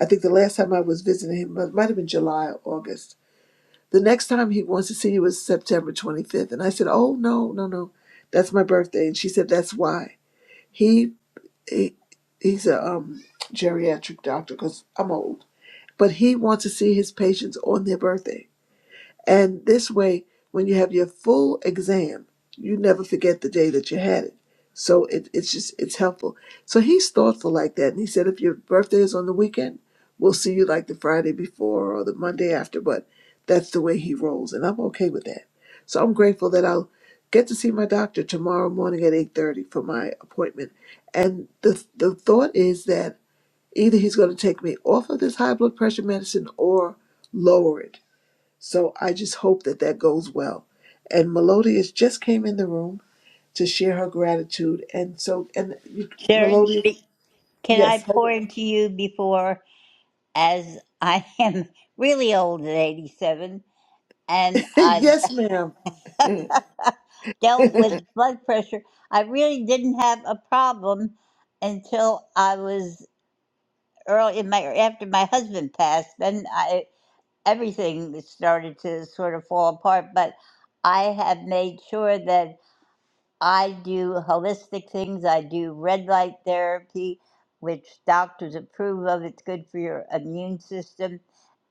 Speaker 12: I think the last time I was visiting him it might have been July or August. The next time he wants to see you is September 25th. And I said, Oh, no, no, no. That's my birthday. And she said, That's why. He, he He's a um, geriatric doctor because I'm old. But he wants to see his patients on their birthday. And this way, when you have your full exam, you never forget the day that you had it. So it, it's just it's helpful. So he's thoughtful like that, and he said if your birthday is on the weekend, we'll see you like the Friday before or the Monday after. But that's the way he rolls, and I'm okay with that. So I'm grateful that I'll get to see my doctor tomorrow morning at eight thirty for my appointment. And the the thought is that either he's going to take me off of this high blood pressure medicine or lower it so I just hope that that goes well. And Melodious just came in the room to share her gratitude. And so, and you,
Speaker 18: Sharon,
Speaker 12: Melodious,
Speaker 18: be- can I
Speaker 12: yes, hold on.
Speaker 18: pour into you before, as I am really old at 87, and I
Speaker 12: yes, ma'am.
Speaker 18: dealt with blood pressure. I really didn't have a problem until I was early in my after my husband passed. Then I everything started to sort of fall apart. But I have made sure that I do holistic things. I do red light therapy, which doctors approve of. It's good for your immune system.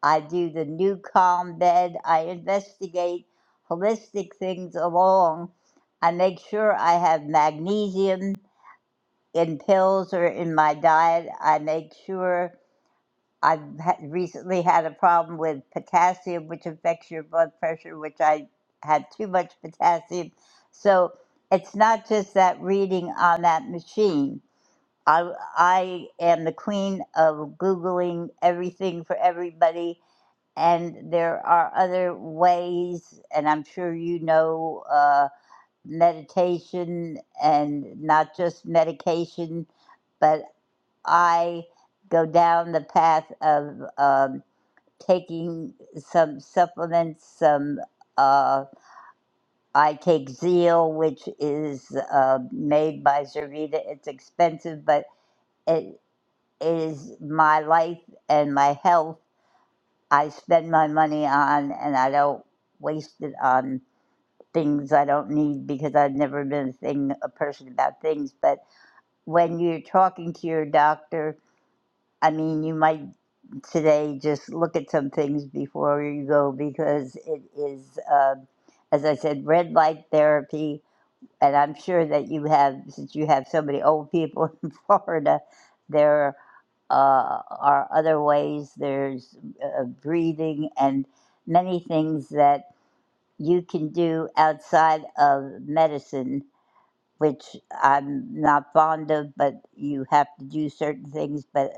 Speaker 18: I do the new calm bed. I investigate holistic things along. I make sure I have magnesium in pills or in my diet. I make sure I've ha- recently had a problem with potassium, which affects your blood pressure, which I had too much potassium. So it's not just that reading on that machine. I, I am the queen of Googling everything for everybody, and there are other ways, and I'm sure you know. uh, meditation and not just medication, but I go down the path of um, taking some supplements. Some uh, I take Zeal, which is uh, made by Zervita. It's expensive, but it is my life and my health. I spend my money on, and I don't waste it on things I don't need because I've never been a thing a person about things. But when you're talking to your doctor, I mean, you might today just look at some things before you go because it is, uh, as I said, red light therapy. And I'm sure that you have, since you have so many old people in Florida, there uh, are other ways. There's uh, breathing and many things that you can do outside of medicine, which I'm not fond of, but you have to do certain things. But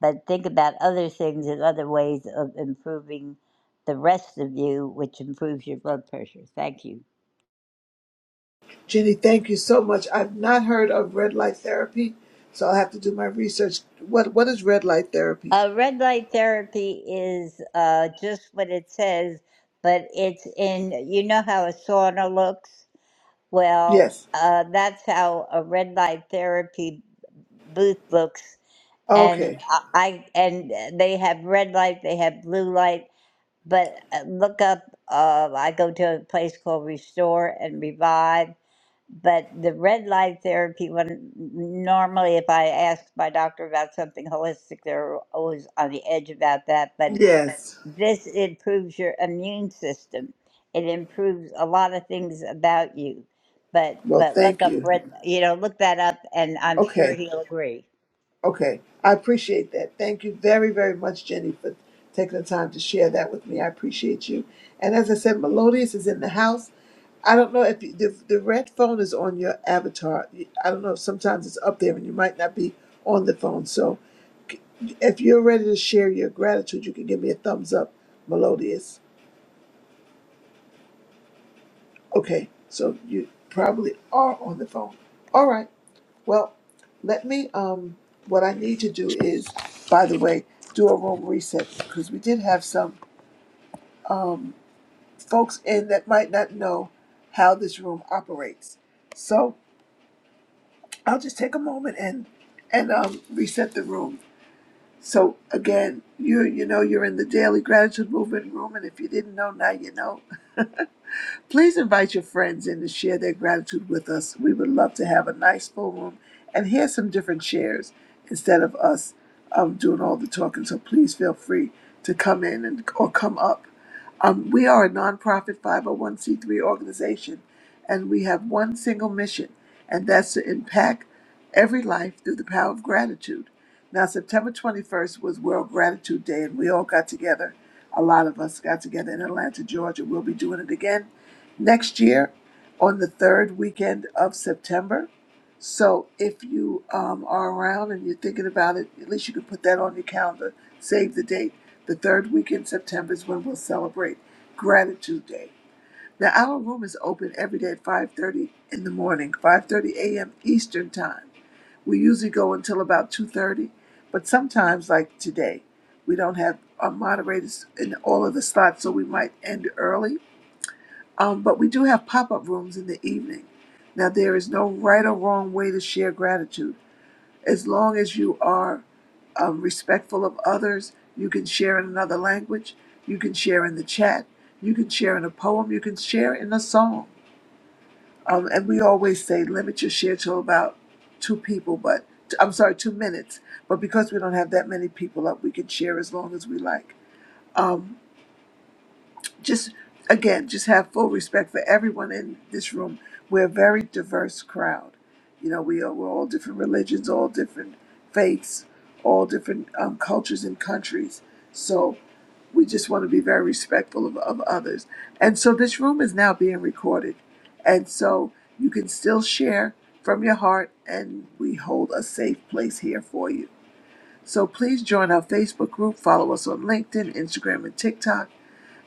Speaker 18: but think about other things and other ways of improving the rest of you, which improves your blood pressure. Thank you.
Speaker 12: Jenny, thank you so much. I've not heard of red light therapy, so I'll have to do my research. What What is red light therapy?
Speaker 18: Uh, red light therapy is uh, just what it says, but it's in. You know how a sauna looks. Well,
Speaker 12: Yes.
Speaker 18: uh, that's how a red light therapy booth looks and
Speaker 12: Okay.
Speaker 18: I and uh, they have red light, they have blue light. But uh, look up. Uh, I go to a place called Restore and Revive. But the red light therapy one normally, if I ask my doctor about something holistic, they're always on the edge about that. But
Speaker 12: Yes.
Speaker 18: this improves your immune system. It improves a lot of things about you. But
Speaker 12: Well,
Speaker 18: but look
Speaker 12: thank
Speaker 18: up
Speaker 12: you.
Speaker 18: red. You know, look that up, and I'm
Speaker 12: Okay.
Speaker 18: sure he'll agree.
Speaker 12: Okay, I appreciate that. Thank you very, very much, Jenny, for taking the time to share that with me. I appreciate you. And as I said, Melodious is in the house. I don't know if you, the, the red phone is on your avatar. I don't know if sometimes it's up there and you might not be on the phone. So c- if you're ready to share your gratitude, you can give me a thumbs up, Melodious. Okay, so you probably are on the phone. All right. Well, let me, um, what I need to do is, by the way, do a room reset because we did have some um, folks in that might not know how this room operates. So I'll just take a moment and and um, reset the room. So again, you you know you're in the daily gratitude movement room, and if you didn't know now, you know. Please invite your friends in to share their gratitude with us. We would love to have a nice full room and hear some different shares instead of us um, doing all the talking. So please feel free to come in and or come up. Um, we are a nonprofit 501c3 organization, and we have one single mission, and that's to impact every life through the power of gratitude. Now, September 21st was World Gratitude Day, and we all got together. A lot of us got together in Atlanta, Georgia. We'll be doing it again next year on the third weekend of September. So if you um, are around and you're thinking about it, at least you can put that on your calendar. Save the date. The third weekend in September is when we'll celebrate Gratitude Day. Now our room is open every day at 5:30 in the morning, 5:30 a.m. Eastern time. We usually go until about 2:30, but sometimes, like today, we don't have our moderators in all of the slots, so we might end early um, but we do have pop up rooms in the evening. Now, there is no right or wrong way to share gratitude. As long as you are uh, respectful of others, you can share in another language, you can share in the chat, you can share in a poem, you can share in a song. Um, and we always say limit your share to about two people, but I'm sorry, two minutes. But because we don't have that many people up, we can share as long as we like. Um, just again just have full respect for everyone in this room we're a very diverse crowd you know we are we're all different religions all different faiths all different um, cultures and countries so we just want to be very respectful of, of others and so this room is now being recorded and so you can still share from your heart and we hold a safe place here for you so please join our facebook group follow us on linkedin instagram and tiktok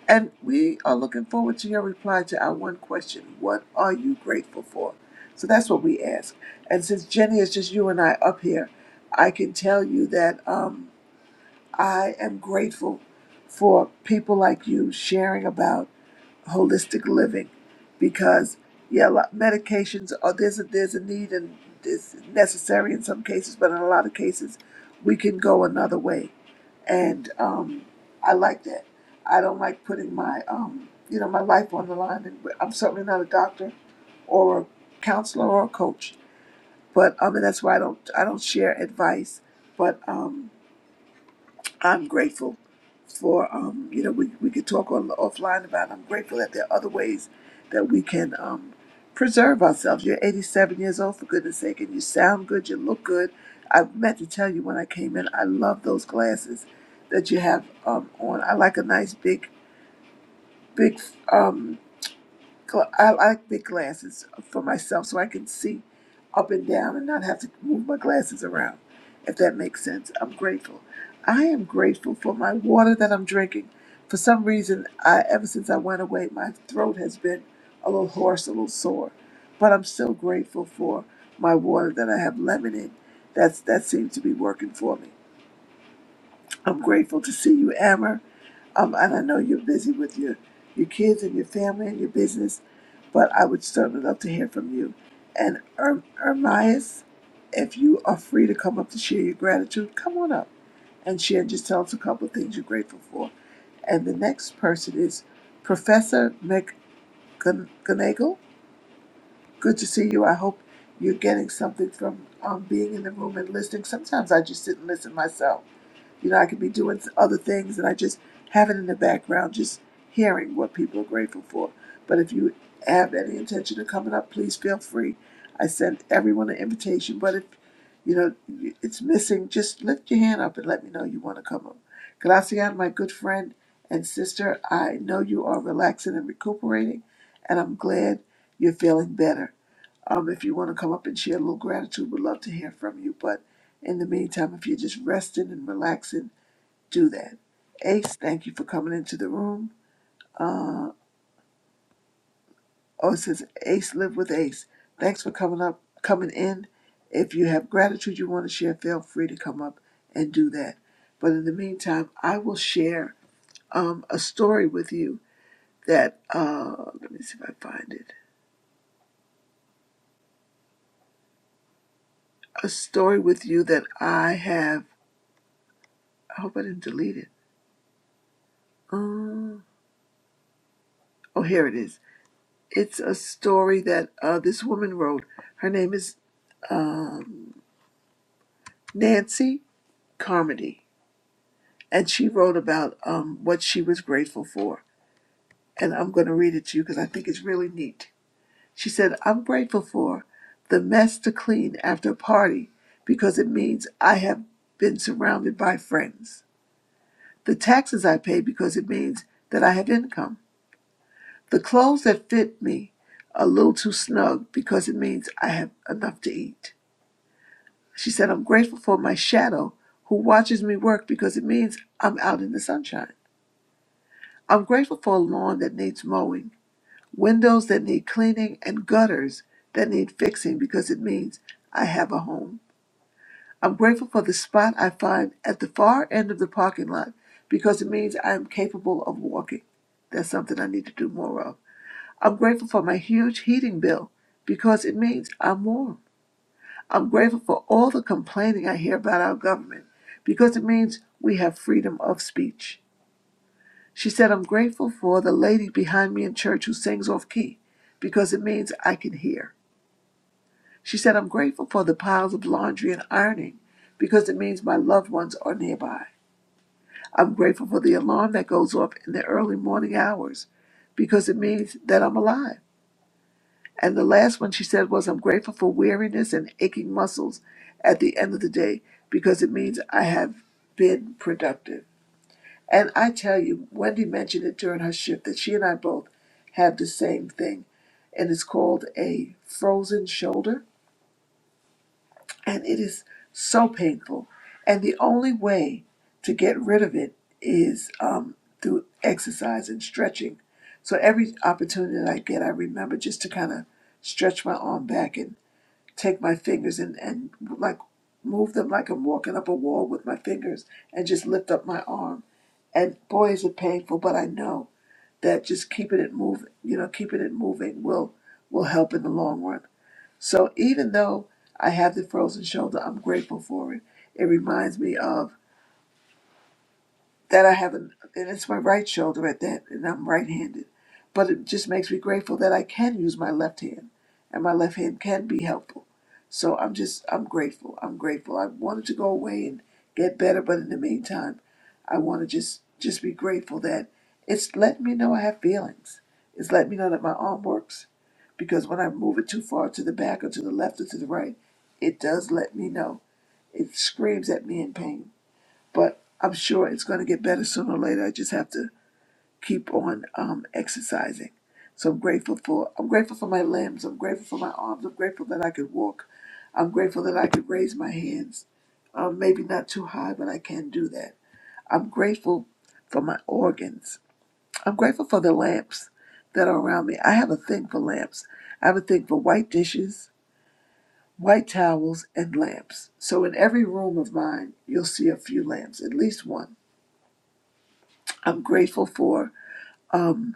Speaker 12: and we are looking forward to your reply to our one question What are you grateful for? So that's what we ask. And since Jenny is just you and I up here, I can tell you that um, I am grateful for people like you sharing about holistic living because, yeah, a lot- medications, are, there's, a, there's a need and it's necessary in some cases, but in a lot of cases, we can go another way and um, I like that. I don't like putting my um, you know my life on the line, and I'm certainly not a doctor or a counselor or a coach. But um, and that's why I don't I don't share advice. But um, I'm grateful for um, you know we, we could talk on offline about. it. I'm grateful that there are other ways that we can um, preserve ourselves. You're 87 years old for goodness sake, and you sound good. You look good. I meant to tell you when I came in. I love those glasses that you have um, on. I like a nice big big um, gla- I like big glasses for myself so I can see up and down and not have to move my glasses around, if that makes sense. I'm grateful. I am grateful for my water that I'm drinking. For some reason, I, ever since I went away, my throat has been a little hoarse, a little sore. But I'm still grateful for my water that I have lemon in. That's, that seems to be working for me. I'm grateful to see you, Amber. Um, and I know you're busy with your, your kids and your family and your business, but I would certainly love to hear from you. And er- Ermias, if you are free to come up to share your gratitude, come on up and share. Just tell us a couple of things you're grateful for. And the next person is Professor McGonagall. Good to see you. I hope you're getting something from um, being in the room and listening. Sometimes I just sit and listen myself you know, I could be doing other things and I just have it in the background, just hearing what people are grateful for. But if you have any intention of coming up, please feel free. I sent everyone an invitation, but if you know it's missing, just lift your hand up and let me know you want to come up. Gracian, my good friend and sister, I know you are relaxing and recuperating, and I'm glad you're feeling better. Um, if you want to come up and share a little gratitude, we'd love to hear from you. But in the meantime, if you're just resting and relaxing, do that. Ace, thank you for coming into the room. Uh, oh, it says Ace live with Ace. Thanks for coming up, coming in. If you have gratitude you want to share, feel free to come up and do that. But in the meantime, I will share um, a story with you that uh, let me see if I find it. A story with you that I have. I hope I didn't delete it. Um, oh, here it is. It's a story that uh, this woman wrote. Her name is um, Nancy comedy, and she wrote about um, what she was grateful for. And I'm going to read it to you because I think it's really neat. She said, I'm grateful for the mess to clean after a party because it means I have been surrounded by friends. The taxes I pay because it means that I have income. The clothes that fit me a little too snug because it means I have enough to eat. She said, I'm grateful for my shadow who watches me work because it means I'm out in the sunshine. I'm grateful for a lawn that needs mowing, windows that need cleaning, and gutters that need fixing because it means I have a home. I'm grateful for the spot I find at the far end of the parking lot because it means I am capable of walking. That's something I need to do more of. I'm grateful for my huge heating bill because it means I'm warm. I'm grateful for all the complaining I hear about our government because it means we have freedom of speech. She said, I'm grateful for the lady behind me in church who sings off key because it means I can hear. She said, I'm grateful for the piles of laundry and ironing because it means my loved ones are nearby. I'm grateful for the alarm that goes off in the early morning hours because it means that I'm alive. And the last one she said was, I'm grateful for weariness and aching muscles at the end of the day because it means I have been productive. And I tell you, Wendy mentioned it during her shift that she and I both have the same thing, and it's called a frozen shoulder, and it is so painful. And the only way to get rid of it is um, through exercise and stretching. So every opportunity that I get, I remember just to kind of stretch my arm back and take my fingers and, and like move them like I'm walking up a wall with my fingers and just lift up my arm. And boy, is it painful, but I know that just keeping it moving, you know, keeping it moving will will help in the long run. So even though I have the frozen shoulder, I'm grateful for it. It reminds me of that I have, an, and it's my right shoulder at that, and I'm right handed. But it just makes me grateful that I can use my left hand, and my left hand can be helpful. So I'm just, I'm grateful. I'm grateful. I wanted to go away and get better, but in the meantime, I want to just, just be grateful that it's letting me know I have feelings. It's letting me know that my arm works, because when I move it too far to the back or to the left or to the right, it does let me know. It screams at me in pain but I'm sure it's going to get better sooner or later. I just have to keep on um, exercising. So I'm grateful for I'm grateful for my limbs. I'm grateful for my arms. I'm grateful that I could walk. I'm grateful that I could raise my hands. Um, maybe not too high, but I can do that. I'm grateful for my organs. I'm grateful for the lamps that are around me. I have a thing for lamps. I have a thing for white dishes, white towels, and lamps. So in every room of mine, you'll see a few lamps, at least one I'm grateful for um,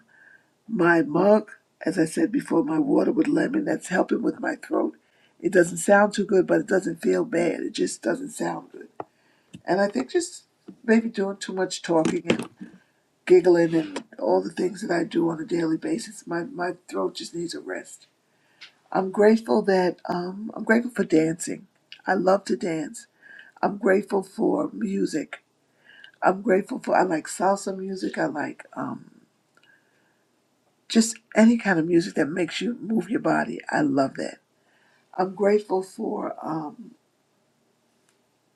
Speaker 12: my mug, as I said before, my water with lemon that's helping with my throat. It doesn't sound too good, but it doesn't feel bad. It just doesn't sound good. And I think just maybe doing too much talking and giggling and all the things that I do on a daily basis, my, my throat just needs a rest. I'm grateful that um, I'm grateful for dancing. I love to dance. I'm grateful for music. I'm grateful for I like salsa music. I like um, just any kind of music that makes you move your body. I love that. I'm grateful for um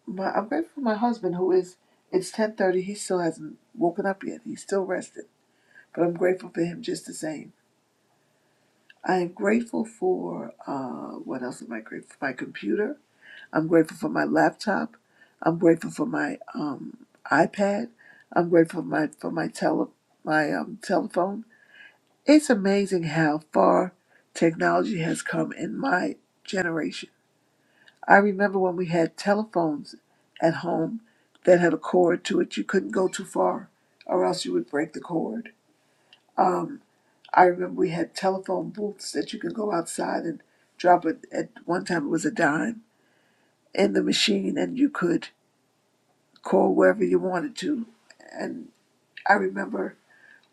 Speaker 12: my I'm grateful for my husband who is it's ten thirty, he still hasn't woken up yet. He's still rested. But I'm grateful for him just the same. I am grateful for uh what else am I grateful for? My computer. I'm grateful for my laptop. I'm grateful for my um iPad. I'm grateful for my for my tele my um telephone. It's amazing how far technology has come in my generation. I remember when we had telephones at home that had a cord to it. You couldn't go too far or else you would break the cord. Um, I remember we had telephone booths that you could go outside and drop it. At one time, it was a dime in the machine and you could call wherever you wanted to. And I remember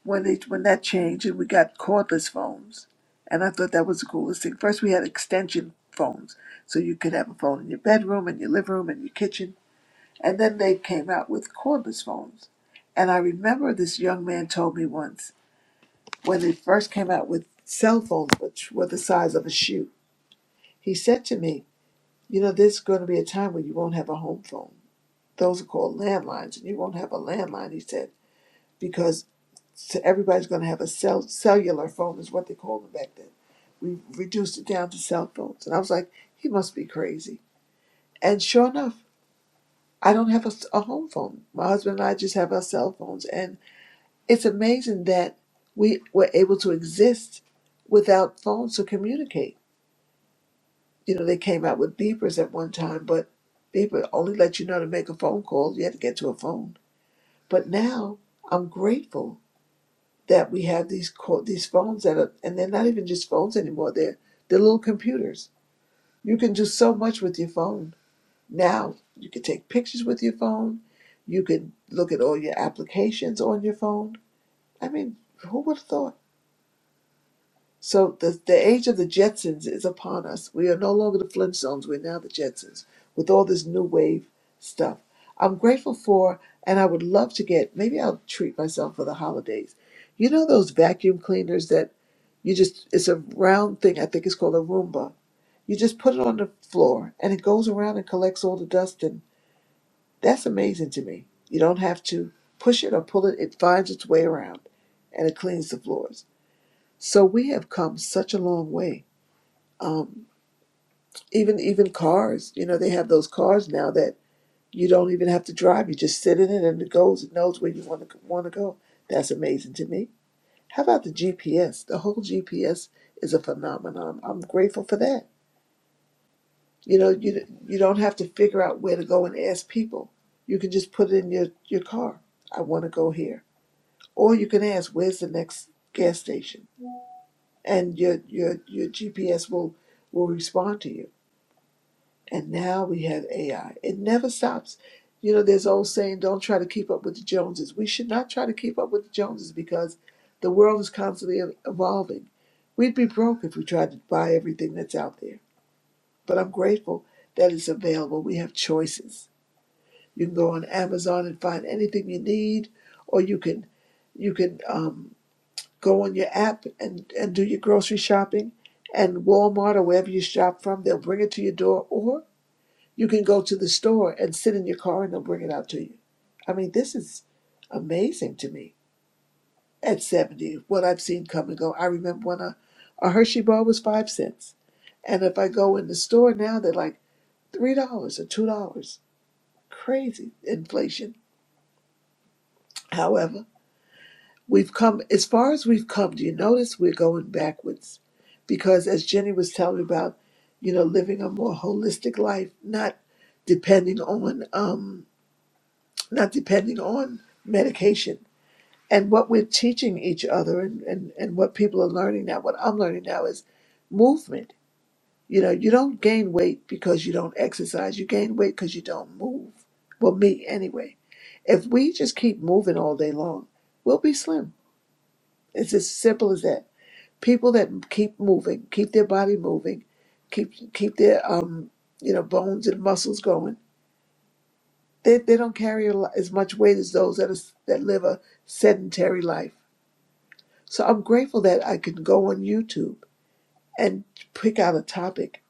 Speaker 12: when they when that changed and we got cordless phones and i thought that was the coolest thing first we had extension phones so you could have a phone in your bedroom and your living room and your kitchen and then they came out with cordless phones and i remember this young man told me once when they first came out with cell phones which were the size of a shoe he said to me you know there's going to be a time when you won't have a home phone those are called landlines and you won't have a landline he said because. So everybody's going to have a cell, cellular phone, is what they called them back then. We reduced it down to cell phones. And I was like, he must be crazy. And sure enough, I don't have a a home phone. My husband and I just have our cell phones. And it's amazing that we were able to exist without phones to communicate. You know, they came out with beepers at one time, but beeper only let you know to make a phone call. You had to get to a phone. But now I'm grateful that we have these co- these phones that are, and they're not even just phones anymore. They're they're little computers. You can do so much with your phone now. You can take pictures with your phone. You can look at all your applications on your phone. I mean, who would have thought? So the the age of the Jetsons is upon us. We are no longer the Flintstones. We're now the Jetsons with all this new wave stuff. I'm grateful for, and I would love to get. Maybe I'll treat myself for the holidays. You know those vacuum cleaners that You just, it's a round thing, I think it's called a Roomba. You just put it on the floor and it goes around and collects all the dust. And that's amazing to me. You don't have to push it or pull it, it finds its way around and it cleans the floors. So we have come such a long way. Um, even even cars, you know, they have those cars now that you don't even have to drive. You just sit in it and it goes, it knows where you want to want to go. That's amazing to me. How about the GPS? The whole GPS is a phenomenon. I'm grateful for that You know, you you don't have to figure out where to go and ask people. You can just put it in your your car. I want to go here, or you can ask, "Where's the next gas station?" And your your your GPS will will respond to you. And now we have AI. It never stops. You know, there's old saying, "Don't try to keep up with the Joneses." We should not try to keep up with the Joneses because the world is constantly e-, evolving. We'd be broke if we tried to buy everything that's out there. But I'm grateful that it's available. We have choices You can go on Amazon and find anything you need, or you can you can um, go on your app and, and do your grocery shopping, and Walmart or wherever you shop from, they'll bring it to your door, or you can go to the store and sit in your car and they'll bring it out to you. I mean, this is amazing to me. At 70, what I've seen come and go. I remember when a, a Hershey bar was five cents. And if I go in the store now, they're like $3 or $2. Crazy inflation. However, We've come as far as we've come. Do you notice we're going backwards? Because as Jenny was telling about, you know, living a more holistic life, not depending on um, not depending on medication. And what we're teaching each other and, and, and what people are learning now, what I'm learning now is movement. You know, you don't gain weight because you don't exercise. You gain weight because you don't move. Well, me anyway. If we just keep moving all day long, we'll be slim. It's as simple as that people that keep moving, keep their body moving, keep keep their um you know bones and muscles going. They they don't carry a lo- as much weight as those that is, that live a sedentary life. So I'm grateful that I can go on YouTube and pick out a topic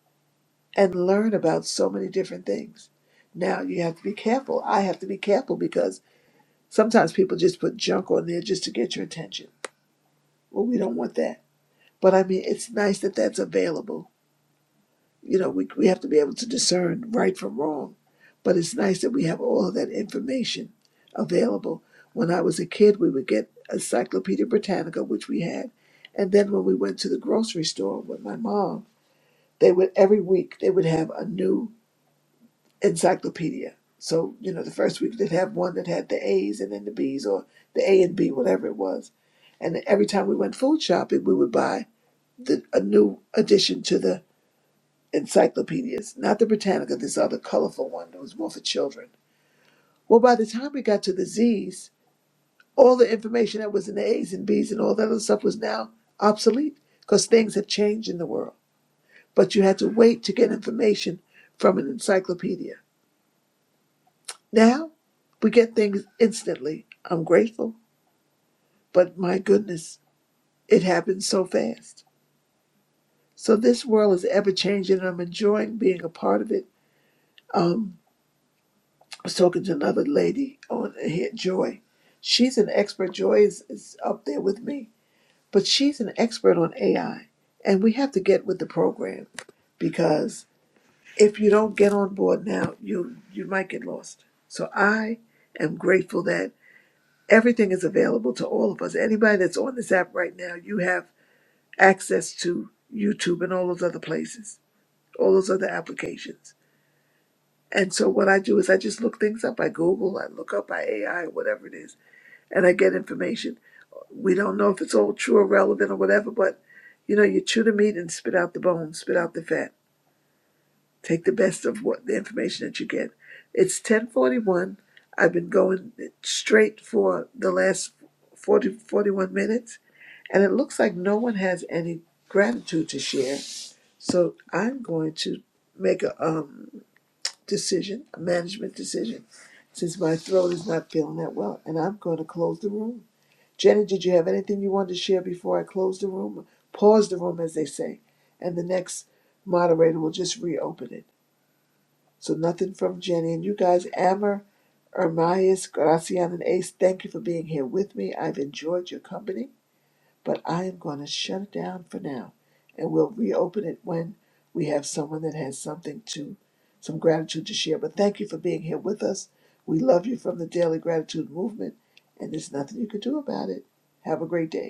Speaker 12: and learn about so many different things. Now you have to be careful. I have to be careful because sometimes people just put junk on there just to get your attention. Well, we don't want that. But I mean, it's nice that that's available you know, we, we have to be able to discern right from wrong. But it's nice that we have all of that information available. When I was a kid, we would get Encyclopedia Britannica, which we had. And then when we went to the grocery store with my mom, they would every week they would have a new encyclopedia. So, you know, the first week they'd have one that had the A's and then the B's or the A and B, whatever it was. And every time we went food shopping, we would buy the, a new addition to the encyclopedias, not the Britannica, this other colorful one that was more for children. Well, by the time we got to the Z's, all the information that was in the A's and B's and all that other stuff was now obsolete because things had changed in the world. But you had to wait to get information from an encyclopedia. Now we get things instantly. I'm grateful, but my goodness, it happens so fast. So this world is ever changing and I'm enjoying being a part of it. Um, was talking to another lady on here, Joy. She's an expert. Joy is, is up there with me, but she's an expert on AI. And we have to get with the program because if you don't get on board now, you you might get lost. So I am grateful that everything is available to all of us. Anybody that's on this app right now, you have access to YouTube and all those other places, all those other applications. And so what I do is I just look things up. I Google, I look up, I AI, whatever it is and I get information. We don't know if it's all true or relevant or whatever, but you know, you chew the meat and spit out the bones, spit out the fat. Take the best of what the information that you get. It's ten forty one. I've been going straight for the last 40, 41 minutes, and it looks like no one has any gratitude to share. So I'm going to make a um, decision, a management decision, since my throat is not feeling that well, and I'm going to close the room. Jenny, did you have anything you wanted to share before I close the room? Pause the room, as they say, and the next moderator will just reopen it. So nothing from Jenny. And you guys, Amber, Ermias, Gracian, and Ace, thank you for being here with me. I've enjoyed your company, but I am going to shut it down for now, and we'll reopen it when we have someone that has something to, some gratitude to share. But thank you for being here with us. We love you from the Daily Gratitude Movement, and there's nothing you can do about it. Have a great day.